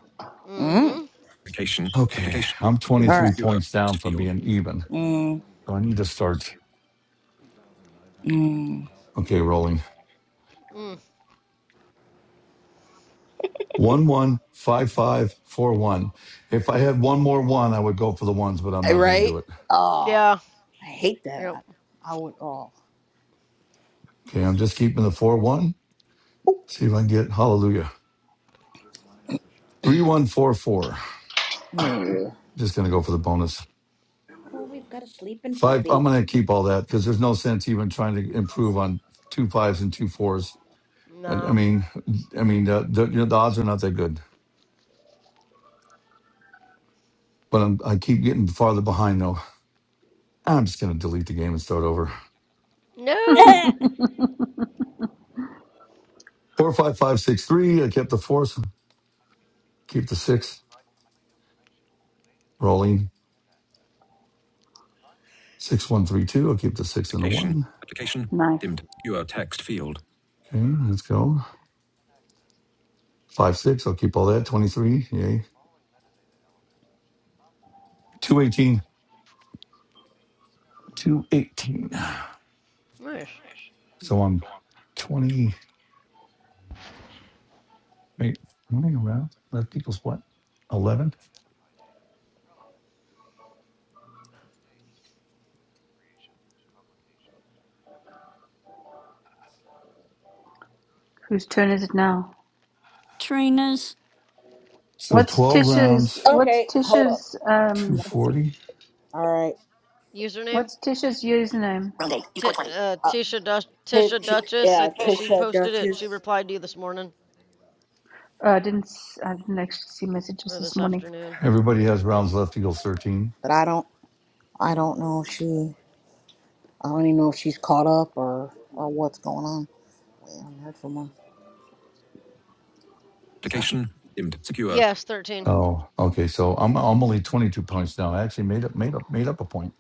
Speaker 4: Mm
Speaker 7: Mm.
Speaker 4: hmm.
Speaker 5: Application.
Speaker 1: Okay,
Speaker 5: Application.
Speaker 1: I'm twenty
Speaker 7: All
Speaker 1: three
Speaker 7: right.
Speaker 1: points down
Speaker 5: Imp.
Speaker 1: from being even,
Speaker 7: Mm.
Speaker 1: so I need to start.
Speaker 7: Mm.
Speaker 1: Okay, rolling
Speaker 4: Mm.
Speaker 1: one one five five four one. If I had one more one, I would go for the ones, but I'm not going to
Speaker 7: Right?
Speaker 1: do it.
Speaker 7: Oh,
Speaker 4: Yeah.
Speaker 7: I hate that.
Speaker 4: Yep.
Speaker 7: I, I would. Oh.
Speaker 1: Okay, I'm just keeping the four one. See if I can get hallelujah. 3144.
Speaker 7: Mm.
Speaker 1: Just going to go for the bonus.
Speaker 14: Oh, we've got a sleeping
Speaker 1: Five. I'm
Speaker 14: puppy.
Speaker 1: going to keep all that because there's no sense even trying to improve on two fives and two fours. And, I
Speaker 4: No.
Speaker 1: mean, I mean, the, the, you know, the odds are not that good, but I'm, I keep getting farther behind though. I'm just going to delete the game and start over.
Speaker 4: No.
Speaker 1: Four, five, five, six, three. I kept the four, so keep the six rolling. Six, one, three, two. I'll keep the six and the
Speaker 5: Application.
Speaker 1: one.
Speaker 5: Application.
Speaker 15: Nice.
Speaker 5: Dimmed. Secure text field.
Speaker 1: Okay, let's go. Five, six. I'll keep all that. 23. Yay. 218. 218.
Speaker 4: Nice.
Speaker 1: So I'm 20, wait, running around, left equals what? 11.
Speaker 15: Whose turn is it now?
Speaker 6: Trina's.
Speaker 1: So
Speaker 15: What's
Speaker 1: 12
Speaker 15: Tisha's?
Speaker 1: rounds,
Speaker 15: What's
Speaker 7: Okay. Hold up.
Speaker 15: Tisha's? Um,
Speaker 1: 240.
Speaker 7: All right.
Speaker 4: Username?
Speaker 15: what's Tisha's username?
Speaker 7: Okay. You
Speaker 4: T
Speaker 7: scored 20.
Speaker 4: uh,
Speaker 7: Uh,
Speaker 4: Tisha Duch Tisha Duchess, I,
Speaker 7: yeah.
Speaker 4: th-
Speaker 7: Tish
Speaker 4: she
Speaker 7: said-
Speaker 4: posted it. She replied to you this morning
Speaker 15: Oh, I didn't. s- I didn't actually see messages
Speaker 4: or
Speaker 15: this
Speaker 4: this
Speaker 15: morning.
Speaker 4: afternoon.
Speaker 1: Everybody has rounds left equals 13.
Speaker 7: But I don't. I don't know if she. I don't even know if she's caught up or or what's going on. We haven't heard from her. so.
Speaker 5: Application. Dimmed. Secure.
Speaker 4: Yes, 13.
Speaker 1: Oh, okay. So I'm, I'm only 22 points now. I actually made up, made up, made up a point.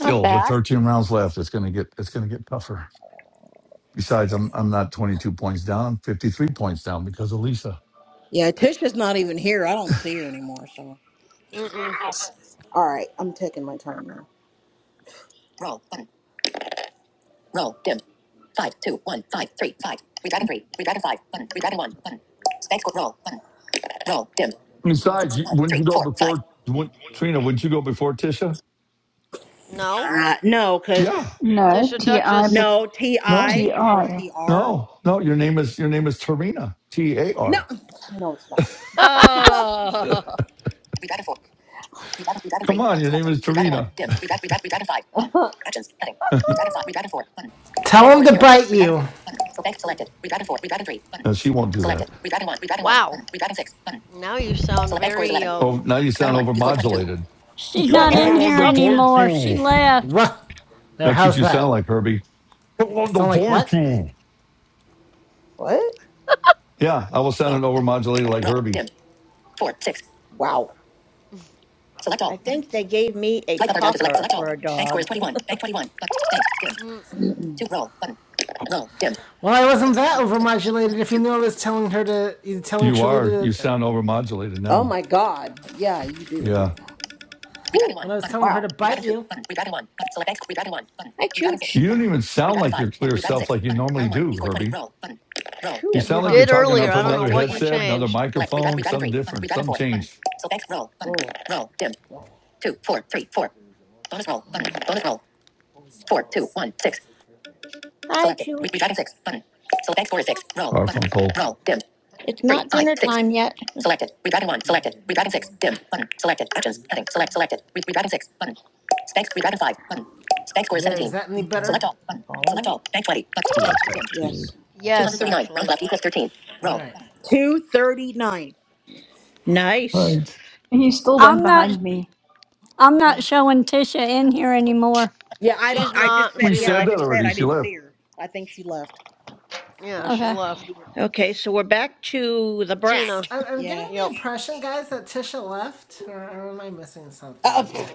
Speaker 14: Not
Speaker 1: with
Speaker 14: bad.
Speaker 1: 13 rounds left, it's going to get, it's going to get tougher. Besides, I'm, I'm not 22 points down. I'm 53 points down because of Lisa.
Speaker 7: Yeah, Tisha's not even here. I don't see her anymore, so.
Speaker 4: Mm-mm.
Speaker 7: All right, I'm taking my time now. Roll button. Roll dim. Five two one five three five. Three dragon three. Three dragon five. Button. Three dragon one. Button. Next one. Roll button. Roll dim. Six
Speaker 1: Besides, you,
Speaker 7: one
Speaker 1: wouldn't
Speaker 7: three
Speaker 1: you go
Speaker 7: four five.
Speaker 1: before, wouldn't, Trina, wouldn't you go before Tisha?
Speaker 4: No.
Speaker 7: Uh, no, cause
Speaker 1: Yeah.
Speaker 15: No,
Speaker 4: Tisha
Speaker 1: Yeah.
Speaker 15: T I, but
Speaker 4: Duchess.
Speaker 7: no T
Speaker 1: No,
Speaker 15: T
Speaker 7: I before
Speaker 15: R.
Speaker 7: T R.
Speaker 1: No, no, your name is your name is Tarina. T A R.
Speaker 7: No, it's not.
Speaker 14: Oh.
Speaker 7: Three dragon four. Three dragon three dragon
Speaker 1: Come
Speaker 7: three.
Speaker 1: on,
Speaker 7: Button
Speaker 1: your name
Speaker 7: selected.
Speaker 1: is
Speaker 7: Three one.
Speaker 1: Tarina.
Speaker 7: Dim. Three dragon three dragon three dragon five. Actions. Heading. Read item five. Read four. Button.
Speaker 3: Tell
Speaker 7: Bank score
Speaker 3: them
Speaker 7: is
Speaker 3: to
Speaker 7: zero.
Speaker 3: bite
Speaker 7: Read item
Speaker 3: you.
Speaker 7: five. Button. So bank selected. Read item four. Read item three. Button.
Speaker 1: No, she won't do that.
Speaker 7: Selected. Read item one. Read item one.
Speaker 4: Wow.
Speaker 7: Button. Read item six. Button.
Speaker 4: Now you sound
Speaker 7: Select bank score is
Speaker 4: very
Speaker 7: eleven.
Speaker 1: Oh,
Speaker 4: um
Speaker 1: now you
Speaker 7: Round
Speaker 1: sound
Speaker 7: one. You scored twenty-two.
Speaker 1: overmodulated.
Speaker 6: She's
Speaker 5: Secure
Speaker 6: not
Speaker 1: Go
Speaker 6: in
Speaker 5: text.
Speaker 1: on
Speaker 6: here
Speaker 1: the
Speaker 4: something.
Speaker 6: anymore. She
Speaker 1: barbecue.
Speaker 6: left.
Speaker 3: What? There,
Speaker 1: That's what
Speaker 3: how's
Speaker 1: you
Speaker 3: that?
Speaker 1: sound like, Herbie. Go
Speaker 3: I
Speaker 1: on the
Speaker 3: sound like what?
Speaker 1: barbecue.
Speaker 7: What?
Speaker 1: Yeah, I was
Speaker 7: Roll.
Speaker 1: sounding
Speaker 7: Button.
Speaker 1: overmodulated like
Speaker 7: Roll.
Speaker 1: Herbie.
Speaker 7: Dimmed. Four. Six. Wow. Select
Speaker 14: I
Speaker 7: all. Button.
Speaker 14: think they gave me a
Speaker 7: Swipe up or down to select.
Speaker 14: talker
Speaker 7: Select all.
Speaker 14: for a
Speaker 7: Bank score is
Speaker 14: dog.
Speaker 7: twenty-one. Bank twenty-one. Button. Bank dimmed.
Speaker 4: Mm,
Speaker 7: Mm-mm. Two roll button. Roll dimmed.
Speaker 3: Well, I wasn't
Speaker 7: Six
Speaker 3: that
Speaker 7: five six one
Speaker 3: overmodulated.
Speaker 7: one
Speaker 3: If you
Speaker 7: two.
Speaker 3: knew I was telling her to, you telling
Speaker 1: You are. You
Speaker 3: Trilita to,
Speaker 1: sound overmodulated
Speaker 7: Oh
Speaker 1: now.
Speaker 7: my God! Yeah, you do.
Speaker 1: Yeah.
Speaker 7: Redragon one
Speaker 3: when I was
Speaker 7: button.
Speaker 3: telling her
Speaker 7: Wow.
Speaker 3: to
Speaker 7: Redragon
Speaker 3: bite
Speaker 7: two
Speaker 3: you,
Speaker 7: button. Redragon one button. Select X. Redragon one button.
Speaker 14: Hi,
Speaker 7: Redragon six
Speaker 14: Chooch.
Speaker 1: You don't
Speaker 7: button.
Speaker 1: even sound
Speaker 7: Redragon
Speaker 1: like
Speaker 7: five
Speaker 1: your
Speaker 7: button.
Speaker 1: clear
Speaker 7: Redragon
Speaker 1: self
Speaker 7: six
Speaker 1: like you
Speaker 7: button.
Speaker 1: normally
Speaker 7: Round one.
Speaker 1: do,
Speaker 7: You scored twenty.
Speaker 1: Herbie.
Speaker 7: Roll button. Roll. Phew.
Speaker 1: You
Speaker 7: Dim.
Speaker 4: you
Speaker 1: sound like
Speaker 3: huh?
Speaker 1: you're
Speaker 4: did
Speaker 1: talking
Speaker 7: Two
Speaker 4: earlier.
Speaker 1: off
Speaker 4: I don't
Speaker 7: four
Speaker 4: know
Speaker 1: another
Speaker 7: three
Speaker 4: what you
Speaker 7: one
Speaker 1: headset,
Speaker 7: one.
Speaker 1: another
Speaker 4: changed.
Speaker 7: Select redragon
Speaker 1: microphone,
Speaker 7: redragon
Speaker 1: something
Speaker 7: three button.
Speaker 1: different,
Speaker 7: Redragon
Speaker 1: some
Speaker 7: four button.
Speaker 1: change.
Speaker 7: Select X. Roll button. Roll. Roll. Dim. Two four three four. Bonus roll button. Bonus roll. Four two one six.
Speaker 14: Hi,
Speaker 7: Selected. Re-
Speaker 14: Chooch.
Speaker 7: redragon six button. Select X score is six. Roll button.
Speaker 1: Garfunkel.
Speaker 7: Roll. Dim.
Speaker 14: It's
Speaker 7: Three
Speaker 14: not
Speaker 7: five
Speaker 14: dinner
Speaker 7: six.
Speaker 14: time yet.
Speaker 7: Selected. Redragon 1. Selected. Redragon 6. Dimmed. Button. Selected. Actions. Heading. Select. Selected. Re- Redragon 6. Button. Spank. Redragon 5. Button. Spank score is
Speaker 3: There is
Speaker 7: 17.
Speaker 3: that any
Speaker 7: Okay. Select
Speaker 3: better?
Speaker 7: all. Button. All right. Select all. Bank 20. Button.
Speaker 5: Secure text
Speaker 7: Dimmed.
Speaker 5: field.
Speaker 7: Yes.
Speaker 4: Yes,
Speaker 7: 239. Round
Speaker 4: actually.
Speaker 7: left equals 13.
Speaker 3: All
Speaker 7: Roll.
Speaker 3: right.
Speaker 7: 239.
Speaker 14: Nice.
Speaker 1: Hi.
Speaker 15: He's still one
Speaker 6: I'm not
Speaker 15: behind me.
Speaker 6: I'm
Speaker 7: Okay.
Speaker 6: not showing Tisha in here anymore.
Speaker 7: Yeah, I don't.
Speaker 4: She's
Speaker 7: I just
Speaker 4: not.
Speaker 7: said.
Speaker 1: We
Speaker 4: She
Speaker 7: Yeah,
Speaker 1: said
Speaker 7: I
Speaker 1: that
Speaker 7: just
Speaker 4: left.
Speaker 7: said
Speaker 1: already.
Speaker 7: I
Speaker 1: She
Speaker 7: didn't
Speaker 1: left.
Speaker 7: see her. I think she left.
Speaker 4: Yeah, she
Speaker 6: Okay.
Speaker 4: left.
Speaker 14: Okay, so we're back to the
Speaker 3: So,
Speaker 4: Tina.
Speaker 14: brat.
Speaker 3: I- am getting
Speaker 7: Yeah.
Speaker 3: the
Speaker 4: Yep.
Speaker 3: impression, guys, that Tisha left, or, or am I missing something here?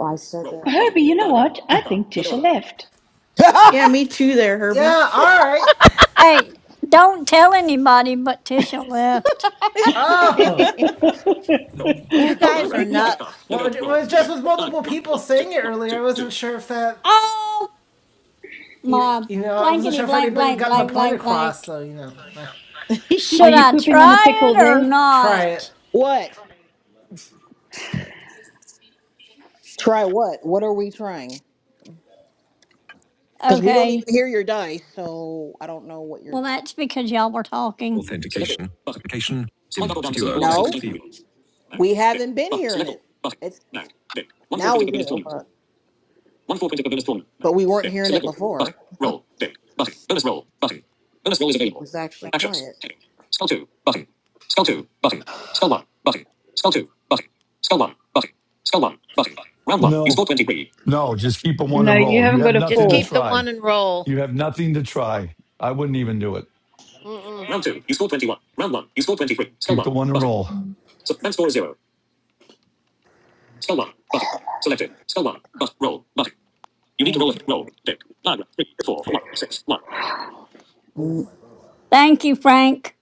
Speaker 7: I said
Speaker 15: Herbie, you know what? I think Tisha left.
Speaker 12: yeah,
Speaker 7: that.
Speaker 12: me too, there, Herbie.
Speaker 3: Yeah. All right.
Speaker 6: Hey, don't tell anybody but Tisha left.
Speaker 3: Oh,
Speaker 14: you
Speaker 7: oh
Speaker 14: guys are
Speaker 7: my god.
Speaker 14: nuts.
Speaker 3: well, it was just with multiple people saying it earlier. I wasn't sure if that,
Speaker 6: Oh
Speaker 3: you,
Speaker 6: my
Speaker 3: you know, I wasn't
Speaker 6: blankety
Speaker 3: sure if
Speaker 6: blank
Speaker 3: anybody
Speaker 6: blank
Speaker 3: gotten the
Speaker 6: blank
Speaker 3: point
Speaker 6: blank
Speaker 3: across.
Speaker 6: blank.
Speaker 3: So you know, eh,
Speaker 15: Are
Speaker 6: Should
Speaker 15: you
Speaker 6: I
Speaker 15: pooping on a
Speaker 6: try
Speaker 15: pickle
Speaker 6: it or
Speaker 15: there?
Speaker 3: try it.
Speaker 6: not?
Speaker 7: What? Try what? What are we trying? Because we don't even
Speaker 6: Okay.
Speaker 7: hear your dice, so I don't know what you're.
Speaker 6: Well that's because y'all were talking.
Speaker 5: Authentication. Application. Dimmed. Secure text
Speaker 7: No.
Speaker 5: field.
Speaker 7: We haven't been hearing it. It's now we do, but but we weren't hearing it before. It was actually quiet.
Speaker 1: No, no, just keep them one
Speaker 15: No,
Speaker 1: and
Speaker 15: you
Speaker 1: roll. You
Speaker 15: haven't
Speaker 1: have
Speaker 15: got a
Speaker 14: Just
Speaker 1: nothing to
Speaker 14: keep
Speaker 15: four.
Speaker 14: the
Speaker 1: try.
Speaker 14: one and roll.
Speaker 1: You have nothing to try. I wouldn't even do it.
Speaker 4: Mm-mm.
Speaker 1: Keep the one and roll.
Speaker 7: Mm-mm.
Speaker 6: Thank you, Frank.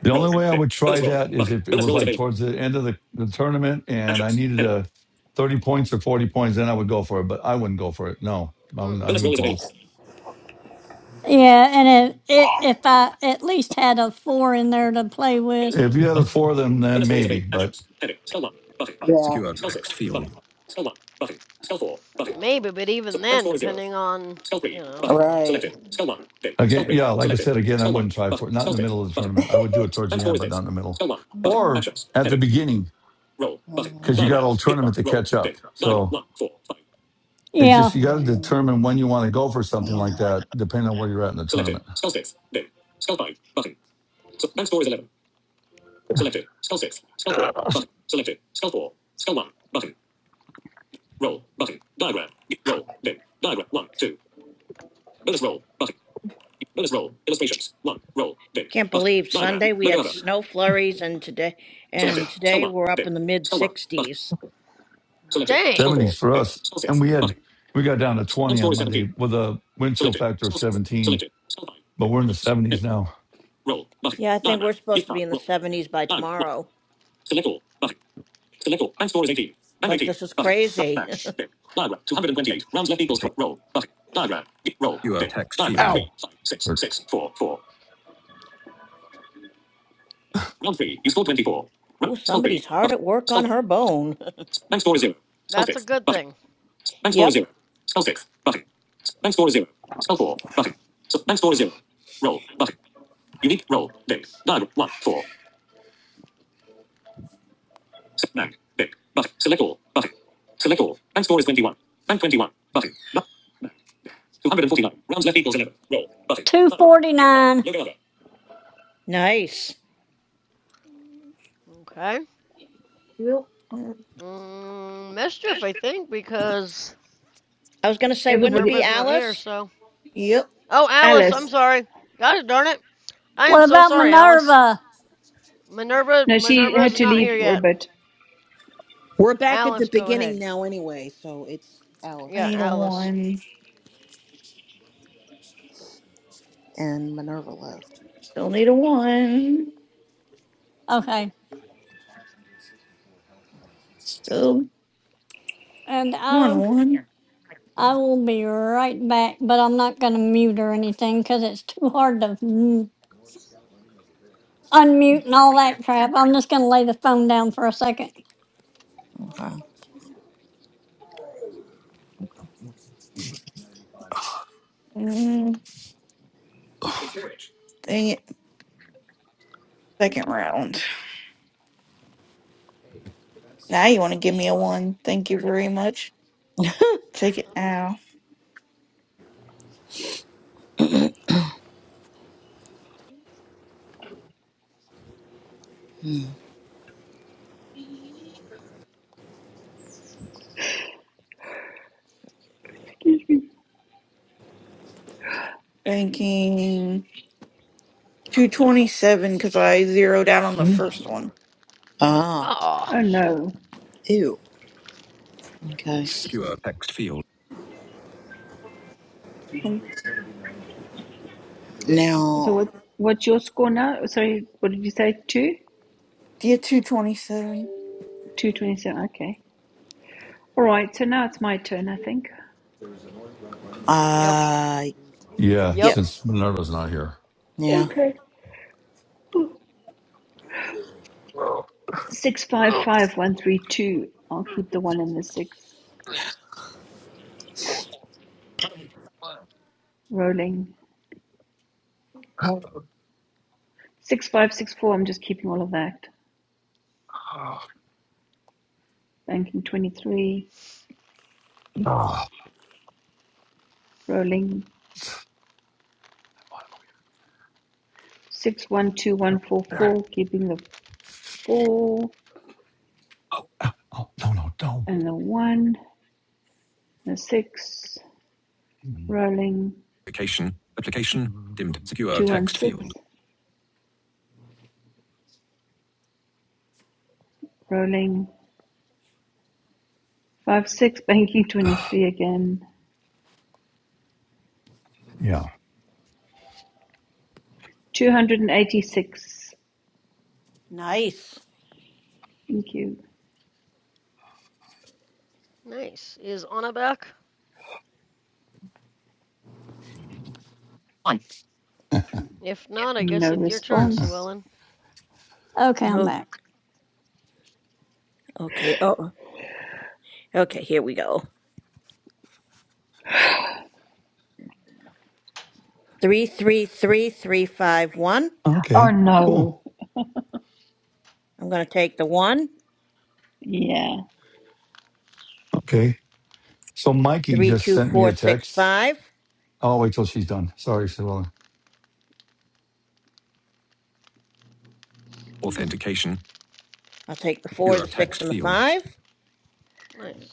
Speaker 1: The only way I would try that is if it was like towards the end of the, the tournament and I needed a 30 points or 40 points, then I would go for it, but I wouldn't go for it. No, I was not
Speaker 4: Mm-mm.
Speaker 1: even close.
Speaker 6: Yeah, and it, it, if I at least had a four in there to play with.
Speaker 1: If you had a four of them, then maybe. But
Speaker 7: Yeah,
Speaker 5: Secure text field.
Speaker 4: Maybe, but even then, depending on, you know.
Speaker 7: right.
Speaker 1: again, yeah, like I said, again, I wouldn't try for it. Not in the middle of the tournament. I would do it towards the end, but not in the middle or
Speaker 7: Mm-mm.
Speaker 1: at the beginning because you
Speaker 7: Mm-mm.
Speaker 1: got a whole tournament to catch up. So. It's
Speaker 6: Yeah.
Speaker 1: just you got to determine when you want to go for something like that, depending on where you're at in the tournament.
Speaker 14: Can't believe Sunday we had snow flurries and today and today we're up in the mid 60s.
Speaker 4: Dang.
Speaker 1: Seventies for us, and we had we got down to twenty on Monday with a wind chill factor of seventeen, but we're in the seventies now.
Speaker 14: Yeah, I think we're supposed to be in the 70s by tomorrow. It's like this is crazy.
Speaker 5: Secure text field.
Speaker 1: Ow! Or,
Speaker 14: oh, somebody's hard at work on her bone.
Speaker 4: That's a good thing.
Speaker 14: yep.
Speaker 6: 249.
Speaker 14: Nice.
Speaker 4: Okay.
Speaker 12: Yep.
Speaker 4: Mm, mischief, I think, because
Speaker 14: I was going to say, wouldn't it
Speaker 15: Everybody,
Speaker 14: be
Speaker 4: Minerva's not here,
Speaker 14: Alice?
Speaker 4: so.
Speaker 12: Yep.
Speaker 4: Oh, Alice, I'm
Speaker 15: Alice.
Speaker 4: sorry. God darn it. I am
Speaker 6: What
Speaker 4: so
Speaker 6: about
Speaker 4: sorry, Alice.
Speaker 6: Minerva?
Speaker 4: Minerva
Speaker 15: No, she had
Speaker 4: Minerva's
Speaker 15: to
Speaker 4: not
Speaker 15: leave
Speaker 4: here
Speaker 15: for a
Speaker 4: yet.
Speaker 15: bit.
Speaker 7: We're back at the
Speaker 4: Alice, go
Speaker 7: beginning
Speaker 4: ahead.
Speaker 7: now anyway, so it's
Speaker 12: I
Speaker 7: Alice
Speaker 4: Yeah,
Speaker 12: need a
Speaker 4: Alice.
Speaker 12: one.
Speaker 7: and Minerva left.
Speaker 12: Still need a one.
Speaker 6: Okay.
Speaker 12: Still
Speaker 6: And
Speaker 12: one,
Speaker 6: I,
Speaker 12: one.
Speaker 6: I will be right back, but I'm not going to mute or anything because it's too hard to mm, unmute and all that crap. I'm just going to lay the phone down for a second.
Speaker 7: Okay.
Speaker 12: Mm, dang it. Second round. Now you want to give me a one. Thank you very much. Take it now.
Speaker 15: Excuse me.
Speaker 12: Banking 227 because I zeroed out on the first one.
Speaker 7: Ah,
Speaker 4: Oh,
Speaker 15: Oh
Speaker 4: shoot.
Speaker 15: no.
Speaker 7: ew. Okay.
Speaker 5: Secure text field.
Speaker 12: Um,
Speaker 15: So
Speaker 7: Now,
Speaker 15: what? What's your score now? Sorry, what did you say? Two?
Speaker 12: Do you 227?
Speaker 15: 227. Okay. All right. So now it's my turn, I think.
Speaker 4: Yep.
Speaker 7: uh,
Speaker 1: yeah,
Speaker 7: yeah,
Speaker 4: Yep.
Speaker 1: since Minerva's not here.
Speaker 7: yeah,
Speaker 15: Okay. 655132. I'll keep the one and the six rolling. 6564. I'm just keeping all of that. Banking 23.
Speaker 1: Oh,
Speaker 15: Rolling. 612144. Keeping the four
Speaker 1: oh no, no, don't.
Speaker 15: and the one. The six. Rolling.
Speaker 5: Application. Application. Dimmed. Secure text
Speaker 15: 216.
Speaker 5: field.
Speaker 15: Rolling. 5 6. Banking 23 again.
Speaker 1: Yeah.
Speaker 15: 286.
Speaker 14: Nice.
Speaker 15: Thank you.
Speaker 4: Nice. Is Anna back? If not, I
Speaker 15: No
Speaker 4: guess it's your turn, Sue
Speaker 15: response.
Speaker 4: Ellen.
Speaker 6: Okay, I'm
Speaker 14: Oh,
Speaker 6: back.
Speaker 14: okay. Oh, okay. Here we go. Three, three, three, three, five, one.
Speaker 15: Oh
Speaker 1: okay.
Speaker 15: no.
Speaker 1: Cool.
Speaker 14: I'm going to take the one.
Speaker 15: Yeah.
Speaker 1: Okay. So Mikey
Speaker 14: Three,
Speaker 1: just
Speaker 14: two,
Speaker 1: sent me
Speaker 14: four,
Speaker 1: a
Speaker 14: six,
Speaker 1: text.
Speaker 14: five.
Speaker 1: I'll wait till she's done. Sorry, Sue
Speaker 5: Authentication.
Speaker 14: I'll take the four,
Speaker 5: Secure
Speaker 14: the six,
Speaker 5: text
Speaker 14: and the
Speaker 5: field.
Speaker 14: five.
Speaker 4: Nice.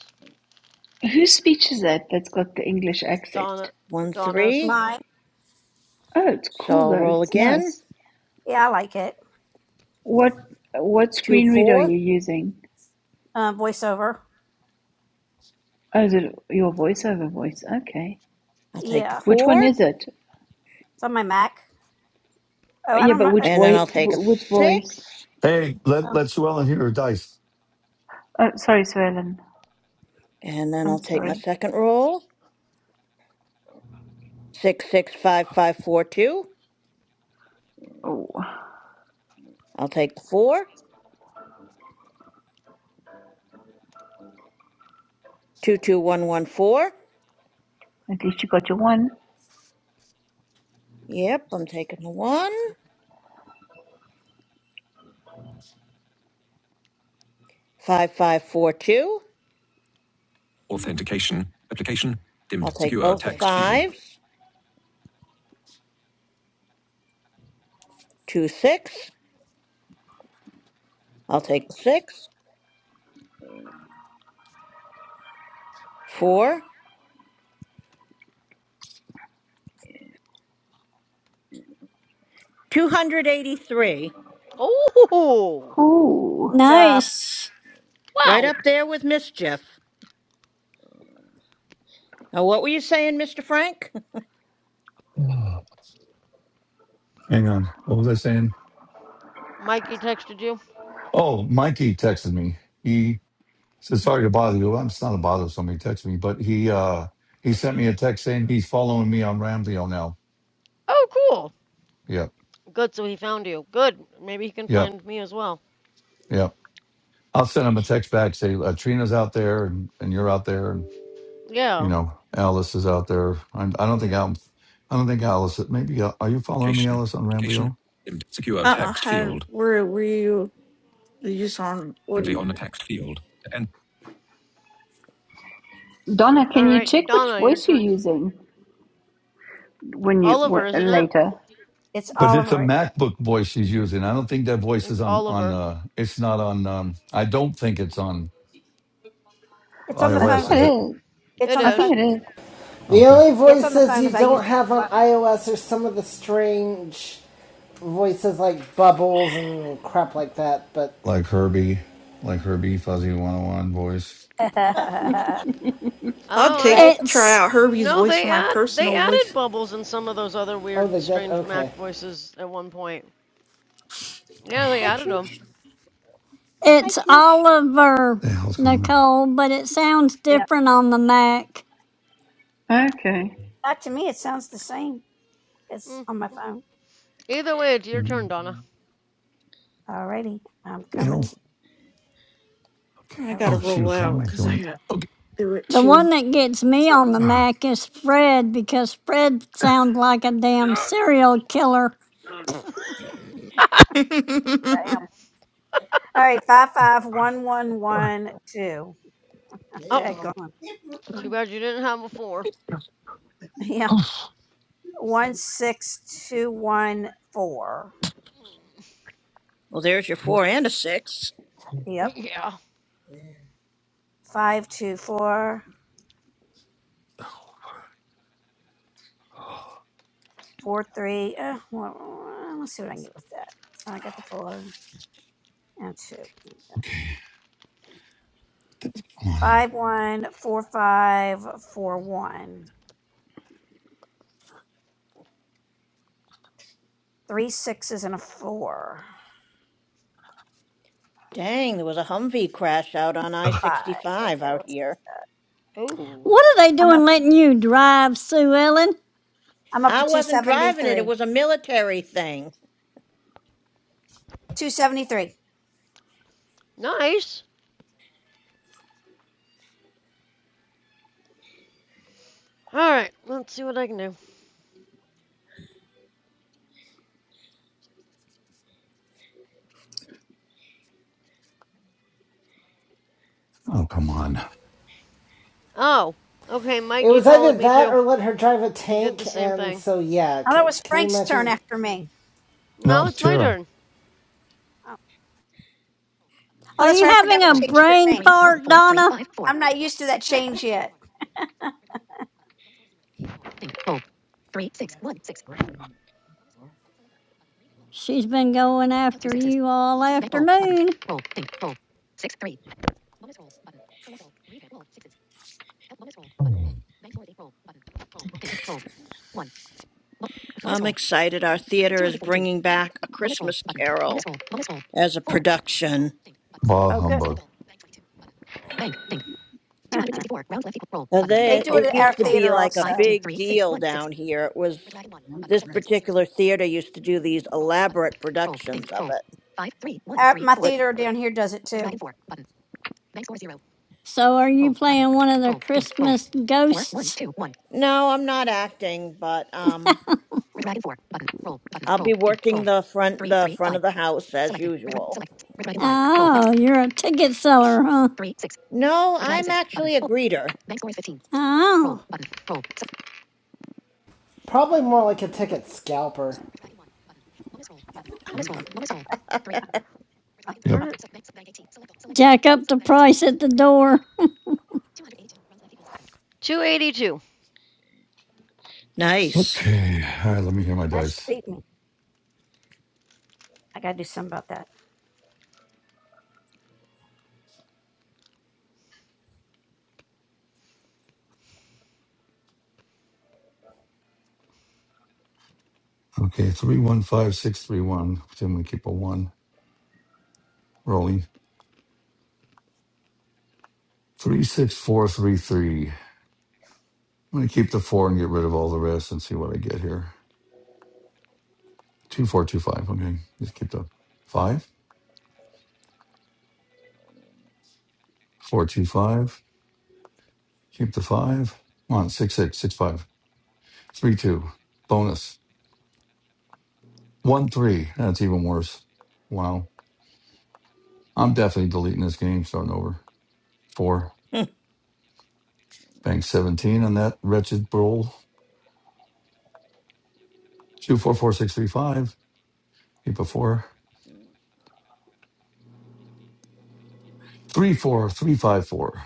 Speaker 15: Whose speech is that that's got the English
Speaker 4: Donna
Speaker 15: accent?
Speaker 14: One,
Speaker 4: Donna's.
Speaker 14: three.
Speaker 5: My.
Speaker 15: Oh, it's
Speaker 14: So
Speaker 15: cool
Speaker 14: I'll
Speaker 15: though.
Speaker 14: roll
Speaker 15: It's
Speaker 14: again.
Speaker 15: nice.
Speaker 5: Yeah, I like it.
Speaker 15: What what
Speaker 14: Two,
Speaker 15: screen reader are
Speaker 14: four.
Speaker 15: you using?
Speaker 5: Uh, voiceover.
Speaker 15: Oh, is it your voiceover voice? Okay.
Speaker 14: I'll take the
Speaker 5: Yeah.
Speaker 15: Which one
Speaker 14: four.
Speaker 15: is it?
Speaker 5: It's on my Mac.
Speaker 15: Uh,
Speaker 5: Oh, I
Speaker 15: Yeah,
Speaker 5: don't
Speaker 15: but
Speaker 5: remember.
Speaker 15: which
Speaker 14: And then
Speaker 15: voice?
Speaker 14: I'll take a
Speaker 15: Which voice?
Speaker 14: six.
Speaker 1: Hey, let
Speaker 5: Um,
Speaker 1: let Sue hear her dice.
Speaker 15: Oh, sorry, Suellen.
Speaker 14: And then I'll
Speaker 15: I'm
Speaker 14: take my
Speaker 15: sorry.
Speaker 14: second roll. Six, six, five, five, four, two.
Speaker 15: Oh,
Speaker 14: I'll take the four. Two, two, one, one, four.
Speaker 15: at least you got your one.
Speaker 14: Yep, I'm taking the one. Five, five, four, two.
Speaker 5: Authentication. Application.
Speaker 14: I'll
Speaker 5: Dimmed.
Speaker 14: take
Speaker 5: Secure
Speaker 14: both the
Speaker 5: text field.
Speaker 14: fives. Two, six. I'll take the six. Four. 283.
Speaker 4: Oh,
Speaker 15: Ooh,
Speaker 5: job.
Speaker 6: Nice.
Speaker 14: Right
Speaker 4: wow.
Speaker 14: up there with mischief. Now, what were you saying, Mr. Frank?
Speaker 1: Hang on. What was I saying?
Speaker 4: Mikey texted you.
Speaker 1: Oh, Mikey texted me. He said, "Sorry to bother you." Well, it's not a bother. if Somebody texted me, but he uh he sent me a text saying he's following me on Rambleo now.
Speaker 4: Oh, cool.
Speaker 1: Yep,
Speaker 4: Good, so he found you. Good. Maybe he can
Speaker 1: yep,
Speaker 4: find me as well.
Speaker 1: yep. I'll send him a text back say uh, Trina's out there and, and you're out there. and. you
Speaker 4: Yeah.
Speaker 1: know, Alice is out there. I'm, I don't think
Speaker 4: Yeah.
Speaker 1: I'm. I don't think Alice. Maybe uh, are you following me,
Speaker 5: Location.
Speaker 1: Alice, on
Speaker 5: Location.
Speaker 1: Ramblio?
Speaker 5: Secure
Speaker 12: Uh uh
Speaker 5: text
Speaker 12: How,
Speaker 5: field.
Speaker 12: where were you? You just on.
Speaker 5: And
Speaker 12: What,
Speaker 5: be on the text field. And
Speaker 15: Donna,
Speaker 4: All
Speaker 15: can you
Speaker 4: right,
Speaker 15: check which
Speaker 4: Donna, your
Speaker 15: voice you're
Speaker 4: turn.
Speaker 15: using when you
Speaker 4: Oliver,
Speaker 15: wh-
Speaker 4: isn't it?
Speaker 15: later?
Speaker 5: It's
Speaker 1: But it's a
Speaker 5: Oliver.
Speaker 1: MacBook voice she's using. I don't think that voice
Speaker 4: It's
Speaker 1: is on on.
Speaker 4: Oliver.
Speaker 1: Uh, it's not on. Um, I don't think it's on
Speaker 5: It's on the
Speaker 15: I think
Speaker 1: iOS.
Speaker 5: phone
Speaker 15: it
Speaker 1: Is
Speaker 5: too.
Speaker 1: it?
Speaker 15: is.
Speaker 5: It's
Speaker 4: It
Speaker 5: on
Speaker 15: I
Speaker 5: the phone.
Speaker 4: is.
Speaker 15: think it is.
Speaker 3: The
Speaker 1: Okay.
Speaker 3: only
Speaker 5: It's on the
Speaker 3: voices
Speaker 5: phone
Speaker 3: you
Speaker 5: because I use.
Speaker 3: don't have on iOS are some of the strange voices like bubbles and crap like that, but
Speaker 1: Like Herbie, like Herbie Fuzzy One Hundred One voice.
Speaker 5: yeah,
Speaker 12: I'll
Speaker 4: Oh, I
Speaker 12: take,
Speaker 5: it's,
Speaker 12: try
Speaker 6: It's
Speaker 12: out Herbie's
Speaker 4: no.
Speaker 12: voice for
Speaker 4: They
Speaker 12: my
Speaker 4: add they
Speaker 12: personal voice.
Speaker 4: added bubbles in some of those other
Speaker 3: oh,
Speaker 4: weird,
Speaker 3: they did?
Speaker 4: strange Mac
Speaker 3: Okay.
Speaker 4: voices at one point. Yeah, they added them.
Speaker 14: Hi,
Speaker 6: it's
Speaker 14: Chooch.
Speaker 6: Oliver Nicole, but it sounds
Speaker 5: yeah.
Speaker 6: different on the Mac.
Speaker 15: Okay.
Speaker 5: That to me, it sounds the same. It's
Speaker 4: Mm.
Speaker 5: on my phone.
Speaker 4: Either way, it's your turn, Donna.
Speaker 5: Alrighty, I'm coming.
Speaker 12: I
Speaker 5: I was
Speaker 12: gotta
Speaker 5: just.
Speaker 12: roll out because I gotta do it
Speaker 6: The
Speaker 12: too.
Speaker 6: one that gets me on the Mac is Fred because Fred sounds like a damn serial killer.
Speaker 5: I am. All right, five five one one one two. I'm
Speaker 4: Oh,
Speaker 5: dead gone.
Speaker 4: too bad you didn't have before.
Speaker 5: Yeah, one six two one four.
Speaker 14: well, there's your four and a six.
Speaker 5: Yep,
Speaker 4: Yeah.
Speaker 5: five two four. Four, three. Uh, well, uh, let's see what I can get with that. All right, I got the four and two. Okay.
Speaker 1: Come on here.
Speaker 5: Five, one, four, five, four, one. Three sixes and a four.
Speaker 14: Dang, there was a Humvee crash out on I
Speaker 5: Five.
Speaker 14: 65
Speaker 5: Okay,
Speaker 14: out
Speaker 5: we'll see.
Speaker 14: here.
Speaker 6: What are they
Speaker 5: I'm
Speaker 6: doing
Speaker 5: up.
Speaker 6: letting you drive, Sue Ellen?
Speaker 5: I'm up
Speaker 14: I
Speaker 5: to two
Speaker 14: wasn't
Speaker 5: seventy
Speaker 14: driving it, it
Speaker 5: three.
Speaker 14: was a military thing.
Speaker 5: Two seventy three.
Speaker 4: Nice. All right, let's see what I can do.
Speaker 1: Oh, come on.
Speaker 4: Oh, okay.
Speaker 3: It
Speaker 4: Mikey
Speaker 3: was either
Speaker 4: followed me
Speaker 3: that
Speaker 4: too.
Speaker 3: or let her drive a
Speaker 4: He did the
Speaker 3: tank,
Speaker 4: same thing.
Speaker 3: and so yeah,
Speaker 5: Oh,
Speaker 3: can,
Speaker 5: that was
Speaker 3: can you
Speaker 5: Frank's turn
Speaker 3: imagine?
Speaker 5: after me.
Speaker 1: No,
Speaker 4: Now
Speaker 1: it's
Speaker 4: it's my
Speaker 1: Tara.
Speaker 4: turn.
Speaker 5: Oh, oh,
Speaker 6: Are
Speaker 5: that's
Speaker 6: you
Speaker 5: right. I forgot
Speaker 6: having a
Speaker 5: we changed your
Speaker 6: brain
Speaker 5: name.
Speaker 6: fart, Donna?
Speaker 5: I'm not used to that change yet.
Speaker 6: She's been going after you all afternoon.
Speaker 1: Oh,
Speaker 14: I'm excited. Our theater is bringing back A Christmas Carol. as a production.
Speaker 1: Bah
Speaker 5: Oh, good.
Speaker 1: humbug.
Speaker 14: And
Speaker 5: they
Speaker 14: then
Speaker 5: do it
Speaker 14: it
Speaker 5: at our
Speaker 14: used to be
Speaker 5: theater
Speaker 14: like a
Speaker 5: also.
Speaker 14: big deal down here. It was this particular theater used to do these elaborate productions of it.
Speaker 5: Uh, my
Speaker 14: That
Speaker 5: theater down here does it too.
Speaker 6: So are you playing one of the Christmas ghosts?
Speaker 14: no, I'm not acting, but um I'll be working the front the front of the house as usual.
Speaker 6: Oh, you're a ticket seller, huh?
Speaker 14: No, I'm actually a greeter.
Speaker 6: Oh,
Speaker 3: Probably more like a ticket scalper.
Speaker 1: Yep.
Speaker 4: Turn it.
Speaker 6: jack up the price at the door.
Speaker 4: 282.
Speaker 14: Nice.
Speaker 1: Okay. All right, let me hear my
Speaker 5: That should
Speaker 1: dice.
Speaker 5: beat me. I gotta do something about that.
Speaker 1: Okay, three one five six three one. I'm gonna keep a one rolling. Three six four three three. I'm gonna keep the four and get rid of all the rest and see what I get here. Two four two five. Okay, just keep the five. Four two five. Keep the five. Come on, six six six five. Three, two. Bonus one three. That's even worse. Wow. I'm definitely deleting this game. Starting over. Four. Bank 17 on that wretched roll. 244635. Keep a four. 34354.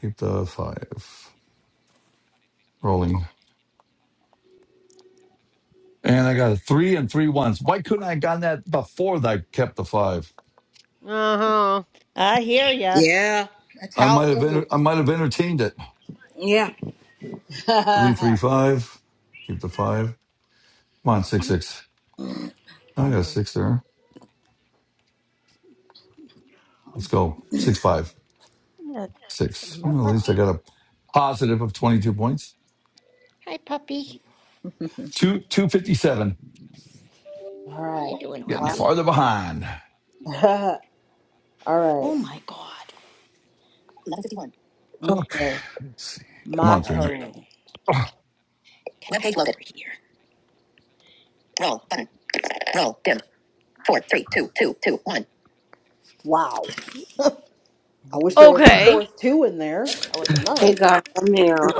Speaker 1: Keep the five rolling. And I got a three and three ones. Why couldn't I have gotten that before I kept the five?
Speaker 4: Uh-huh.
Speaker 14: I hear ya.
Speaker 7: yeah. That's
Speaker 1: I
Speaker 7: how it
Speaker 1: might have enter- I
Speaker 7: goes.
Speaker 1: might have entertained it.
Speaker 7: Yeah.
Speaker 1: Three three five. Keep the five. Come on,
Speaker 5: I
Speaker 1: six
Speaker 5: need
Speaker 1: six. I got a
Speaker 5: hungry.
Speaker 1: six there. Let's
Speaker 5: Hungry.
Speaker 1: go. six five
Speaker 5: I need a sip
Speaker 1: six
Speaker 5: of mud.
Speaker 1: Well, at least I
Speaker 5: on.
Speaker 1: got a positive of twenty two points.
Speaker 14: Hi, puppy.
Speaker 1: Two two fifty seven.
Speaker 7: All right.
Speaker 1: Getting
Speaker 7: Wow.
Speaker 1: farther behind.
Speaker 7: All right.
Speaker 14: Oh my god.
Speaker 7: Eleven fifty one.
Speaker 1: Okay,
Speaker 7: Okay.
Speaker 1: let's see. Come on, Trina.
Speaker 7: Motto.
Speaker 14: Get back
Speaker 7: Webpage loaded.
Speaker 14: over here.
Speaker 7: Roll button. Roll dim. Four, three, two, two, two, one. Wow. I
Speaker 5: Go get
Speaker 7: wish
Speaker 5: you.
Speaker 7: there was a
Speaker 4: Okay.
Speaker 7: fourth two in there. That would have been
Speaker 10: hey
Speaker 7: nice.
Speaker 10: guys, I'm here.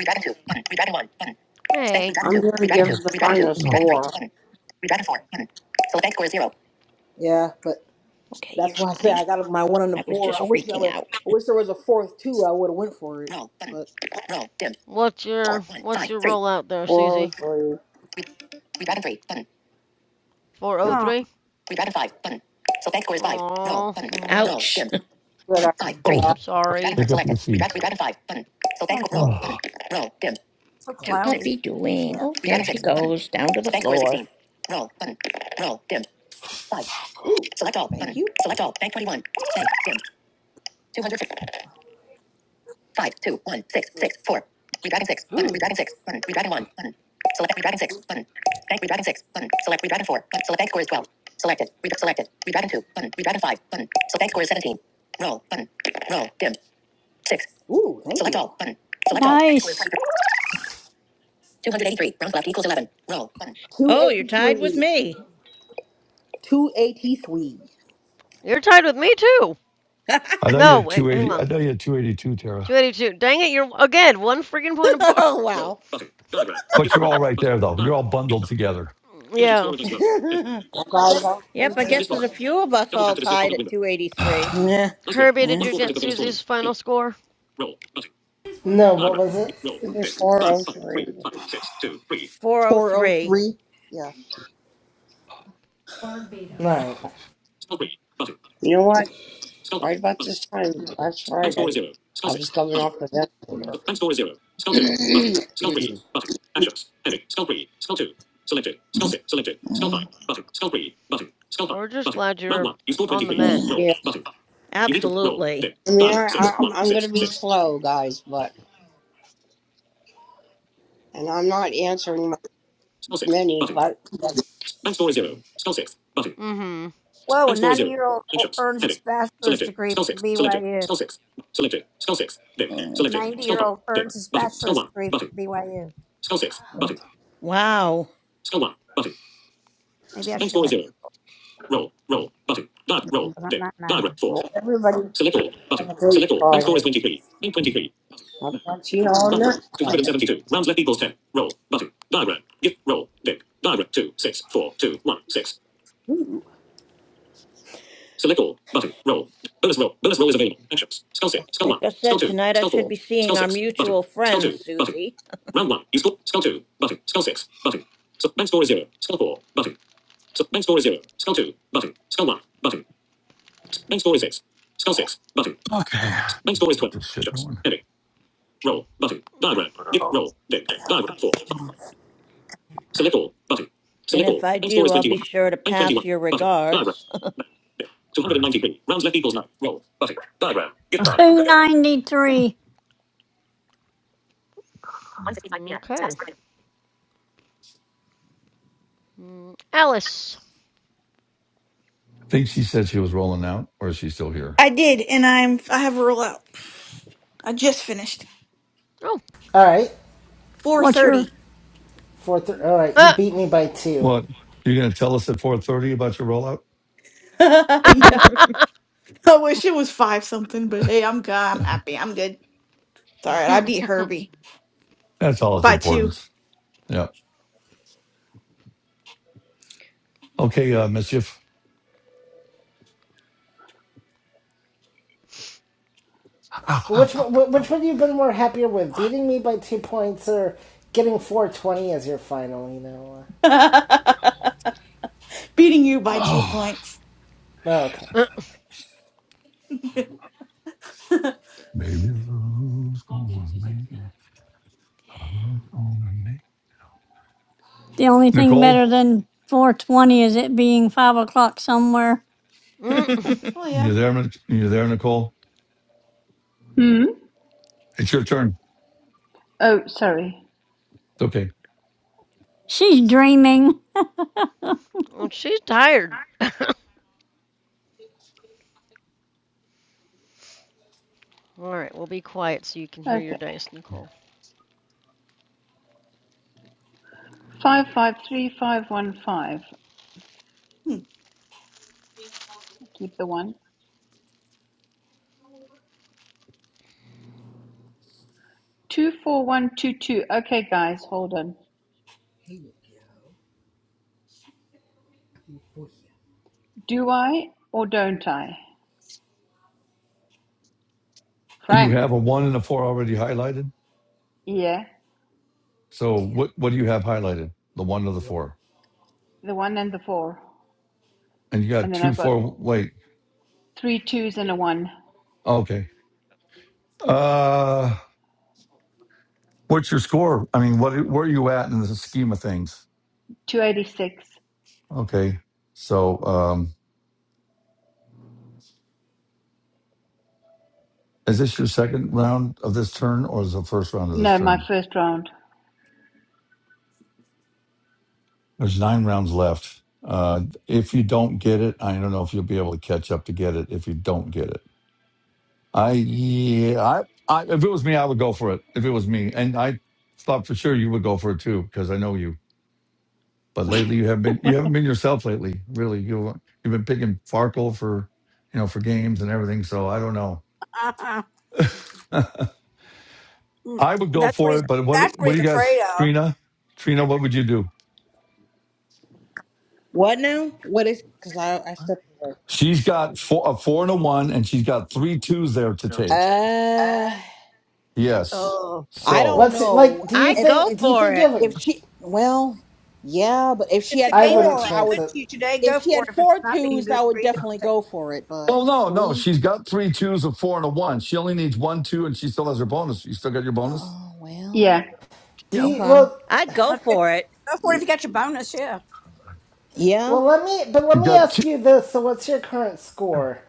Speaker 7: Redragon two button. Redragon one button. Spank
Speaker 4: Hey,
Speaker 7: redragon
Speaker 10: I'm
Speaker 7: two.
Speaker 10: going to
Speaker 7: Redragon
Speaker 10: give
Speaker 7: two.
Speaker 10: the
Speaker 7: Redragon two.
Speaker 10: final
Speaker 7: Redragon
Speaker 10: score
Speaker 7: three button. Redragon four button. Select bank score is zero. Yeah, but
Speaker 14: Okay, you're
Speaker 7: that's why I say
Speaker 14: fine.
Speaker 7: I got my one on the
Speaker 14: I was
Speaker 7: four.
Speaker 14: just
Speaker 7: I wish I
Speaker 14: freaking
Speaker 7: would.
Speaker 14: out.
Speaker 7: I wish there was a fourth two. I would have went for it. Roll button. But Roll dim.
Speaker 4: what's your
Speaker 7: Four, one,
Speaker 4: what's
Speaker 7: five,
Speaker 4: your
Speaker 7: three.
Speaker 4: rollout there, Susie?
Speaker 10: 403.
Speaker 7: Re- redragon three button.
Speaker 4: 403? Oh,
Speaker 5: Oh,
Speaker 4: three?
Speaker 7: Redragon five button. Select bank score is five. Roll
Speaker 4: Oh,
Speaker 7: button. mm, Roll
Speaker 14: Ouch.
Speaker 7: dim.
Speaker 10: Good.
Speaker 7: One,
Speaker 10: I
Speaker 7: five,
Speaker 5: Yeah.
Speaker 7: three.
Speaker 4: I'm
Speaker 7: Redragon
Speaker 4: sorry.
Speaker 7: for selected. Redragon, redragon five. Button. So bank
Speaker 5: and if
Speaker 7: score
Speaker 5: you
Speaker 7: roll.
Speaker 5: want it.
Speaker 7: Button. Roll. Dim.
Speaker 5: It's so
Speaker 14: What's
Speaker 7: Two,
Speaker 14: your
Speaker 7: six.
Speaker 5: cloudy.
Speaker 14: puppy doing? Oh,
Speaker 5: Yeah.
Speaker 14: there
Speaker 7: Redragon
Speaker 14: she
Speaker 7: six. Button.
Speaker 14: goes, down to
Speaker 7: So
Speaker 14: the
Speaker 7: bank score is
Speaker 14: floor.
Speaker 7: 16. Roll. Button. Roll. Dim. Five. Select all. Thank button. you. Select all. Bank 21. Bank. Dim. 250. Five, two, one, six, six, four. Redragon six. Button. Ooh. Redragon six. Button. Redragon one. Button. Select redragon six. Button. Bank redragon six. Button. Select redragon four. Button. Select bank score is 12. Selected. Redragon selected. Redragon two. Button. Redragon five. Button. So bank score is 17. Roll. Button. Roll. Dim. Six. Ooh, thank Select you. all button. Select all. Bank score is
Speaker 6: Nice.
Speaker 7: 283. Round left equals 11. Roll button.
Speaker 14: Oh, you're tied with
Speaker 7: 283.
Speaker 14: me.
Speaker 7: 283.
Speaker 4: You're tied with me too.
Speaker 1: I know you
Speaker 4: No,
Speaker 1: had
Speaker 4: wait, hang
Speaker 1: 280. I
Speaker 4: on.
Speaker 1: know you had 282, Tara.
Speaker 4: 282. Dang it, you're again one freaking point apart.
Speaker 7: oh wow.
Speaker 1: But you're all right there, though. You're all bundled together.
Speaker 4: Yeah.
Speaker 10: forgot about
Speaker 14: Yep,
Speaker 10: ten
Speaker 14: I
Speaker 10: minutes
Speaker 14: guess there's a
Speaker 10: ago.
Speaker 14: few of us all tied at 283.
Speaker 1: I
Speaker 7: Yeah.
Speaker 4: Herbie, did
Speaker 7: Yeah.
Speaker 4: you get Susie's final score?
Speaker 3: No, what was it?
Speaker 10: It was 403.
Speaker 14: 403.
Speaker 7: 403. Yeah.
Speaker 4: Mhm.
Speaker 3: Alright.
Speaker 10: You know what? Right about this time last Friday, I was coming off the ventilator.
Speaker 4: We're just glad you're on the
Speaker 7: What?
Speaker 4: mend.
Speaker 10: yeah.
Speaker 14: Absolutely.
Speaker 10: I mean, I, I, I'm, I'm going to be slow, guys, but, and I'm not answering my- many, but, but
Speaker 4: Mm-hmm.
Speaker 5: Whoa, a 90 year old earns his bachelor's degree from BYU. 90 year old earns his bachelor's degree from BYU.
Speaker 14: Wow.
Speaker 5: Maybe I should go back. Not, not 90.
Speaker 10: well, everybody have a great Friday. I'll talk to you all next time.
Speaker 14: Like I said, tonight I should be seeing our mutual friend, Susie. And if I do, I'll be sure to pass your regards.
Speaker 6: 293.
Speaker 4: Okay. Mm, Alice.
Speaker 1: think she said she was rolling out, or is she still here?
Speaker 12: I did, and I'm, I have a roll out. I just finished.
Speaker 4: Oh.
Speaker 3: Alright.
Speaker 6: What's your,
Speaker 12: 430.
Speaker 3: Four th- Alright, you
Speaker 4: Uh
Speaker 3: beat me by two.
Speaker 1: What? You're going to tell us at 4:30 about your rollout?
Speaker 12: So, I wish it was five something, but hey, I'm good. I'm happy. I'm good. It's all right. I beat Herbie
Speaker 1: That's all its
Speaker 12: by two.
Speaker 1: importance. Yeah. Okay, uh, mischief.
Speaker 3: But which, one- wh- which one have you been more happier with? Beating me by two points or getting 420 as your final, you know?
Speaker 12: Beating you by two points.
Speaker 3: uh, Oh, okay.
Speaker 12: well,
Speaker 6: the only thing better
Speaker 1: Nicole,
Speaker 6: than 420 is it being 5 o'clock somewhere?
Speaker 14: I'd
Speaker 12: yeah.
Speaker 1: you there? Nic- You there, Nicole?
Speaker 15: Hmm.
Speaker 1: It's your turn.
Speaker 15: Oh, sorry.
Speaker 1: It's okay.
Speaker 6: She's dreaming.
Speaker 4: she's tired. All right, we'll be quiet so you can hear your
Speaker 15: Okay.
Speaker 4: dice, Nicole.
Speaker 15: Five five three five one five.
Speaker 12: Hmm.
Speaker 15: Keep the one. Two four one two two. Okay, guys, hold on. Do I or don't I?
Speaker 1: You
Speaker 15: Frank.
Speaker 1: have a one and a four already highlighted.
Speaker 15: Yeah.
Speaker 1: So what? What do you have highlighted? The one or the four?
Speaker 15: The one and the four.
Speaker 1: And you got
Speaker 15: And then
Speaker 1: two,
Speaker 15: I've got
Speaker 1: four. Wait.
Speaker 15: three twos and a one.
Speaker 1: Okay. Uh, what's your score? I mean, what where are you at in the scheme of things?
Speaker 15: Two eighty six.
Speaker 1: Okay, so um, is this your second round of this turn, or is it the first round of this
Speaker 15: No, my
Speaker 1: turn?
Speaker 15: first round.
Speaker 1: There's nine rounds left. Uh, if you don't get it, I don't know if you'll be able to catch up to get it. If you don't get it, I yeah, I, I if it was me, I would go for it. If it was me, and I thought for sure you would go for it too because I know you. But lately, you have been you haven't been yourself lately. Really, you you've been picking Farkle for you know for games and everything. So I don't know.
Speaker 5: Uh-uh. Mm,
Speaker 1: I would go
Speaker 5: That's what
Speaker 1: for
Speaker 5: he's.
Speaker 1: it, but
Speaker 5: That's
Speaker 1: what
Speaker 5: what
Speaker 1: what do
Speaker 5: he's
Speaker 1: you guys,
Speaker 5: afraid of.
Speaker 1: Trina? Trina, what would you do?
Speaker 7: What now? What is cuz I I stepped away.
Speaker 1: She's got four, a four and a one, and she's got three twos there to take.
Speaker 7: Uh,
Speaker 1: Yes.
Speaker 5: Oh.
Speaker 7: I
Speaker 1: So,
Speaker 7: don't
Speaker 3: What's it
Speaker 7: know
Speaker 3: like? Do you
Speaker 7: if
Speaker 14: go
Speaker 7: if
Speaker 3: think? Do you
Speaker 14: for
Speaker 3: think you
Speaker 14: it.
Speaker 3: have
Speaker 7: if
Speaker 3: a?
Speaker 7: she well, yeah, but if she
Speaker 5: If the
Speaker 7: had
Speaker 3: I
Speaker 5: game is
Speaker 3: wouldn't
Speaker 7: 4,
Speaker 5: being
Speaker 7: I
Speaker 3: chance
Speaker 5: good
Speaker 7: would
Speaker 3: it.
Speaker 5: to you today, go
Speaker 7: if she
Speaker 5: for
Speaker 7: had
Speaker 5: it. If it's
Speaker 7: four
Speaker 5: not being
Speaker 7: twos,
Speaker 5: good
Speaker 7: I would
Speaker 5: for you, don't
Speaker 7: definitely
Speaker 5: take
Speaker 7: go for it, but
Speaker 1: well, no, no,
Speaker 7: 3
Speaker 1: she's got three twos, a four and a one. She only needs one two, and she still has her bonus. You still got your bonus.
Speaker 7: Oh,
Speaker 15: Yeah.
Speaker 7: well,
Speaker 3: Do you,
Speaker 7: okay.
Speaker 3: well,
Speaker 14: I'd go
Speaker 5: Let's
Speaker 14: for it.
Speaker 5: Go for it if
Speaker 7: Y-
Speaker 5: you got your bonus, yeah.
Speaker 7: Yeah,
Speaker 3: well. Let me, but let
Speaker 1: She
Speaker 3: me
Speaker 1: got
Speaker 3: ask
Speaker 1: two,
Speaker 3: you this. So, what's your current score?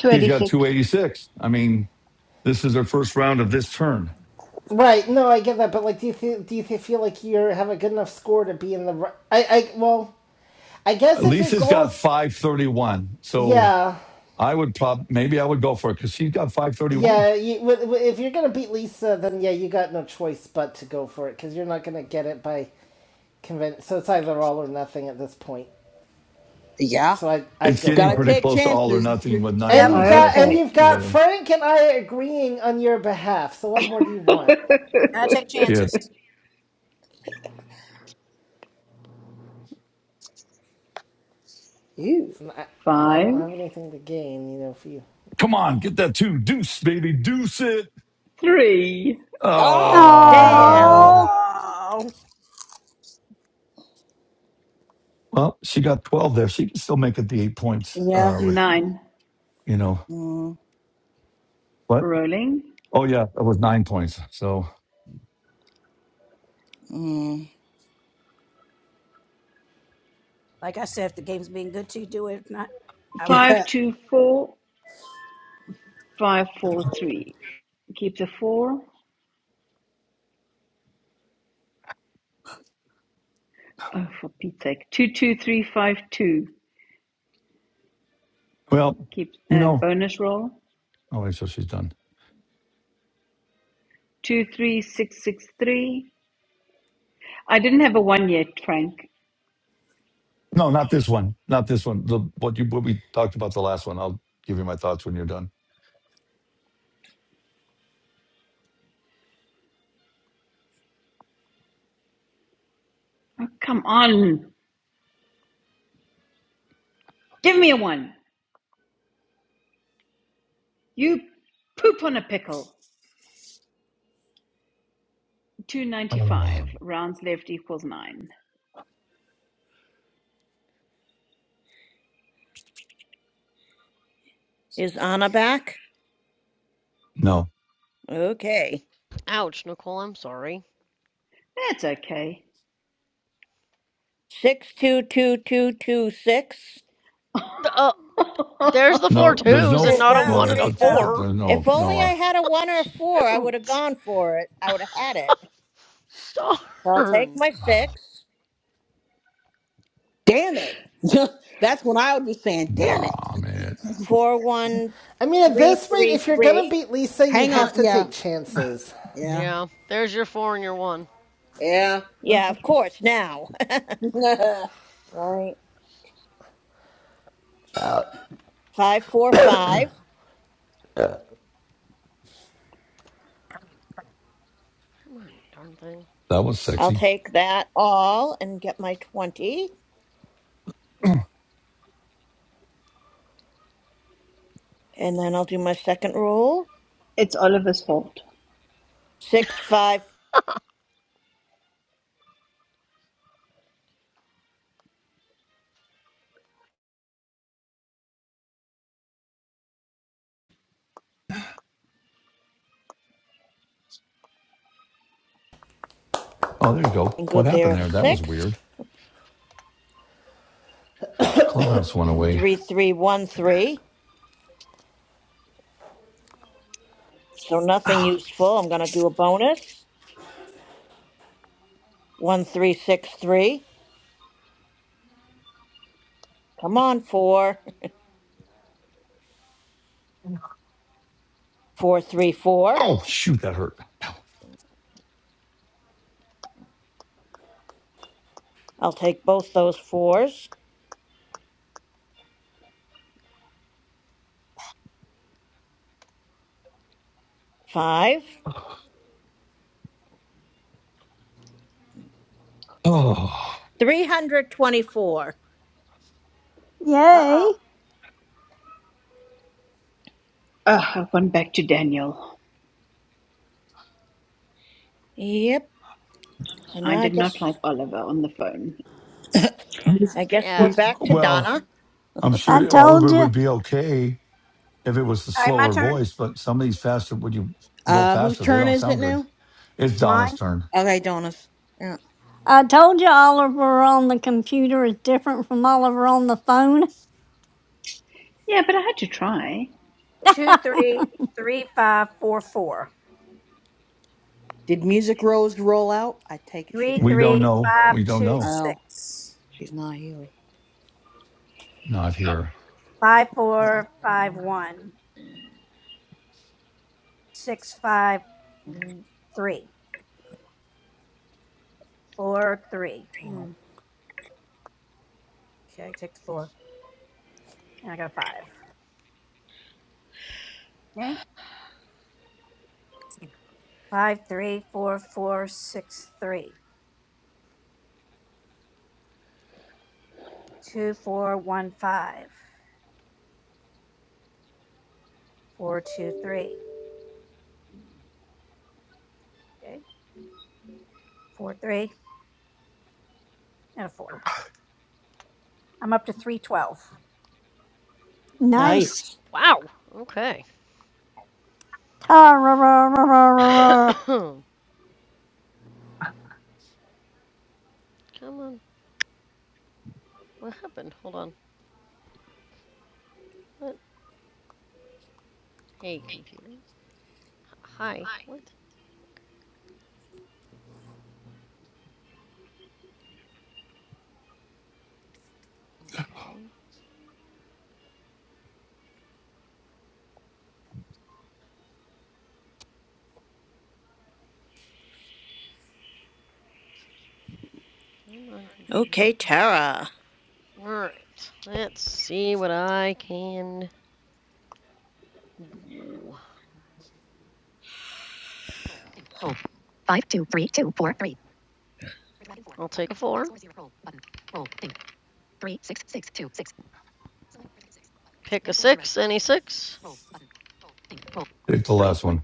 Speaker 15: Two
Speaker 1: she's
Speaker 15: eighty
Speaker 1: got two
Speaker 15: six.
Speaker 1: eighty six. I mean, this is her first round of this turn.
Speaker 3: Right. No, I get that. But like, do you thi- do you thi- feel like you have a good enough score to be in the? I I well, I guess if your
Speaker 1: Lisa's
Speaker 3: goal
Speaker 1: got
Speaker 3: is
Speaker 1: 531. So
Speaker 3: yeah
Speaker 1: I would probably, maybe I would go for it because she's got 531.
Speaker 3: yeah you, if you're gonna beat Lisa, then yeah, you got no choice but to go for it because you're not gonna get it by convince. So it's either all or nothing at this point.
Speaker 7: yeah.
Speaker 3: So I I'd
Speaker 1: It's
Speaker 3: go
Speaker 1: getting
Speaker 7: Gotta
Speaker 3: for it.
Speaker 1: pretty
Speaker 7: take
Speaker 1: close to all or
Speaker 7: chances if you're.
Speaker 1: nothing with nine
Speaker 3: And
Speaker 5: Yep.
Speaker 3: you've
Speaker 1: rounds
Speaker 5: Gotta
Speaker 3: got
Speaker 1: left
Speaker 5: take,
Speaker 3: and
Speaker 1: of
Speaker 15: Okay.
Speaker 3: you've got
Speaker 1: 11.
Speaker 3: Frank and I agreeing on your behalf. So what more do you want?
Speaker 5: gotta take
Speaker 1: Shit.
Speaker 5: chances.
Speaker 7: Ew.
Speaker 3: And I, and I
Speaker 15: Five.
Speaker 3: don't have anything to gain, you know, for you.
Speaker 1: Come on, get that two. Deuce, baby. Deuce it.
Speaker 15: Three.
Speaker 7: Oh!
Speaker 14: Damn.
Speaker 1: Oh.
Speaker 6: Oh,
Speaker 5: Oh,
Speaker 1: Well, she got 12 there. She can still make it the eight points
Speaker 7: Yeah.
Speaker 1: uh, with,
Speaker 15: Nine.
Speaker 1: you know,
Speaker 7: Mm,
Speaker 1: what?
Speaker 15: Rolling.
Speaker 1: Oh, yeah, it was nine points. So,
Speaker 7: mm.
Speaker 5: like I said, if the game's being good to you, do it. If not, I
Speaker 7: Yeah.
Speaker 5: wouldn't do
Speaker 15: Five
Speaker 5: it.
Speaker 15: two four five four three. Keep the four. Oh, for Pete's sake. Two two three five two.
Speaker 1: well,
Speaker 15: Keep
Speaker 1: you
Speaker 15: uh,
Speaker 1: know,
Speaker 15: bonus roll.
Speaker 1: oh, wait, so she's done.
Speaker 15: Two three six six three. I didn't have a one yet, Frank.
Speaker 1: No, not this one. Not this one. The, what you what we talked about the last one. I'll give you my thoughts when you're done.
Speaker 15: Oh, come on. Give me a one. You poop on a pickle. Two ninety
Speaker 1: Oh,
Speaker 15: five. Rounds left equals nine.
Speaker 14: Is Anna back?
Speaker 1: no,
Speaker 14: Okay.
Speaker 4: Ouch, Nicole, I'm sorry.
Speaker 15: That's okay.
Speaker 14: 622226.
Speaker 4: Uh, there's the four
Speaker 1: no, there's
Speaker 4: twos
Speaker 1: no,
Speaker 5: There
Speaker 4: and
Speaker 5: you
Speaker 1: f-
Speaker 4: not a
Speaker 5: go.
Speaker 1: well,
Speaker 4: one
Speaker 1: the-
Speaker 4: and
Speaker 5: There
Speaker 4: a
Speaker 5: you
Speaker 1: but,
Speaker 5: go.
Speaker 1: but
Speaker 4: four.
Speaker 1: uh,
Speaker 14: If
Speaker 1: no, no,
Speaker 14: only I
Speaker 1: uh,
Speaker 14: had a one or a four, I would have
Speaker 4: Shoot.
Speaker 14: gone for it. I would have had it. So I'll take
Speaker 4: Darn.
Speaker 14: my
Speaker 1: oh,
Speaker 14: six.
Speaker 7: Damn it. That's when I would be saying. Damn it.
Speaker 1: God, man,
Speaker 14: Four, one,
Speaker 3: I mean, at
Speaker 14: three,
Speaker 3: this rate,
Speaker 14: three,
Speaker 3: if you're gonna
Speaker 14: three.
Speaker 3: beat Lisa, you
Speaker 7: Hang
Speaker 4: Okay,
Speaker 7: on.
Speaker 3: have to
Speaker 7: Yeah.
Speaker 3: take chances.
Speaker 7: Yeah.
Speaker 4: yeah, there's your four and your one.
Speaker 7: Yeah.
Speaker 14: Yeah, of course, now.
Speaker 7: right.
Speaker 14: Five, four, five.
Speaker 4: Come on, darn thing.
Speaker 1: that was
Speaker 14: I'll
Speaker 1: sexy.
Speaker 14: take that all and get my 20. And then I'll do my second roll.
Speaker 15: it's Oliver's fault.
Speaker 14: Six, five,
Speaker 1: Oh, there you go.
Speaker 14: and
Speaker 1: What
Speaker 14: good there
Speaker 1: happened
Speaker 14: is a
Speaker 1: there? That was
Speaker 14: six.
Speaker 1: weird. Clubhouse went away.
Speaker 14: Three, three, one, three. So nothing useful. I'm going to do a bonus. One, three, six, three. Come on, four. Four, three, four.
Speaker 1: Oh, shoot, that hurt.
Speaker 14: I'll take both those fours. Five. 324.
Speaker 5: Uh oh.
Speaker 6: yay.
Speaker 15: Ugh, I've gone back to Daniel.
Speaker 14: Yep. So
Speaker 15: I
Speaker 14: now I
Speaker 15: did not like
Speaker 14: guess
Speaker 15: Oliver on the phone.
Speaker 4: Oh,
Speaker 14: I guess we're
Speaker 4: sad.
Speaker 14: back to
Speaker 1: Well,
Speaker 14: Donna.
Speaker 1: I'm
Speaker 6: I
Speaker 1: sure
Speaker 6: told
Speaker 1: Oliver
Speaker 6: you.
Speaker 1: would be okay if it was the
Speaker 5: All right, my
Speaker 1: slower
Speaker 5: turn.
Speaker 1: voice, but some of these faster, would you go
Speaker 7: Uh, whose
Speaker 1: faster? They
Speaker 7: turn
Speaker 1: don't
Speaker 7: is it
Speaker 1: sound good.
Speaker 7: now?
Speaker 1: It's
Speaker 5: It's
Speaker 1: Donna's
Speaker 5: mine.
Speaker 1: turn.
Speaker 7: Okay, Donis. Yeah.
Speaker 6: I told you Oliver on the computer is different from Oliver on the phone.
Speaker 15: Yeah, but I had to try.
Speaker 5: Two, three, three, five, four, four.
Speaker 7: Did Music Rose roll out? I take it she
Speaker 5: Three,
Speaker 1: We
Speaker 7: did.
Speaker 1: don't
Speaker 5: three,
Speaker 1: know.
Speaker 5: five,
Speaker 1: We don't
Speaker 5: two,
Speaker 1: know.
Speaker 7: Oh,
Speaker 5: six.
Speaker 7: she's not here.
Speaker 1: Not here.
Speaker 5: Five, four, five, one. Six, five, three. Four, three.
Speaker 7: Oh.
Speaker 5: Hmm, Okay, take the four. And I got a five. Okay. Five, three, four, four, six, three. Two, four, one, five. Four, two, three. Okay. Four, three, and a four. I'm up to three twelve.
Speaker 6: Nice.
Speaker 14: Nice.
Speaker 4: Wow. Okay.
Speaker 6: Ta-ra-ra-ra-ra-ra-ra.
Speaker 4: Come on. What happened? Hold on. What? Hey, computer. H- Hi. What? Okay. Come on, computer.
Speaker 14: Okay, Tara.
Speaker 4: Alright, let's see what I can do. I'll take a four. Pick a six, any six.
Speaker 1: Take the last one.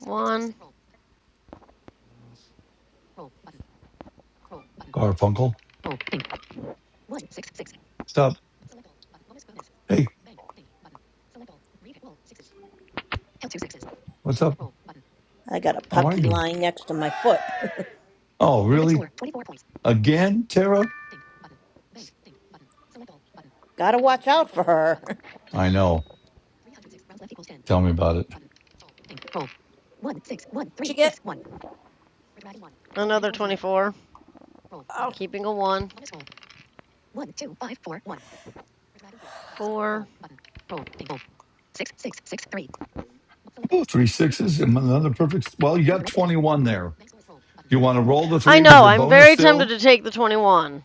Speaker 4: One.
Speaker 1: Garfunkel. What's up? Hey, what's up?
Speaker 14: I got a
Speaker 1: How are
Speaker 14: puppy
Speaker 1: you?
Speaker 14: lying next to my foot.
Speaker 1: Oh, really? Again, Tara?
Speaker 14: Gotta watch out for her.
Speaker 1: I know. Tell me about it.
Speaker 5: Did you get
Speaker 4: Another 24.
Speaker 5: oh
Speaker 4: Keeping a one. Four.
Speaker 1: Oh, three sixes and another perfect. Well, you got 21 there. You want to roll the
Speaker 4: I
Speaker 1: three with
Speaker 4: know,
Speaker 1: your
Speaker 4: I'm
Speaker 1: bonus
Speaker 4: very tempted
Speaker 1: still?
Speaker 4: to take the 21,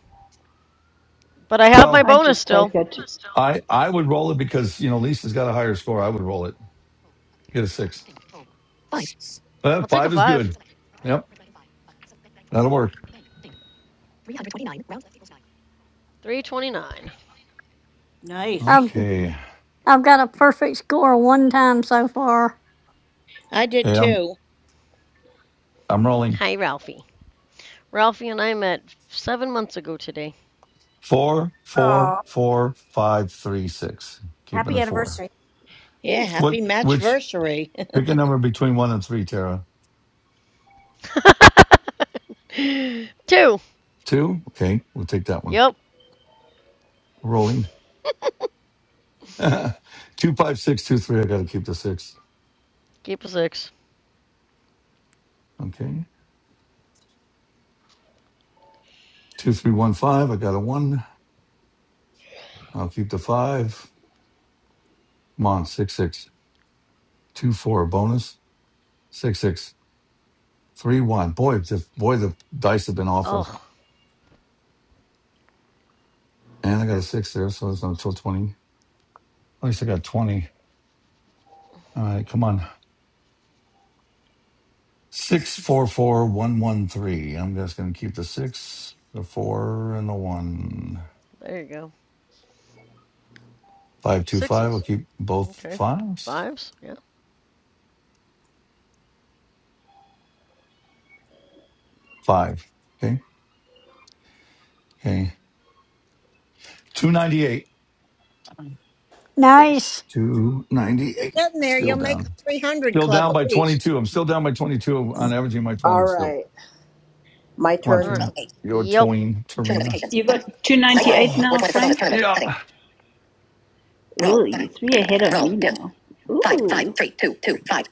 Speaker 4: but I have my
Speaker 1: Well,
Speaker 15: I'd
Speaker 4: bonus
Speaker 15: just
Speaker 4: still.
Speaker 15: take it.
Speaker 1: I I would roll it because, you know, Lisa's got a higher score. I would roll it. Get a six. Uh,
Speaker 4: I'll take a
Speaker 1: five is
Speaker 4: five.
Speaker 1: good. Yep, that'll work.
Speaker 4: 329.
Speaker 14: nice.
Speaker 6: I've,
Speaker 1: Okay.
Speaker 6: I've got a perfect score one time so far.
Speaker 14: I did
Speaker 1: Okay, I'm
Speaker 14: too.
Speaker 1: I'm rolling.
Speaker 4: Hi, Ralphie. Ralphie and I met seven months ago today.
Speaker 1: Four, four,
Speaker 5: oh
Speaker 1: four, five, three, six. Keeping
Speaker 5: happy
Speaker 1: the four.
Speaker 5: anniversary.
Speaker 14: Yeah,
Speaker 4: Thank you.
Speaker 1: What?
Speaker 14: happy
Speaker 1: Which?
Speaker 14: matchversary.
Speaker 1: Pick a number between one and three, Tara.
Speaker 4: Two.
Speaker 1: Two. Okay, we'll take that one.
Speaker 4: Yep.
Speaker 1: Rolling. two, five, six, two, three. I got to keep the six.
Speaker 4: Keep a six.
Speaker 1: Okay. Two, three, one, five. I got a one. I'll keep the five. Come on, six, six, two, four. Bonus. Six, six, three, one. Boy, the boy, the dice have been awful.
Speaker 4: Oh,
Speaker 1: And I got a six there, so it's not until twenty. At least I got twenty. All right, come on. Six four four one one three. I'm just gonna keep the six, the four, and the one.
Speaker 4: there you go.
Speaker 1: Five two five. I'll
Speaker 4: Sixes.
Speaker 1: keep both
Speaker 4: Okay.
Speaker 1: fives.
Speaker 4: Fives. Yeah.
Speaker 1: Five. Okay. Okay. Two ninety eight.
Speaker 4: Nice.
Speaker 6: Nice.
Speaker 1: Two ninety
Speaker 14: You're
Speaker 1: eight.
Speaker 14: getting there.
Speaker 1: Still
Speaker 14: You'll make the
Speaker 1: down.
Speaker 14: 300
Speaker 1: Still
Speaker 14: club
Speaker 1: down
Speaker 14: at
Speaker 1: by twenty
Speaker 14: least.
Speaker 1: two. I'm still down by twenty on averaging my
Speaker 7: All
Speaker 1: twenty still.
Speaker 7: right. My
Speaker 1: Come on,
Speaker 4: All
Speaker 7: turn.
Speaker 4: right.
Speaker 1: Trina. You're
Speaker 4: Yep.
Speaker 1: toying,
Speaker 7: Show
Speaker 1: Tarina.
Speaker 7: notifications.
Speaker 15: You
Speaker 7: Button.
Speaker 15: got
Speaker 7: Dice World.
Speaker 15: 298
Speaker 1: Oh,
Speaker 15: now,
Speaker 7: 420 for bonus
Speaker 15: Frank?
Speaker 7: tournament.
Speaker 1: yeah.
Speaker 7: Heading. Roll.
Speaker 15: Ooh,
Speaker 7: Button.
Speaker 15: you're three ahead of
Speaker 7: Roll.
Speaker 15: me
Speaker 7: Dimmed.
Speaker 15: now.
Speaker 7: Five, five,
Speaker 15: Ooh.
Speaker 7: three, two, two, five.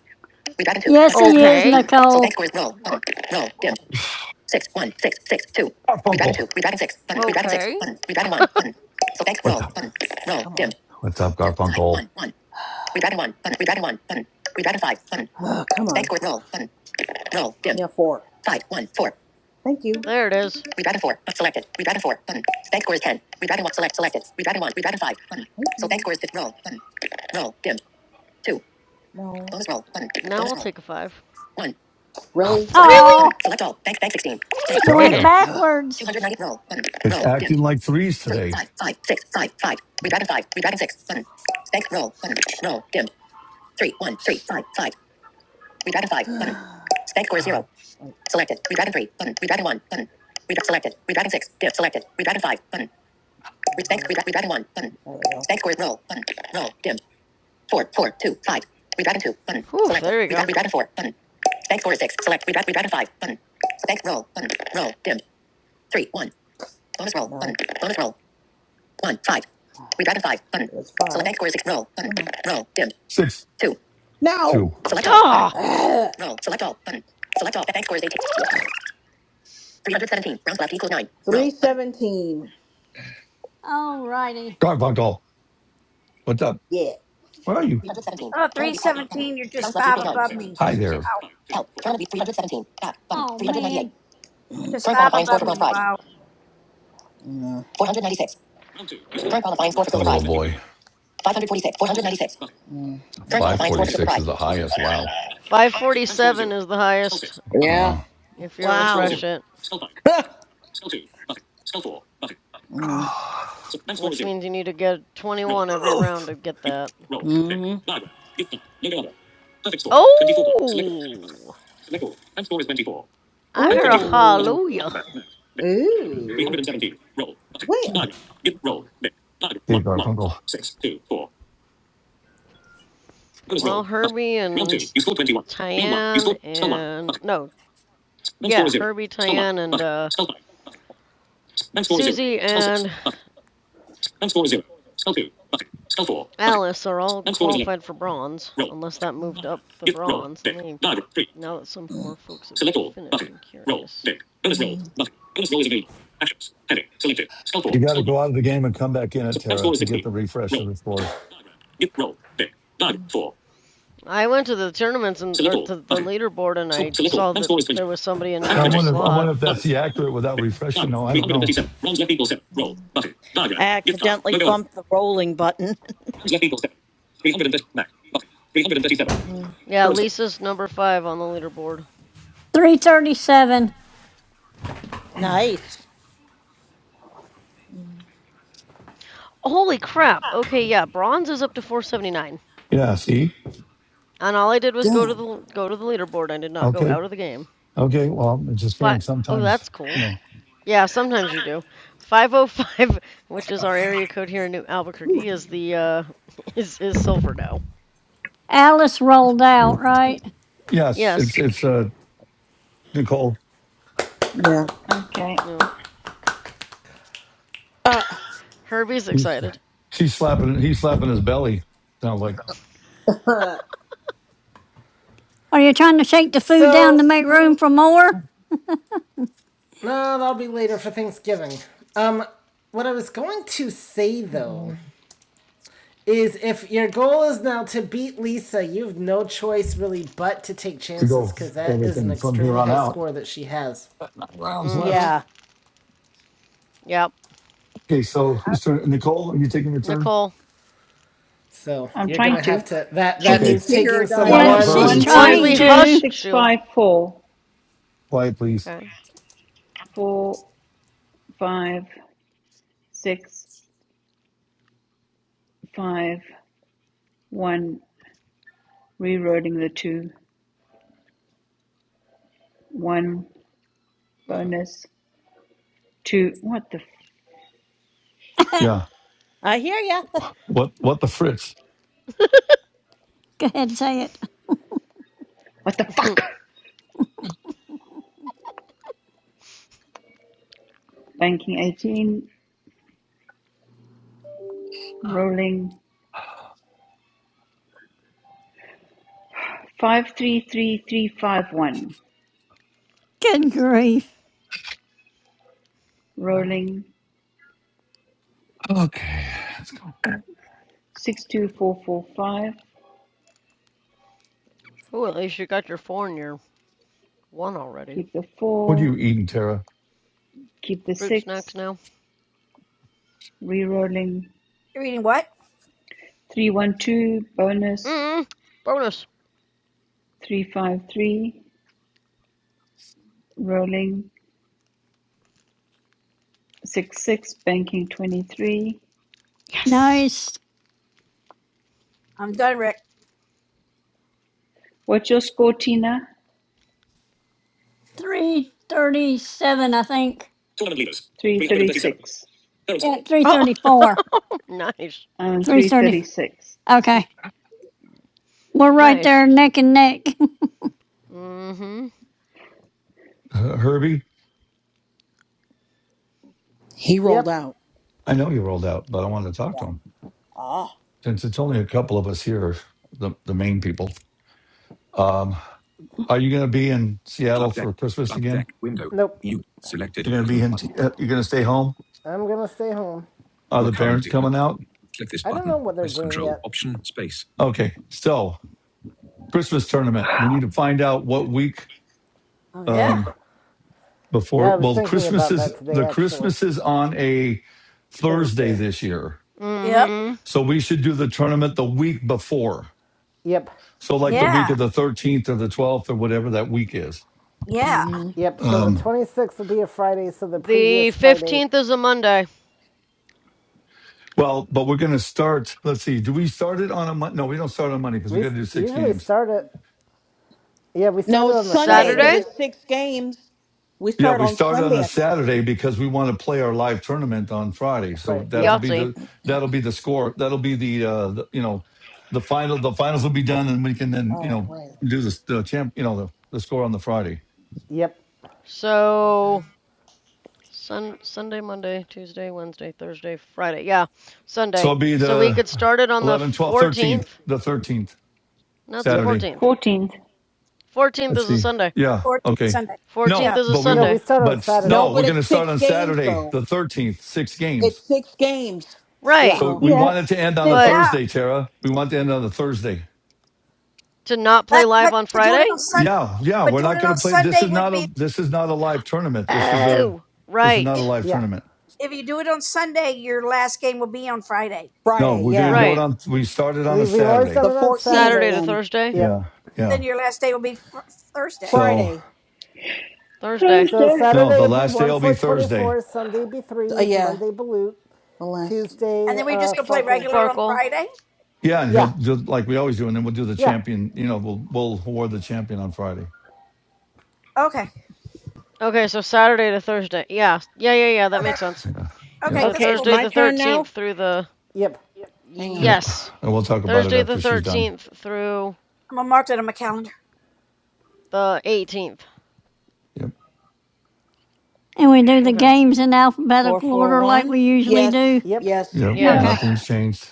Speaker 7: Redragon two.
Speaker 6: Yes,
Speaker 7: But
Speaker 6: he
Speaker 7: redragon five.
Speaker 6: is,
Speaker 4: Okay.
Speaker 7: Button. So
Speaker 6: Nicole.
Speaker 7: bank scores roll. Button. Roll. Dimmed. Six, one, six, six, two. Redragon two.
Speaker 1: Garfunkel.
Speaker 7: Redragon six. Button. Redragon six.
Speaker 4: Okay.
Speaker 7: Button. Redragon one. Button. So bank
Speaker 1: What's
Speaker 7: roll.
Speaker 1: up?
Speaker 7: Button. Roll. Come dimmed.
Speaker 1: What's up,
Speaker 7: On. Two, five,
Speaker 1: Garfunkel?
Speaker 7: one, one. Redragon one. Button. Redragon one. Button. Redragon five. Button. Oh, come on. Bank scores roll. Button. Roll. Dimmed. Yeah, four. Five, one, four. Thank you.
Speaker 4: There it is.
Speaker 7: Redragon 4. Selected. Redragon 4. Button. Bank score is 10. Redragon 1. Select. Selected. Redragon 1. Redragon 5. Button. So bank score is 5. Roll. Button. Roll. Dim. 2. No. Bonus roll. Button.
Speaker 4: Now
Speaker 7: Bonus
Speaker 4: I'll
Speaker 7: roll.
Speaker 4: take a five.
Speaker 7: 1.
Speaker 4: Oh,
Speaker 7: Really? Select all. Button.
Speaker 4: really?
Speaker 6: Oh,
Speaker 7: Select all. Bank. Bank 16. Bank.
Speaker 4: Dang
Speaker 6: you
Speaker 1: Tell
Speaker 7: Dim.
Speaker 6: went
Speaker 1: ya,
Speaker 4: it.
Speaker 7: Ugh.
Speaker 6: backwards.
Speaker 7: 290. Roll. Button.
Speaker 1: it's
Speaker 7: Roll. Dim.
Speaker 1: acting like threes
Speaker 7: 3.
Speaker 1: today.
Speaker 7: 5. 5. 6. 5. 5. Redragon 5. Redragon 6. Button. Bank. Roll. Button. Roll. Dim. 3. 1. 3. 5. 5. Redragon 5. Button. Bank score is 0. Selected. Redragon 3. Button. Redragon 1. Button. Redragon selected. Redragon 6. Dim. Selected. Redragon 5. Button. Bank, redrag, redragon one, button. Bank score is roll, button, roll, dim. Four, four, two, five. Redragon two, button,
Speaker 4: Whew,
Speaker 7: selected.
Speaker 4: there we
Speaker 7: Redrag,
Speaker 4: go.
Speaker 7: redragon four, button. Bank score is six, select, redrag, redragon five, button. Bank roll, button, roll, dim. Three, one. Bonus roll, No. button, bonus roll. One, five. Redragon five, button. Select bank score is six, roll, button, roll, dim.
Speaker 1: Six
Speaker 7: Two. Now.
Speaker 1: two.
Speaker 7: Select all, button.
Speaker 4: Ah!
Speaker 7: roll, select all, button. Select all, bank score is eighteen. Three 317, rounds left equals nine. 317,
Speaker 6: Alrighty.
Speaker 1: Garfunkel, what's up?
Speaker 7: yeah.
Speaker 1: Where are you?
Speaker 7: 317,
Speaker 5: Oh,
Speaker 7: turn of
Speaker 5: three
Speaker 7: the help, button.
Speaker 5: seventeen. you're
Speaker 7: Rounds
Speaker 5: just
Speaker 7: left
Speaker 5: five
Speaker 7: equals nine.
Speaker 5: above me.
Speaker 1: Hi
Speaker 5: Wow,
Speaker 1: there,
Speaker 7: Help. Currently 317. Back. Button.
Speaker 6: Oh,
Speaker 7: 398.
Speaker 6: man.
Speaker 5: Just
Speaker 7: Current
Speaker 5: five
Speaker 7: qualifying score
Speaker 5: above
Speaker 7: for
Speaker 5: me.
Speaker 7: bronze prize.
Speaker 5: Wow.
Speaker 7: Mm. 496. Current qualifying score for silver
Speaker 1: little
Speaker 7: prize.
Speaker 1: boy.
Speaker 7: 546. 496. Mm. Current
Speaker 1: Five
Speaker 7: qualifying score for silver
Speaker 1: forty-six
Speaker 7: prize.
Speaker 1: is the highest. Wow,
Speaker 4: 547 is the highest
Speaker 7: Yeah.
Speaker 1: wow.
Speaker 4: if you
Speaker 14: Wow.
Speaker 4: refresh it,
Speaker 7: Mm.
Speaker 4: which means you need to get 21 every round to get that.
Speaker 7: mm-hmm.
Speaker 4: Oh! I heard a
Speaker 7: Ooh.
Speaker 4: hallelujah.
Speaker 7: Ooh. Well.
Speaker 1: Hey Garfunkel,
Speaker 4: Well, Herbie and Tyann and no, yeah, Herbie, Tyann, and uh, Susie and Alice are all qualified for bronze, unless that moved up the bronze. Let me now that some more folks have finished, I'm curious.
Speaker 7: Mm.
Speaker 1: you got to go out of the game and come back in at Terra to get the refresh of the scores.
Speaker 4: I went to the tournaments and or to the leaderboard and I saw that there was somebody in the
Speaker 1: Now I
Speaker 4: new
Speaker 1: wonder, I
Speaker 4: slot.
Speaker 1: wonder if that's the accurate without refreshing. No, I don't know.
Speaker 14: I accidentally bumped the rolling button.
Speaker 4: Yeah, Lisa's number five on the leaderboard.
Speaker 6: 337.
Speaker 14: nice.
Speaker 4: Holy crap! Okay, yeah, bronze is up to 479.
Speaker 1: Yeah, see,
Speaker 4: And all I did was go to
Speaker 7: Damn.
Speaker 4: the go to the leaderboard. I did not go
Speaker 1: okay,
Speaker 4: out of the game.
Speaker 1: okay. Well, I'm just
Speaker 4: Fi
Speaker 1: saying.
Speaker 4: oh,
Speaker 1: Sometimes,
Speaker 4: that's
Speaker 1: you
Speaker 4: cool.
Speaker 1: know,
Speaker 4: Yeah, sometimes you do. 505, which is our area code here in New Albuquerque, is the uh is is silver now.
Speaker 6: Alice rolled out, right?
Speaker 1: yes, it's
Speaker 4: Yes.
Speaker 1: it's uh Nicole.
Speaker 7: Yeah.
Speaker 15: Okay,
Speaker 4: No.
Speaker 7: Uh,
Speaker 4: Herbie's
Speaker 1: He's,
Speaker 4: excited.
Speaker 1: she's slapping, he's slapping his belly. Sounds like
Speaker 7: uh,
Speaker 6: Are you trying to shake the food down
Speaker 3: So
Speaker 6: to make room for more?
Speaker 3: no, that'll be later for Thanksgiving. Um, what I was going to say though is if your goal is now to beat Lisa, you've no choice really but to take
Speaker 1: to
Speaker 3: chances
Speaker 1: go
Speaker 3: because that is an
Speaker 1: everything from here
Speaker 3: extremely
Speaker 1: on
Speaker 3: high
Speaker 1: out.
Speaker 3: score that she has.
Speaker 1: Got Nine rounds
Speaker 4: Mm-hmm.
Speaker 1: left.
Speaker 14: Yeah,
Speaker 4: Yep.
Speaker 1: Okay, so who's turn? Nicole, are you taking your turn?
Speaker 4: Nicole.
Speaker 3: So
Speaker 15: I'm
Speaker 3: you're
Speaker 15: trying
Speaker 3: gonna
Speaker 15: to.
Speaker 3: have to that
Speaker 7: She
Speaker 3: that
Speaker 1: Okay,
Speaker 7: needs
Speaker 3: means
Speaker 7: to hear her
Speaker 3: taking some
Speaker 1: shut
Speaker 6: Yeah,
Speaker 15: One
Speaker 7: dice.
Speaker 1: up,
Speaker 3: ones
Speaker 6: she's
Speaker 4: Once
Speaker 1: Herbie.
Speaker 3: and
Speaker 15: one
Speaker 4: once
Speaker 15: five
Speaker 3: twos
Speaker 6: trying
Speaker 4: we
Speaker 3: and
Speaker 15: two
Speaker 4: hush,
Speaker 6: to.
Speaker 15: six
Speaker 4: she'll
Speaker 15: five four
Speaker 1: Quiet, please.
Speaker 4: Okay.
Speaker 15: four five six five one. Rerouting the two. One
Speaker 4: Mm.
Speaker 15: bonus. Two. What the
Speaker 1: Yeah.
Speaker 14: I hear ya.
Speaker 1: What? What the fritz?
Speaker 6: Go ahead and say it.
Speaker 15: what the fuck? Banking eighteen. Rolling. Five three three three five one.
Speaker 6: Good grief.
Speaker 15: Rolling. 62445,
Speaker 4: Ooh, at least you got your four and your one already.
Speaker 15: keep the
Speaker 1: What are
Speaker 15: 4,
Speaker 1: you eating, Tara?
Speaker 15: keep the
Speaker 4: Fruit snacks
Speaker 15: 6,
Speaker 4: now.
Speaker 15: re-rolling,
Speaker 5: You're eating what?
Speaker 15: 312, bonus,
Speaker 4: Mm. Bonus.
Speaker 15: 353, rolling, 6 6 banking 23.
Speaker 6: No,
Speaker 4: Yes.
Speaker 6: it's
Speaker 5: I'm done, Rick.
Speaker 15: What's your score, Tina?
Speaker 6: 337, I think.
Speaker 15: 336
Speaker 6: Yeah,
Speaker 4: Oh
Speaker 6: 334.
Speaker 4: nice.
Speaker 15: and
Speaker 6: 330.
Speaker 15: 336.
Speaker 6: Okay. We're right
Speaker 4: Nice.
Speaker 6: there neck and neck.
Speaker 4: Mm-hmm.
Speaker 1: Uh, Herbie,
Speaker 7: he rolled
Speaker 3: Yep.
Speaker 7: out.
Speaker 1: I know you rolled out, but I wanted to talk to him
Speaker 7: Ah.
Speaker 1: since it's only a couple of us here, the the main people. Um, are you going to be in Seattle
Speaker 5: Club deck.
Speaker 1: for Christmas
Speaker 5: Club
Speaker 1: again?
Speaker 5: deck. Window.
Speaker 3: Nope.
Speaker 5: Mute.
Speaker 1: You're
Speaker 5: Selected.
Speaker 1: going to be
Speaker 5: Button.
Speaker 1: in.
Speaker 5: one.
Speaker 1: T- uh, you're going to stay home.
Speaker 3: I'm gonna stay home.
Speaker 1: Are
Speaker 5: You are
Speaker 1: the parents
Speaker 5: currently on a
Speaker 1: coming
Speaker 5: button.
Speaker 1: out?
Speaker 5: Click this
Speaker 3: I don't know
Speaker 5: button.
Speaker 3: what they're
Speaker 5: Press
Speaker 3: doing
Speaker 5: Control
Speaker 3: yet.
Speaker 5: Option Space.
Speaker 1: Okay, so Christmas tournament. We need to find out what week.
Speaker 5: Oh yeah.
Speaker 1: Um.
Speaker 3: Yeah,
Speaker 1: before
Speaker 3: I was
Speaker 1: well
Speaker 3: thinking
Speaker 1: christmas
Speaker 3: about
Speaker 1: is
Speaker 3: that today
Speaker 1: the
Speaker 3: actually.
Speaker 1: christmas is on a thursday
Speaker 3: Thursday.
Speaker 1: this year
Speaker 5: Yep.
Speaker 4: Mm-hmm.
Speaker 1: so we should do the tournament the week before
Speaker 3: Yep.
Speaker 1: so like the
Speaker 5: Yeah.
Speaker 1: week
Speaker 7: Mm-hmm.
Speaker 1: of the 13th or the 12th or whatever that week is
Speaker 5: Yeah.
Speaker 7: hmm
Speaker 3: Yep. So the
Speaker 1: um
Speaker 3: 26th will be a Friday. So the
Speaker 4: The
Speaker 3: previous Friday,
Speaker 4: 15th is a Monday.
Speaker 1: well but we're going to start let's see do we start it on a monday no we don't start on monday because we
Speaker 3: we
Speaker 1: got to do six
Speaker 3: usually
Speaker 1: games
Speaker 3: start at yeah we
Speaker 7: No,
Speaker 3: started
Speaker 7: it's
Speaker 3: on the
Speaker 7: Sunday because
Speaker 3: Saturday.
Speaker 4: Saturday?
Speaker 7: it's six games. We
Speaker 1: Yeah,
Speaker 7: start
Speaker 1: we
Speaker 7: on
Speaker 1: start on a
Speaker 7: Sunday, I think.
Speaker 1: Saturday because we want to play our live tournament on Friday. So
Speaker 3: Friday.
Speaker 1: that'll
Speaker 3: Yep.
Speaker 1: be
Speaker 4: Yahtzee.
Speaker 1: the that'll be the score. That'll be the, uh, the you know the final. The finals will be done, and we can then you
Speaker 7: Oh,
Speaker 1: know
Speaker 7: right.
Speaker 1: do the the champ. You know the, the score on the Friday.
Speaker 3: Yep.
Speaker 4: So sun Sunday, Monday, Tuesday, Wednesday, Thursday, Friday. Yeah,
Speaker 1: So
Speaker 4: Sunday.
Speaker 1: it'll be
Speaker 4: So we
Speaker 1: the
Speaker 4: could start it on the
Speaker 1: 11th, 12th, 13th,
Speaker 4: 14th.
Speaker 1: the 13th
Speaker 4: No, it's the
Speaker 3: Yep.
Speaker 1: Saturday.
Speaker 4: 14th.
Speaker 15: 14th.
Speaker 4: 14th
Speaker 1: Let's
Speaker 4: is a
Speaker 1: see.
Speaker 4: Sunday.
Speaker 1: Yeah.
Speaker 5: Or
Speaker 1: Okay.
Speaker 5: Sunday.
Speaker 1: No,
Speaker 5: Yeah.
Speaker 4: 14th is a
Speaker 1: but we
Speaker 3: No,
Speaker 1: wa-
Speaker 3: we
Speaker 4: Sunday.
Speaker 3: start on
Speaker 1: but
Speaker 7: No,
Speaker 3: Saturday.
Speaker 1: no, we're
Speaker 7: but
Speaker 1: going
Speaker 7: it's
Speaker 1: to start
Speaker 7: six
Speaker 1: on
Speaker 7: games
Speaker 1: Saturday,
Speaker 7: though.
Speaker 1: the 13th, six games.
Speaker 7: It's six games.
Speaker 3: Yeah.
Speaker 4: Right.
Speaker 1: So
Speaker 7: So
Speaker 1: we
Speaker 15: Yeah,
Speaker 1: wanted to end on the
Speaker 15: that
Speaker 4: But
Speaker 5: Yeah.
Speaker 1: Thursday, Tara. We want to end on the Thursday.
Speaker 4: to not play
Speaker 5: But but
Speaker 4: live on
Speaker 5: doing
Speaker 4: Friday?
Speaker 5: it on Sun,
Speaker 1: Yeah, yeah.
Speaker 5: but
Speaker 1: We're
Speaker 5: doing
Speaker 1: not
Speaker 5: it
Speaker 1: going
Speaker 5: on
Speaker 1: to play. This
Speaker 5: Sunday
Speaker 1: is
Speaker 5: would
Speaker 1: not a
Speaker 5: be
Speaker 1: this is not a live tournament. This is
Speaker 5: if
Speaker 1: a
Speaker 4: Oh,
Speaker 1: this is not a
Speaker 5: if
Speaker 4: right.
Speaker 1: live
Speaker 3: Yeah.
Speaker 1: tournament.
Speaker 5: if you do it on Sunday, your last game will be on Friday.
Speaker 1: No,
Speaker 7: Friday,
Speaker 1: we're going to
Speaker 7: yeah,
Speaker 1: do
Speaker 3: Yeah.
Speaker 1: it
Speaker 4: Right.
Speaker 1: on. We started on a
Speaker 3: We we've always
Speaker 1: Saturday.
Speaker 7: the
Speaker 3: done it on
Speaker 7: fourteenth,
Speaker 4: Saturday
Speaker 3: Saturday.
Speaker 4: to
Speaker 7: then
Speaker 4: Thursday.
Speaker 3: Yep.
Speaker 1: Yeah, yeah.
Speaker 5: Then your last day will be fr- Thursday,
Speaker 1: So
Speaker 7: Friday,
Speaker 4: Thursday.
Speaker 3: So
Speaker 15: Thursday.
Speaker 1: no,
Speaker 3: Saturday
Speaker 1: the
Speaker 3: would be
Speaker 1: last day
Speaker 3: one
Speaker 1: will be
Speaker 3: for
Speaker 1: Thursday.
Speaker 3: 24, Sunday be
Speaker 7: uh,
Speaker 3: threes,
Speaker 7: yeah,
Speaker 3: Monday Balut,
Speaker 7: the last.
Speaker 3: Tuesday
Speaker 5: and then we
Speaker 3: uh,
Speaker 5: just go play
Speaker 3: Farkle.
Speaker 5: regular on
Speaker 4: Farkle.
Speaker 5: Friday.
Speaker 1: Yeah, and he'll
Speaker 3: Yeah,
Speaker 1: do like we always do, and then we'll do the
Speaker 3: yeah,
Speaker 1: champion. You know, we'll we'll award the champion on Friday.
Speaker 5: Okay.
Speaker 4: Okay, so Saturday to Thursday. Yeah. Yeah, yeah, yeah. That
Speaker 5: Okay.
Speaker 4: makes sense.
Speaker 1: Yeah. Yep.
Speaker 5: Okay.
Speaker 4: So
Speaker 5: That's
Speaker 14: Okay, it's
Speaker 5: cool.
Speaker 4: Thursday
Speaker 14: my
Speaker 4: the
Speaker 14: turn
Speaker 4: 13th
Speaker 14: now.
Speaker 4: through the.
Speaker 3: yep,
Speaker 7: Hang on.
Speaker 1: Yep.
Speaker 4: Yes.
Speaker 1: And we'll talk about it
Speaker 4: Thursday the
Speaker 1: after she's done.
Speaker 4: 13th through
Speaker 5: I'm gonna mark that on my calendar.
Speaker 4: the 18th.
Speaker 1: Yep.
Speaker 6: and we do the
Speaker 4: Okay.
Speaker 6: games in
Speaker 14: Four
Speaker 6: alphabetical
Speaker 14: four
Speaker 6: order like
Speaker 14: one
Speaker 6: we usually do.
Speaker 7: Yes,
Speaker 3: yep,
Speaker 7: yes.
Speaker 1: Yep.
Speaker 6: Okay.
Speaker 4: Yes.
Speaker 15: Yeah.
Speaker 1: Nothing's changed.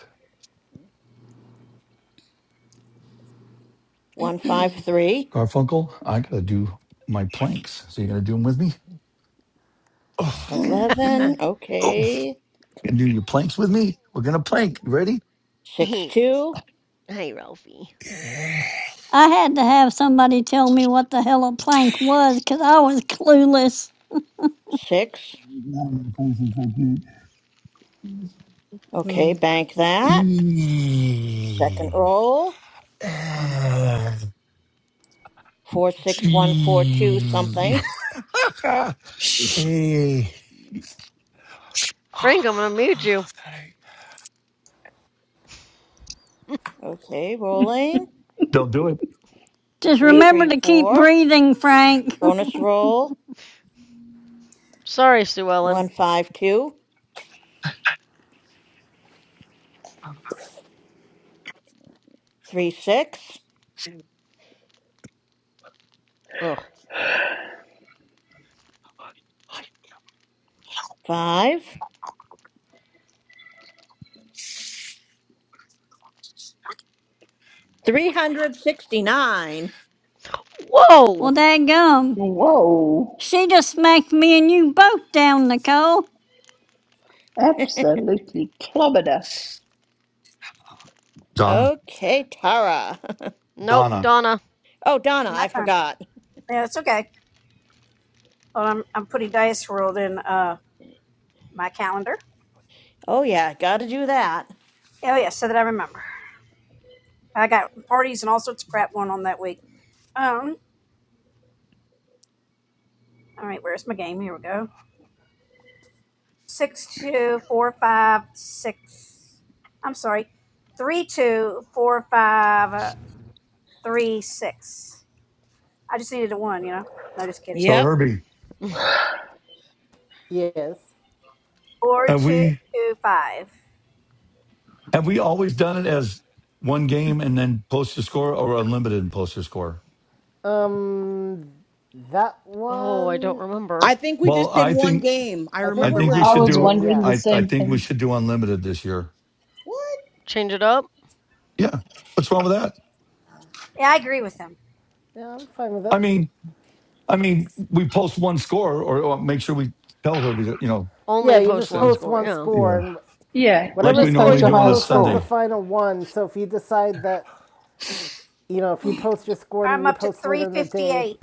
Speaker 14: one five three
Speaker 1: Garfunkel, I gotta do my planks. So you gonna do them with me? Oh,
Speaker 14: eleven.
Speaker 1: oh. You
Speaker 14: okay
Speaker 1: gonna do your planks with me? We're gonna plank. You ready?
Speaker 14: six
Speaker 4: Hey,
Speaker 14: two
Speaker 4: hey, Ralphie.
Speaker 6: I had to have somebody tell me what the hell a plank was because I was clueless.
Speaker 14: six. okay
Speaker 7: Hmm.
Speaker 14: bank that second roll 46142 something
Speaker 4: Frank, I'm gonna mute you.
Speaker 14: okay rolling
Speaker 6: Just remember to keep
Speaker 14: 334
Speaker 6: breathing, Frank.
Speaker 14: bonus roll
Speaker 4: Sorry, Sue Ellen.
Speaker 14: one five two three six
Speaker 4: Ugh.
Speaker 14: five three hundred sixty nine.
Speaker 6: well,
Speaker 4: Whoa!
Speaker 6: dadgum.
Speaker 15: Whoa,
Speaker 6: She just smacked me and you both down, Nicole.
Speaker 15: absolutely clobbered us.
Speaker 1: Donna.
Speaker 14: okay Tara
Speaker 4: Nope,
Speaker 1: Donna.
Speaker 4: Donna.
Speaker 14: oh Donna
Speaker 5: My
Speaker 14: I
Speaker 5: time.
Speaker 14: forgot
Speaker 5: Yeah, it's okay. Well, I'm I'm putting dice World in uh my calendar.
Speaker 14: oh yeah gotta do that
Speaker 5: Oh yeah, so that I remember. I got parties and all sorts of crap going on that week. Um, all right, where's my game? Here we go. Six two four five six. I'm sorry, three two four five uh, three six. I just needed a one, you know. No, just kidding.
Speaker 1: So
Speaker 14: yep
Speaker 1: Herbie,
Speaker 3: yes.
Speaker 5: Four
Speaker 1: have
Speaker 5: two
Speaker 1: we
Speaker 5: two five.
Speaker 1: have we always done it as one game and then post your score or unlimited and post your score?
Speaker 3: Um, that
Speaker 4: oh, I don't
Speaker 3: one,
Speaker 4: remember.
Speaker 7: I think we
Speaker 1: Well,
Speaker 7: just did
Speaker 1: I
Speaker 7: one
Speaker 1: think
Speaker 7: game. I
Speaker 3: I
Speaker 1: I
Speaker 3: think we
Speaker 7: remember
Speaker 1: think
Speaker 3: did
Speaker 1: we
Speaker 15: I
Speaker 1: should
Speaker 7: last
Speaker 3: one
Speaker 15: was
Speaker 7: year.
Speaker 1: do
Speaker 3: game,
Speaker 15: wondering
Speaker 3: yeah.
Speaker 15: the
Speaker 1: I I
Speaker 15: same
Speaker 1: think we
Speaker 15: thing.
Speaker 1: should do unlimited this year.
Speaker 7: What?
Speaker 4: Change it up?
Speaker 1: Yeah. What's wrong with that?
Speaker 5: Yeah, I agree with him.
Speaker 3: Yeah, I'm fine with it.
Speaker 1: I mean, I mean, we post one score or, or make sure we tell her, you know,
Speaker 3: Yeah,
Speaker 4: Only
Speaker 3: you
Speaker 4: post
Speaker 3: just
Speaker 4: one
Speaker 1: send,
Speaker 3: post
Speaker 4: score,
Speaker 3: one
Speaker 4: yeah.
Speaker 3: score,
Speaker 1: yeah,
Speaker 3: and
Speaker 15: Yeah,
Speaker 1: like
Speaker 3: whatever
Speaker 1: we
Speaker 15: just
Speaker 3: score
Speaker 15: post
Speaker 1: normally
Speaker 15: your
Speaker 3: you
Speaker 1: do on a
Speaker 15: highest
Speaker 3: post, that's
Speaker 1: Sunday,
Speaker 3: the
Speaker 15: score.
Speaker 3: final one. So if you decide that, you know, if you post your score and then
Speaker 5: I'm
Speaker 3: you
Speaker 5: up to
Speaker 3: post later
Speaker 5: three
Speaker 3: in the
Speaker 5: fifty
Speaker 3: day,
Speaker 5: eight.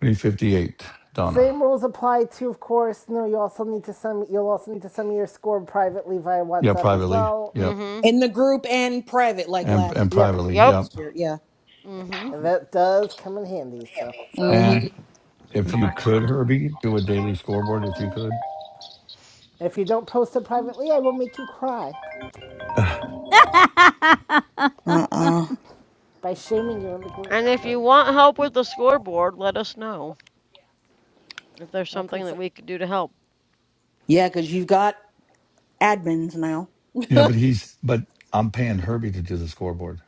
Speaker 1: 358, Donna.
Speaker 3: Same rules apply to, of course. No, you also need to send. You'll also need to send me your score privately via
Speaker 1: Yeah,
Speaker 3: WhatsApp as
Speaker 1: privately.
Speaker 3: well.
Speaker 1: Yep.
Speaker 4: Mm hmm.
Speaker 7: In the group and private, like
Speaker 1: And, and
Speaker 7: last
Speaker 3: Yep,
Speaker 1: privately.
Speaker 4: Yep.
Speaker 1: Yep.
Speaker 7: last year. Yeah.
Speaker 4: Mm hmm.
Speaker 3: and that does come in handy. So,
Speaker 7: hmm
Speaker 1: And
Speaker 5: In
Speaker 1: if
Speaker 5: the
Speaker 1: you could,
Speaker 5: background,
Speaker 1: Herbie, do a daily scoreboard if you could.
Speaker 3: if you don't post it privately, I will make you cry
Speaker 1: Ugh.
Speaker 7: Uh uh.
Speaker 3: by shaming you in the
Speaker 4: And
Speaker 3: group.
Speaker 4: if you
Speaker 3: So,
Speaker 4: want help with the scoreboard, let us know if there's
Speaker 3: I can.
Speaker 4: something that we could do to help.
Speaker 7: Yeah, because you've got admins now.
Speaker 1: Yeah, but he's, but I'm paying Herbie to do the scoreboard.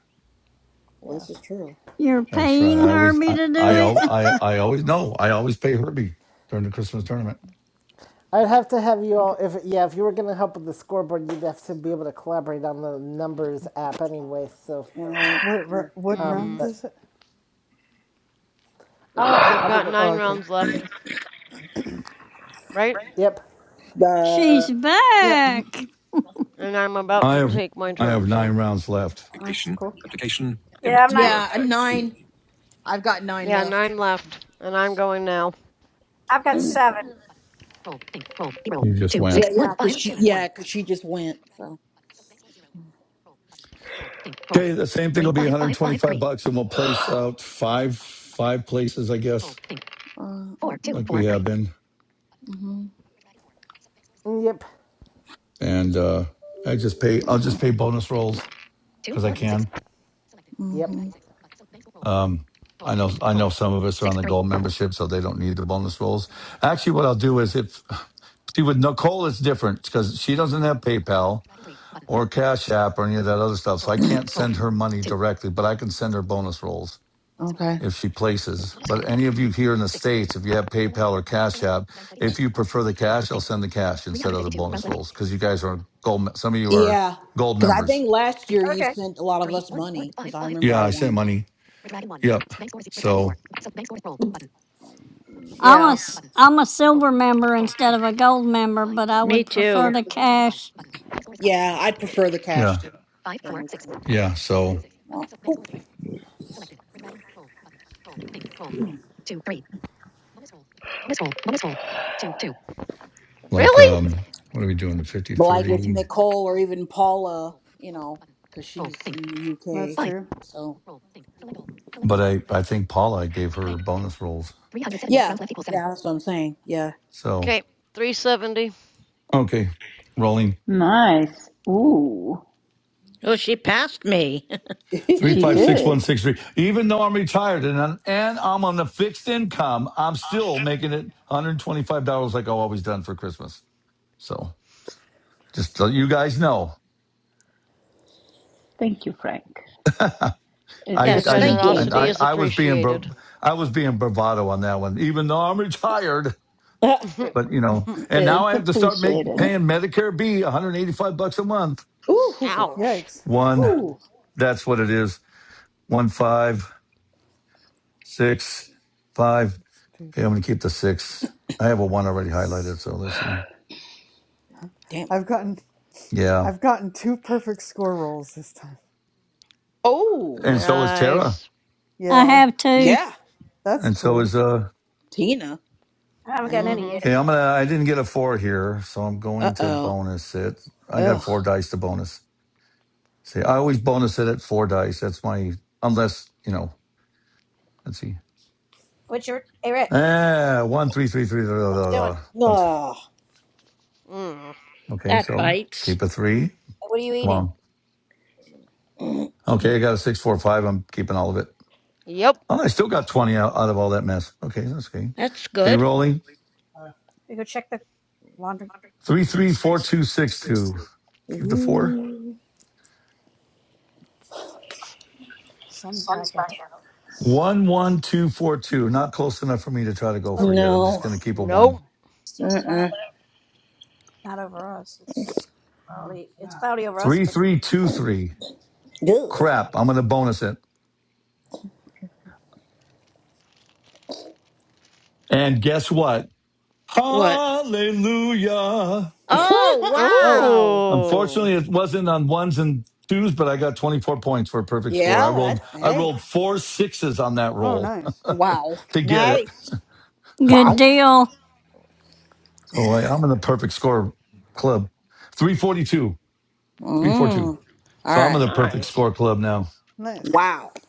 Speaker 7: Well,
Speaker 3: Yeah,
Speaker 7: this is true.
Speaker 6: You're
Speaker 1: That's right.
Speaker 6: paying
Speaker 1: I always,
Speaker 6: Herbie
Speaker 1: I,
Speaker 6: to do
Speaker 1: I,
Speaker 6: it?
Speaker 1: al- I, I always, no, I always pay Herbie during the Christmas tournament.
Speaker 3: I'd have to have you
Speaker 8: What,
Speaker 3: all. If yeah, if you were gonna help with the scoreboard, you'd have to be able to collaborate on the numbers app anyway. So,
Speaker 7: All right.
Speaker 8: what, ro- what
Speaker 3: um,
Speaker 4: hmm
Speaker 8: round
Speaker 3: but
Speaker 8: is it?
Speaker 3: I'll be-
Speaker 4: We've
Speaker 3: I'll be
Speaker 4: got
Speaker 3: good.
Speaker 8: Oh,
Speaker 4: nine
Speaker 3: Yeah.
Speaker 8: okay.
Speaker 4: rounds left, right?
Speaker 3: Yep.
Speaker 7: Uh,
Speaker 6: She's
Speaker 8: Yep. mhm,
Speaker 6: back.
Speaker 4: And I'm about
Speaker 1: I
Speaker 4: to
Speaker 1: have,
Speaker 4: take my
Speaker 1: I
Speaker 4: turn,
Speaker 1: have
Speaker 4: so.
Speaker 1: nine rounds left.
Speaker 8: That's
Speaker 5: application,
Speaker 8: cool.
Speaker 5: application, Yeah, I'm not.
Speaker 7: yeah, a nine. I've got nine
Speaker 4: Yeah,
Speaker 7: left.
Speaker 4: nine left. And I'm going now.
Speaker 5: I've got seven.
Speaker 1: You just went.
Speaker 7: Yeah, yeah, cause she, yeah, cause she just went. So,
Speaker 1: Okay, the same thing will be 125 bucks, and we'll place out five five places, I guess,
Speaker 7: uh,
Speaker 1: like
Speaker 7: mm-mm,
Speaker 1: we have been.
Speaker 7: mm-hmm,
Speaker 3: mm, Yep.
Speaker 1: And uh, I just pay. I'll just pay bonus rolls because I can.
Speaker 3: Yep.
Speaker 7: mm-hmm.
Speaker 1: Um, I know. I know some of us are on the gold membership, so they don't need the bonus rolls. Actually, what I'll do is if see with Nicole, it's different because she doesn't have PayPal or Cash App or any of that other stuff, so I can't send her money directly, but I can send her bonus rolls.
Speaker 7: okay,
Speaker 1: if she places. But any of you here in the States, if you have PayPal or Cash App, if you prefer the cash, I'll send the cash instead of the bonus rolls because you guys are gold. Some of you are
Speaker 7: yeah,
Speaker 1: gold
Speaker 7: cause I
Speaker 1: members.
Speaker 7: think last year you
Speaker 5: Okay,
Speaker 7: sent a lot of us money, cause I remember
Speaker 1: Yeah,
Speaker 7: I
Speaker 1: I sent
Speaker 7: won.
Speaker 1: money. Yep. So,
Speaker 6: I'm a,
Speaker 4: Yeah.
Speaker 6: s- I'm a silver member instead of a gold member, but I
Speaker 14: Me
Speaker 6: would prefer
Speaker 14: too.
Speaker 6: to cash.
Speaker 7: Yeah, I'd prefer the cash
Speaker 1: yeah.
Speaker 7: too. Then we can,
Speaker 1: Yeah. So,
Speaker 7: well, ooh.
Speaker 1: like,
Speaker 4: Really?
Speaker 1: um, what are we doing? The fifty
Speaker 7: but like if
Speaker 1: thirty.
Speaker 7: Nicole or even Paula, you know, cause she's in the
Speaker 8: That's
Speaker 7: UK,
Speaker 8: true.
Speaker 7: so
Speaker 1: But I, I think Paula, I gave her bonus rolls.
Speaker 7: yeah, yeah, that's what I'm saying. Yeah.
Speaker 1: So,
Speaker 4: Okay, 370.
Speaker 1: okay. Rolling.
Speaker 15: Nice. Ooh,
Speaker 14: Oh, she passed me.
Speaker 1: Three
Speaker 15: she
Speaker 1: five six one
Speaker 15: did.
Speaker 1: six three. Even though I'm retired and I'm, and I'm on the fixed income, I'm still making it 125 dollars like I've always done for Christmas. So just so you guys know,
Speaker 15: Thank you, Frank.
Speaker 1: I I
Speaker 15: It's
Speaker 4: Your
Speaker 14: yes, thank
Speaker 1: didn't
Speaker 14: you.
Speaker 1: and
Speaker 4: generosity
Speaker 15: appreciated.
Speaker 1: I
Speaker 4: is
Speaker 1: I was being
Speaker 4: appreciated.
Speaker 1: bro- I was being bravado on that one, even though I'm retired. But you know, and now I
Speaker 15: It's
Speaker 1: have to start make
Speaker 15: appreciated.
Speaker 1: paying Medicare B 185 bucks a month.
Speaker 7: Ooh,
Speaker 4: Ouch.
Speaker 8: Yikes.
Speaker 1: One, that's what it is. One five six five.
Speaker 8: Let's do
Speaker 1: Okay, I'm
Speaker 8: that.
Speaker 1: going to keep the six. I have a one already
Speaker 8: Yes.
Speaker 1: highlighted, so let's see.
Speaker 7: damn.
Speaker 8: I've gotten
Speaker 1: Yeah,
Speaker 8: I've gotten two perfect score rolls this time.
Speaker 7: Oh,
Speaker 1: and so is Tara,
Speaker 4: Nice.
Speaker 6: I
Speaker 8: Yeah,
Speaker 6: have to.
Speaker 7: yeah,
Speaker 8: that's
Speaker 1: and so is
Speaker 8: cool.
Speaker 1: uh.
Speaker 7: Tina.
Speaker 5: I haven't gotten
Speaker 7: Yeah.
Speaker 5: any
Speaker 4: Mm-hmm.
Speaker 5: yet.
Speaker 1: Okay, I'm gonna. I didn't get a four here, so I'm
Speaker 7: Uh
Speaker 1: going to
Speaker 7: oh.
Speaker 1: bonus it. I got
Speaker 7: Ugh.
Speaker 1: four dice to bonus. See, I always bonus it at four dice. That's my unless you know. Let's see.
Speaker 5: What's your? Hey, Rick,
Speaker 1: Ah, one, three, three, three, blah,
Speaker 5: what
Speaker 1: blah,
Speaker 5: you doing?
Speaker 1: blah, bunch.
Speaker 7: Oh,
Speaker 4: Mm.
Speaker 1: Okay,
Speaker 14: That
Speaker 1: so
Speaker 14: bites.
Speaker 1: keep a three.
Speaker 5: What are you
Speaker 1: Come
Speaker 5: eating?
Speaker 1: on. Okay, I got a six, four, five. I'm keeping all of it.
Speaker 4: Yep.
Speaker 1: Oh, I still got twenty out, out of all that mess. Okay, that's okay.
Speaker 14: That's
Speaker 1: Okay,
Speaker 14: good.
Speaker 1: rolling.
Speaker 5: Uh, you go check the laundry.
Speaker 1: Three
Speaker 5: yeah.
Speaker 1: three four two six two. Keep the four.
Speaker 7: mm,
Speaker 5: Sun's back out. S-
Speaker 1: One one two four two. Not close enough for me to try to go
Speaker 5: Still,
Speaker 1: for yet. I'm just
Speaker 7: no.
Speaker 1: gonna keep a one.
Speaker 4: Nope.
Speaker 5: still cloud,
Speaker 7: Mm-mm.
Speaker 5: not over us. It's Oh, cloudy. Uh, It's yeah. cloudy over us.
Speaker 1: Three
Speaker 5: But
Speaker 1: three two three.
Speaker 7: Ew.
Speaker 1: Crap. I'm gonna bonus it. And guess what?
Speaker 14: What?
Speaker 1: Hallelujah.
Speaker 14: Oh,
Speaker 8: Oh, uh,
Speaker 14: wow.
Speaker 4: Oh,
Speaker 1: Unfortunately, it wasn't on ones and twos, but I got 24 points for a perfect score. I
Speaker 7: yeah,
Speaker 1: rolled
Speaker 7: that's,
Speaker 1: I
Speaker 7: hey.
Speaker 1: rolled four sixes on that
Speaker 8: oh,
Speaker 1: roll
Speaker 8: nice,
Speaker 7: Wow.
Speaker 1: to get it.
Speaker 14: Nice.
Speaker 6: Good
Speaker 7: Wow.
Speaker 6: deal.
Speaker 1: So I, I'm in the perfect score club. 342. Three, four, two.
Speaker 7: Mm. All
Speaker 1: So I'm in
Speaker 7: right.
Speaker 1: the perfect
Speaker 4: nice.
Speaker 1: score club now.
Speaker 8: nice,
Speaker 7: Wow.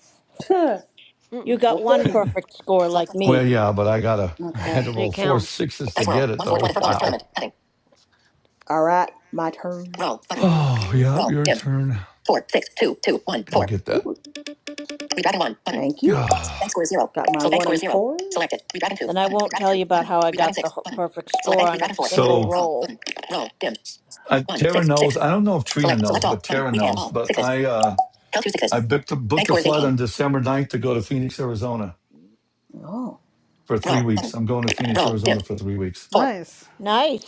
Speaker 7: Huh.
Speaker 14: You got
Speaker 7: okay
Speaker 14: one
Speaker 7: then.
Speaker 14: perfect score
Speaker 7: twelve
Speaker 14: like
Speaker 7: twenty-five.
Speaker 1: well,
Speaker 14: me.
Speaker 1: yeah, but I gotta. I had to
Speaker 7: Okay.
Speaker 4: It
Speaker 1: roll four
Speaker 4: counts.
Speaker 1: sixes to
Speaker 7: Dice World,
Speaker 1: get it,
Speaker 7: One four twenty
Speaker 1: though.
Speaker 7: for bonus
Speaker 1: Wow.
Speaker 7: tournament. Heading. All right, my turn. Roll, button.
Speaker 1: Oh,
Speaker 4: Mm-hmm.
Speaker 1: yeah,
Speaker 7: Roll,
Speaker 1: your
Speaker 7: dim.
Speaker 1: turn.
Speaker 7: Four, six, two, two, one,
Speaker 1: Go
Speaker 7: four.
Speaker 1: get that.
Speaker 7: Redragon one, button. Thank you. Bank
Speaker 1: Ah.
Speaker 7: score is zero. Got my so bank one score is and zero. Four. Selected. Redragon two,
Speaker 14: Then I
Speaker 7: button.
Speaker 14: won't
Speaker 7: Redragon
Speaker 14: tell
Speaker 7: two,
Speaker 14: you about
Speaker 7: button.
Speaker 14: how I
Speaker 7: Redragon
Speaker 14: got the
Speaker 7: six,
Speaker 14: wh-
Speaker 7: button.
Speaker 14: perfect
Speaker 7: Select
Speaker 14: score
Speaker 7: bank,
Speaker 14: on a
Speaker 7: redragon four, button.
Speaker 14: single
Speaker 1: so
Speaker 7: Roll,
Speaker 14: roll.
Speaker 7: button. Roll, dim.
Speaker 1: I,
Speaker 7: One,
Speaker 1: Tara
Speaker 7: six, six.
Speaker 1: knows. I don't know if Trina
Speaker 7: Select,
Speaker 1: knows,
Speaker 7: select
Speaker 1: but
Speaker 7: all. Button.
Speaker 1: Tara
Speaker 7: We have
Speaker 1: knows.
Speaker 7: all.
Speaker 1: But
Speaker 7: Sixes.
Speaker 1: I, uh,
Speaker 7: Count two
Speaker 1: I
Speaker 7: sixes.
Speaker 1: booked a,
Speaker 7: Bank
Speaker 1: booked a
Speaker 7: score is
Speaker 1: flight
Speaker 7: 18.
Speaker 1: on December ninth to go to Phoenix, Arizona
Speaker 7: Oh.
Speaker 1: for three
Speaker 7: Roll.
Speaker 1: weeks.
Speaker 7: Button.
Speaker 1: I'm going to Phoenix,
Speaker 7: Roll. Dim.
Speaker 1: Arizona for three weeks.
Speaker 7: Four.
Speaker 8: nice.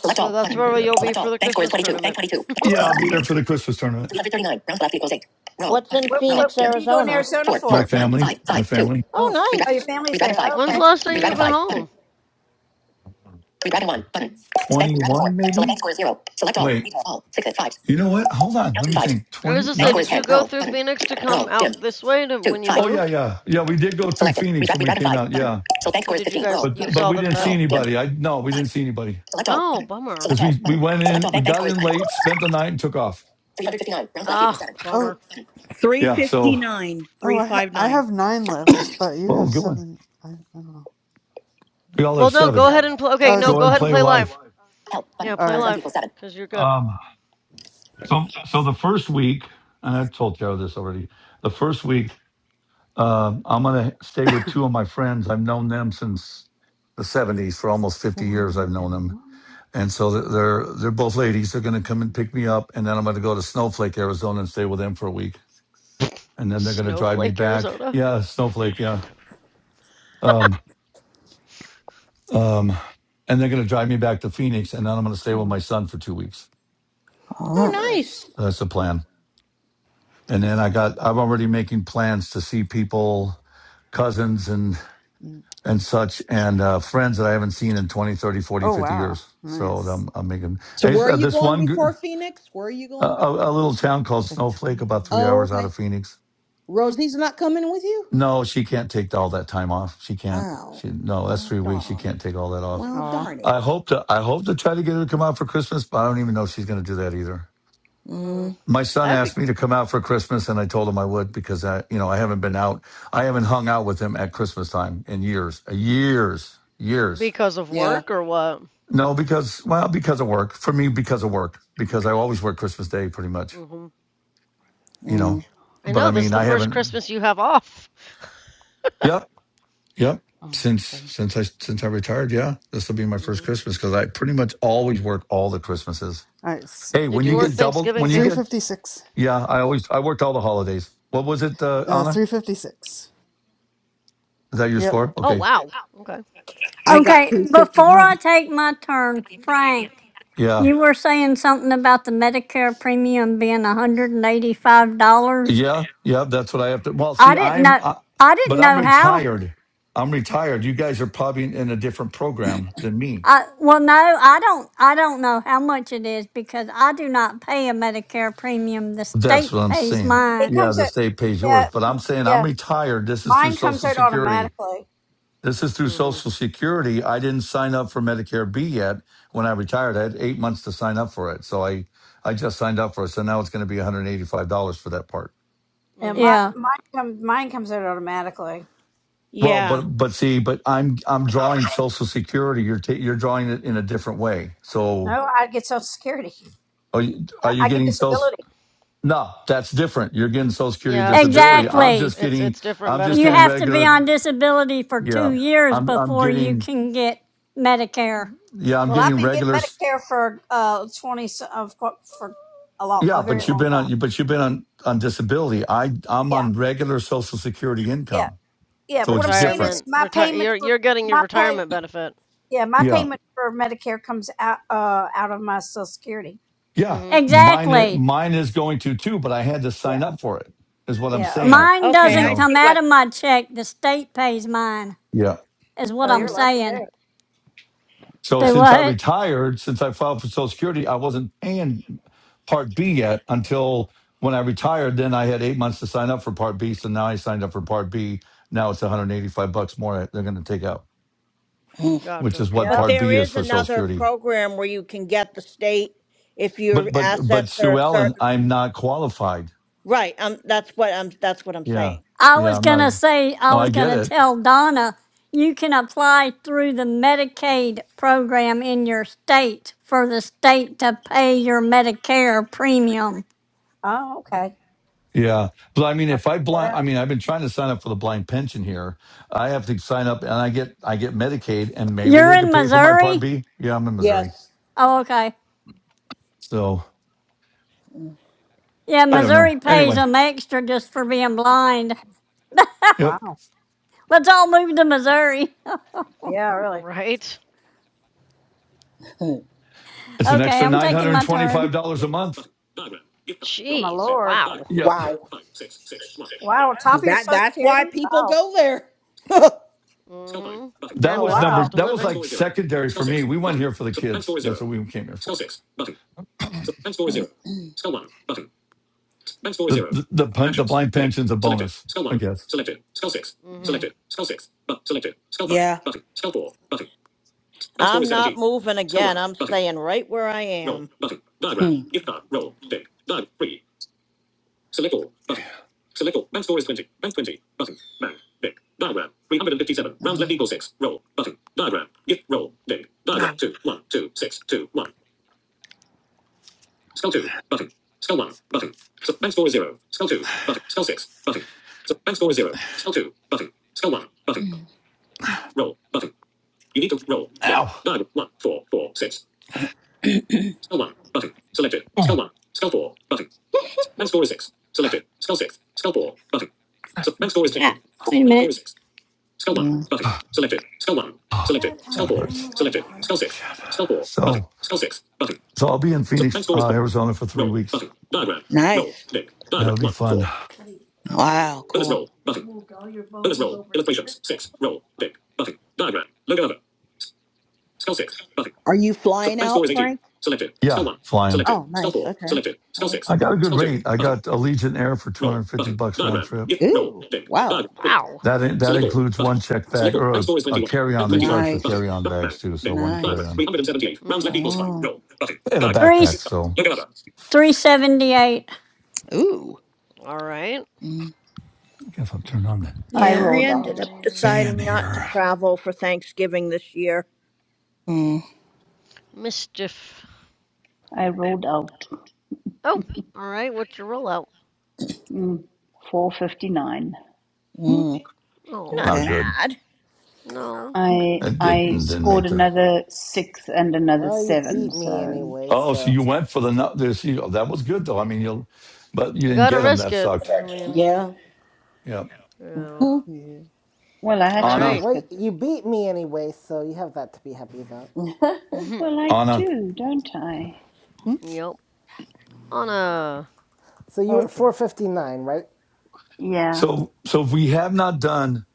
Speaker 7: Select
Speaker 4: So
Speaker 7: all.
Speaker 4: that's
Speaker 7: Button.
Speaker 4: where
Speaker 1: Yeah,
Speaker 4: you'll be
Speaker 7: Select
Speaker 4: for
Speaker 7: all.
Speaker 4: the
Speaker 7: Bank score is
Speaker 4: Christmas
Speaker 7: 22. Bank
Speaker 4: tournament.
Speaker 7: 22.
Speaker 1: yeah,
Speaker 7: Bank.
Speaker 1: I'll be
Speaker 7: Dim.
Speaker 1: there for the Christmas tournament.
Speaker 7: 339. Round left equals 8. Roll.
Speaker 14: What's in
Speaker 7: Button.
Speaker 5: what,
Speaker 7: Roll.
Speaker 5: what,
Speaker 14: Phoenix,
Speaker 5: what
Speaker 7: Dim.
Speaker 5: are you going to
Speaker 14: Arizona?
Speaker 5: Arizona
Speaker 7: Four.
Speaker 1: My
Speaker 5: for?
Speaker 1: family, my family.
Speaker 8: Oh,
Speaker 14: Oh,
Speaker 7: Four. One.
Speaker 5: Oh, your
Speaker 14: nice.
Speaker 5: family's
Speaker 7: 5. Five. five. Two. Redraft. Redraft
Speaker 5: there. Oh,
Speaker 7: five.
Speaker 4: When's the
Speaker 7: Button.
Speaker 5: okay.
Speaker 4: last time you've
Speaker 7: Redragon
Speaker 1: Yeah,
Speaker 4: been
Speaker 7: 5.
Speaker 4: home?
Speaker 7: Button. Redragon 1. Button. Spank. Redragon 4.
Speaker 1: 21
Speaker 7: select bank
Speaker 1: maybe.
Speaker 7: score is 0. Select all.
Speaker 1: Wait,
Speaker 7: Redraw all. Sixes. Fives.
Speaker 1: You know what? Hold on.
Speaker 7: Count
Speaker 1: Let
Speaker 7: two
Speaker 1: me
Speaker 7: fives.
Speaker 1: think.
Speaker 4: I was
Speaker 1: 20,
Speaker 4: gonna
Speaker 7: Bank
Speaker 4: say,
Speaker 7: score
Speaker 1: not,
Speaker 7: is
Speaker 4: did
Speaker 1: t-
Speaker 7: 10.
Speaker 4: you go
Speaker 7: Roll.
Speaker 4: through
Speaker 7: Button.
Speaker 4: Phoenix to come
Speaker 7: Roll. Dim.
Speaker 4: out this way to,
Speaker 7: Two.
Speaker 4: when you
Speaker 7: Five.
Speaker 1: oh, yeah,
Speaker 4: moved?
Speaker 1: yeah. Yeah, we did go through
Speaker 7: Selected. Read
Speaker 1: Phoenix
Speaker 7: back,
Speaker 1: when
Speaker 7: read
Speaker 1: we
Speaker 7: back in
Speaker 1: came out.
Speaker 7: five. Button.
Speaker 1: Yeah.
Speaker 7: So bank
Speaker 4: So
Speaker 7: score is
Speaker 4: did you
Speaker 7: 15.
Speaker 4: guys
Speaker 7: Roll.
Speaker 4: you
Speaker 1: But,
Speaker 7: Button.
Speaker 1: but
Speaker 4: saw
Speaker 1: we
Speaker 4: them
Speaker 1: didn't see
Speaker 4: then?
Speaker 7: Roll. Dim.
Speaker 1: anybody. I, no, we didn't
Speaker 7: Five.
Speaker 1: see anybody
Speaker 7: Select all.
Speaker 4: Oh,
Speaker 7: Button.
Speaker 4: bummer.
Speaker 1: because
Speaker 7: Select
Speaker 1: we,
Speaker 7: all.
Speaker 1: we
Speaker 7: Button.
Speaker 1: went
Speaker 7: Select
Speaker 1: in,
Speaker 7: all.
Speaker 1: we
Speaker 7: Bank, bank
Speaker 1: got
Speaker 7: score is
Speaker 1: in
Speaker 7: 9.
Speaker 1: late, spent the night and took off.
Speaker 7: 359. Round left equals
Speaker 4: Ah,
Speaker 7: 7. Roll.
Speaker 8: oh,
Speaker 4: bummer.
Speaker 7: Button.
Speaker 1: Yeah. So,
Speaker 7: 359.
Speaker 8: oh. I ha- I
Speaker 7: 359.
Speaker 8: have nine left, but you
Speaker 1: oh,
Speaker 8: have
Speaker 1: good one.
Speaker 8: seven. I, I don't know.
Speaker 1: We all
Speaker 4: Well,
Speaker 1: have
Speaker 4: no,
Speaker 1: seven.
Speaker 4: go
Speaker 7: 359.
Speaker 4: ahead and play.
Speaker 7: Turn on the
Speaker 4: Okay,
Speaker 8: Oh, it's
Speaker 4: no,
Speaker 1: Go
Speaker 7: viewers.
Speaker 1: ahead
Speaker 8: okay.
Speaker 4: go
Speaker 1: and
Speaker 4: ahead
Speaker 7: Button.
Speaker 4: and
Speaker 1: play
Speaker 4: play
Speaker 1: live.
Speaker 4: live.
Speaker 7: Help. Button.
Speaker 4: Yeah,
Speaker 8: All
Speaker 4: play
Speaker 7: Rounds left
Speaker 8: right,
Speaker 4: live
Speaker 7: equals 7.
Speaker 4: because you're good.
Speaker 1: Um, so, so the first week, and I told Tara this already, the first week, um, I'm going to stay with two of my friends. I've known them since the 70s for almost 50 years.
Speaker 8: four
Speaker 1: I've known
Speaker 8: and a
Speaker 1: them
Speaker 8: one,
Speaker 1: And so they're they're both ladies. They're going to come and
Speaker 8: Mm,
Speaker 1: pick me up, and then I'm going to go to Snowflake, Arizona, and stay with them for a week.
Speaker 8: six.
Speaker 1: And then they're going to drive me
Speaker 4: Snowflake,
Speaker 1: back.
Speaker 4: Arizona.
Speaker 1: Yeah, Snowflake. Yeah. Um.
Speaker 8: Two.
Speaker 1: Um. And they're going to drive me back to Phoenix, and then I'm going to stay with
Speaker 8: Come on,
Speaker 1: my son for two
Speaker 8: six,
Speaker 1: weeks.
Speaker 4: Oh,
Speaker 8: four.
Speaker 7: Oh.
Speaker 14: Oh,
Speaker 4: nice.
Speaker 14: nice.
Speaker 1: So that's the plan. And then I got I'm already making plans to see people, cousins and
Speaker 8: Mm.
Speaker 1: and such, and uh, friends that I haven't seen in 20, 30, forty,
Speaker 8: Oh
Speaker 1: 50
Speaker 8: wow,
Speaker 1: years. So
Speaker 8: nice.
Speaker 1: I'm I'm making
Speaker 7: So
Speaker 1: and it's,
Speaker 7: where are
Speaker 1: uh,
Speaker 7: you
Speaker 1: this
Speaker 7: going
Speaker 1: one. gr-
Speaker 7: before Phoenix? Where are you
Speaker 1: A,
Speaker 7: going before?
Speaker 1: a a little town called
Speaker 8: Big
Speaker 1: Snowflake, about three
Speaker 8: twenty.
Speaker 7: Oh,
Speaker 1: hours out
Speaker 7: okay.
Speaker 1: of Phoenix
Speaker 4: Mm,
Speaker 7: Rosie's not coming with you?
Speaker 1: No, she can't take all that time off. She can't.
Speaker 7: Oh.
Speaker 1: She no, that's
Speaker 7: Well,
Speaker 1: three weeks. She
Speaker 7: darn.
Speaker 1: can't take all that off.
Speaker 7: Well,
Speaker 8: Oh,
Speaker 7: darn it.
Speaker 1: I hope to. I hope to try to get her to come out for Christmas, but I don't even know if she's going to do that either.
Speaker 4: mm,
Speaker 7: Mm,
Speaker 1: My son
Speaker 4: that'd be
Speaker 1: asked me to
Speaker 4: cool.
Speaker 1: come out for Christmas, and I told him I would because I, you know, I haven't been out. I haven't hung
Speaker 8: six.
Speaker 1: out with him at Christmas time in years, uh, years, years.
Speaker 4: Because of
Speaker 7: yeah.
Speaker 4: work or what?
Speaker 1: No, because well, because of work. For me, because of work, because I always work Christmas Day pretty much.
Speaker 4: hmm
Speaker 1: You know,
Speaker 7: Mm,
Speaker 8: Oh,
Speaker 4: I
Speaker 8: give
Speaker 1: but
Speaker 8: me
Speaker 1: I
Speaker 4: know this
Speaker 8: that.
Speaker 4: is
Speaker 1: mean,
Speaker 4: the
Speaker 1: I
Speaker 4: first
Speaker 1: haven't.
Speaker 4: Christmas you have off.
Speaker 1: Yep. Yep.
Speaker 8: Oh,
Speaker 1: Since
Speaker 8: sorry.
Speaker 1: since I since I retired, yeah, this will be my first
Speaker 4: hmm
Speaker 1: Christmas because I pretty much always work all the Christmases.
Speaker 8: All right, s-
Speaker 1: Hey, when
Speaker 4: Did you
Speaker 1: you
Speaker 4: work
Speaker 1: get
Speaker 7: mm.
Speaker 8: s-
Speaker 1: doubled, when
Speaker 4: Thanksgiving
Speaker 1: you
Speaker 4: too?
Speaker 1: get
Speaker 8: 356.
Speaker 1: yeah, I always I worked all the holidays. What was it, uh,
Speaker 4: Mm.
Speaker 8: Uh,
Speaker 1: Anna?
Speaker 8: 356.
Speaker 1: Is that your
Speaker 8: Yep.
Speaker 1: score?
Speaker 4: Oh,
Speaker 1: Okay,
Speaker 4: wow. Okay.
Speaker 7: I got
Speaker 6: Okay, before I
Speaker 7: 359.
Speaker 6: take my turn, Frank,
Speaker 1: yeah,
Speaker 6: you were saying something about the Medicare premium being $185.
Speaker 1: yeah, yeah. That's what I have to. Well, see,
Speaker 6: I didn't
Speaker 1: I'm,
Speaker 6: know.
Speaker 1: uh,
Speaker 6: I
Speaker 1: but
Speaker 6: didn't
Speaker 1: I'm
Speaker 6: know how.
Speaker 1: retired. I'm retired. You guys are probably in, in a different program than me.
Speaker 6: I well no, I don't I don't know how much it is because I do not pay a Medicare premium. The
Speaker 1: That's
Speaker 6: state
Speaker 1: what I'm
Speaker 6: pays
Speaker 1: saying.
Speaker 5: It
Speaker 6: mine.
Speaker 1: Yeah,
Speaker 5: comes
Speaker 1: the
Speaker 5: out.
Speaker 1: state pays
Speaker 5: Yeah,
Speaker 1: yours, but
Speaker 5: mm,
Speaker 1: I'm saying I'm
Speaker 5: yeah.
Speaker 1: retired. This is through
Speaker 5: Mine comes
Speaker 1: Social
Speaker 5: out
Speaker 1: Security.
Speaker 5: automatically.
Speaker 1: This is through
Speaker 4: hmm
Speaker 1: Social Security. I didn't sign up for Medicare B yet when I retired. I had eight months to sign up for it. So I, I just signed up for it. So now it's going to be $185 for that part.
Speaker 5: Yeah,
Speaker 4: hmm
Speaker 5: my
Speaker 6: Yeah.
Speaker 5: mine comes mine comes out automatically.
Speaker 1: Well, but,
Speaker 14: Yeah.
Speaker 1: but see, but I'm, I'm drawing Social Security. You're, ta you're drawing it in a different way. So
Speaker 5: No, I get Social Security.
Speaker 1: are you, are
Speaker 5: I,
Speaker 1: you
Speaker 5: I get
Speaker 1: getting Social?
Speaker 5: disability.
Speaker 1: No, that's different. You're getting Social Security
Speaker 4: Yeah, it's
Speaker 1: disability.
Speaker 4: different
Speaker 1: I'm
Speaker 4: from
Speaker 6: Exactly.
Speaker 1: just
Speaker 4: it's
Speaker 1: getting,
Speaker 4: it's different
Speaker 1: I'm just
Speaker 6: You
Speaker 1: getting
Speaker 4: benefit.
Speaker 6: have to be
Speaker 1: regular.
Speaker 6: on disability for 2
Speaker 1: Yeah.
Speaker 6: years
Speaker 1: I'm, I'm
Speaker 6: before you
Speaker 1: getting,
Speaker 6: can get Medicare.
Speaker 1: yeah, I'm
Speaker 5: Well, I've
Speaker 1: getting
Speaker 5: been getting
Speaker 1: regular.
Speaker 5: Medicare for uh twenty of co- for a lot
Speaker 1: Yeah,
Speaker 5: a
Speaker 1: but
Speaker 5: very
Speaker 1: you've
Speaker 5: long
Speaker 1: been
Speaker 5: time.
Speaker 1: on but you've been on on disability. I I'm
Speaker 5: Yeah,
Speaker 1: on regular social security
Speaker 5: yeah.
Speaker 1: income.
Speaker 5: Yeah,
Speaker 1: So
Speaker 5: but what
Speaker 1: it's
Speaker 5: I'm saying
Speaker 1: different.
Speaker 5: is
Speaker 4: Retirement,
Speaker 5: my
Speaker 4: retire.
Speaker 5: payment
Speaker 4: You're
Speaker 5: for
Speaker 4: you're getting your
Speaker 5: my pay
Speaker 4: retirement benefit.
Speaker 5: yeah, my
Speaker 1: Yeah.
Speaker 5: payment for Medicare comes out uh out of my social security.
Speaker 1: Yeah.
Speaker 4: Mhm.
Speaker 5: Wait,
Speaker 1: Mine
Speaker 5: wait,
Speaker 1: i-
Speaker 6: Exactly.
Speaker 1: mine is going to too, but I had to
Speaker 5: yeah,
Speaker 1: sign up for it. Is what I'm
Speaker 5: yeah,
Speaker 1: saying,
Speaker 5: okay.
Speaker 6: Mine
Speaker 1: you
Speaker 14: Okay,
Speaker 6: doesn't
Speaker 14: I
Speaker 1: know.
Speaker 6: come
Speaker 14: see
Speaker 6: out
Speaker 14: what.
Speaker 6: of my check. The state pays mine.
Speaker 1: Yeah.
Speaker 6: Is what
Speaker 5: Oh,
Speaker 6: I'm
Speaker 5: you're
Speaker 4: Mhm.
Speaker 5: lucky
Speaker 6: saying.
Speaker 5: there.
Speaker 1: So
Speaker 6: Do
Speaker 4: That's
Speaker 1: since I
Speaker 4: cool.
Speaker 6: what?
Speaker 1: retired, since I filed for social security, I wasn't paying part B yet until when I retired, then I had 8 months to sign up for part B, so now I signed up for part B. Now it's 185 bucks more they're going to take out,
Speaker 7: Mm.
Speaker 1: which is
Speaker 4: Gotcha.
Speaker 1: what
Speaker 14: But
Speaker 5: Yep.
Speaker 1: part
Speaker 14: there
Speaker 1: B is
Speaker 14: is
Speaker 1: for social
Speaker 14: another
Speaker 1: security.
Speaker 14: program where you can get the state if your
Speaker 1: But but but
Speaker 14: assets are
Speaker 1: Sue
Speaker 14: a certain.
Speaker 1: Ellen, I'm not qualified.
Speaker 14: Right. Um. That's what I'm. That's what I'm
Speaker 1: Yeah,
Speaker 14: saying.
Speaker 6: I
Speaker 1: yeah,
Speaker 6: was
Speaker 1: I'm
Speaker 6: going to
Speaker 1: not.
Speaker 6: say, I
Speaker 1: No,
Speaker 6: was
Speaker 1: I
Speaker 6: going
Speaker 1: get
Speaker 6: to
Speaker 1: it.
Speaker 6: tell Donna, you can apply through the Medicaid program in your state for the state to pay your Medicare premium.
Speaker 5: Oh, okay.
Speaker 1: Yeah, but I mean,
Speaker 5: I'll
Speaker 1: if I
Speaker 5: check that
Speaker 1: blind, I
Speaker 5: out.
Speaker 1: mean, I've been trying to sign up for the blind pension here. I have to sign up, and I get I get Medicaid, and maybe
Speaker 6: You're
Speaker 1: they
Speaker 6: in
Speaker 1: could pay for my Part
Speaker 6: Missouri?
Speaker 1: B. Yeah, I'm in Missouri,
Speaker 7: Yes.
Speaker 6: Oh, okay.
Speaker 1: so
Speaker 6: Yeah,
Speaker 1: I don't
Speaker 14: It's.
Speaker 1: know.
Speaker 6: Missouri pays
Speaker 1: Anyway,
Speaker 6: them extra just for being blind.
Speaker 1: yep,
Speaker 5: Wow.
Speaker 6: Let's all move to Missouri.
Speaker 5: Yeah, really.
Speaker 4: Right.
Speaker 7: Hmm.
Speaker 1: it's an
Speaker 6: Okay,
Speaker 1: extra
Speaker 6: I'm
Speaker 1: nine hundred
Speaker 6: taking
Speaker 1: and
Speaker 6: my
Speaker 1: twenty five
Speaker 6: turn.
Speaker 1: dollars a month.
Speaker 5: Oh my
Speaker 4: Jeez.
Speaker 5: lord.
Speaker 4: Wow.
Speaker 1: Yeah,
Speaker 7: Wow.
Speaker 5: Wow, top
Speaker 7: Cause
Speaker 5: of your
Speaker 7: that
Speaker 5: social
Speaker 7: that's why
Speaker 5: security?
Speaker 7: people
Speaker 5: Wow.
Speaker 7: go there.
Speaker 4: Mhm.
Speaker 1: that
Speaker 5: Oh
Speaker 4: And
Speaker 1: was
Speaker 4: better
Speaker 5: wow.
Speaker 1: number
Speaker 4: cost of
Speaker 1: that was
Speaker 4: living.
Speaker 1: like secondary for me. We went here for the kids. That's what we came here for. The the the, pen- the blind pension's a bonus, I guess.
Speaker 4: Mhm.
Speaker 7: Yeah.
Speaker 14: I'm not moving again. I'm staying right where I am.
Speaker 7: Hmm. Nice.
Speaker 1: Ow.
Speaker 7: Yeah.
Speaker 1: Oh, that hurts. Shit. So, so I'll be in Phoenix, uh, Arizona for three weeks.
Speaker 7: Nice.
Speaker 1: That'll be fun.
Speaker 7: Wow. Cool. Are you flying out, Frank?
Speaker 1: Yeah, flying.
Speaker 7: Oh, nice. Okay. Cool.
Speaker 1: I got a good rate. I got Allegiant Air for 250 bucks round trip.
Speaker 7: Ooh. Wow.
Speaker 4: Wow.
Speaker 1: That in, that includes one check bag or a, a carry on. They charge for
Speaker 7: Nice.
Speaker 1: carry on bags too. So
Speaker 6: Nick,
Speaker 1: one carry
Speaker 6: Lyra,
Speaker 7: Nice.
Speaker 1: on
Speaker 6: Three hundred and seventy-eight rounds. left
Speaker 4: Mm.
Speaker 6: equals five.
Speaker 7: Oh.
Speaker 6: Roll. Button.
Speaker 1: and a
Speaker 6: Dice. Three,
Speaker 1: backpack. So
Speaker 6: 378.
Speaker 7: Ooh.
Speaker 4: All right.
Speaker 7: Mm,
Speaker 1: I guess I'll turn on the
Speaker 15: I
Speaker 14: Yeah, I
Speaker 15: rolled
Speaker 14: ended
Speaker 15: out.
Speaker 14: up
Speaker 1: fan
Speaker 14: deciding not to
Speaker 1: here.
Speaker 4: Mm.
Speaker 14: travel for Thanksgiving this year.
Speaker 7: mm,
Speaker 4: Mischief.
Speaker 15: I rolled out.
Speaker 4: Oh. All right. What's your rollout?
Speaker 15: Mm, 459.
Speaker 7: mm.
Speaker 4: Oh
Speaker 14: Not
Speaker 1: Not
Speaker 7: Okay.
Speaker 1: good.
Speaker 14: bad.
Speaker 4: no.
Speaker 15: I
Speaker 8: Mm-mm.
Speaker 1: It
Speaker 15: I
Speaker 1: didn't didn't
Speaker 15: scored
Speaker 1: make the.
Speaker 15: another 6 and another
Speaker 3: Well, you
Speaker 15: 7.
Speaker 3: beat me
Speaker 15: So,
Speaker 3: anyway,
Speaker 1: Oh, so
Speaker 3: so.
Speaker 1: you went for the nut. This you, that was good though. I mean, you'll, but you
Speaker 4: You
Speaker 1: didn't
Speaker 4: gotta
Speaker 1: get them.
Speaker 4: risk
Speaker 1: That
Speaker 4: it. I
Speaker 1: sucked.
Speaker 4: mean.
Speaker 7: Yeah.
Speaker 1: Yeah.
Speaker 4: Yeah.
Speaker 7: Hmm.
Speaker 8: Yeah.
Speaker 15: well, I
Speaker 4: All
Speaker 15: had to
Speaker 1: Anna,
Speaker 4: right.
Speaker 15: risk
Speaker 3: Well,
Speaker 15: it.
Speaker 3: you beat me anyway, so you have that to be happy about.
Speaker 15: Well, I
Speaker 1: Anna.
Speaker 15: do, don't I?
Speaker 8: Hmm?
Speaker 4: yep. On a
Speaker 3: So you
Speaker 8: Oh,
Speaker 3: were at
Speaker 8: okay.
Speaker 3: 459, right?
Speaker 15: Yeah,
Speaker 1: So, so if we have not done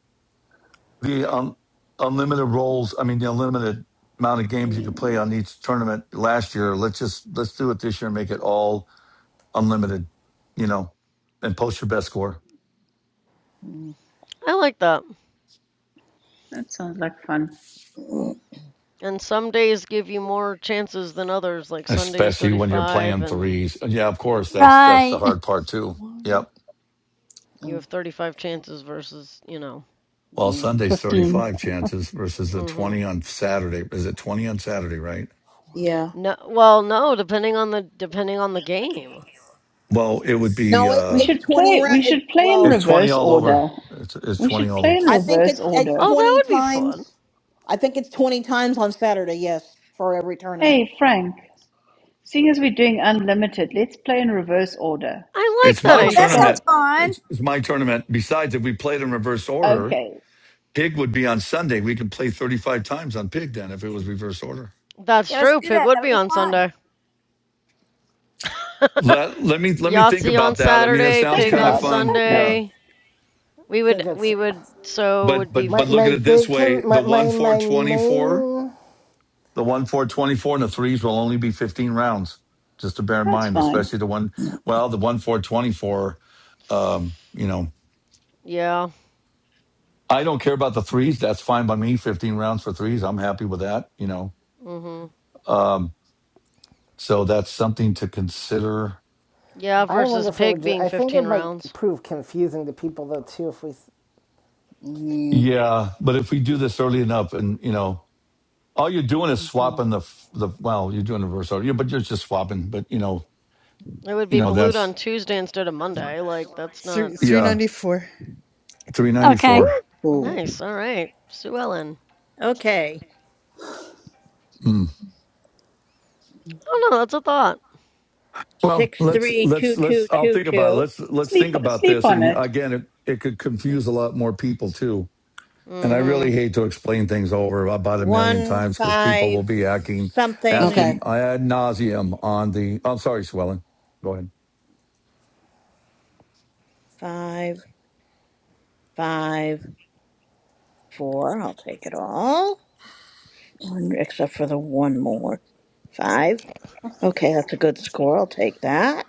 Speaker 1: the um, unlimited roles, I mean the unlimited amount of games you could
Speaker 7: Mm,
Speaker 1: play on each tournament last year. Let's just let's do it this year and make it all unlimited. You know, and post your best score,
Speaker 7: mm,
Speaker 4: I like that.
Speaker 15: that sounds like fun.
Speaker 7: mm,
Speaker 4: And some days give you more chances than others. Like
Speaker 8: Okay.
Speaker 4: Sunday is
Speaker 1: especially when you're
Speaker 4: 35
Speaker 1: playing
Speaker 4: and
Speaker 1: threes. And yeah, of course, that's that's the
Speaker 6: Right.
Speaker 1: hard part too.
Speaker 8: One,
Speaker 1: Yep.
Speaker 4: you
Speaker 7: mm,
Speaker 4: have 35
Speaker 8: take one.
Speaker 4: chances versus, you know.
Speaker 1: Well,
Speaker 8: Oops.
Speaker 7: mm.
Speaker 1: Sunday's
Speaker 15: 15.
Speaker 1: 35 chances versus the
Speaker 4: Mhm.
Speaker 1: 20 on Saturday. Is it 20 on Saturday, right?
Speaker 8: Four,
Speaker 7: Yeah.
Speaker 4: No, well, no, depending on the depending on the game.
Speaker 1: Well, it would
Speaker 8: six,
Speaker 1: be
Speaker 7: No, it's
Speaker 15: We
Speaker 1: uh
Speaker 7: it's
Speaker 15: should
Speaker 7: twenty
Speaker 15: play
Speaker 7: round.
Speaker 15: we
Speaker 7: It,
Speaker 15: should play in
Speaker 7: well,
Speaker 1: it's 20
Speaker 15: reverse
Speaker 1: all over.
Speaker 15: order.
Speaker 1: It's, it's
Speaker 15: We
Speaker 1: 20
Speaker 15: should play
Speaker 1: all.
Speaker 15: in
Speaker 7: I
Speaker 8: six,
Speaker 7: think
Speaker 15: reverse
Speaker 7: it's it's
Speaker 15: order.
Speaker 4: Oh, that
Speaker 7: twenty
Speaker 4: would be fun.
Speaker 7: times. I think it's 20 times on Saturday, yes, for every tournament.
Speaker 15: Hey Frank, seeing as we're doing unlimited, let's play in reverse order.
Speaker 4: I like
Speaker 1: It's
Speaker 4: that
Speaker 15: So
Speaker 1: my
Speaker 5: Oh,
Speaker 15: we
Speaker 5: that
Speaker 4: idea.
Speaker 15: start
Speaker 5: sounds
Speaker 1: tournament.
Speaker 5: fun.
Speaker 1: It's, it's my tournament. Besides, if we played in reverse order,
Speaker 15: okay.
Speaker 1: Pig would be on Sunday. We could play 35 times on Pig then if it was
Speaker 8: 18.
Speaker 1: reverse order.
Speaker 4: That's
Speaker 5: Yeah, let's
Speaker 4: true.
Speaker 5: do
Speaker 4: Pig
Speaker 5: that.
Speaker 4: would
Speaker 5: That'll
Speaker 4: be
Speaker 5: be
Speaker 4: on
Speaker 5: fun.
Speaker 4: Sunday.
Speaker 1: Let let me let me think
Speaker 4: Yahtzee on
Speaker 1: about that. I mean, it
Speaker 4: Saturday,
Speaker 1: sounds
Speaker 15: Think
Speaker 4: pig
Speaker 1: kind
Speaker 8: One,
Speaker 1: of
Speaker 4: on
Speaker 15: about it.
Speaker 1: fun.
Speaker 15: Okay.
Speaker 1: Yeah.
Speaker 4: Sunday.
Speaker 3: I
Speaker 4: We would
Speaker 3: think it's
Speaker 4: we would so it
Speaker 1: But
Speaker 4: would be
Speaker 1: but but
Speaker 3: my
Speaker 1: look
Speaker 3: my
Speaker 1: at it this
Speaker 3: big
Speaker 4: f-
Speaker 1: way,
Speaker 3: con-
Speaker 1: the
Speaker 3: my
Speaker 1: 1
Speaker 3: my
Speaker 1: 4
Speaker 3: my
Speaker 1: 24,
Speaker 3: main.
Speaker 1: the 1 4 24, and the threes will only be 15 rounds. Just to bear in
Speaker 15: That's
Speaker 1: mind,
Speaker 15: fine.
Speaker 1: especially the one well, the 1 4 24. um, you know,
Speaker 4: yeah.
Speaker 1: I don't care about the threes. That's fine by me. 15 rounds for threes. I'm happy with that, you know.
Speaker 4: Mhm.
Speaker 1: Um So that's something to consider.
Speaker 4: Yeah,
Speaker 3: I
Speaker 8: okay,
Speaker 3: wonder
Speaker 4: versus
Speaker 3: if it
Speaker 8: five,
Speaker 3: would.
Speaker 4: pig
Speaker 3: Just,
Speaker 4: being
Speaker 3: I think it
Speaker 4: 15
Speaker 3: might
Speaker 4: rounds.
Speaker 3: prove confusing to people though too if we.
Speaker 7: Mm,
Speaker 1: Yeah, but if we do this early enough, and you know, all you're doing is
Speaker 8: 18.
Speaker 1: swapping the f- the well, you're doing reverse order, yeah, but you're just swapping. But you know,
Speaker 4: It would
Speaker 1: you
Speaker 4: be
Speaker 1: know
Speaker 4: Balut
Speaker 1: that's
Speaker 4: on Tuesday instead of Monday. Like, that's not
Speaker 8: Three,
Speaker 1: yeah,
Speaker 8: 394.
Speaker 1: three ninety
Speaker 6: Okay.
Speaker 1: four.
Speaker 7: ooh.
Speaker 8: Yeah.
Speaker 4: nice. All right. Sue Ellen.
Speaker 14: Okay.
Speaker 1: Mm.
Speaker 8: Mm.
Speaker 4: Oh no, That's a thought.
Speaker 1: Well,
Speaker 14: Six
Speaker 1: let's
Speaker 14: three
Speaker 1: let's
Speaker 14: two two
Speaker 1: let's. I'll
Speaker 14: two
Speaker 1: think about it.
Speaker 14: two
Speaker 1: Let's let's
Speaker 15: Sleep
Speaker 1: think about
Speaker 15: sleep
Speaker 1: this.
Speaker 15: on
Speaker 1: And
Speaker 15: it.
Speaker 1: again, it, it could confuse a lot more people too. And
Speaker 4: Mm
Speaker 1: I
Speaker 4: hmm.
Speaker 1: really hate to explain things over about a million
Speaker 14: one
Speaker 1: times because people will
Speaker 14: five
Speaker 1: be acting,
Speaker 14: something
Speaker 1: asking
Speaker 7: Okay.
Speaker 1: ad nauseum on the. I'm sorry, Swellen. Go ahead.
Speaker 14: five five four. I'll take it all. One except for the one more five. Okay, that's a good score. I'll take that.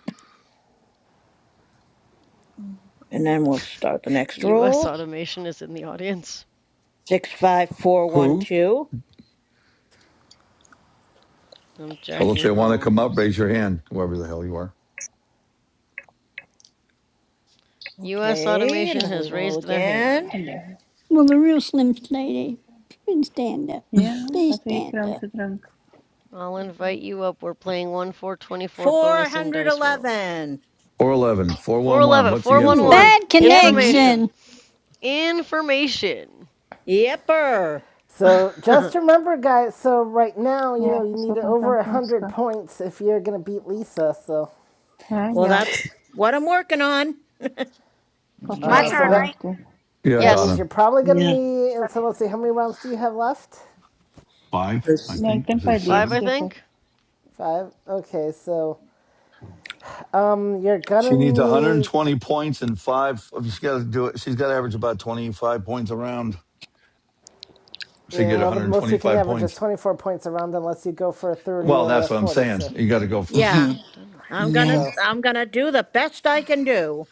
Speaker 14: And then we'll start the next
Speaker 4: U.S.
Speaker 14: roll.
Speaker 4: Automation is in the audience.
Speaker 14: Six, five, four, one,
Speaker 1: Who?
Speaker 14: two.
Speaker 4: I'm
Speaker 1: Well, if
Speaker 4: Jackie
Speaker 1: they want to come up,
Speaker 4: Holmes.
Speaker 1: raise your hand, whoever the hell you are.
Speaker 4: U.S.
Speaker 14: Okay, and
Speaker 4: Automation
Speaker 14: then we
Speaker 4: has
Speaker 14: roll
Speaker 4: raised their
Speaker 14: again.
Speaker 4: hand.
Speaker 15: Hello.
Speaker 6: Will the real Slim Shady should stand up.
Speaker 15: Yeah.
Speaker 6: Please
Speaker 15: wat wil je
Speaker 6: stand
Speaker 15: kram
Speaker 6: up.
Speaker 15: te drinken?
Speaker 4: I'll invite you up. We're playing 1424 bonus in Dice World.
Speaker 14: 411.
Speaker 1: Four eleven, four one one.
Speaker 4: 411,
Speaker 1: what's the info?
Speaker 7: Ooh.
Speaker 4: 411.
Speaker 6: Bad
Speaker 14: Yep,
Speaker 15: Hm?
Speaker 4: Information.
Speaker 6: connection.
Speaker 4: Information.
Speaker 14: yepper.
Speaker 3: So
Speaker 4: it's
Speaker 3: just remember, guys. So right now, you
Speaker 15: Ja,
Speaker 3: know,
Speaker 15: ek
Speaker 3: you
Speaker 15: is
Speaker 3: need
Speaker 15: reg,
Speaker 3: over a
Speaker 15: dankie my
Speaker 3: hundred
Speaker 15: skat.
Speaker 3: points if you're gonna beat Lisa. So,
Speaker 15: Hè,
Speaker 14: Well,
Speaker 15: ja.
Speaker 14: that's what I'm working on.
Speaker 15: Papa
Speaker 5: My
Speaker 3: uh,
Speaker 15: se
Speaker 4: true.
Speaker 3: so
Speaker 5: turn,
Speaker 15: kamer
Speaker 3: that
Speaker 5: right?
Speaker 15: toe.
Speaker 1: Yeah,
Speaker 3: that means
Speaker 4: Yes.
Speaker 1: Donna.
Speaker 3: you're probably gonna
Speaker 7: Yeah.
Speaker 3: need. And so let's see, how many rounds do you have left?
Speaker 1: Five, I
Speaker 7: There's-
Speaker 15: Nee,
Speaker 1: think.
Speaker 15: ek
Speaker 1: Is
Speaker 15: dink hy
Speaker 1: it
Speaker 4: Five,
Speaker 15: lees
Speaker 4: I
Speaker 1: seven?
Speaker 15: seker.
Speaker 4: think.
Speaker 3: Five. Okay, so um, you're
Speaker 1: She
Speaker 3: gonna
Speaker 1: needs
Speaker 3: need
Speaker 1: 120 points and five. oh, She's got to do it. She's got to average about 25 points around to
Speaker 3: Yeah,
Speaker 1: get
Speaker 3: well, the most he can
Speaker 1: 125
Speaker 3: average is
Speaker 1: points.
Speaker 3: 24 points around unless you go for a 30
Speaker 1: Well,
Speaker 3: or
Speaker 1: that's
Speaker 3: a
Speaker 1: what I'm
Speaker 3: 40.
Speaker 1: saying.
Speaker 3: So,
Speaker 1: You got
Speaker 4: Why
Speaker 1: to go
Speaker 4: are
Speaker 1: for,
Speaker 4: these
Speaker 14: Yeah,
Speaker 4: not
Speaker 7: Mhm.
Speaker 4: done
Speaker 14: I'm
Speaker 4: right?
Speaker 14: gonna,
Speaker 7: Yeah.
Speaker 3: so
Speaker 14: I'm gonna do the best I can do,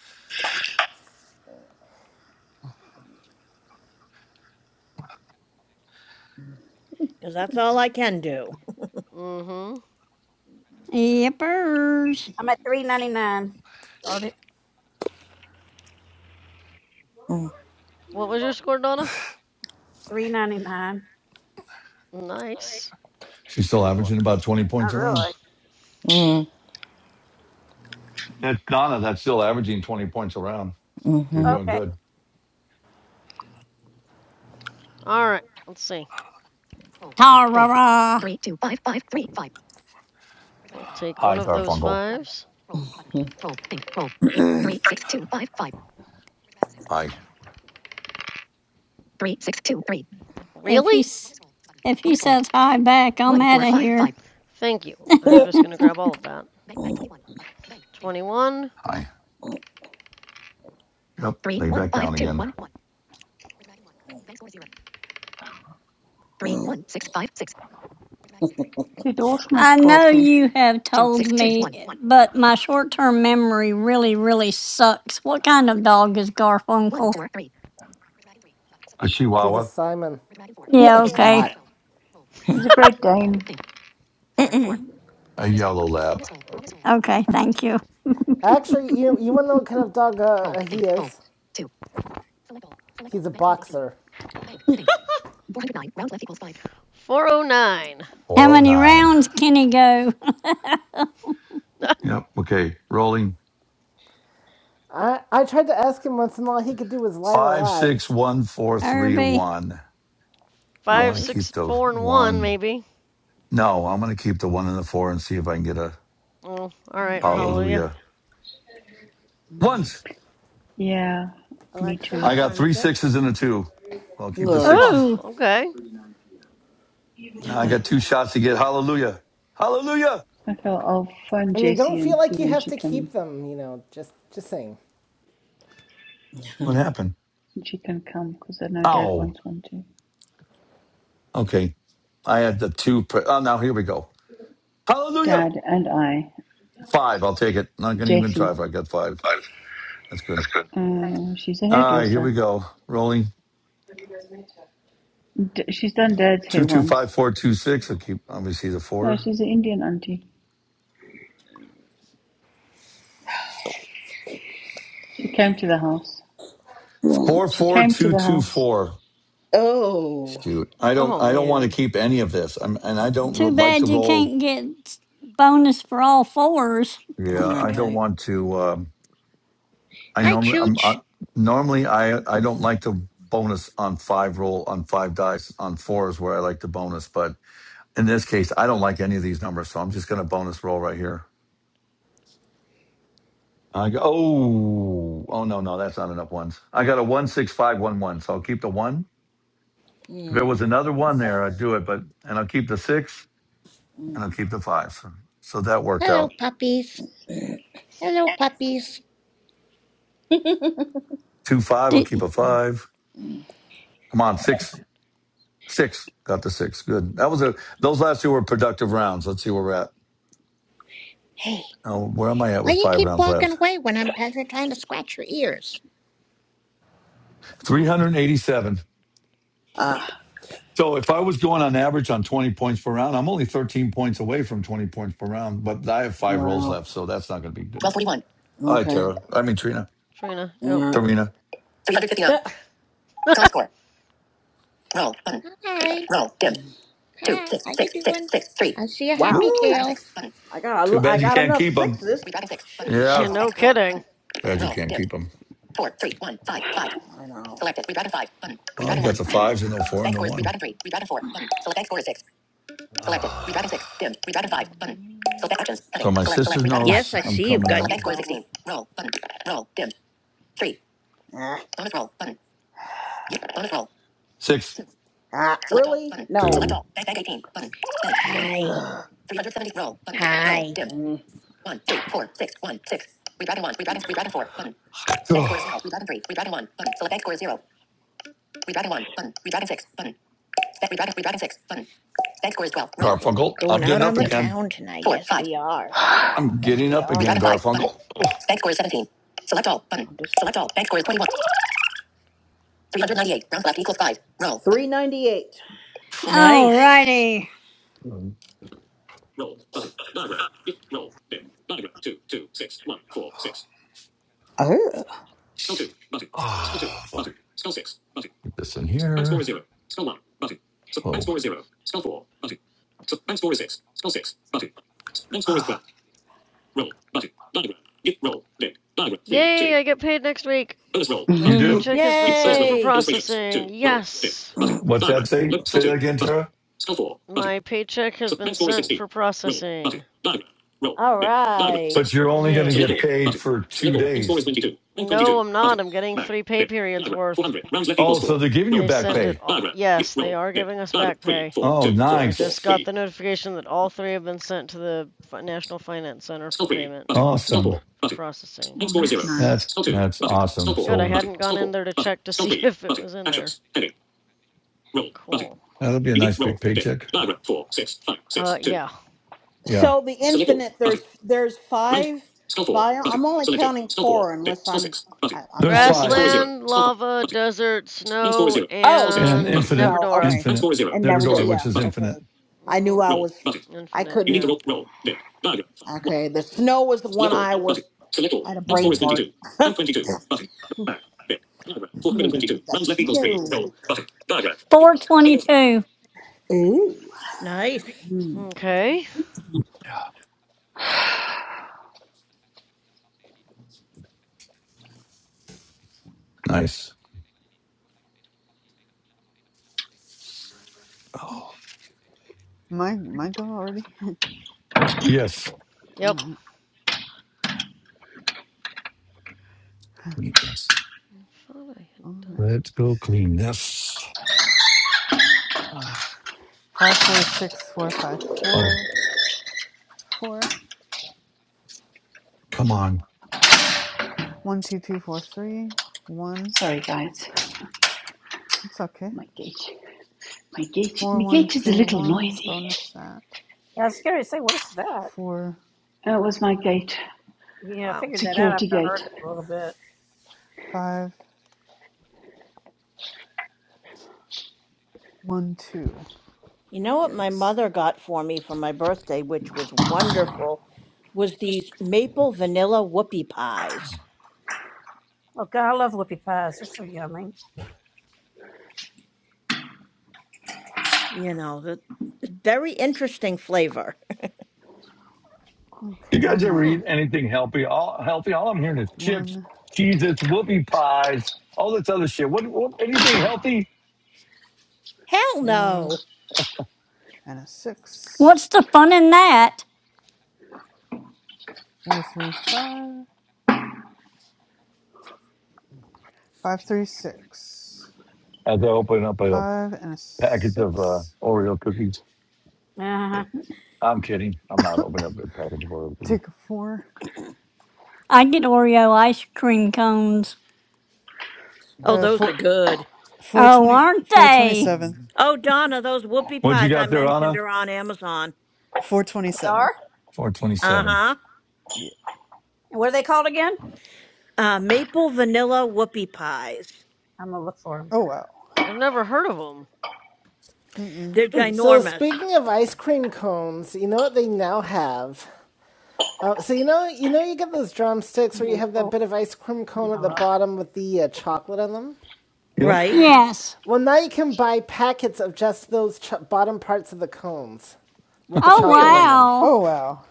Speaker 14: because that's all I can do.
Speaker 4: Mm-hmm.
Speaker 6: Yippers.
Speaker 5: I'm at three ninety nine. Darn it.
Speaker 7: Mm,
Speaker 4: What was your score, Donna?
Speaker 5: Three ninety nine.
Speaker 4: Nice.
Speaker 1: she's still averaging about 20
Speaker 5: Oh,
Speaker 1: points around.
Speaker 5: really?
Speaker 7: mm,
Speaker 1: That's Donna. That's still averaging 20 points around. You're
Speaker 7: mhm.
Speaker 1: doing
Speaker 5: Okay.
Speaker 1: good.
Speaker 4: All right. Let's see.
Speaker 6: Ha!
Speaker 4: I'll take one
Speaker 1: Hi,
Speaker 4: of those
Speaker 1: Garfunkel.
Speaker 4: fives.
Speaker 1: Hi.
Speaker 6: If
Speaker 4: Really?
Speaker 6: he's if he says hi back, I'm out of here.
Speaker 4: Thank you.
Speaker 7: Yeah.
Speaker 4: I'm just gonna grab all of that. 21,
Speaker 1: Hi. Yep. Lay back down again.
Speaker 15: Sê dors my
Speaker 6: I know
Speaker 15: skapie.
Speaker 6: you have told me, but my short term memory really, really sucks. What kind of dog is Garfunkel?
Speaker 1: A
Speaker 3: he's a
Speaker 1: Chihuahua,
Speaker 3: Simon.
Speaker 7: No,
Speaker 6: Yeah,
Speaker 7: he's
Speaker 6: okay.
Speaker 7: not.
Speaker 15: He's a great Dane.
Speaker 7: Mm-mm.
Speaker 1: a yellow lab.
Speaker 6: Okay, thank you.
Speaker 3: Actually, you you want to know what kind of dog uh, he is? He's a boxer.
Speaker 4: 409.
Speaker 6: How many
Speaker 1: 409.
Speaker 6: rounds can he go?
Speaker 1: Yep. Okay. Rolling.
Speaker 3: I I tried to ask him once, and all he could do was lie, la lie.
Speaker 6: Herbie.
Speaker 1: 561431. I'm
Speaker 4: Five,
Speaker 1: going to keep
Speaker 4: six,
Speaker 3: Yes.
Speaker 1: the
Speaker 4: four, and one,
Speaker 1: one.
Speaker 4: maybe.
Speaker 1: No, I'm going to keep the one and the four and see if I can get a
Speaker 4: Oh, all right. Hallelujah.
Speaker 1: hallelujah.
Speaker 7: Mm.
Speaker 1: Once.
Speaker 15: Yeah, me
Speaker 14: Alexa,
Speaker 15: too.
Speaker 1: I
Speaker 14: what
Speaker 1: got
Speaker 14: time
Speaker 1: three
Speaker 14: is it?
Speaker 1: sixes and a two. Well, I'll keep the
Speaker 7: Ugh.
Speaker 4: Oh,
Speaker 1: sixes.
Speaker 6: Ooh.
Speaker 4: okay.
Speaker 1: Now I got two shots to get hallelujah. Hallelujah.
Speaker 15: I feel I'll phone
Speaker 3: I mean,
Speaker 15: Jessie
Speaker 3: don't feel
Speaker 15: and see
Speaker 3: like you
Speaker 15: when
Speaker 3: have
Speaker 15: she
Speaker 3: to keep
Speaker 15: can
Speaker 3: them. You know, just just saying.
Speaker 1: What happened?
Speaker 15: when she can come because I know Dad
Speaker 1: Oh.
Speaker 15: wants one too.
Speaker 1: Okay. I had the two. Pre- oh, now here we go. Hallelujah.
Speaker 15: Dad and I,
Speaker 1: Five. I'll take it. Not going to even try
Speaker 15: Jessie.
Speaker 1: if I got five. That's good.
Speaker 15: Uh, she's a
Speaker 1: All right. Here we
Speaker 15: hairdresser.
Speaker 1: go. Rolling.
Speaker 15: D- she's done Dad's
Speaker 1: Two
Speaker 15: hair
Speaker 1: two
Speaker 15: once.
Speaker 1: five four two six. I keep obviously the
Speaker 15: Yeah,
Speaker 1: four.
Speaker 15: she's an Indian auntie. She came to the house.
Speaker 1: Four
Speaker 15: She
Speaker 1: four
Speaker 15: came to
Speaker 1: two
Speaker 15: the
Speaker 1: two
Speaker 15: house.
Speaker 1: four.
Speaker 7: Oh.
Speaker 1: Shoot, I don't.
Speaker 4: Oh
Speaker 1: I don't want to
Speaker 4: man,
Speaker 1: keep any of this. I'm, and I don't ro-
Speaker 6: Too
Speaker 1: like to
Speaker 6: bad you
Speaker 1: roll.
Speaker 6: can't get bonus for all fours.
Speaker 1: Yeah,
Speaker 7: All
Speaker 1: I don't
Speaker 7: right.
Speaker 1: want to. Um, I
Speaker 14: Hi,
Speaker 1: normally. I'm
Speaker 14: Chooch.
Speaker 1: I, normally. I. I don't like to bonus on five roll on five dice on fours where I like to bonus. But in this case, I don't like any of these numbers, so I'm just going to bonus roll right here. I go. Oh, oh no, no, that's not enough ones. I got a one six five one one, so I'll keep the one. If there
Speaker 7: Mm.
Speaker 1: was another one there, I'd do it, but and I'll keep the six
Speaker 7: mm.
Speaker 1: and I'll keep the five. So, so that worked
Speaker 14: Hello,
Speaker 1: out.
Speaker 14: puppies. Hello, puppies.
Speaker 1: Two five, I'll keep
Speaker 6: Did,
Speaker 1: a five. Come on, six, six. Got the six. Good. That was a. Those last two were productive rounds. Let's see where we're at.
Speaker 14: Hey,
Speaker 1: Oh, where am I at
Speaker 14: why
Speaker 1: with
Speaker 14: you
Speaker 1: five
Speaker 14: keep
Speaker 1: rounds
Speaker 14: walking
Speaker 1: left?
Speaker 14: away when I'm trying to scratch your ears?
Speaker 1: Three hundred eighty-seven. So if I was going on average on twenty points per round, I'm only thirteen points away from twenty points per round. But I have five rolls
Speaker 7: Wow.
Speaker 1: left, so that's not going to be good
Speaker 7: Twelve
Speaker 1: enough.
Speaker 7: forty-one.
Speaker 1: All right,
Speaker 7: Okay.
Speaker 1: Tara. I mean Trina.
Speaker 4: Trina. Yep.
Speaker 7: Yeah.
Speaker 1: Tarina.
Speaker 7: Three hundred fifty-nine. Current score. Roll button. Roll dim. two, six, six, six, six, three. Wow.
Speaker 1: Woo!
Speaker 7: Redragon six button. I got a,
Speaker 1: Too
Speaker 7: l- I
Speaker 1: bad you
Speaker 7: got
Speaker 1: can't
Speaker 7: enough
Speaker 1: keep them.
Speaker 7: sixes. Redragon six button.
Speaker 4: Yeah,
Speaker 1: Yeah.
Speaker 7: So
Speaker 4: no
Speaker 7: bank roll
Speaker 4: kidding.
Speaker 7: button.
Speaker 1: Glad you
Speaker 7: Roll
Speaker 1: can't
Speaker 7: dim.
Speaker 1: keep them.
Speaker 7: Four, three, one, five, five. I know. Selected. Redragon five button.
Speaker 1: Well, you
Speaker 7: Redragon
Speaker 1: got
Speaker 7: one
Speaker 1: the
Speaker 7: button.
Speaker 1: fives and the four and
Speaker 7: Bank
Speaker 1: the
Speaker 7: score is
Speaker 1: one.
Speaker 7: redragon three. Redragon four button. Select bank score is six. Selected. Redragon six dim. Redragon five button. Select actions
Speaker 1: So
Speaker 7: heading.
Speaker 1: my
Speaker 7: Select
Speaker 1: sister
Speaker 7: select redragon five
Speaker 14: Yes,
Speaker 1: knows
Speaker 14: I
Speaker 7: button.
Speaker 1: I'm
Speaker 14: see you've
Speaker 1: coming
Speaker 14: got
Speaker 7: Select
Speaker 1: out.
Speaker 14: your
Speaker 7: bank score is
Speaker 14: bone.
Speaker 7: sixteen. Roll button. Roll dim. Three. Ah. Bonus roll button. Bonus roll.
Speaker 1: Six,
Speaker 7: Two. Ah, Select all. really? All, Button. No. Select
Speaker 1: two.
Speaker 7: all. Bank, bank 18. Button. Bank. Dim.
Speaker 14: Hi,
Speaker 7: 370. Roll. Button. Roll.
Speaker 14: hi.
Speaker 7: Dim. Mm. 1, 3, 4, 6, 1, 6. Redragon 1. Redragon 3. Redragon 4. Button. Bank score is 0.
Speaker 1: Oh,
Speaker 7: Redragon 3. Redragon 1. Button. Select bank score is 0. Redragon 1. Button. Redragon 6. Button. Bank. Redragon. Redragon 6. Button. Bank score is 12. Roll.
Speaker 14: We're
Speaker 1: Garfunkel, I'm
Speaker 14: going
Speaker 7: Roll.
Speaker 14: out
Speaker 1: getting
Speaker 14: on
Speaker 1: up
Speaker 14: the
Speaker 7: Dim.
Speaker 1: again.
Speaker 14: town tonight.
Speaker 7: 4,
Speaker 14: Yes,
Speaker 7: 5.
Speaker 14: we are.
Speaker 1: I'm, I'm
Speaker 14: Yes,
Speaker 1: getting
Speaker 14: we
Speaker 1: up
Speaker 14: are.
Speaker 1: again,
Speaker 7: Redragon 5. Button.
Speaker 1: Garfunkel. Oh,
Speaker 7: Bank score is 17. Select all. Button. Select all. Bank score is 21. 398. Round left equals 5. Roll. 398.
Speaker 14: Nice.
Speaker 6: alrighty.
Speaker 7: Oh.
Speaker 1: oh boy. Get this in here. Oh.
Speaker 4: Yay! I get paid next week. My
Speaker 1: You do?
Speaker 4: paycheck has been sent for
Speaker 14: Yay!
Speaker 4: processing. Yes.
Speaker 1: What's that say? Say that again, Tara.
Speaker 4: My paycheck has been sent for processing.
Speaker 14: All right.
Speaker 1: But you're only going to get
Speaker 4: Yay.
Speaker 1: paid for two days.
Speaker 4: No, I'm not. I'm getting three pay periods worth.
Speaker 1: Oh, so they're giving you
Speaker 4: They
Speaker 1: back
Speaker 4: sent it
Speaker 1: pay.
Speaker 4: all. Yes, they are giving us back pay.
Speaker 1: Oh,
Speaker 4: I just
Speaker 1: nice.
Speaker 4: got the notification that all three have been sent to the National Finance Center for payment
Speaker 1: Awesome.
Speaker 4: for processing.
Speaker 15: Oh, that's
Speaker 4: Yes.
Speaker 15: nice.
Speaker 1: That's, that's awesome.
Speaker 4: Good. I
Speaker 1: So
Speaker 4: hadn't gone in there to check to see if it was in there. Cool.
Speaker 1: That'll be a nice big paycheck.
Speaker 4: Uh, yeah.
Speaker 1: Yeah.
Speaker 7: So the infinite, there's there's five bio. I'm only counting four unless I'm I, I'm
Speaker 1: There's
Speaker 7: having a
Speaker 1: five
Speaker 7: brain.
Speaker 4: Grassland, lava, desert, snow,
Speaker 7: Oh
Speaker 1: and
Speaker 4: and
Speaker 1: infinite,
Speaker 7: no,
Speaker 4: Neverdora.
Speaker 7: okay,
Speaker 1: infinite,
Speaker 7: and never do.
Speaker 1: Neverdor, which
Speaker 7: Yeah,
Speaker 1: is infinite.
Speaker 7: okay. I knew
Speaker 4: Mm-hmm.
Speaker 7: I was. I
Speaker 4: Infinite,
Speaker 7: couldn't.
Speaker 4: yeah.
Speaker 7: Okay, the snow was the one I was. I had a brain
Speaker 1: Mm.
Speaker 7: fart. Hmm. The snow.
Speaker 6: 422.
Speaker 7: Ooh.
Speaker 14: Nice.
Speaker 7: Hmm.
Speaker 4: Okay.
Speaker 1: Nice.
Speaker 8: My, my go already?
Speaker 1: Yes.
Speaker 8: All
Speaker 4: Yep.
Speaker 8: right.
Speaker 4: I thought I had
Speaker 8: All right.
Speaker 4: done something else.
Speaker 8: Five four six four five four four five, four, four. One, two, two, four, three, one.
Speaker 15: Sorry, guys.
Speaker 8: It's okay.
Speaker 15: My gate. My gate.
Speaker 8: Four
Speaker 15: My
Speaker 8: one
Speaker 15: gate is a
Speaker 8: three
Speaker 15: little
Speaker 8: one.
Speaker 15: noisy.
Speaker 8: Bonus that.
Speaker 5: Yeah, I was scared to say, what is that?
Speaker 8: Four
Speaker 15: That was my gate.
Speaker 4: But...
Speaker 5: Yeah, I
Speaker 4: Wow.
Speaker 5: figured that out
Speaker 15: Security
Speaker 5: after I heard
Speaker 15: gate.
Speaker 5: it a little
Speaker 8: four
Speaker 5: bit.
Speaker 8: five one two.
Speaker 14: You know what my
Speaker 8: Yikes.
Speaker 14: mother got for me for my birthday, which was wonderful, was these maple vanilla whoopie pies.
Speaker 5: Look, I love whoopie pies. They're so yummy.
Speaker 14: You know, the very interesting flavor.
Speaker 1: You
Speaker 8: Okay,
Speaker 1: guys
Speaker 8: one
Speaker 1: ever
Speaker 8: more.
Speaker 4: Hmm.
Speaker 1: eat anything healthy? All healthy. All I'm hearing is chips,
Speaker 8: One
Speaker 1: cheeses, whoopie pies, all this other shit. What, what anything healthy?
Speaker 14: Hell
Speaker 8: four
Speaker 14: no.
Speaker 8: and a six.
Speaker 6: What's the fun in that?
Speaker 8: Four three five five three six
Speaker 1: As I open up a
Speaker 8: five and a
Speaker 1: package of uh,
Speaker 8: six.
Speaker 1: Oreo cookies.
Speaker 5: Uh-huh.
Speaker 1: I'm kidding. I'm not opening up a package of Oreo cookies.
Speaker 8: Take a four.
Speaker 6: I get Oreo ice cream cones.
Speaker 14: Oh,
Speaker 8: Uh,
Speaker 14: those are
Speaker 8: four
Speaker 14: good.
Speaker 8: four
Speaker 6: Oh,
Speaker 8: twenty
Speaker 6: aren't
Speaker 8: four twenty
Speaker 6: they?
Speaker 8: seven.
Speaker 14: Oh, Donna, those whoopie
Speaker 1: What you
Speaker 14: pies I
Speaker 1: got there,
Speaker 14: mentioned
Speaker 1: Anna?
Speaker 14: are on Amazon.
Speaker 5: They
Speaker 8: 427.
Speaker 5: are?
Speaker 14: Uh
Speaker 1: 427.
Speaker 14: huh.
Speaker 8: Yeah.
Speaker 5: And what are they called again?
Speaker 14: Uh, maple vanilla whoopie pies.
Speaker 5: I'm going to look for them.
Speaker 8: Oh wow.
Speaker 4: I've never heard of them.
Speaker 8: Mm-mm.
Speaker 14: They're
Speaker 3: So
Speaker 14: ginormous,
Speaker 3: speaking of ice cream cones, you know what they now have? Uh, so you know you know you get those drumsticks where you have that
Speaker 5: Maple.
Speaker 3: bit of ice cream cone at
Speaker 5: I
Speaker 3: the
Speaker 5: love
Speaker 3: bottom with the uh,
Speaker 5: whoopie.
Speaker 3: chocolate on them.
Speaker 1: Yep.
Speaker 14: right?
Speaker 4: hmm
Speaker 6: Yes.
Speaker 3: Well, now you can buy packets of just those ch- bottom parts of the cones with the
Speaker 6: Oh,
Speaker 3: chocolate in
Speaker 4: Really?
Speaker 3: them.
Speaker 6: wow.
Speaker 8: Oh wow.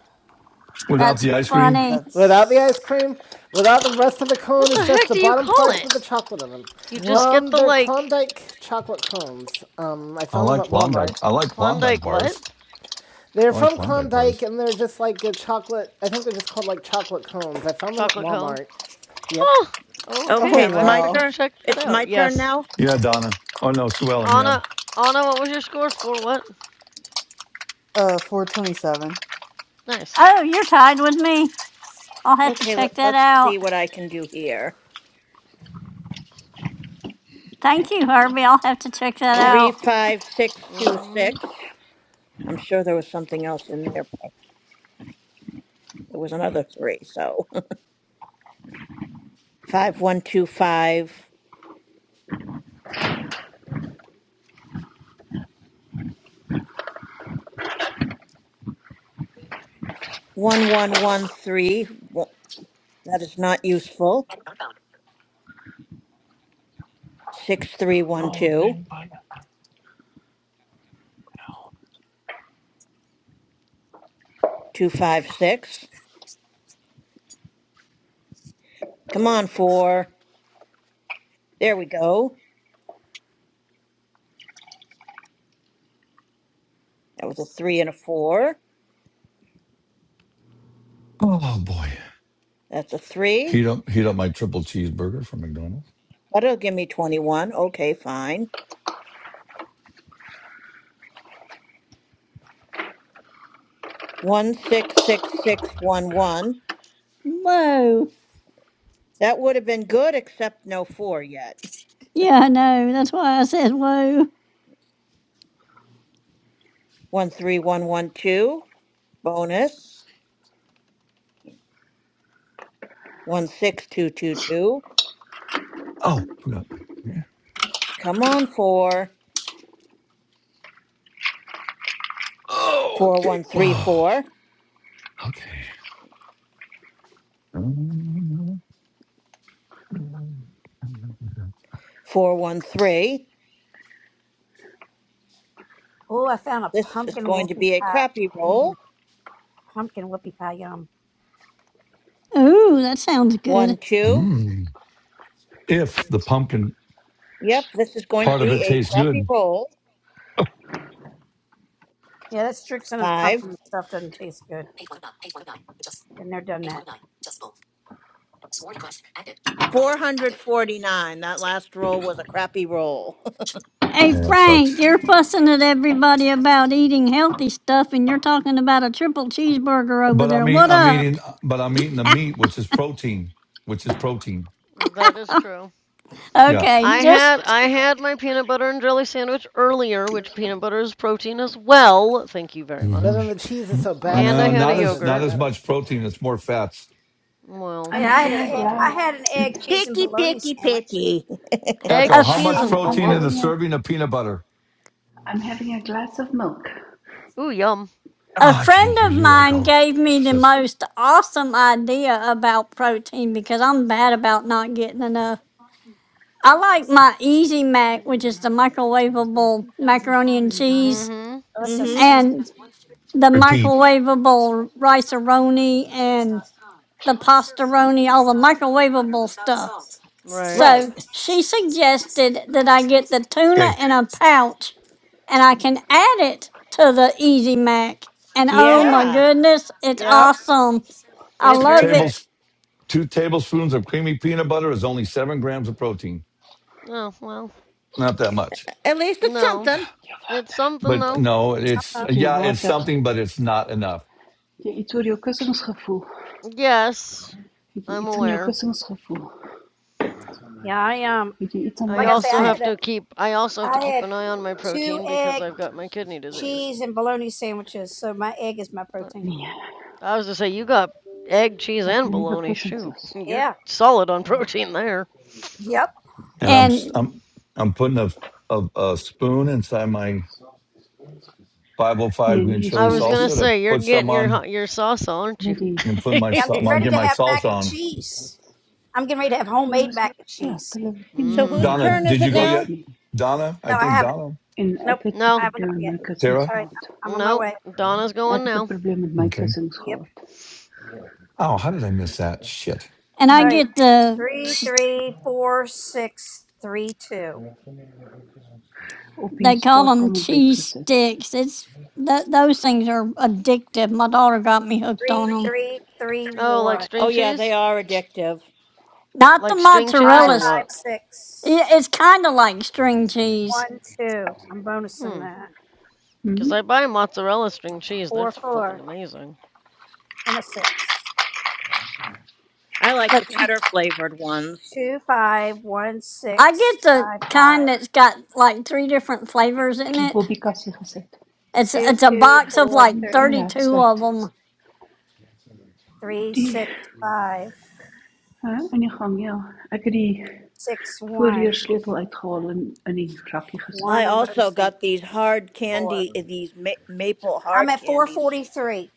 Speaker 1: Without
Speaker 6: That's
Speaker 1: the ice cream.
Speaker 6: funny.
Speaker 3: Without the ice
Speaker 8: That's
Speaker 3: cream, without the rest of the
Speaker 4: What
Speaker 3: cone, it's
Speaker 4: the
Speaker 3: just
Speaker 4: heck
Speaker 3: the
Speaker 4: do you
Speaker 3: bottom
Speaker 4: call
Speaker 3: parts
Speaker 4: it?
Speaker 3: with the chocolate in them.
Speaker 4: You just
Speaker 8: what.
Speaker 4: get
Speaker 3: Um,
Speaker 4: the,
Speaker 3: they're
Speaker 4: like,
Speaker 3: Klondike chocolate cones. Um, I
Speaker 1: I
Speaker 3: found them
Speaker 1: like
Speaker 3: at
Speaker 1: Klondike.
Speaker 3: Walmart.
Speaker 1: I like Klondike
Speaker 4: Klondike what?
Speaker 1: bars.
Speaker 3: They're
Speaker 1: I like
Speaker 3: from
Speaker 1: Klondike
Speaker 3: Klondike
Speaker 1: bars.
Speaker 3: and they're just like a chocolate, I think they're just called like chocolate cones. I found them at
Speaker 4: Chocolate cone?
Speaker 3: Walmart. Yep.
Speaker 4: Huh. Okay,
Speaker 8: Oh
Speaker 4: I
Speaker 14: Okay, it's
Speaker 4: might have
Speaker 14: my
Speaker 4: to go
Speaker 8: wow.
Speaker 14: turn.
Speaker 4: check that
Speaker 14: It's
Speaker 4: out.
Speaker 14: my turn
Speaker 4: Yes.
Speaker 14: now.
Speaker 1: Yeah, Donna. Oh no, Sue Ellen. Yeah.
Speaker 4: Anna, Anna, what was your score for what?
Speaker 8: Uh, 427.
Speaker 4: Nice.
Speaker 6: Oh, you're tied with me. I'll have to
Speaker 14: Okay, let,
Speaker 6: check that
Speaker 14: let's see
Speaker 6: out.
Speaker 14: what I can do here.
Speaker 6: Thank you, Herbie. I'll have to check that
Speaker 3: Yep.
Speaker 14: Three,
Speaker 6: out.
Speaker 14: five, six, two,
Speaker 4: Mm-hmm.
Speaker 14: six. I'm sure there was something else in there. but There was another three. So five, one, two, five, one, one, one, three. Wo- That is not useful. Six, three, one, two, two, five, six. Come on, four. There we go. That was a three and a four.
Speaker 1: Oh boy.
Speaker 14: That's a three.
Speaker 1: Heat up heat up my triple cheeseburger from McDonald's.
Speaker 14: That'll give me 21. Okay, fine. 166611.
Speaker 6: Whoa.
Speaker 14: That would have been good, except no four yet.
Speaker 6: Yeah, I know. That's why I said whoa.
Speaker 14: 13112. Bonus. 16222.
Speaker 1: Oh, Yeah.
Speaker 14: Come on, four. 4134. 413.
Speaker 5: Oh, I found a
Speaker 14: This is
Speaker 5: pumpkin
Speaker 14: going to
Speaker 5: whoopie
Speaker 14: be a
Speaker 5: pie.
Speaker 14: crappy
Speaker 5: Mm,
Speaker 14: roll.
Speaker 5: pumpkin whoopie pie, yum.
Speaker 6: Ooh, that sounds good.
Speaker 14: One, two.
Speaker 1: Mm. if the pumpkin
Speaker 14: Yep, this is going to
Speaker 1: part of
Speaker 14: be
Speaker 1: it
Speaker 14: a
Speaker 1: tastes
Speaker 14: crappy
Speaker 1: good,
Speaker 14: roll.
Speaker 5: Yeah, that Strixon's
Speaker 14: Five.
Speaker 5: pumpkin stuff doesn't taste good. Been there, done that.
Speaker 14: 449. That last roll was a crappy roll.
Speaker 6: Hey,
Speaker 1: Yeah, it
Speaker 6: Frank,
Speaker 1: sucks.
Speaker 6: you're fussing at everybody about eating healthy stuff, and you're talking about a triple cheeseburger over
Speaker 1: but i
Speaker 6: there.
Speaker 1: mean,
Speaker 6: What
Speaker 1: I'm
Speaker 6: up?
Speaker 1: eating, but I'm eating the meat, which is protein, which is protein.
Speaker 4: That is true.
Speaker 1: Yeah.
Speaker 6: Okay,
Speaker 4: I had I
Speaker 6: just
Speaker 4: had my peanut butter and jelly sandwich earlier, which peanut butter is protein as well. Thank you very
Speaker 3: But
Speaker 1: hmm
Speaker 3: then
Speaker 4: much.
Speaker 3: the cheese is so bad for
Speaker 4: And I
Speaker 1: uh,
Speaker 3: you
Speaker 4: had a
Speaker 1: not
Speaker 3: that
Speaker 1: as
Speaker 3: doesn't
Speaker 1: not
Speaker 4: yogurt.
Speaker 1: as
Speaker 3: matter.
Speaker 1: much protein. It's more fats.
Speaker 4: Well,
Speaker 5: Hey,
Speaker 15: I'm
Speaker 5: I had
Speaker 15: having
Speaker 5: an
Speaker 4: it's
Speaker 15: a
Speaker 5: egg, I
Speaker 15: glow.
Speaker 4: protein.
Speaker 5: had an egg, cheese, and
Speaker 14: Picky,
Speaker 5: bologna
Speaker 14: picky,
Speaker 5: sandwich.
Speaker 14: picky.
Speaker 6: a,
Speaker 4: Egg,
Speaker 1: Echo. How
Speaker 5: My
Speaker 6: f-
Speaker 4: cheese,
Speaker 5: egg.
Speaker 1: much
Speaker 15: I'm
Speaker 4: and
Speaker 15: I'm
Speaker 1: protein in the
Speaker 15: having
Speaker 4: bologna.
Speaker 15: a
Speaker 1: serving of peanut butter?
Speaker 15: I'm having a glass of milk.
Speaker 4: Ooh, yum.
Speaker 1: Oh,
Speaker 6: a
Speaker 1: I can't
Speaker 6: friend
Speaker 1: hear
Speaker 6: of
Speaker 1: you,
Speaker 6: mine
Speaker 1: Echo.
Speaker 6: gave me the
Speaker 1: Jesus.
Speaker 6: most awesome idea about protein because I'm bad about not getting enough. I like my Easy Mac, which is the microwavable macaroni and cheese,
Speaker 4: Mm-hmm.
Speaker 5: Oh, that's just
Speaker 14: hmm
Speaker 5: nasty.
Speaker 6: and the
Speaker 1: Repeat.
Speaker 6: microwavable rice-a-roni and the pastaroni, all the microwavable stuff.
Speaker 4: Right.
Speaker 14: Right.
Speaker 6: So she suggested that I get the tuna
Speaker 1: Okay.
Speaker 6: in a pouch and I can add it to the Easy Mac. And oh
Speaker 5: Yep,
Speaker 6: my
Speaker 14: Yeah.
Speaker 6: goodness, it's
Speaker 5: yep.
Speaker 6: awesome.
Speaker 5: It
Speaker 6: I
Speaker 5: is
Speaker 1: Two
Speaker 5: very
Speaker 6: love
Speaker 5: good.
Speaker 1: tables.
Speaker 6: it.
Speaker 1: Two tablespoons of creamy peanut butter is only seven grams of protein.
Speaker 4: Oh, well.
Speaker 1: Not that much,
Speaker 14: At least it's
Speaker 4: No.
Speaker 14: something.
Speaker 15: Je
Speaker 4: It's
Speaker 15: water.
Speaker 4: something
Speaker 1: but
Speaker 4: though.
Speaker 1: no, it's
Speaker 5: Uh-uh.
Speaker 15: Heb je
Speaker 1: yeah, it's
Speaker 15: water?
Speaker 1: something,
Speaker 15: Heb
Speaker 1: but it's not enough.
Speaker 15: je iets voor je kussingsgevoel?
Speaker 4: Yes,
Speaker 15: Heb je
Speaker 4: I'm
Speaker 15: iets aan jou
Speaker 4: aware.
Speaker 15: kussingsgevoel?
Speaker 5: Yeah, I um,
Speaker 15: Heb jy iets aan
Speaker 4: I
Speaker 5: like
Speaker 15: hulle
Speaker 5: I say,
Speaker 4: also
Speaker 5: I
Speaker 4: have
Speaker 15: gevoel?
Speaker 5: had a,
Speaker 4: to keep I also have to
Speaker 5: I
Speaker 4: keep
Speaker 5: had
Speaker 4: an eye on my
Speaker 5: two
Speaker 4: protein because
Speaker 5: egg,
Speaker 4: I've got my kidney disease.
Speaker 5: cheese, and bologna sandwiches. So my egg is my protein.
Speaker 15: Nee,
Speaker 4: I was to say you got egg, cheese,
Speaker 15: wat
Speaker 4: and
Speaker 15: hulle nuwe
Speaker 4: bologna.
Speaker 15: kussings
Speaker 4: Shoot,
Speaker 15: is.
Speaker 4: you're
Speaker 5: Yeah.
Speaker 4: solid on protein there.
Speaker 5: Yep.
Speaker 1: And I'm
Speaker 6: And
Speaker 1: I'm I'm putting a a, a spoon inside my 505
Speaker 15: Nee, nie
Speaker 1: green
Speaker 15: die
Speaker 4: I
Speaker 1: chili
Speaker 4: was
Speaker 15: spons
Speaker 4: gonna
Speaker 15: nie.
Speaker 1: salsa to
Speaker 4: say you're
Speaker 1: put some
Speaker 4: getting your
Speaker 1: on
Speaker 4: your sauce, aren't you?
Speaker 15: Net die
Speaker 1: and put my
Speaker 5: Yeah, I'm getting
Speaker 1: my
Speaker 5: ready
Speaker 1: get
Speaker 5: to
Speaker 1: my
Speaker 5: have mac
Speaker 1: salsa
Speaker 5: and
Speaker 1: on.
Speaker 5: cheese. I'm getting ready to have
Speaker 15: hulle
Speaker 5: homemade
Speaker 15: was
Speaker 5: mac and
Speaker 15: plat,
Speaker 5: cheese.
Speaker 15: hulle het nie
Speaker 14: So
Speaker 15: meer mooi
Speaker 14: whose
Speaker 1: Donna,
Speaker 14: turn
Speaker 4: Mmm.
Speaker 14: is
Speaker 1: did you
Speaker 14: it
Speaker 1: go
Speaker 15: geflaf
Speaker 1: yet?
Speaker 14: now?
Speaker 15: nie.
Speaker 1: Donna, I
Speaker 5: No, I
Speaker 1: think
Speaker 5: haven't.
Speaker 1: Donna,
Speaker 15: En
Speaker 5: Nope,
Speaker 15: ek het 'n
Speaker 5: I
Speaker 4: No,
Speaker 5: haven't
Speaker 15: probleem
Speaker 5: got it
Speaker 15: met
Speaker 5: yet.
Speaker 15: my kussings
Speaker 1: Tara.
Speaker 5: All right,
Speaker 15: gehad.
Speaker 5: I'm on my
Speaker 4: no,
Speaker 5: way.
Speaker 4: Donna's
Speaker 15: Ek
Speaker 4: going
Speaker 15: het 'n
Speaker 4: now.
Speaker 15: probleem met my
Speaker 1: Okay.
Speaker 15: kussings
Speaker 5: Yep.
Speaker 15: gehad.
Speaker 1: Oh, how did I miss that? Shit.
Speaker 6: and
Speaker 5: All
Speaker 6: I
Speaker 15: Ja,
Speaker 5: right,
Speaker 6: get the
Speaker 5: three, three, four, six, three, two,
Speaker 15: op die
Speaker 6: they call them
Speaker 15: spaarkamerbed
Speaker 6: cheese
Speaker 15: gesit.
Speaker 6: sticks. It's th- those things are addictive. My daughter got me hooked
Speaker 5: three,
Speaker 6: on them.
Speaker 5: three, three,
Speaker 4: Oh, like
Speaker 5: one,
Speaker 4: string
Speaker 14: Oh yeah, they
Speaker 4: cheese?
Speaker 14: are addictive.
Speaker 6: Not the
Speaker 4: Like string cheese
Speaker 5: five,
Speaker 6: mozzarella.
Speaker 4: or
Speaker 6: s-
Speaker 5: five,
Speaker 4: what?
Speaker 6: i-
Speaker 5: six,
Speaker 6: It's kind of like string cheese,
Speaker 5: one, two. I'm bonusing
Speaker 4: Hmm,
Speaker 5: that.
Speaker 15: Hm?
Speaker 4: 'cause I buy mozzarella string cheese.
Speaker 5: Four,
Speaker 4: That's flippin'
Speaker 5: four,
Speaker 4: amazing.
Speaker 5: and a six.
Speaker 14: I like the
Speaker 6: but
Speaker 14: cheddar flavored ones.
Speaker 5: Two, five, one,
Speaker 6: I
Speaker 5: six,
Speaker 6: get the
Speaker 5: five,
Speaker 6: kind
Speaker 5: five.
Speaker 6: that's got like three different flavors
Speaker 15: Op
Speaker 6: in
Speaker 15: die
Speaker 6: it.
Speaker 15: bobbykassie gesit.
Speaker 6: It's
Speaker 5: Two,
Speaker 6: it's a
Speaker 5: two,
Speaker 6: box of
Speaker 15: Ek
Speaker 5: four,
Speaker 6: like
Speaker 15: moet gaan
Speaker 5: three,
Speaker 15: nie hek
Speaker 6: 32 of
Speaker 15: sluit.
Speaker 6: them.
Speaker 5: three,
Speaker 15: Die
Speaker 5: six, five,
Speaker 15: Hæ, in die gang, ja. Ek het die
Speaker 5: six, one,
Speaker 15: voorheersleutel uitgehaal en in die rakkie gesit.
Speaker 14: I
Speaker 5: one. I'm
Speaker 14: also
Speaker 5: bonusing
Speaker 14: got these hard
Speaker 5: four.
Speaker 14: candy, eh, these ma- maple
Speaker 5: I'm
Speaker 14: hard
Speaker 5: at four
Speaker 14: candies.
Speaker 5: forty-three.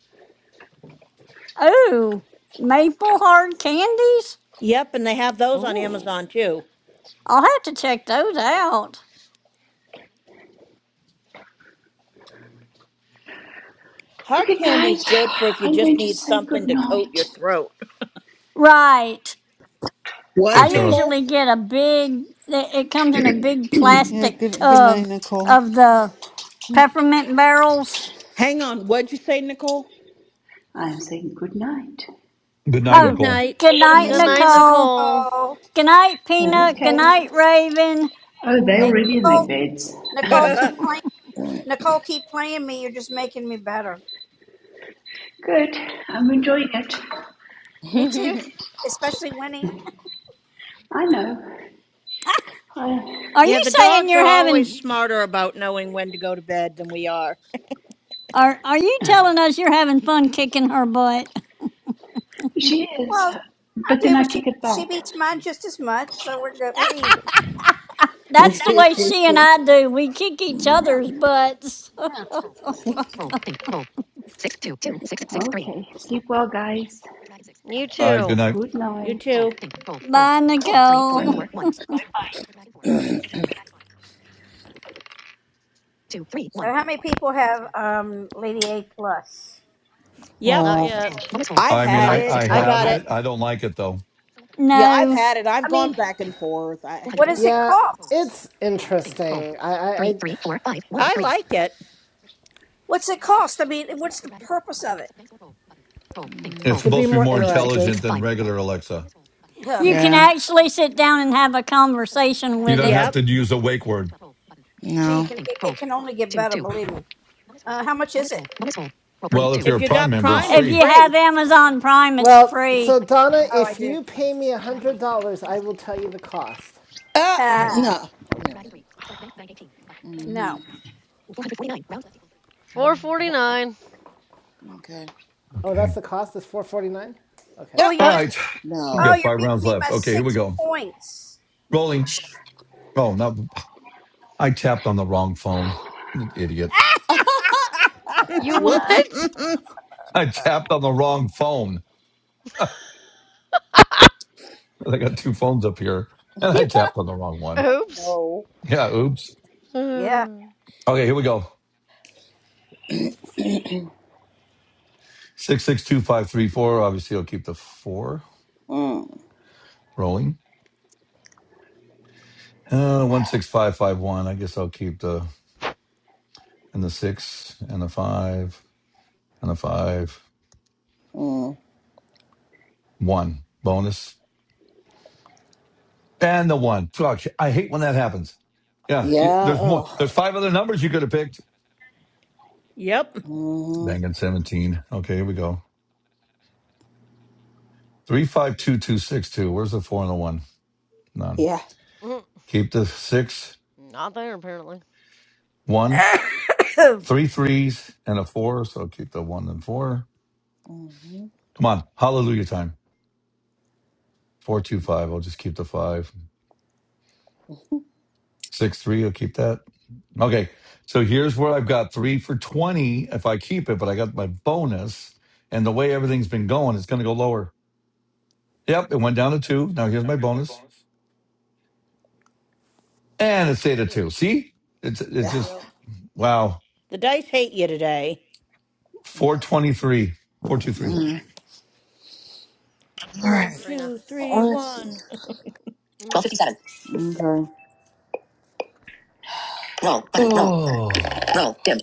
Speaker 6: Oh, maple hard candies?
Speaker 14: Yep, and they have those on
Speaker 4: Ooh.
Speaker 14: Amazon too.
Speaker 6: I'll have to check those out.
Speaker 14: Hard
Speaker 15: Okay guys,
Speaker 14: candy's good for if you
Speaker 15: I'm
Speaker 14: just
Speaker 15: going to
Speaker 14: need
Speaker 15: say
Speaker 14: something
Speaker 15: good
Speaker 14: to coat
Speaker 15: night.
Speaker 14: your throat.
Speaker 6: Right.
Speaker 1: Hey,
Speaker 7: What,
Speaker 6: I
Speaker 1: Tara.
Speaker 7: Nicole?
Speaker 6: usually get a big it it comes in a big
Speaker 8: Yeah.
Speaker 6: plastic
Speaker 8: Good. Good night,
Speaker 6: tub
Speaker 8: Nicole.
Speaker 6: of the peppermint barrels.
Speaker 7: Hang on. What'd you say, Nicole?
Speaker 15: I'm saying good night.
Speaker 1: Good night,
Speaker 7: Good.
Speaker 14: Good
Speaker 6: Oh,
Speaker 1: Nicole.
Speaker 14: night.
Speaker 6: good
Speaker 5: We're gonna
Speaker 6: night
Speaker 5: miss
Speaker 4: Good
Speaker 5: you,
Speaker 8: Night.
Speaker 4: night,
Speaker 5: Miss
Speaker 6: Nicole.
Speaker 4: Nicole.
Speaker 5: Nicole.
Speaker 6: Good night Peanut. Good
Speaker 15: Okay.
Speaker 6: night Raven.
Speaker 15: Oh, they are
Speaker 5: Hey,
Speaker 15: already in their
Speaker 5: Nicole,
Speaker 15: beds.
Speaker 5: Nicole,
Speaker 8: oh
Speaker 7: uh,
Speaker 5: keep playing. Nicole, keep playing me. You're just making me better.
Speaker 15: Good. I'm enjoying it.
Speaker 5: Me too, especially winning.
Speaker 15: I know. I,
Speaker 6: Are you
Speaker 14: Yeah, the
Speaker 6: saying
Speaker 14: dogs are
Speaker 6: you're
Speaker 14: always
Speaker 6: having
Speaker 14: smarter about knowing when to go to bed than we are.
Speaker 6: Are are you telling us you're having fun kicking her butt?
Speaker 15: she is.
Speaker 5: Well, I
Speaker 15: But then
Speaker 5: do,
Speaker 15: I
Speaker 5: but she
Speaker 15: kick it
Speaker 5: she
Speaker 15: back.
Speaker 5: beats mine just as much, so we're good. We're even.
Speaker 6: That's the way she and I do. We kick each
Speaker 5: Yeah,
Speaker 6: other's butts.
Speaker 5: yeah.
Speaker 15: Okay. Sleep well, guys.
Speaker 4: You
Speaker 1: All right. Good
Speaker 4: too.
Speaker 1: night.
Speaker 15: Good
Speaker 14: You
Speaker 15: night.
Speaker 14: too.
Speaker 6: Bye, Nicole.
Speaker 5: So how many people have um Lady A plus?
Speaker 14: Yep,
Speaker 4: Not yet.
Speaker 7: I've
Speaker 1: I mean,
Speaker 7: had
Speaker 1: I
Speaker 7: it,
Speaker 1: I
Speaker 14: I
Speaker 7: but
Speaker 1: have
Speaker 14: got
Speaker 7: I've
Speaker 14: it.
Speaker 1: it. I don't like it though.
Speaker 7: yeah, I've
Speaker 6: No,
Speaker 7: had it. I've
Speaker 5: I
Speaker 7: gone
Speaker 5: mean,
Speaker 7: back and forth. I.
Speaker 5: what does it
Speaker 7: Yeah.
Speaker 3: Yeah,
Speaker 5: cost?
Speaker 3: it's interesting. I, I, I
Speaker 14: I like it.
Speaker 5: What's it cost? I mean, and what's the purpose of it?
Speaker 7: Hmm.
Speaker 1: it's
Speaker 3: to be
Speaker 1: supposed to be
Speaker 3: more
Speaker 1: more intelligent
Speaker 3: interactive.
Speaker 1: than regular Alexa.
Speaker 5: Ugh.
Speaker 6: you can
Speaker 7: Yeah.
Speaker 6: actually sit down and have a conversation
Speaker 1: You
Speaker 6: with
Speaker 1: don't
Speaker 6: it.
Speaker 1: have
Speaker 14: Yep.
Speaker 1: to use a wake word.
Speaker 5: Gee,
Speaker 7: No.
Speaker 5: can, it, it can only get better, believe me. Uh, how much is it?
Speaker 1: Well, if you're
Speaker 14: If
Speaker 1: a
Speaker 14: you
Speaker 1: Prime
Speaker 14: got
Speaker 1: member, it's
Speaker 14: Prime,
Speaker 4: Oh,
Speaker 6: If
Speaker 14: it's
Speaker 1: free.
Speaker 6: you have
Speaker 14: free.
Speaker 6: Amazon Prime, it's
Speaker 3: Well,
Speaker 6: free.
Speaker 3: so Donna,
Speaker 5: Oh, I
Speaker 3: if
Speaker 5: do.
Speaker 3: you pay me one hundred dollars, I will tell you the cost.
Speaker 7: Ah.
Speaker 5: Ah,
Speaker 7: No. You're right.
Speaker 5: no.
Speaker 7: Mm-hmm.
Speaker 4: 449.
Speaker 7: Okay.
Speaker 3: Oh,
Speaker 1: Okay.
Speaker 3: that's the cost. It's four forty nine? Okay.
Speaker 7: Yeah.
Speaker 5: Well, you
Speaker 1: All
Speaker 5: just
Speaker 4: Uh,
Speaker 1: right. We've
Speaker 5: Oh,
Speaker 1: got
Speaker 7: No.
Speaker 5: you're
Speaker 1: five
Speaker 5: beating
Speaker 1: rounds
Speaker 5: me
Speaker 1: left.
Speaker 5: by
Speaker 1: Okay, here we
Speaker 5: six
Speaker 1: go.
Speaker 5: points.
Speaker 1: Rolling. Oh, no. I tapped on the wrong phone. I'm an idiot.
Speaker 4: you
Speaker 7: Whoops.
Speaker 4: what?
Speaker 1: I tapped on the wrong phone. I got two phones up here and I tapped on the wrong one.
Speaker 4: Oops.
Speaker 7: No.
Speaker 1: Yeah, oops.
Speaker 5: Yeah.
Speaker 4: Mm,
Speaker 1: Okay, here we go. 662534. Obviously, I'll keep the four
Speaker 7: Mm.
Speaker 1: rolling. Uh, 16551. I guess I'll keep the and the six and the five and the five
Speaker 7: Mm.
Speaker 1: one bonus and the one fuck i hate when that happens yeah
Speaker 7: Yeah.
Speaker 1: there's more
Speaker 7: Ugh.
Speaker 1: there's five other numbers you could have picked
Speaker 14: yep.
Speaker 7: Mm-hmm.
Speaker 1: banging 17 okay here we go three five two two six two where's the four and the one none
Speaker 7: Yeah.
Speaker 1: keep the six
Speaker 4: Not there, apparently.
Speaker 1: one three threes and a four so keep the one and four
Speaker 7: Mm-hmm.
Speaker 1: come on hallelujah time four two five i'll just keep the five Six three, you'll keep that. Okay. So here's where I've got three for twenty if I keep it, but I got my bonus. And the way everything's been going, it's gonna go lower. Yep, it went down to two. Now here's my bonus. And it stayed at two.
Speaker 4: Six.
Speaker 1: See? It's it's
Speaker 7: Yeah.
Speaker 1: just
Speaker 4: Yep.
Speaker 1: wow.
Speaker 14: The dice hate you today.
Speaker 1: Four
Speaker 7: Yeah.
Speaker 1: twenty three. Four two three.
Speaker 4: All
Speaker 14: Four,
Speaker 4: right, Trina.
Speaker 14: two, three,
Speaker 7: Let's see.
Speaker 14: one.
Speaker 4: Mm.
Speaker 7: Twelve fifty-seven. Okay. Roll button. Roll button. Roll dim.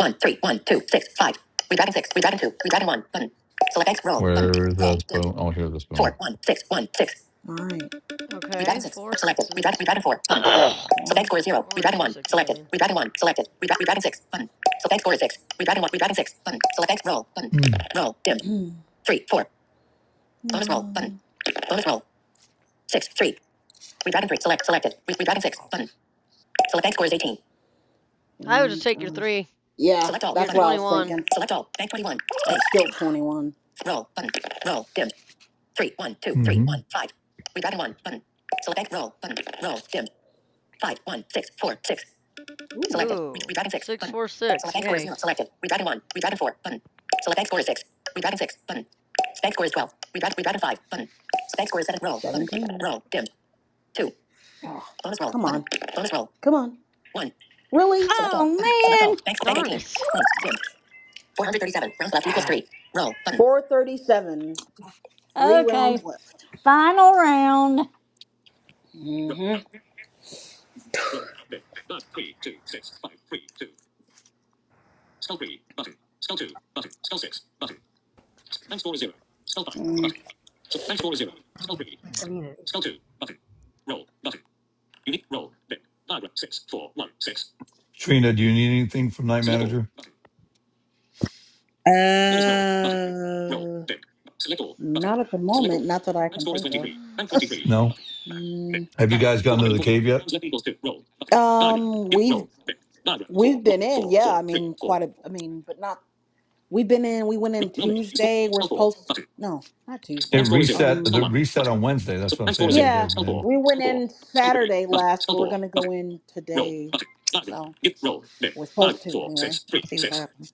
Speaker 7: One three one two six five. Three dragon six. Three dragon two. Three dragon one button. Select X. Roll button.
Speaker 1: Where's
Speaker 7: Roll
Speaker 1: the
Speaker 7: dim.
Speaker 1: spoon? Oh, here's the
Speaker 7: Four
Speaker 1: spoon.
Speaker 7: one six one six. All right. Three dragon
Speaker 4: Okay,
Speaker 7: six.
Speaker 4: four
Speaker 7: Selected. Three dragon. Three
Speaker 4: sixes.
Speaker 7: dragon four button. So Bank score is zero.
Speaker 4: Four and
Speaker 7: Redragon
Speaker 4: two
Speaker 7: one.
Speaker 4: sixes, I
Speaker 7: Selected.
Speaker 4: mean.
Speaker 7: Redragon one. Selected. Redra- Redragon six. Button. So bank score is six. Redragon one. Redragon six. Button. Select bank. Roll. Button.
Speaker 1: Mm.
Speaker 7: Roll. Dimmed. Hmm. Three. Four. Bonus no. roll. Button. Bonus roll. Six. Three. Redragon three. Select. Selected. Re- Redragon six. Button. Select bank score is eighteen. You
Speaker 4: I would
Speaker 7: know
Speaker 4: just
Speaker 7: what?
Speaker 4: take your
Speaker 7: Um,
Speaker 4: three.
Speaker 7: yeah. Select all. That's
Speaker 4: You're at
Speaker 7: button. what I was
Speaker 4: 21.
Speaker 7: thinking. Select all. Bank twenty one. Bank still twenty one. Roll. Button. Roll. Dimmed. Three. One. Two. Three.
Speaker 1: hmm
Speaker 7: One. Five. Redragon one. Button. Select bank. Roll. Button. Roll. Dimmed. Five. One. Six. Four. Six. Selected. Re-
Speaker 4: Ooh,
Speaker 7: Redragon 6.
Speaker 4: six,
Speaker 7: Button.
Speaker 4: four,
Speaker 7: Select
Speaker 4: six.
Speaker 7: bank score is
Speaker 4: Yay.
Speaker 7: 0. Selected. Redragon 1. Redragon 4. Button. Select bank score is 6. Redragon 6. Button. Bank score is 12. Redragon, redragon 5. Button. Bank score is 7. Roll. Button. Roll. Dimmed. 2. Oh, Bonus roll. Come on. Button. Bonus roll. Come on. 1. Really? Select all. Button. Select
Speaker 6: Oh
Speaker 7: all. Bank, bank
Speaker 4: Darn
Speaker 7: 18.
Speaker 4: it.
Speaker 7: Close. Dimmed. 437. Rounds left equals 3. Roll. Button. 437. Three
Speaker 6: man. Okay,
Speaker 7: rounds left.
Speaker 6: final round.
Speaker 7: Mm.
Speaker 1: Trina, do you need anything from Night Manager?
Speaker 7: Uh, not at the moment. Not that I can think of.
Speaker 4: Let's see.
Speaker 1: No.
Speaker 7: Mm.
Speaker 1: Have you guys gotten to the cave yet?
Speaker 7: Um, we've We've been in, yeah. I mean, quite a, I mean, but not, we've been in, we went in Tuesday. We're supposed to, no, not
Speaker 1: It
Speaker 7: Tuesday.
Speaker 1: reset
Speaker 7: Um,
Speaker 1: the reset on Wednesday. That's what I'm saying. Have you
Speaker 7: yeah,
Speaker 1: guys been in?
Speaker 7: we went in Saturday last, but we're going to go in today. So we're supposed to anyway. We'll see what happens.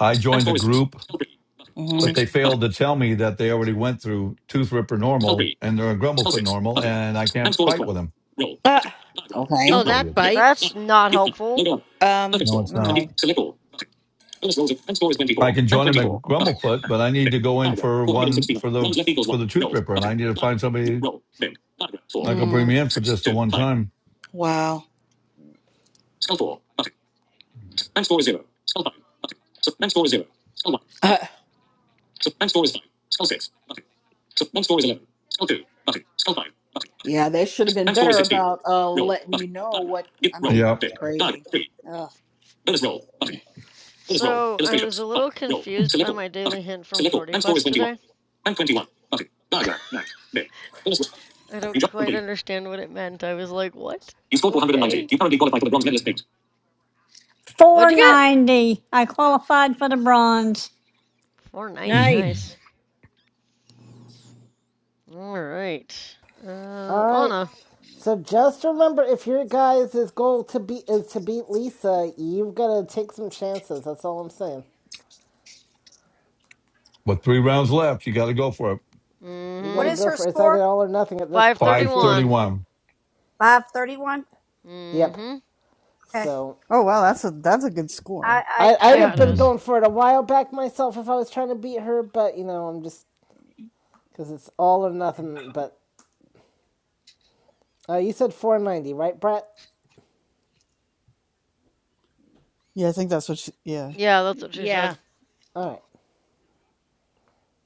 Speaker 1: I joined a group but
Speaker 7: Mm-hmm.
Speaker 1: they failed to tell me that they already went through tooth ripper normal and they're a grumblefoot normal and I can't fight with them.
Speaker 7: Okay.
Speaker 14: Oh, that
Speaker 1: Idiots.
Speaker 4: That's
Speaker 14: bites.
Speaker 4: not helpful.
Speaker 7: Um,
Speaker 1: No, it's not.
Speaker 7: no.
Speaker 1: I can join them at grumblefoot, but I need to go in for one for the for the tooth ripper and I need to find somebody that can bring
Speaker 7: Mm,
Speaker 1: me in for just the one time.
Speaker 7: wow. Yeah, they should have been better about uh letting you know what, I mean,
Speaker 1: Yeah.
Speaker 7: it's crazy. Ugh.
Speaker 4: So, I was a little confused by my daily hint from Sorty Quest today. I don't quite understand what it meant. I was like, what? Okay. What'd you get?
Speaker 6: 490. I qualified for the bronze.
Speaker 4: 490.
Speaker 1: hmm
Speaker 14: Nice.
Speaker 4: Nice. All right. Uh,
Speaker 3: All right.
Speaker 4: Anna.
Speaker 3: So just remember, if your guys' goal to be is to beat Lisa, you've got to take some chances. That's all I'm saying.
Speaker 1: But three rounds left. You got to go for it.
Speaker 3: You got
Speaker 5: what
Speaker 4: Mm
Speaker 3: to
Speaker 4: hmm.
Speaker 5: is
Speaker 3: go
Speaker 5: her
Speaker 3: for it. it's either
Speaker 5: score?
Speaker 3: all or nothing at this point. If you're,
Speaker 4: 531.
Speaker 1: 531.
Speaker 5: Five thirty-one.
Speaker 4: Mm
Speaker 3: yep.
Speaker 4: hmm.
Speaker 5: Okay.
Speaker 3: So
Speaker 8: wow. That's a that's a good
Speaker 5: I,
Speaker 8: score.
Speaker 5: I
Speaker 3: I I'd
Speaker 5: I
Speaker 3: have
Speaker 4: Yeah, it
Speaker 3: been
Speaker 1: Mm.
Speaker 4: is.
Speaker 3: going for it a while back myself if I was trying to beat her, but you know I'm just because it's all or nothing. But Uh, you said 490, right, Brett?
Speaker 8: Yeah, I think that's what. She, yeah.
Speaker 4: Yeah, that's what she said.
Speaker 14: Yeah.
Speaker 3: All right.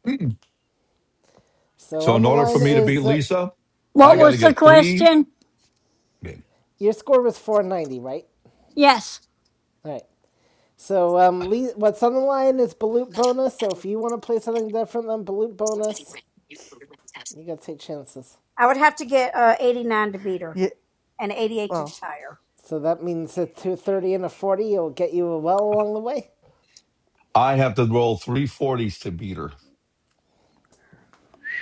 Speaker 1: Mm.
Speaker 3: So
Speaker 1: So,
Speaker 3: on
Speaker 1: in
Speaker 3: the
Speaker 1: order for
Speaker 3: line
Speaker 1: me to beat
Speaker 3: is, uh,
Speaker 1: Lisa, I
Speaker 6: What
Speaker 1: got
Speaker 3: yep,
Speaker 1: to
Speaker 6: was the
Speaker 1: get three.
Speaker 6: question?
Speaker 3: your score was 490, right?
Speaker 6: Yes,
Speaker 3: All right. So um, Lee, what's on the line is Balut bonus. So if you want to play something different than Balut bonus, you got to take chances.
Speaker 5: I would have to get uh, eighty-nine to beat her
Speaker 8: Yeah.
Speaker 5: and eighty-eight to
Speaker 8: Well,
Speaker 5: tie her.
Speaker 3: So that means a 230 and a 40 will get you well along the way.
Speaker 1: I have to roll 340s to beat her.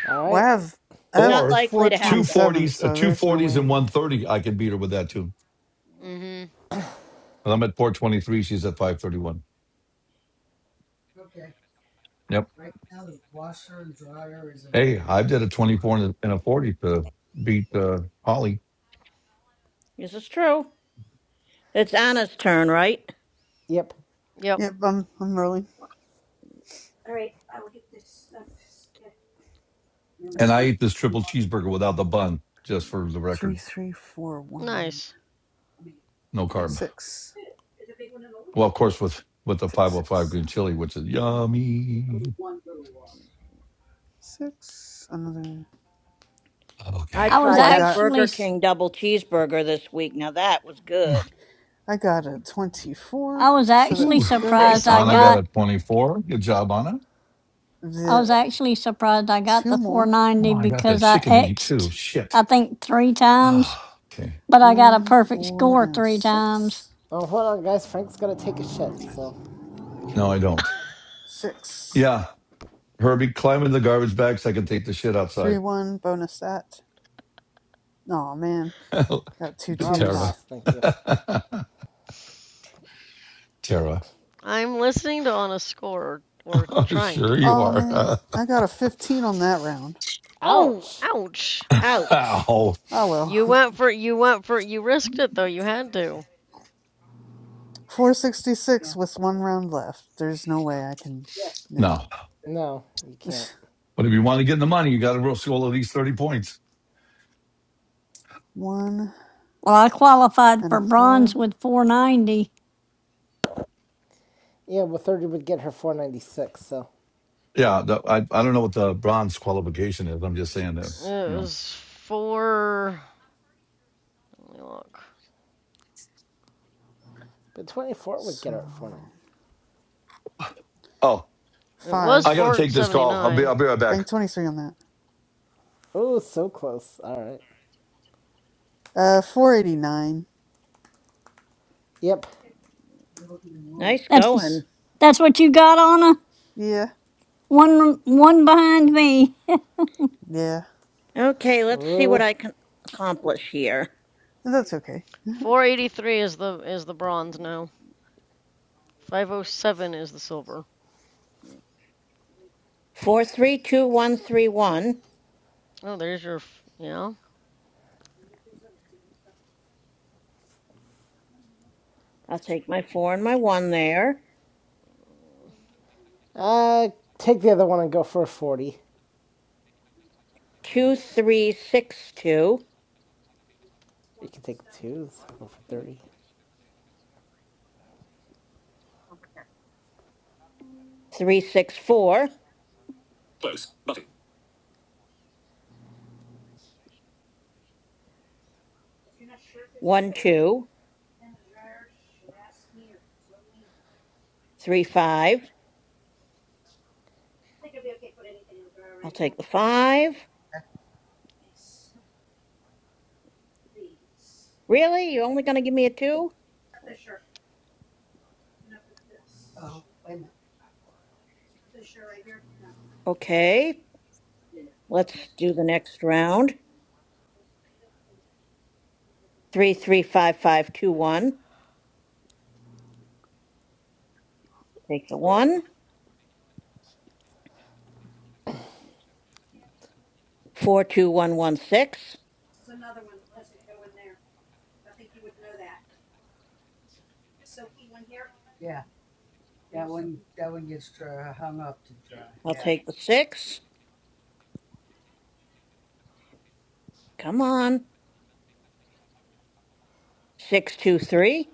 Speaker 3: All
Speaker 8: well,
Speaker 3: right.
Speaker 8: I have I have
Speaker 14: Not
Speaker 1: Or
Speaker 14: likely to
Speaker 1: two
Speaker 14: happen.
Speaker 8: 427,
Speaker 1: forties, a
Speaker 8: so
Speaker 1: two
Speaker 8: there's no
Speaker 1: forties and
Speaker 8: way.
Speaker 1: one thirty. I could beat her with that too.
Speaker 4: Mm-hmm.
Speaker 1: And I'm at four twenty three. She's at five thirty one.
Speaker 5: Okay.
Speaker 1: Yep.
Speaker 5: Right now, the washer and dryer is
Speaker 1: Hey,
Speaker 5: available.
Speaker 1: I did a twenty four and a, and a forty to beat uh, Holly.
Speaker 14: This is true. It's Anna's turn, right?
Speaker 3: Yep.
Speaker 4: Yep.
Speaker 8: Yep. I'm I'm rolling.
Speaker 5: All right. I will get this stuff. Yeah. Remember,
Speaker 1: And
Speaker 5: there's
Speaker 1: I
Speaker 5: only,
Speaker 1: ate this triple cheeseburger without the bun, just for the
Speaker 8: Three,
Speaker 1: record.
Speaker 8: three, four, one,
Speaker 4: Nice.
Speaker 5: I mean,
Speaker 1: No carb.
Speaker 8: six,
Speaker 1: Well, of course, with with the five
Speaker 8: six,
Speaker 1: hundred five
Speaker 8: six,
Speaker 1: green chili, which is
Speaker 5: there's
Speaker 1: yummy.
Speaker 5: only one little wash.
Speaker 8: six. Another.
Speaker 14: I
Speaker 1: Okay.
Speaker 6: I was
Speaker 8: Oh,
Speaker 14: tried
Speaker 8: I
Speaker 14: that
Speaker 8: got
Speaker 14: Burger
Speaker 6: actually
Speaker 14: King double cheeseburger this week. Now that was good.
Speaker 8: I got a 24,
Speaker 6: I was
Speaker 8: so
Speaker 6: actually
Speaker 1: Ooh,
Speaker 8: that's good.
Speaker 1: so
Speaker 6: surprised
Speaker 4: Nice,
Speaker 3: Nice.
Speaker 6: I
Speaker 4: Anna.
Speaker 1: Anna got
Speaker 6: got
Speaker 1: a twenty four. Good job, Anna.
Speaker 6: I
Speaker 8: The
Speaker 6: was actually surprised I got
Speaker 8: two
Speaker 6: the
Speaker 8: more
Speaker 1: Oh,
Speaker 6: 490
Speaker 1: I got that
Speaker 6: because I
Speaker 1: chicken to eat too.
Speaker 6: X'd,
Speaker 1: Shit.
Speaker 6: I think, three times,
Speaker 1: Ah, okay.
Speaker 6: but I got a
Speaker 8: one,
Speaker 6: perfect
Speaker 8: four,
Speaker 6: score
Speaker 8: and a
Speaker 6: three times.
Speaker 8: six.
Speaker 3: Oh, hold on, guys. Frank's got to take a shit, so
Speaker 1: No, I don't.
Speaker 8: Six.
Speaker 1: Yeah. Herbie, climb in the garbage bag so I can take the shit
Speaker 8: Three,
Speaker 1: outside.
Speaker 8: one, bonus that. Oh man, got two
Speaker 3: I'll
Speaker 1: Tara.
Speaker 3: pass.
Speaker 8: twos.
Speaker 3: Thank you.
Speaker 1: Tara.
Speaker 4: I'm listening to Anna's score or or trying
Speaker 1: sure you
Speaker 4: to.
Speaker 8: Oh
Speaker 1: are.
Speaker 8: man, I got a 15 on that round.
Speaker 4: Oh,
Speaker 3: Ouch.
Speaker 4: ouch.
Speaker 14: Ouch.
Speaker 1: Ow.
Speaker 8: Oh
Speaker 4: You went
Speaker 8: well.
Speaker 4: for you went for you risked it though. You had to.
Speaker 5: You ready?
Speaker 8: 466 with one round left. There's no way I can.
Speaker 5: That
Speaker 8: Nah.
Speaker 1: No.
Speaker 3: No, you can't.
Speaker 1: But if you want to get in the money, you got to score at least 30 points.
Speaker 8: one
Speaker 6: Well, I qualified
Speaker 8: and
Speaker 6: for
Speaker 8: a
Speaker 6: bronze
Speaker 8: four,
Speaker 6: with 490.
Speaker 3: Yeah, well, 30 would get her 496, so.
Speaker 1: Yeah. that- I, I don't know what the bronze qualification is. I'm just saying that,
Speaker 4: It
Speaker 8: six.
Speaker 1: you know.
Speaker 4: was four. Let me look.
Speaker 3: But 24 would get
Speaker 8: So,
Speaker 3: her at 490.
Speaker 1: Oh,
Speaker 4: It was
Speaker 8: five.
Speaker 1: I got to take this call. I'll be,
Speaker 4: 479.
Speaker 1: I'll be right back.
Speaker 8: Bank 23 on that.
Speaker 3: Oh, so close. All right.
Speaker 8: Uh, 489.
Speaker 3: Yep.
Speaker 5: was the
Speaker 14: Nice
Speaker 6: That's
Speaker 14: going.
Speaker 6: that's what you got, Anna.
Speaker 8: Yeah,
Speaker 6: One one behind me.
Speaker 8: yeah.
Speaker 14: Okay, let's see what
Speaker 3: Ooh.
Speaker 14: I can accomplish here.
Speaker 8: That's okay.
Speaker 4: 483 is the is the bronze now. 507 is the silver.
Speaker 14: Four, three, two, one, three, one.
Speaker 4: Oh, there's your f- yeah.
Speaker 5: stuff.
Speaker 14: I'll take my four and my one there.
Speaker 3: Uh, take the other one and go for a 40.
Speaker 14: Two, three, six, two,
Speaker 3: You
Speaker 5: Work
Speaker 3: can take the
Speaker 5: stuff.
Speaker 3: twos,
Speaker 5: Um,
Speaker 3: go for 30.
Speaker 14: three, six, four,
Speaker 5: if you're not sure if it's
Speaker 14: one,
Speaker 5: sugar.
Speaker 14: two,
Speaker 5: in the dryer? Should I smear? so I smear? I
Speaker 14: three,
Speaker 5: don't
Speaker 14: five.
Speaker 5: think it'd be okay to put anything in the dryer
Speaker 14: I'll
Speaker 5: right now.
Speaker 14: take the five.
Speaker 5: Except these.
Speaker 14: Really? You're only going to give me a two?
Speaker 5: Cut this shirt and I put this. Oh, shirt. wait a minute. This shirt right here. No.
Speaker 14: Okay,
Speaker 5: Yeah.
Speaker 14: let's
Speaker 5: Okay.
Speaker 14: do the next round. Three, three, five, five, two, one. Take the
Speaker 4: Ugh.
Speaker 14: one. Four two one one six.
Speaker 5: This is another one that doesn't go in there. I think you would know that. Silky one here. Yeah, that one that one gets dry, hung up to dry.
Speaker 14: I'll
Speaker 5: Yeah.
Speaker 14: take the six. Come on. Six two three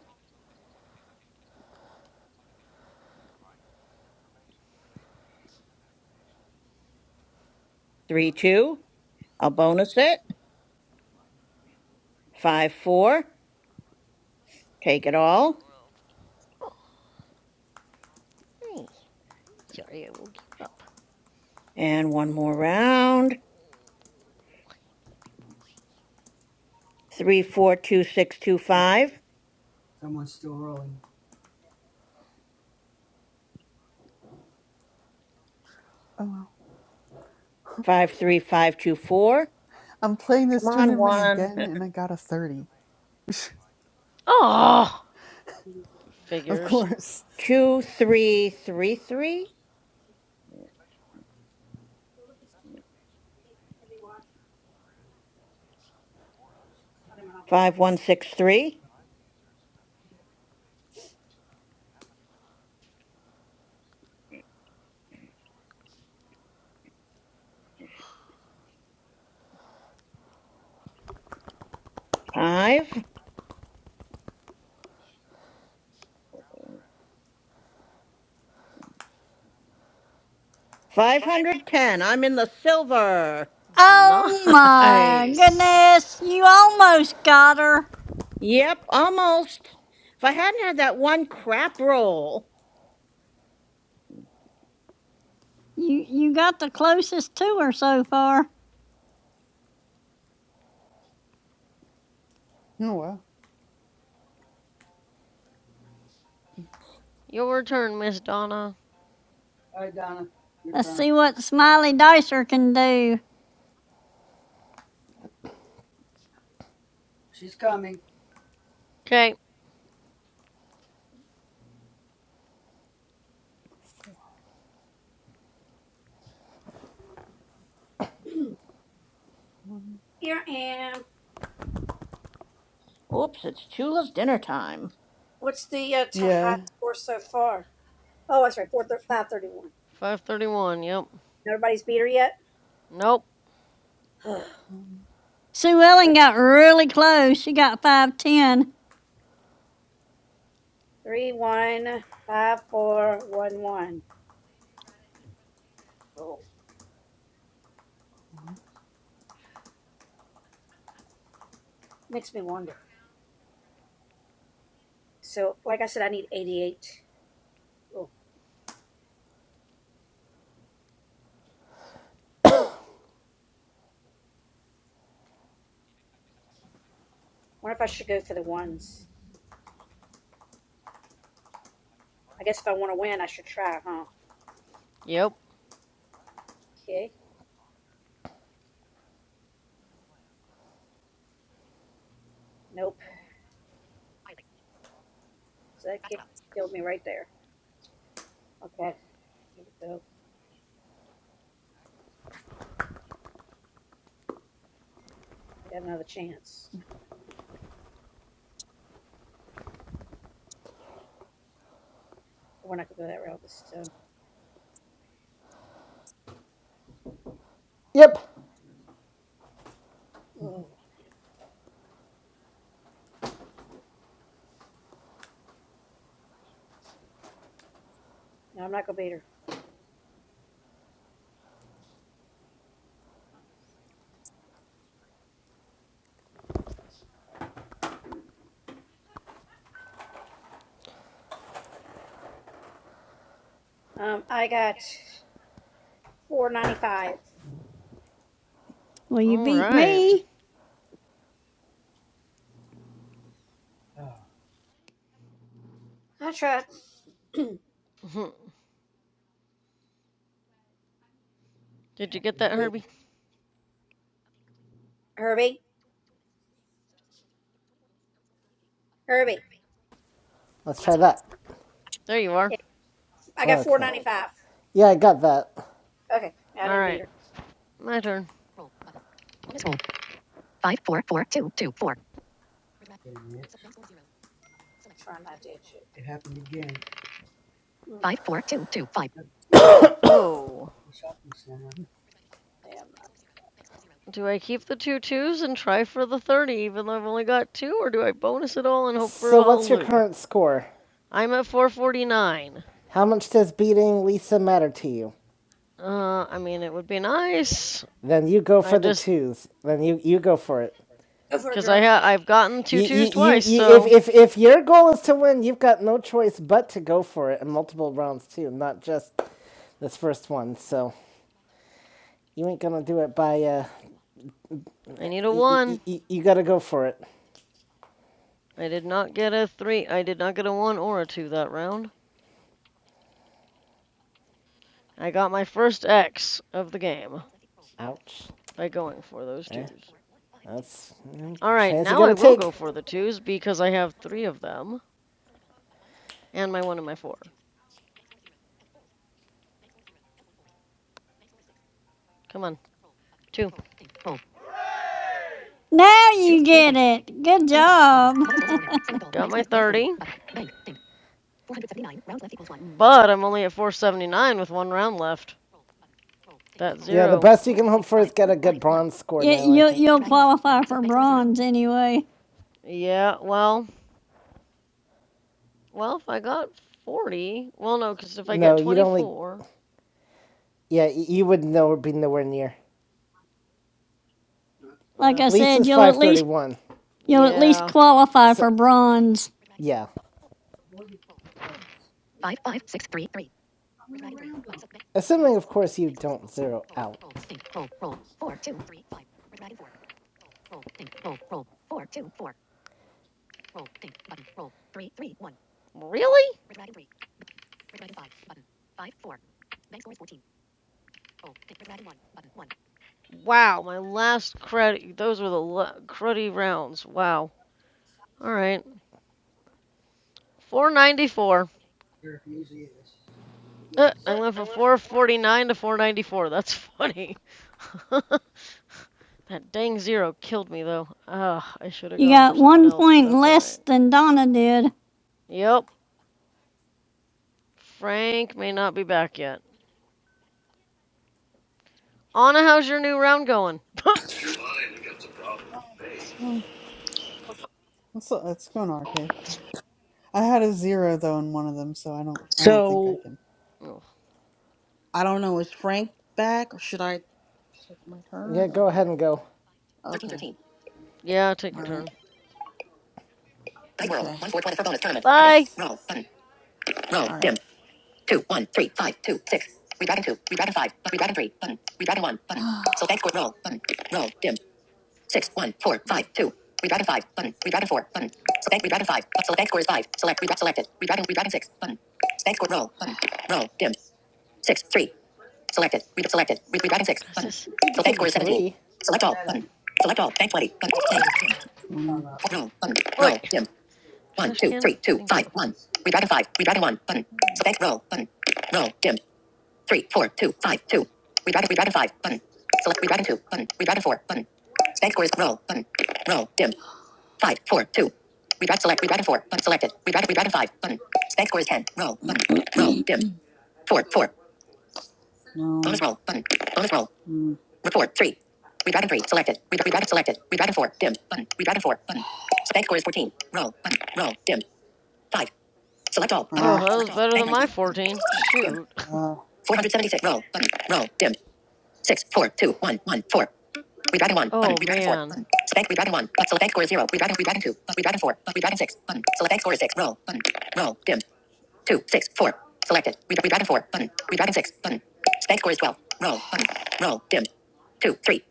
Speaker 14: three two. I'll bonus it. Five four. Take it all.
Speaker 4: Hey, Sorry, I woke you up.
Speaker 14: And one more round. Three four two six two five.
Speaker 5: someone's still rolling.
Speaker 8: Oh well.
Speaker 14: Five three five two four.
Speaker 8: I'm playing this
Speaker 14: Come on.
Speaker 8: tournament
Speaker 14: One
Speaker 8: again and I got a 30.
Speaker 5: Okay.
Speaker 4: Oh,
Speaker 8: of
Speaker 4: figures.
Speaker 8: course.
Speaker 14: two three three three.
Speaker 5: look is piece can be washed. I don't know how to do it.
Speaker 14: Five one six three. Five. Five hundred ten. I'm in the silver.
Speaker 6: Oh my
Speaker 4: Nice.
Speaker 6: goodness! You almost got her.
Speaker 14: Yep, almost. If I hadn't had that one crap roll.
Speaker 6: You you got the closest to her so far.
Speaker 8: Oh well.
Speaker 4: Your turn, Miss Donna.
Speaker 5: All right, Donna, your
Speaker 6: Let's
Speaker 5: turn.
Speaker 6: see what Smiley Dicer can do.
Speaker 5: She's coming.
Speaker 4: Okay,
Speaker 8: Four, one.
Speaker 5: Here I am.
Speaker 14: Oops, it's Chula's dinner time.
Speaker 5: What's the uh, Tahat
Speaker 8: Yeah.
Speaker 5: score so far? Oh, that's right, four
Speaker 8: Two,
Speaker 5: thir-
Speaker 8: two,
Speaker 5: five thirty-one.
Speaker 4: 531. Yep.
Speaker 5: Nobody's beat her yet.
Speaker 4: Nope.
Speaker 8: one,
Speaker 6: Sue Ellen got really close. She got five ten.
Speaker 5: Three one five four one one. Oh,
Speaker 8: one.
Speaker 5: makes me wonder. So, like I said, I need eighty-eight. Oh, wonder if I should go for the ones. I guess if I want to win, I should try, huh?
Speaker 4: Yep.
Speaker 5: Okay. Nope. So that kick killed me right there. Okay. Here we go. I got another chance. Or when I could go that route this time.
Speaker 3: Yep.
Speaker 8: Mhm.
Speaker 5: Oh, no, I'm not gonna beat her. Um, I got four ninety five.
Speaker 6: Well, you
Speaker 4: All
Speaker 6: beat
Speaker 4: right.
Speaker 6: me.
Speaker 5: I tried.
Speaker 4: Did you get that, Herbie?
Speaker 5: Herbie, Herbie.
Speaker 3: Let's try that.
Speaker 4: There you are.
Speaker 5: Yeah, I got four
Speaker 3: Okay.
Speaker 5: ninety five.
Speaker 3: Yeah, I got that.
Speaker 5: Okay, I
Speaker 4: All
Speaker 5: didn't beat
Speaker 4: right,
Speaker 5: her.
Speaker 4: my turn.
Speaker 5: Wait a minute. Trying not to hit you. It happened again. Mm, A teenager,
Speaker 4: Oh,
Speaker 5: the shopping center. Yeah, I'm not.
Speaker 4: do I keep the two twos and try for the 30 even though I've only got two, or do I bonus it all and hope for
Speaker 3: So,
Speaker 4: a
Speaker 3: what's your
Speaker 4: hallelujah?
Speaker 3: current score?
Speaker 4: I'm at 449.
Speaker 3: How much does beating Lisa matter to you?
Speaker 4: Uh, I mean, it would be nice.
Speaker 3: Then you go for
Speaker 4: I
Speaker 3: the
Speaker 4: just
Speaker 3: twos. Then you, you go for it.
Speaker 5: Go for it,
Speaker 4: Because I
Speaker 5: girl.
Speaker 4: ha I've gotten two
Speaker 3: You, you,
Speaker 4: twos
Speaker 3: you,
Speaker 4: twice,
Speaker 3: you, if,
Speaker 4: so
Speaker 3: if, if your goal is to win, you've got no choice but to go for it in multiple rounds too, not just this first one. So you ain't gonna do it by. Uh,
Speaker 4: I need a
Speaker 3: y- y- y-
Speaker 4: one.
Speaker 3: you gotta go for it.
Speaker 4: I did not get a three. I did not get a one or a two that round. I got my first X of the game
Speaker 3: Ouch.
Speaker 4: by going for those twos.
Speaker 3: That's mm,
Speaker 4: All right,
Speaker 3: chance you
Speaker 4: now I
Speaker 3: gotta
Speaker 4: will go
Speaker 3: take.
Speaker 4: for the twos because I have three of them and my one and my four. Come on. Two.
Speaker 6: Now you get it. Good job.
Speaker 4: Got my 30. But I'm only at 479 with one round left. That
Speaker 3: Yeah, the
Speaker 4: zero.
Speaker 3: best you can hope for is get a good bronze score
Speaker 6: You,
Speaker 3: now. I
Speaker 6: you,
Speaker 3: think.
Speaker 6: you'll qualify for bronze anyway.
Speaker 4: Yeah, well, well, if I got 40, well, no, because if I get
Speaker 3: No, you'd only.
Speaker 4: 24,
Speaker 3: Yeah, you would know be nowhere near.
Speaker 5: Uh,
Speaker 6: Like
Speaker 4: ugh,
Speaker 6: I said,
Speaker 3: Lisa's
Speaker 6: you'll at
Speaker 3: five thirty
Speaker 6: least
Speaker 3: one.
Speaker 6: you'll at least
Speaker 4: yeah,
Speaker 6: qualify
Speaker 3: So
Speaker 6: for bronze.
Speaker 3: yeah,
Speaker 5: avoided the clubs. I went around them.
Speaker 3: assuming of course you don't zero out.
Speaker 4: really? Wow, my last credit, those were the la- cruddy rounds. Wow. All right. 494.
Speaker 5: There usually is. But
Speaker 4: Uh, I
Speaker 5: yes.
Speaker 4: went from 449 to 494. That's funny. That dang zero killed me, though. Ah, I should have
Speaker 6: You
Speaker 4: gone for
Speaker 6: got
Speaker 4: something
Speaker 6: one
Speaker 4: else, but
Speaker 6: point
Speaker 4: that's all right.
Speaker 6: less than Donna did.
Speaker 4: Yep. Frank may not be back yet. Anna, how's your new round going?
Speaker 8: Um, that's that's going okay. I had a zero though in one of them, so I don't I don't think I
Speaker 7: So
Speaker 8: can.
Speaker 4: Oh,
Speaker 7: I don't know, is Frank back or should I take my
Speaker 3: Yeah,
Speaker 7: turn or
Speaker 3: go
Speaker 7: what?
Speaker 3: ahead and go.
Speaker 7: Okay. 13. thirteen.
Speaker 4: Yeah, take
Speaker 7: All
Speaker 4: your
Speaker 7: right.
Speaker 4: turn.
Speaker 7: Dice World. Okay. One four twenty for bonus tournament. Heading.
Speaker 4: Bye.
Speaker 8: Six.
Speaker 7: Roll. Button. Roll. All right. Dim. Two, one, three, five, two, six. One. Three. Two. Six. Redragon two. Redragon five. But redragon three. Button. Redragon one. Button. so thanks score. Roll. Button. Roll. Dim. Six, one, four, five, two. One. Four. Five. Two. Redragon five. Button. Redragon four. Button. So thank redragon five. So thank score is five. Select. Redragon selected. Redragon. Redragon six. Button. Thanks score. Roll. Button. Roll. Dim. Six. Three. Selected. Read selected. Read redragon six.
Speaker 4: What's
Speaker 7: Button.
Speaker 4: this?
Speaker 3: You
Speaker 7: So
Speaker 3: can
Speaker 7: thank
Speaker 3: take
Speaker 7: score
Speaker 3: the
Speaker 7: is seventeen.
Speaker 3: three.
Speaker 7: Select all.
Speaker 5: That, uh,
Speaker 7: Button. Select all. Bank twenty. Button.
Speaker 5: that
Speaker 7: Bank
Speaker 5: always hung
Speaker 7: Dim.
Speaker 5: up.
Speaker 7: 20. Roll. Button.
Speaker 4: Oh, wait.
Speaker 7: Roll. Dim. One,
Speaker 4: Trash
Speaker 7: two,
Speaker 4: can?
Speaker 7: three, two,
Speaker 4: Thank
Speaker 7: five,
Speaker 4: you.
Speaker 7: one. Redragon five. Redragon one. Button.
Speaker 8: Mm,
Speaker 7: Select roll. Button. Roll. Dim. Three, four, two, five, two. Redragon. Redragon five. Button. Select redragon two. Button. Redragon four. Button. Select scores. Roll. Button. Roll. Dim. Five, four, two. Redragon select. Redragon four. Button selected. Redragon. Redragon five. Button. Select scores ten. Roll. Button. Roll. Dim. Four, four. No. Bonus roll. Button. Bonus roll. Mm. Report three. Redragon three. Selected. Red- Redragon selected. Redragon four. Dim. Button. Redragon four. Button. Select scores fourteen. Roll. Button. Roll. Dim. Five. Select all. Button.
Speaker 4: Oh,
Speaker 7: Ah.
Speaker 4: that
Speaker 7: Select
Speaker 4: was
Speaker 7: all.
Speaker 4: better
Speaker 7: Bank
Speaker 4: than my
Speaker 7: 19. Button.
Speaker 4: 14.
Speaker 7: Dim.
Speaker 4: Shoot.
Speaker 7: Uh. 476. Roll. Button. Roll. Dim. 6, 4, 2, 1, 1, 4. We dragon 1. Button.
Speaker 4: Oh,
Speaker 7: We dragon 4.
Speaker 4: man.
Speaker 7: Button. Bank. We dragon 1. But select bank score is 0. We dragon. We dragon 2. But we dragon 4. But we dragon 6. Button. Select bank score is 6. Roll. Button. Roll. Dim. 2, 6, 4. Selected. We, we dragon 4. Button. We dragon 6. Button. Bank score is 12. Roll. Button. Roll. Dim. 2, 3.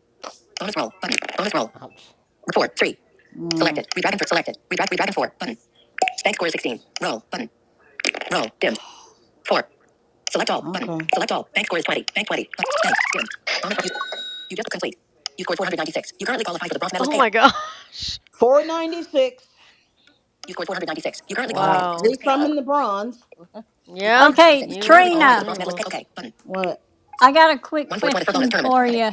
Speaker 7: Bonus roll. Button. Bonus roll.
Speaker 3: Ouch.
Speaker 7: 4, 3. Mm. Selected. We dragon 4. Selected. We dragon. We dragon 4. Button. Bank score is 16. Roll. Button. Roll. Dim. 4. Select all. Button. Okay. Select all. Bank score is 20. Bank 20. Bank. Bonus. You just complete. You scored 496. You currently qualify for the bronze medalist
Speaker 4: Oh,
Speaker 7: payout.
Speaker 4: my gosh.
Speaker 7: 496. You scored 496. You currently qualify for
Speaker 3: Wow.
Speaker 7: the bronze
Speaker 4: Wow.
Speaker 7: medalist payout. At least I'm
Speaker 6: Uh,
Speaker 7: in the bronze. You scored
Speaker 4: Yeah,
Speaker 6: Okay,
Speaker 7: 496. You
Speaker 4: you,
Speaker 7: currently
Speaker 4: all
Speaker 7: qualify for the
Speaker 6: Trina,
Speaker 4: three
Speaker 7: bronze
Speaker 4: of
Speaker 7: medalist payout.
Speaker 4: us.
Speaker 7: Okay. Button. What?
Speaker 6: I got a quick
Speaker 7: One four twenty for bonus
Speaker 6: question
Speaker 7: tournament.
Speaker 6: for
Speaker 7: Heading.
Speaker 6: you.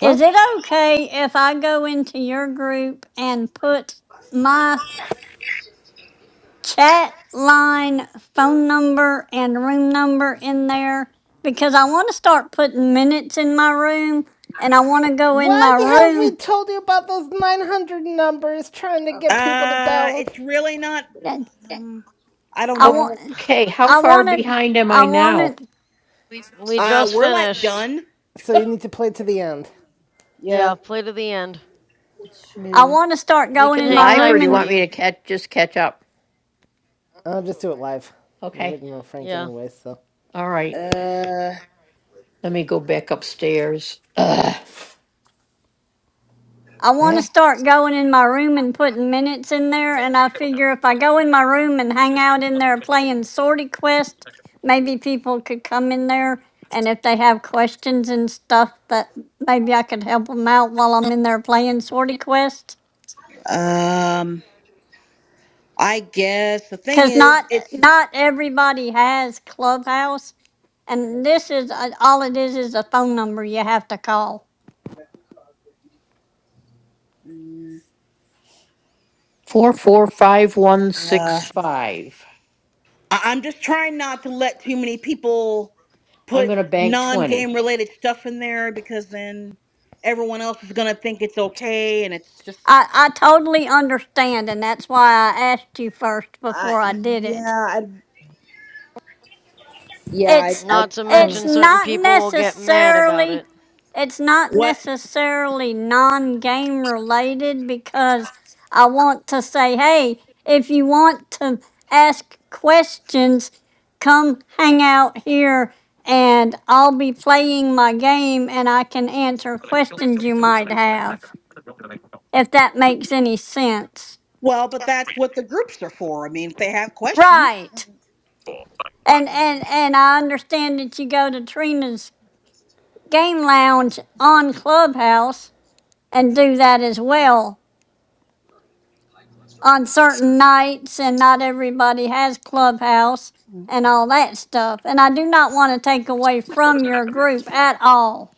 Speaker 6: Is
Speaker 7: What?
Speaker 6: it okay if I go into your group and put my chat line phone number and room number in there because I want to start putting minutes in my room and I want to go in
Speaker 3: Why
Speaker 6: my
Speaker 3: have we
Speaker 6: room.
Speaker 3: told you about those 900 numbers trying to get
Speaker 5: Okay.
Speaker 3: people to
Speaker 7: Uh,
Speaker 3: dial?
Speaker 7: it's really not.
Speaker 6: and
Speaker 7: Um, I don't
Speaker 6: I
Speaker 7: know.
Speaker 6: want
Speaker 13: Okay, how
Speaker 6: I
Speaker 13: far
Speaker 6: want to
Speaker 13: behind am
Speaker 6: I
Speaker 13: I now?
Speaker 6: want to
Speaker 4: We
Speaker 7: Uh,
Speaker 4: just
Speaker 7: we're like
Speaker 4: finished.
Speaker 7: done.
Speaker 3: So you need to play to the end.
Speaker 4: Yeah,
Speaker 7: Yeah.
Speaker 4: play to the end.
Speaker 5: What
Speaker 6: I
Speaker 5: shirts
Speaker 8: Yeah.
Speaker 6: want to start
Speaker 4: We
Speaker 6: going
Speaker 4: can
Speaker 6: in my
Speaker 4: hang
Speaker 13: Live or do
Speaker 4: tight
Speaker 6: room
Speaker 13: you
Speaker 4: for
Speaker 6: and.
Speaker 13: want me
Speaker 4: you.
Speaker 13: to catch just catch up?
Speaker 3: I'll just do it live.
Speaker 13: Okay.
Speaker 3: Written on Frank
Speaker 4: Yeah.
Speaker 3: anyway, so.
Speaker 13: All right.
Speaker 7: Uh,
Speaker 13: Let me go back upstairs. Ugh.
Speaker 6: I want to start going in my room and putting minutes in there. And I figure if I go in my room and hang out in there playing Sorty Quest, maybe people could come in there. And if they have questions and stuff, that maybe I could help them out while I'm in there playing Sorty Quest.
Speaker 7: um, I guess the thing
Speaker 6: Cause not
Speaker 7: is, it's.
Speaker 6: not everybody has Clubhouse, and this is uh, all it is is a phone number you have to call.
Speaker 5: that card with me?
Speaker 13: Four, four, five, one,
Speaker 7: uh.
Speaker 13: six, five.
Speaker 7: I- I'm just trying not to let too many people
Speaker 13: I'm
Speaker 7: put
Speaker 13: gonna bank twenty.
Speaker 7: non-game related stuff in there because then everyone else is gonna think it's okay, and it's just
Speaker 6: I, I totally understand, and that's why I asked you first
Speaker 7: Uh,
Speaker 6: before I did it.
Speaker 7: yeah, I, yeah, I,
Speaker 6: it's
Speaker 7: I
Speaker 4: Not to
Speaker 7: kind of.
Speaker 6: it's
Speaker 4: mention, certain
Speaker 6: not
Speaker 4: people will get mad about
Speaker 6: necessarily
Speaker 4: it.
Speaker 6: it's not
Speaker 7: what.
Speaker 6: necessarily non-game related because I want to say, hey, if you want to ask questions, come hang out here and I'll be playing my game and I can answer questions you might have, if that makes any sense.
Speaker 7: Well, but that's what the groups are for. I mean, if they have questions.
Speaker 6: Right. And
Speaker 4: hmm
Speaker 6: and and I understand that you go to Trina's game lounge on Clubhouse and do that as well on certain nights, and not everybody has Clubhouse
Speaker 8: Well,
Speaker 6: and all that stuff. And I do not want to take away from your group at all.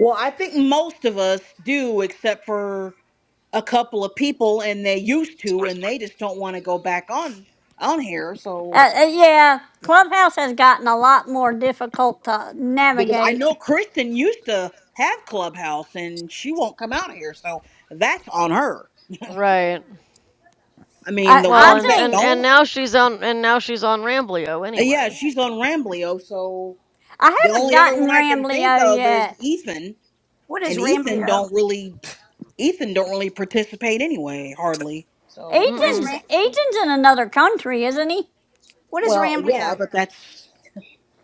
Speaker 7: Well, I think most of us do, except for a couple of people, and they used to, and they just don't want to go back on on here. So.
Speaker 6: Uh, uh, yeah, Clubhouse has gotten a lot more difficult to
Speaker 7: because I
Speaker 6: navigate.
Speaker 7: know Kristen used to have Clubhouse and she won't come out here, so that's on her.
Speaker 4: Right.
Speaker 7: I mean,
Speaker 6: I,
Speaker 7: the
Speaker 4: Well,
Speaker 6: I
Speaker 7: ones
Speaker 4: and,
Speaker 7: that
Speaker 4: and,
Speaker 6: think
Speaker 4: and
Speaker 7: don't,
Speaker 4: now she's on and now she's on Ramblio
Speaker 7: yeah,
Speaker 4: anyway.
Speaker 7: she's on Ramblio. So
Speaker 6: I
Speaker 7: the
Speaker 6: haven't
Speaker 7: only other
Speaker 6: gotten
Speaker 7: one I can think
Speaker 6: Rambleo
Speaker 7: of is
Speaker 6: yet.
Speaker 7: Ethan,
Speaker 5: What is
Speaker 7: and Ethan
Speaker 5: Ramblio?
Speaker 7: don't really, Ethan don't really participate anyway, hardly. So
Speaker 5: What is
Speaker 4: Mm
Speaker 6: Eaton's
Speaker 5: Ram?
Speaker 6: Eaton's in another country, isn't he?
Speaker 5: What is
Speaker 7: well, yeah,
Speaker 5: Ramblio?
Speaker 7: but that's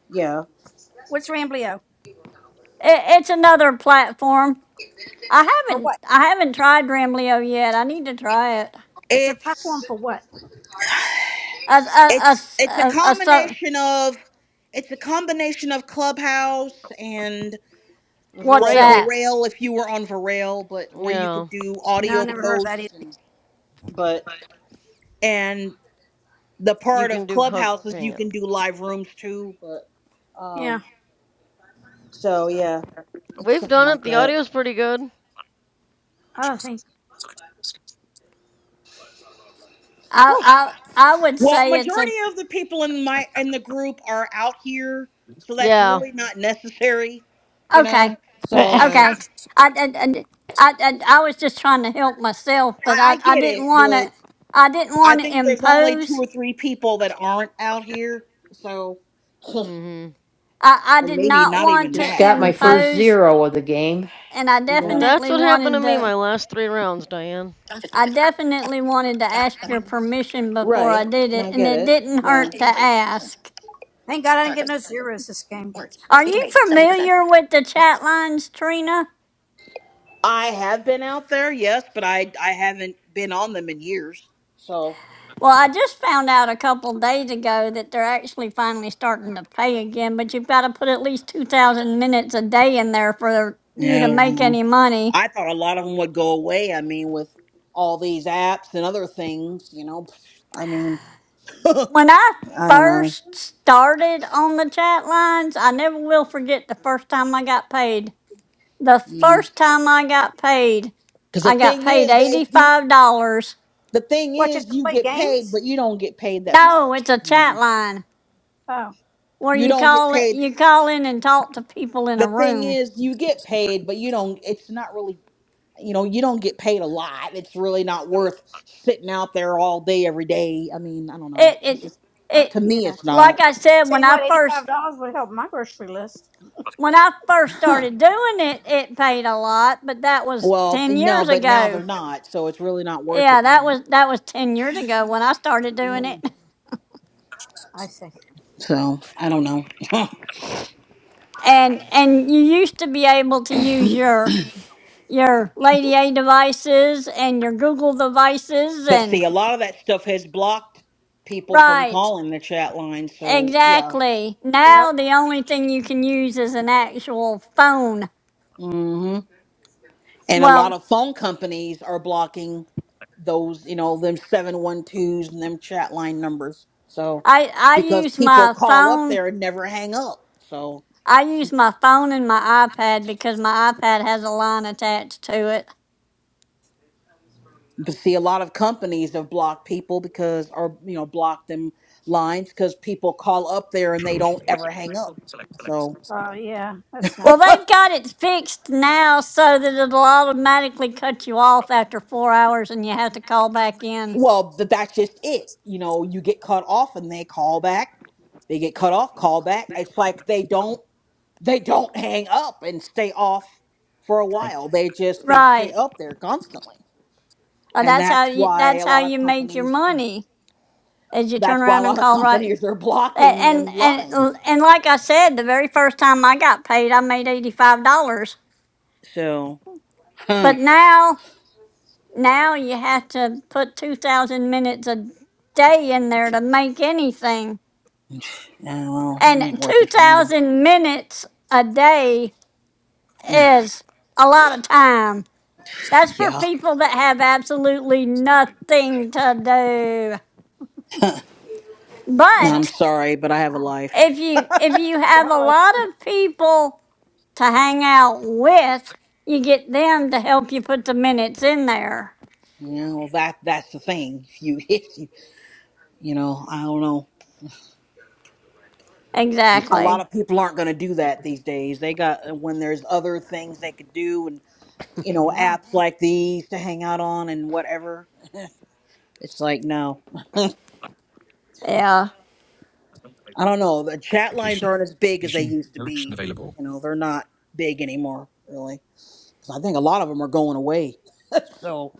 Speaker 7: yeah.
Speaker 5: What's Ramblio
Speaker 6: It, it's another platform. I
Speaker 5: for?
Speaker 6: haven't
Speaker 5: What?
Speaker 6: I haven't tried Ramleo yet. I need to try it.
Speaker 5: It's a platform
Speaker 7: It's
Speaker 5: for what?
Speaker 6: A a a,
Speaker 7: it's
Speaker 6: s-
Speaker 7: it's a
Speaker 6: a, a so
Speaker 7: combination of it's a combination of Clubhouse and
Speaker 4: mm. For
Speaker 7: well
Speaker 4: real.
Speaker 6: WhatsApp.
Speaker 7: Verail if you were on Verail, but where you
Speaker 4: Yeah.
Speaker 7: could do
Speaker 5: No, I
Speaker 7: audio
Speaker 5: never heard of that either.
Speaker 7: posts and but and the
Speaker 4: You
Speaker 7: part
Speaker 4: can
Speaker 7: of
Speaker 4: do hug
Speaker 7: Clubhouse is you can
Speaker 4: hangout.
Speaker 7: do live rooms too, but
Speaker 5: Yeah.
Speaker 7: um so yeah, it's
Speaker 4: We've
Speaker 7: something
Speaker 4: done
Speaker 7: like
Speaker 4: it. The
Speaker 7: that.
Speaker 4: audio's pretty good.
Speaker 5: Oh, thank.
Speaker 6: I
Speaker 5: Whew.
Speaker 6: I I would
Speaker 7: Well,
Speaker 6: say it's a
Speaker 7: majority of the people in my in the group are out here, so that's
Speaker 4: Yeah,
Speaker 7: really not necessary, you know.
Speaker 6: okay
Speaker 7: So
Speaker 4: right.
Speaker 6: okay. I and I, I, I I was just trying to help myself, but
Speaker 7: I, I
Speaker 6: I I
Speaker 7: get
Speaker 6: didn't
Speaker 7: it,
Speaker 6: want
Speaker 7: but
Speaker 6: to I didn't
Speaker 7: I
Speaker 6: want to
Speaker 7: think there's only two
Speaker 6: impose.
Speaker 7: or three people that aren't out here, so
Speaker 4: Mm-hmm.
Speaker 6: I I
Speaker 7: and
Speaker 6: did
Speaker 7: maybe
Speaker 6: not
Speaker 7: not
Speaker 6: want
Speaker 7: even
Speaker 6: to
Speaker 13: Just
Speaker 7: that.
Speaker 13: got my first
Speaker 6: impose,
Speaker 13: zero of the game.
Speaker 6: and I
Speaker 7: Yeah.
Speaker 4: That's
Speaker 6: definitely
Speaker 4: what happened to
Speaker 6: wanted
Speaker 4: me
Speaker 6: to.
Speaker 4: my last three rounds, Diane.
Speaker 6: I definitely wanted to
Speaker 7: Back
Speaker 6: ask
Speaker 7: button.
Speaker 6: your
Speaker 8: mm,
Speaker 6: permission before
Speaker 7: Right.
Speaker 6: I did
Speaker 7: And
Speaker 6: it,
Speaker 7: I
Speaker 6: and
Speaker 7: get
Speaker 6: it
Speaker 7: it.
Speaker 6: didn't
Speaker 7: Yeah.
Speaker 6: hurt
Speaker 7: Updating
Speaker 6: to
Speaker 7: complete. Home.
Speaker 6: ask.
Speaker 5: Thank God I didn't get
Speaker 7: Characters.
Speaker 5: no zeros this game.
Speaker 7: Words.
Speaker 6: Are
Speaker 5: But
Speaker 7: Speaking
Speaker 6: you
Speaker 7: rate. 70%.
Speaker 6: familiar with the
Speaker 7: Words.
Speaker 6: chat lines, Trina?
Speaker 7: I have been out there, yes, but I I haven't been on them in years. So
Speaker 6: Well, I just found out a couple days ago that they're actually finally starting to pay again, but you've got to put at least 2,000 minutes a day in there for you
Speaker 7: yeah,
Speaker 6: to make
Speaker 7: well,
Speaker 6: any money.
Speaker 7: I thought a lot of them would go away. I mean, with all these apps and other things, you know. I mean, I
Speaker 6: When I
Speaker 7: don't know.
Speaker 6: first started on the chat lines, I never will forget the first time I got paid. The
Speaker 7: Because
Speaker 6: first time I got paid,
Speaker 7: the
Speaker 6: I got
Speaker 7: thing
Speaker 6: paid
Speaker 7: is that you.
Speaker 6: $85.
Speaker 7: The thing
Speaker 5: what?
Speaker 7: is,
Speaker 5: Just to
Speaker 7: you
Speaker 5: play
Speaker 7: get paid,
Speaker 5: games?
Speaker 7: but you don't get paid that
Speaker 6: No,
Speaker 7: much.
Speaker 6: it's a
Speaker 7: I
Speaker 6: chat
Speaker 7: mean,
Speaker 6: line.
Speaker 5: Oh,
Speaker 6: where
Speaker 7: you
Speaker 6: you
Speaker 7: don't get
Speaker 6: call
Speaker 7: paid.
Speaker 6: it you call in and talk to people in
Speaker 7: the
Speaker 6: a
Speaker 7: thing
Speaker 6: room.
Speaker 7: is you get paid but you don't it's not really you know you don't get paid a lot it's really not worth sitting out there all day every day i mean i don't know
Speaker 6: It
Speaker 7: it's
Speaker 6: it
Speaker 7: just
Speaker 5: uh,
Speaker 6: it
Speaker 7: to
Speaker 5: yeah.
Speaker 7: me it's not
Speaker 6: like I said
Speaker 5: Say
Speaker 6: when I
Speaker 5: what? Eighty-five
Speaker 6: first
Speaker 5: dollars would help my grocery list.
Speaker 6: when I first
Speaker 7: huh
Speaker 6: started doing it, it paid a lot, but that was
Speaker 7: well
Speaker 6: ten
Speaker 7: no
Speaker 6: years
Speaker 7: but now
Speaker 6: ago.
Speaker 7: they're not so it's really not worth
Speaker 6: Yeah,
Speaker 7: it
Speaker 6: that
Speaker 7: now
Speaker 6: was that was ten years ago when I started doing it.
Speaker 5: Mm, I see.
Speaker 7: so i don't know
Speaker 6: And and you used to be able to use your your Lady A devices and your Google devices
Speaker 7: but
Speaker 6: and
Speaker 7: see a lot of that stuff has blocked people from
Speaker 6: right.
Speaker 7: calling the chat line so yeah
Speaker 6: Exactly.
Speaker 5: Yep.
Speaker 6: Now the only thing you can use is an actual phone
Speaker 7: hmm and a lot
Speaker 6: Well,
Speaker 7: of phone companies are blocking those, you know, them seven one twos and them chat line numbers. So,
Speaker 6: I I
Speaker 7: because
Speaker 6: use
Speaker 7: people
Speaker 6: my
Speaker 7: call up
Speaker 6: phone.
Speaker 7: there and never hang up. So,
Speaker 6: I use my phone and my iPad because my iPad has a line attached to it.
Speaker 7: but see, a lot of companies have blocked people because, or, you know, blocked them lines because people call up there and they
Speaker 5: Travel.
Speaker 7: don't ever hang up. So,
Speaker 5: Oh, yeah. That's not
Speaker 6: Well,
Speaker 5: good.
Speaker 6: they've got it fixed now so that it'll automatically cut you off after four hours, and you have to call back in.
Speaker 7: well, th- that's just it. You know, you get cut off and they call back. They get cut off, call back. It's like they don't, they don't hang up and stay off for a while. They just, they stay
Speaker 6: Right.
Speaker 7: up there constantly.
Speaker 6: Uh,
Speaker 7: and
Speaker 6: that's how
Speaker 7: that's
Speaker 6: you.
Speaker 7: why
Speaker 6: That's
Speaker 7: a
Speaker 6: how
Speaker 7: lot of
Speaker 6: you make your
Speaker 7: companies
Speaker 6: money. Is you turn
Speaker 7: that's why a
Speaker 6: around and
Speaker 7: lot of
Speaker 6: call right.
Speaker 7: companies are
Speaker 6: A-
Speaker 7: blocking
Speaker 6: And
Speaker 7: them
Speaker 6: and
Speaker 7: lines
Speaker 6: and like I said, the very first time I got paid, I made eighty five dollars.
Speaker 7: so
Speaker 6: But
Speaker 7: huh,
Speaker 6: now Now you have to put 2,000 minutes a day in there to make anything.
Speaker 7: yeah, well it ain't
Speaker 6: And
Speaker 7: worth it for me
Speaker 6: 2,000 minutes a day is a lot of time. That's for
Speaker 7: yeah
Speaker 6: people that have absolutely nothing to do.
Speaker 7: no,
Speaker 5: Yeah.
Speaker 7: i'm
Speaker 6: But
Speaker 7: sorry but i have a life
Speaker 6: if you if you
Speaker 5: You
Speaker 6: have
Speaker 5: have
Speaker 6: a
Speaker 5: a life
Speaker 6: lot
Speaker 5: too.
Speaker 6: of people to hang out with, you get them to help you put the minutes in there.
Speaker 7: you know that that's the thing if you if you you know i don't know a lot
Speaker 6: Exactly.
Speaker 7: of people aren't going to do that these days they got uh, when there's other things they could do and you know
Speaker 5: Yeah.
Speaker 7: apps like these to hang out on and whatever it's like no
Speaker 6: Yeah.
Speaker 7: I don't know. The chat lines
Speaker 5: Location.
Speaker 7: aren't as big as they
Speaker 5: Location.
Speaker 7: used to
Speaker 5: Direction
Speaker 7: be.
Speaker 5: available.
Speaker 7: You know, they're not big anymore, really. 'Cause I think a lot of them are going away. So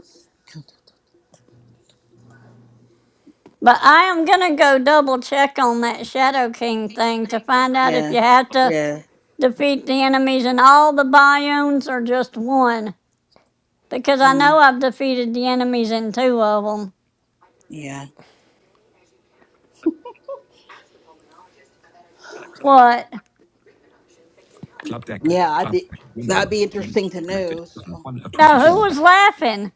Speaker 6: But I am gonna go double check on that Shadow King thing to find out if
Speaker 7: yeah,
Speaker 6: you have to
Speaker 7: yeah,
Speaker 6: defeat the enemies in all the biomes or just one. Because I know
Speaker 7: mm,
Speaker 6: I've defeated the enemies in two of them.
Speaker 7: yeah,
Speaker 6: What?
Speaker 5: Club deck.
Speaker 7: yeah. I'd
Speaker 5: Club
Speaker 7: be
Speaker 5: deck. window.
Speaker 7: that'd be
Speaker 5: In.
Speaker 7: interesting to
Speaker 5: Selected.
Speaker 7: know.
Speaker 5: Button
Speaker 7: So
Speaker 5: 1 of
Speaker 6: No, who
Speaker 5: 22.
Speaker 6: was laughing?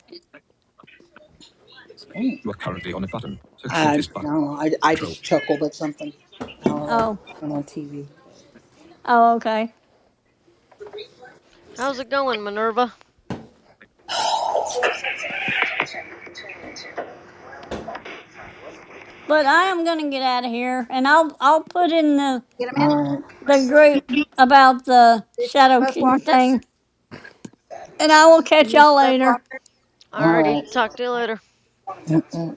Speaker 7: mm.
Speaker 5: You are currently on a button. So
Speaker 7: I,
Speaker 5: click
Speaker 7: I
Speaker 5: this
Speaker 7: don't
Speaker 5: button.
Speaker 7: know. I, I
Speaker 5: Control.
Speaker 7: just chuckled at something. I don't know.
Speaker 6: Oh,
Speaker 7: On on TV.
Speaker 6: oh, okay.
Speaker 4: How's it going, Minerva?
Speaker 6: But I am gonna get out of here, and I'll I'll put in the
Speaker 5: Get them in.
Speaker 7: All right.
Speaker 6: the group about the
Speaker 5: Did you-
Speaker 6: Shadow
Speaker 5: both
Speaker 6: King
Speaker 5: walkers?
Speaker 6: thing, and I will catch
Speaker 5: You used
Speaker 6: y'all
Speaker 5: both
Speaker 6: later.
Speaker 5: walkers?
Speaker 7: All
Speaker 5: Yeah.
Speaker 4: Alrighty,
Speaker 7: right.
Speaker 4: talk to you later.
Speaker 7: Mm-mm.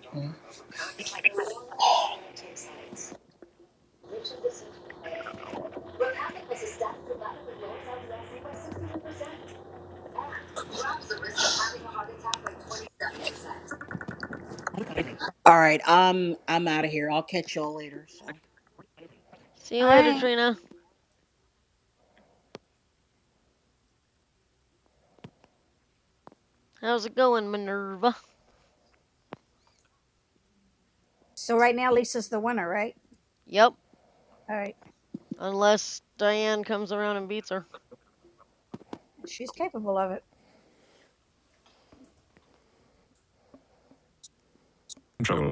Speaker 7: All right. I'm I'm out of here. I'll catch y'all later. So.
Speaker 4: See
Speaker 5: All
Speaker 4: you later,
Speaker 5: right.
Speaker 4: Trina. How's it going, Minerva?
Speaker 5: So right now, Lisa's the winner, right?
Speaker 4: Yep,
Speaker 5: All right.
Speaker 4: unless Diane comes around and beats her.
Speaker 5: She's capable of it. Control.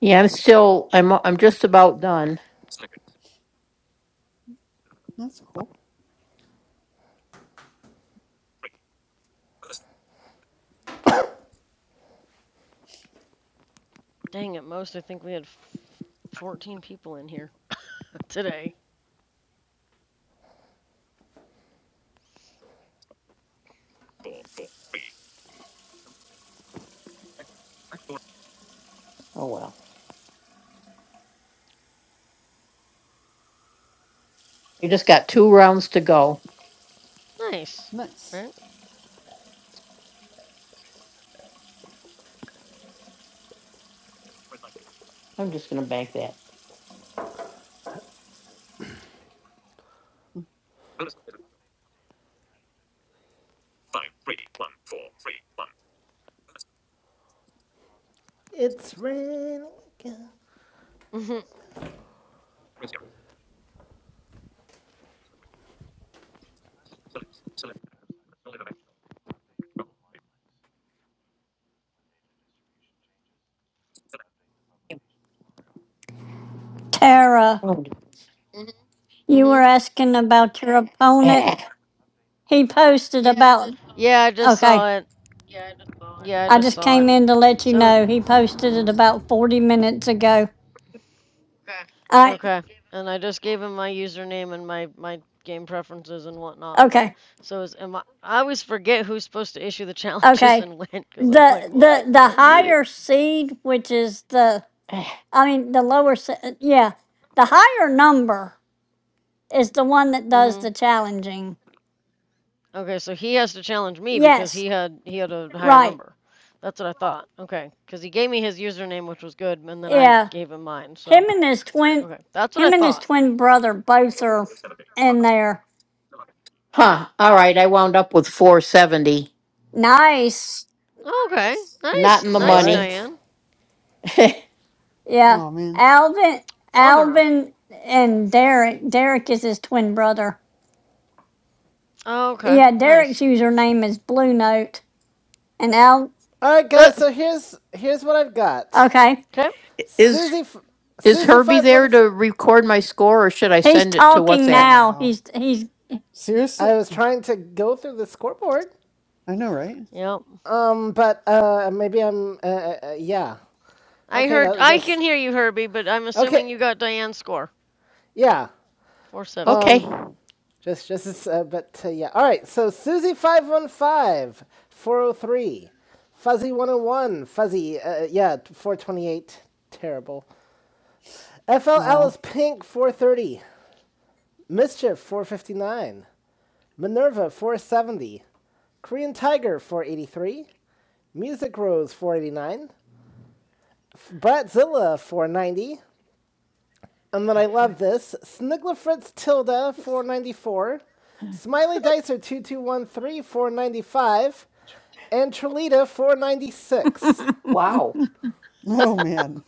Speaker 13: Yeah, I'm still, I'm, I'm just about done.
Speaker 8: That's cool.
Speaker 4: Dang, at most I think we had 14 people in here today.
Speaker 13: Oh, well. I just got two rounds to go.
Speaker 4: Nice,
Speaker 8: Nice.
Speaker 4: right?
Speaker 13: I'm just gonna bank that.
Speaker 3: It's raining again.
Speaker 4: Mm-hmm.
Speaker 6: Tara,
Speaker 13: Oh, d-
Speaker 6: you were
Speaker 4: Mm-hmm.
Speaker 6: asking about your opponent.
Speaker 13: eh,
Speaker 6: He posted about,
Speaker 4: Yeah, I just
Speaker 6: okay,
Speaker 4: saw it. Yeah, I
Speaker 6: I
Speaker 4: just
Speaker 6: just
Speaker 4: saw
Speaker 6: came
Speaker 4: it.
Speaker 6: in to let you
Speaker 4: So
Speaker 6: know. He posted it about 40 minutes ago. I,
Speaker 4: Okay. And I just gave him my username and my my game preferences and whatnot. But
Speaker 6: okay,
Speaker 4: so is am I? I always forget who's supposed to issue the challenges
Speaker 6: okay.
Speaker 4: and when, because I'm like,
Speaker 6: The,
Speaker 4: what?
Speaker 6: the,
Speaker 4: I
Speaker 6: the
Speaker 4: don't get it.
Speaker 6: higher seed, which is the,
Speaker 13: eh.
Speaker 6: I mean, the lower, se- yeah, the higher number is the one that does
Speaker 4: Mhm.
Speaker 6: the challenging.
Speaker 4: Okay, so he has to challenge me because
Speaker 6: Yes,
Speaker 4: he had he had a higher
Speaker 6: right.
Speaker 4: number. That's what I thought. Okay, because he gave me his username, which was good, and then I
Speaker 6: Yeah.
Speaker 4: gave him mine.
Speaker 6: Him
Speaker 4: So
Speaker 6: and his twin,
Speaker 4: okay, that's what I
Speaker 6: him and his
Speaker 4: thought.
Speaker 6: twin brother both are in there.
Speaker 13: Huh, all right, I wound up with four seventy.
Speaker 6: Nice.
Speaker 4: Okay,
Speaker 13: Not
Speaker 4: nice,
Speaker 13: in the
Speaker 3: All
Speaker 4: nice,
Speaker 13: money.
Speaker 3: right.
Speaker 4: Diane.
Speaker 6: Yeah.
Speaker 8: Oh man.
Speaker 6: Alvin,
Speaker 4: Bummer.
Speaker 6: Alvin, and Derek. Derek is his twin brother.
Speaker 4: Okay,
Speaker 6: Yeah, Derek's
Speaker 4: nice.
Speaker 6: username is Blue Note, and Al.
Speaker 3: All right,
Speaker 4: Uh,
Speaker 3: guys. So here's here's what I've got.
Speaker 6: Okay,
Speaker 4: okay.
Speaker 13: Is,
Speaker 3: Susie,
Speaker 13: is
Speaker 3: Susie
Speaker 13: Herbie
Speaker 3: five one.
Speaker 13: there
Speaker 3: F-
Speaker 13: to record my score or should I
Speaker 6: he's
Speaker 13: send it to
Speaker 6: talking
Speaker 8: Oh
Speaker 13: WhatsApp?
Speaker 6: now.
Speaker 8: wow.
Speaker 6: He's he's.
Speaker 3: I
Speaker 8: Seriously?
Speaker 3: was trying to go through the scoreboard.
Speaker 8: I know, right?
Speaker 4: Yep.
Speaker 3: Um, but uh, maybe I'm. Uh, uh, uh, yeah.
Speaker 4: I
Speaker 3: Okay.
Speaker 4: heard.
Speaker 3: That
Speaker 4: I
Speaker 3: that's.
Speaker 4: can hear you, Herbie, but I'm assuming
Speaker 3: Okay.
Speaker 4: you got Diane's score
Speaker 3: Yeah.
Speaker 4: 470.
Speaker 13: Okay,
Speaker 3: Um. Just, just, as, uh, but uh, yeah. All right. So Susie 515, 403, Fuzzy 101, Fuzzy, uh, yeah, 428, terrible. FL
Speaker 8: Oh.
Speaker 3: Alice Pink 430, Mischief 459, Minerva 470, Korean Tiger 483, Music Rose 489, Bratzilla 490, And then I love this. Snigglefritz Tilda, 494. Smiley Dicer, two two one three four ninety five, And Trelita, 496.
Speaker 13: wow,
Speaker 8: Oh man.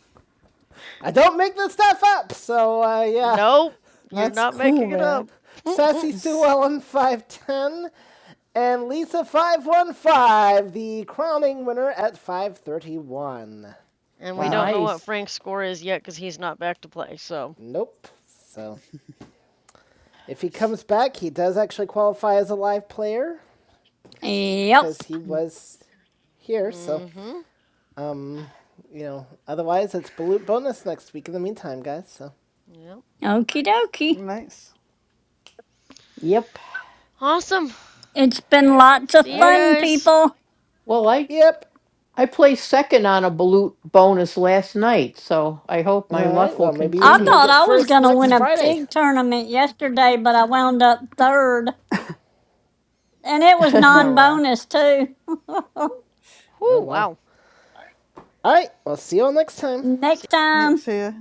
Speaker 3: I don't make this stuff up, so uh, yeah.
Speaker 4: Nope, you're
Speaker 8: That's
Speaker 4: not making
Speaker 8: cool,
Speaker 4: it up.
Speaker 8: man.
Speaker 3: Sassy Sue Ellen, 510. And Lisa, 515, the crowning winner at 531.
Speaker 4: and we don't
Speaker 8: Wow.
Speaker 4: know what
Speaker 13: nice.
Speaker 4: Frank's score is yet because he's not back to play. So,
Speaker 3: Nope. So if he comes back, he does actually qualify as a live player
Speaker 6: Yep.
Speaker 3: because he
Speaker 8: Hmm,
Speaker 3: was here, so.
Speaker 4: mm-hmm.
Speaker 3: Um, you know, otherwise it's blue bonus next week. In the meantime, guys. So,
Speaker 4: Yep.
Speaker 6: Okie dokie.
Speaker 8: Nice.
Speaker 13: Yep.
Speaker 4: Awesome.
Speaker 6: It's been lots of
Speaker 4: See
Speaker 3: all
Speaker 4: you
Speaker 3: right.
Speaker 6: fun,
Speaker 4: guys.
Speaker 6: people.
Speaker 13: Well, I
Speaker 3: Yep.
Speaker 13: I placed second on a balut bonus last night, so I hope
Speaker 3: All
Speaker 13: my
Speaker 3: right.
Speaker 13: luck will
Speaker 3: Well, maybe you
Speaker 6: I
Speaker 3: can
Speaker 13: continue.
Speaker 3: make
Speaker 6: thought
Speaker 3: it
Speaker 6: I was
Speaker 3: first
Speaker 6: gonna
Speaker 3: next
Speaker 6: win a
Speaker 3: Friday.
Speaker 6: pig tournament yesterday, but I wound up third, and it was
Speaker 8: No, wow.
Speaker 6: non-bonus too.
Speaker 3: Oh
Speaker 4: Whoo!
Speaker 3: wow.
Speaker 4: Wow.
Speaker 3: All right. Well, see you all next time.
Speaker 6: Next
Speaker 8: Yep,
Speaker 6: time.
Speaker 8: see ya.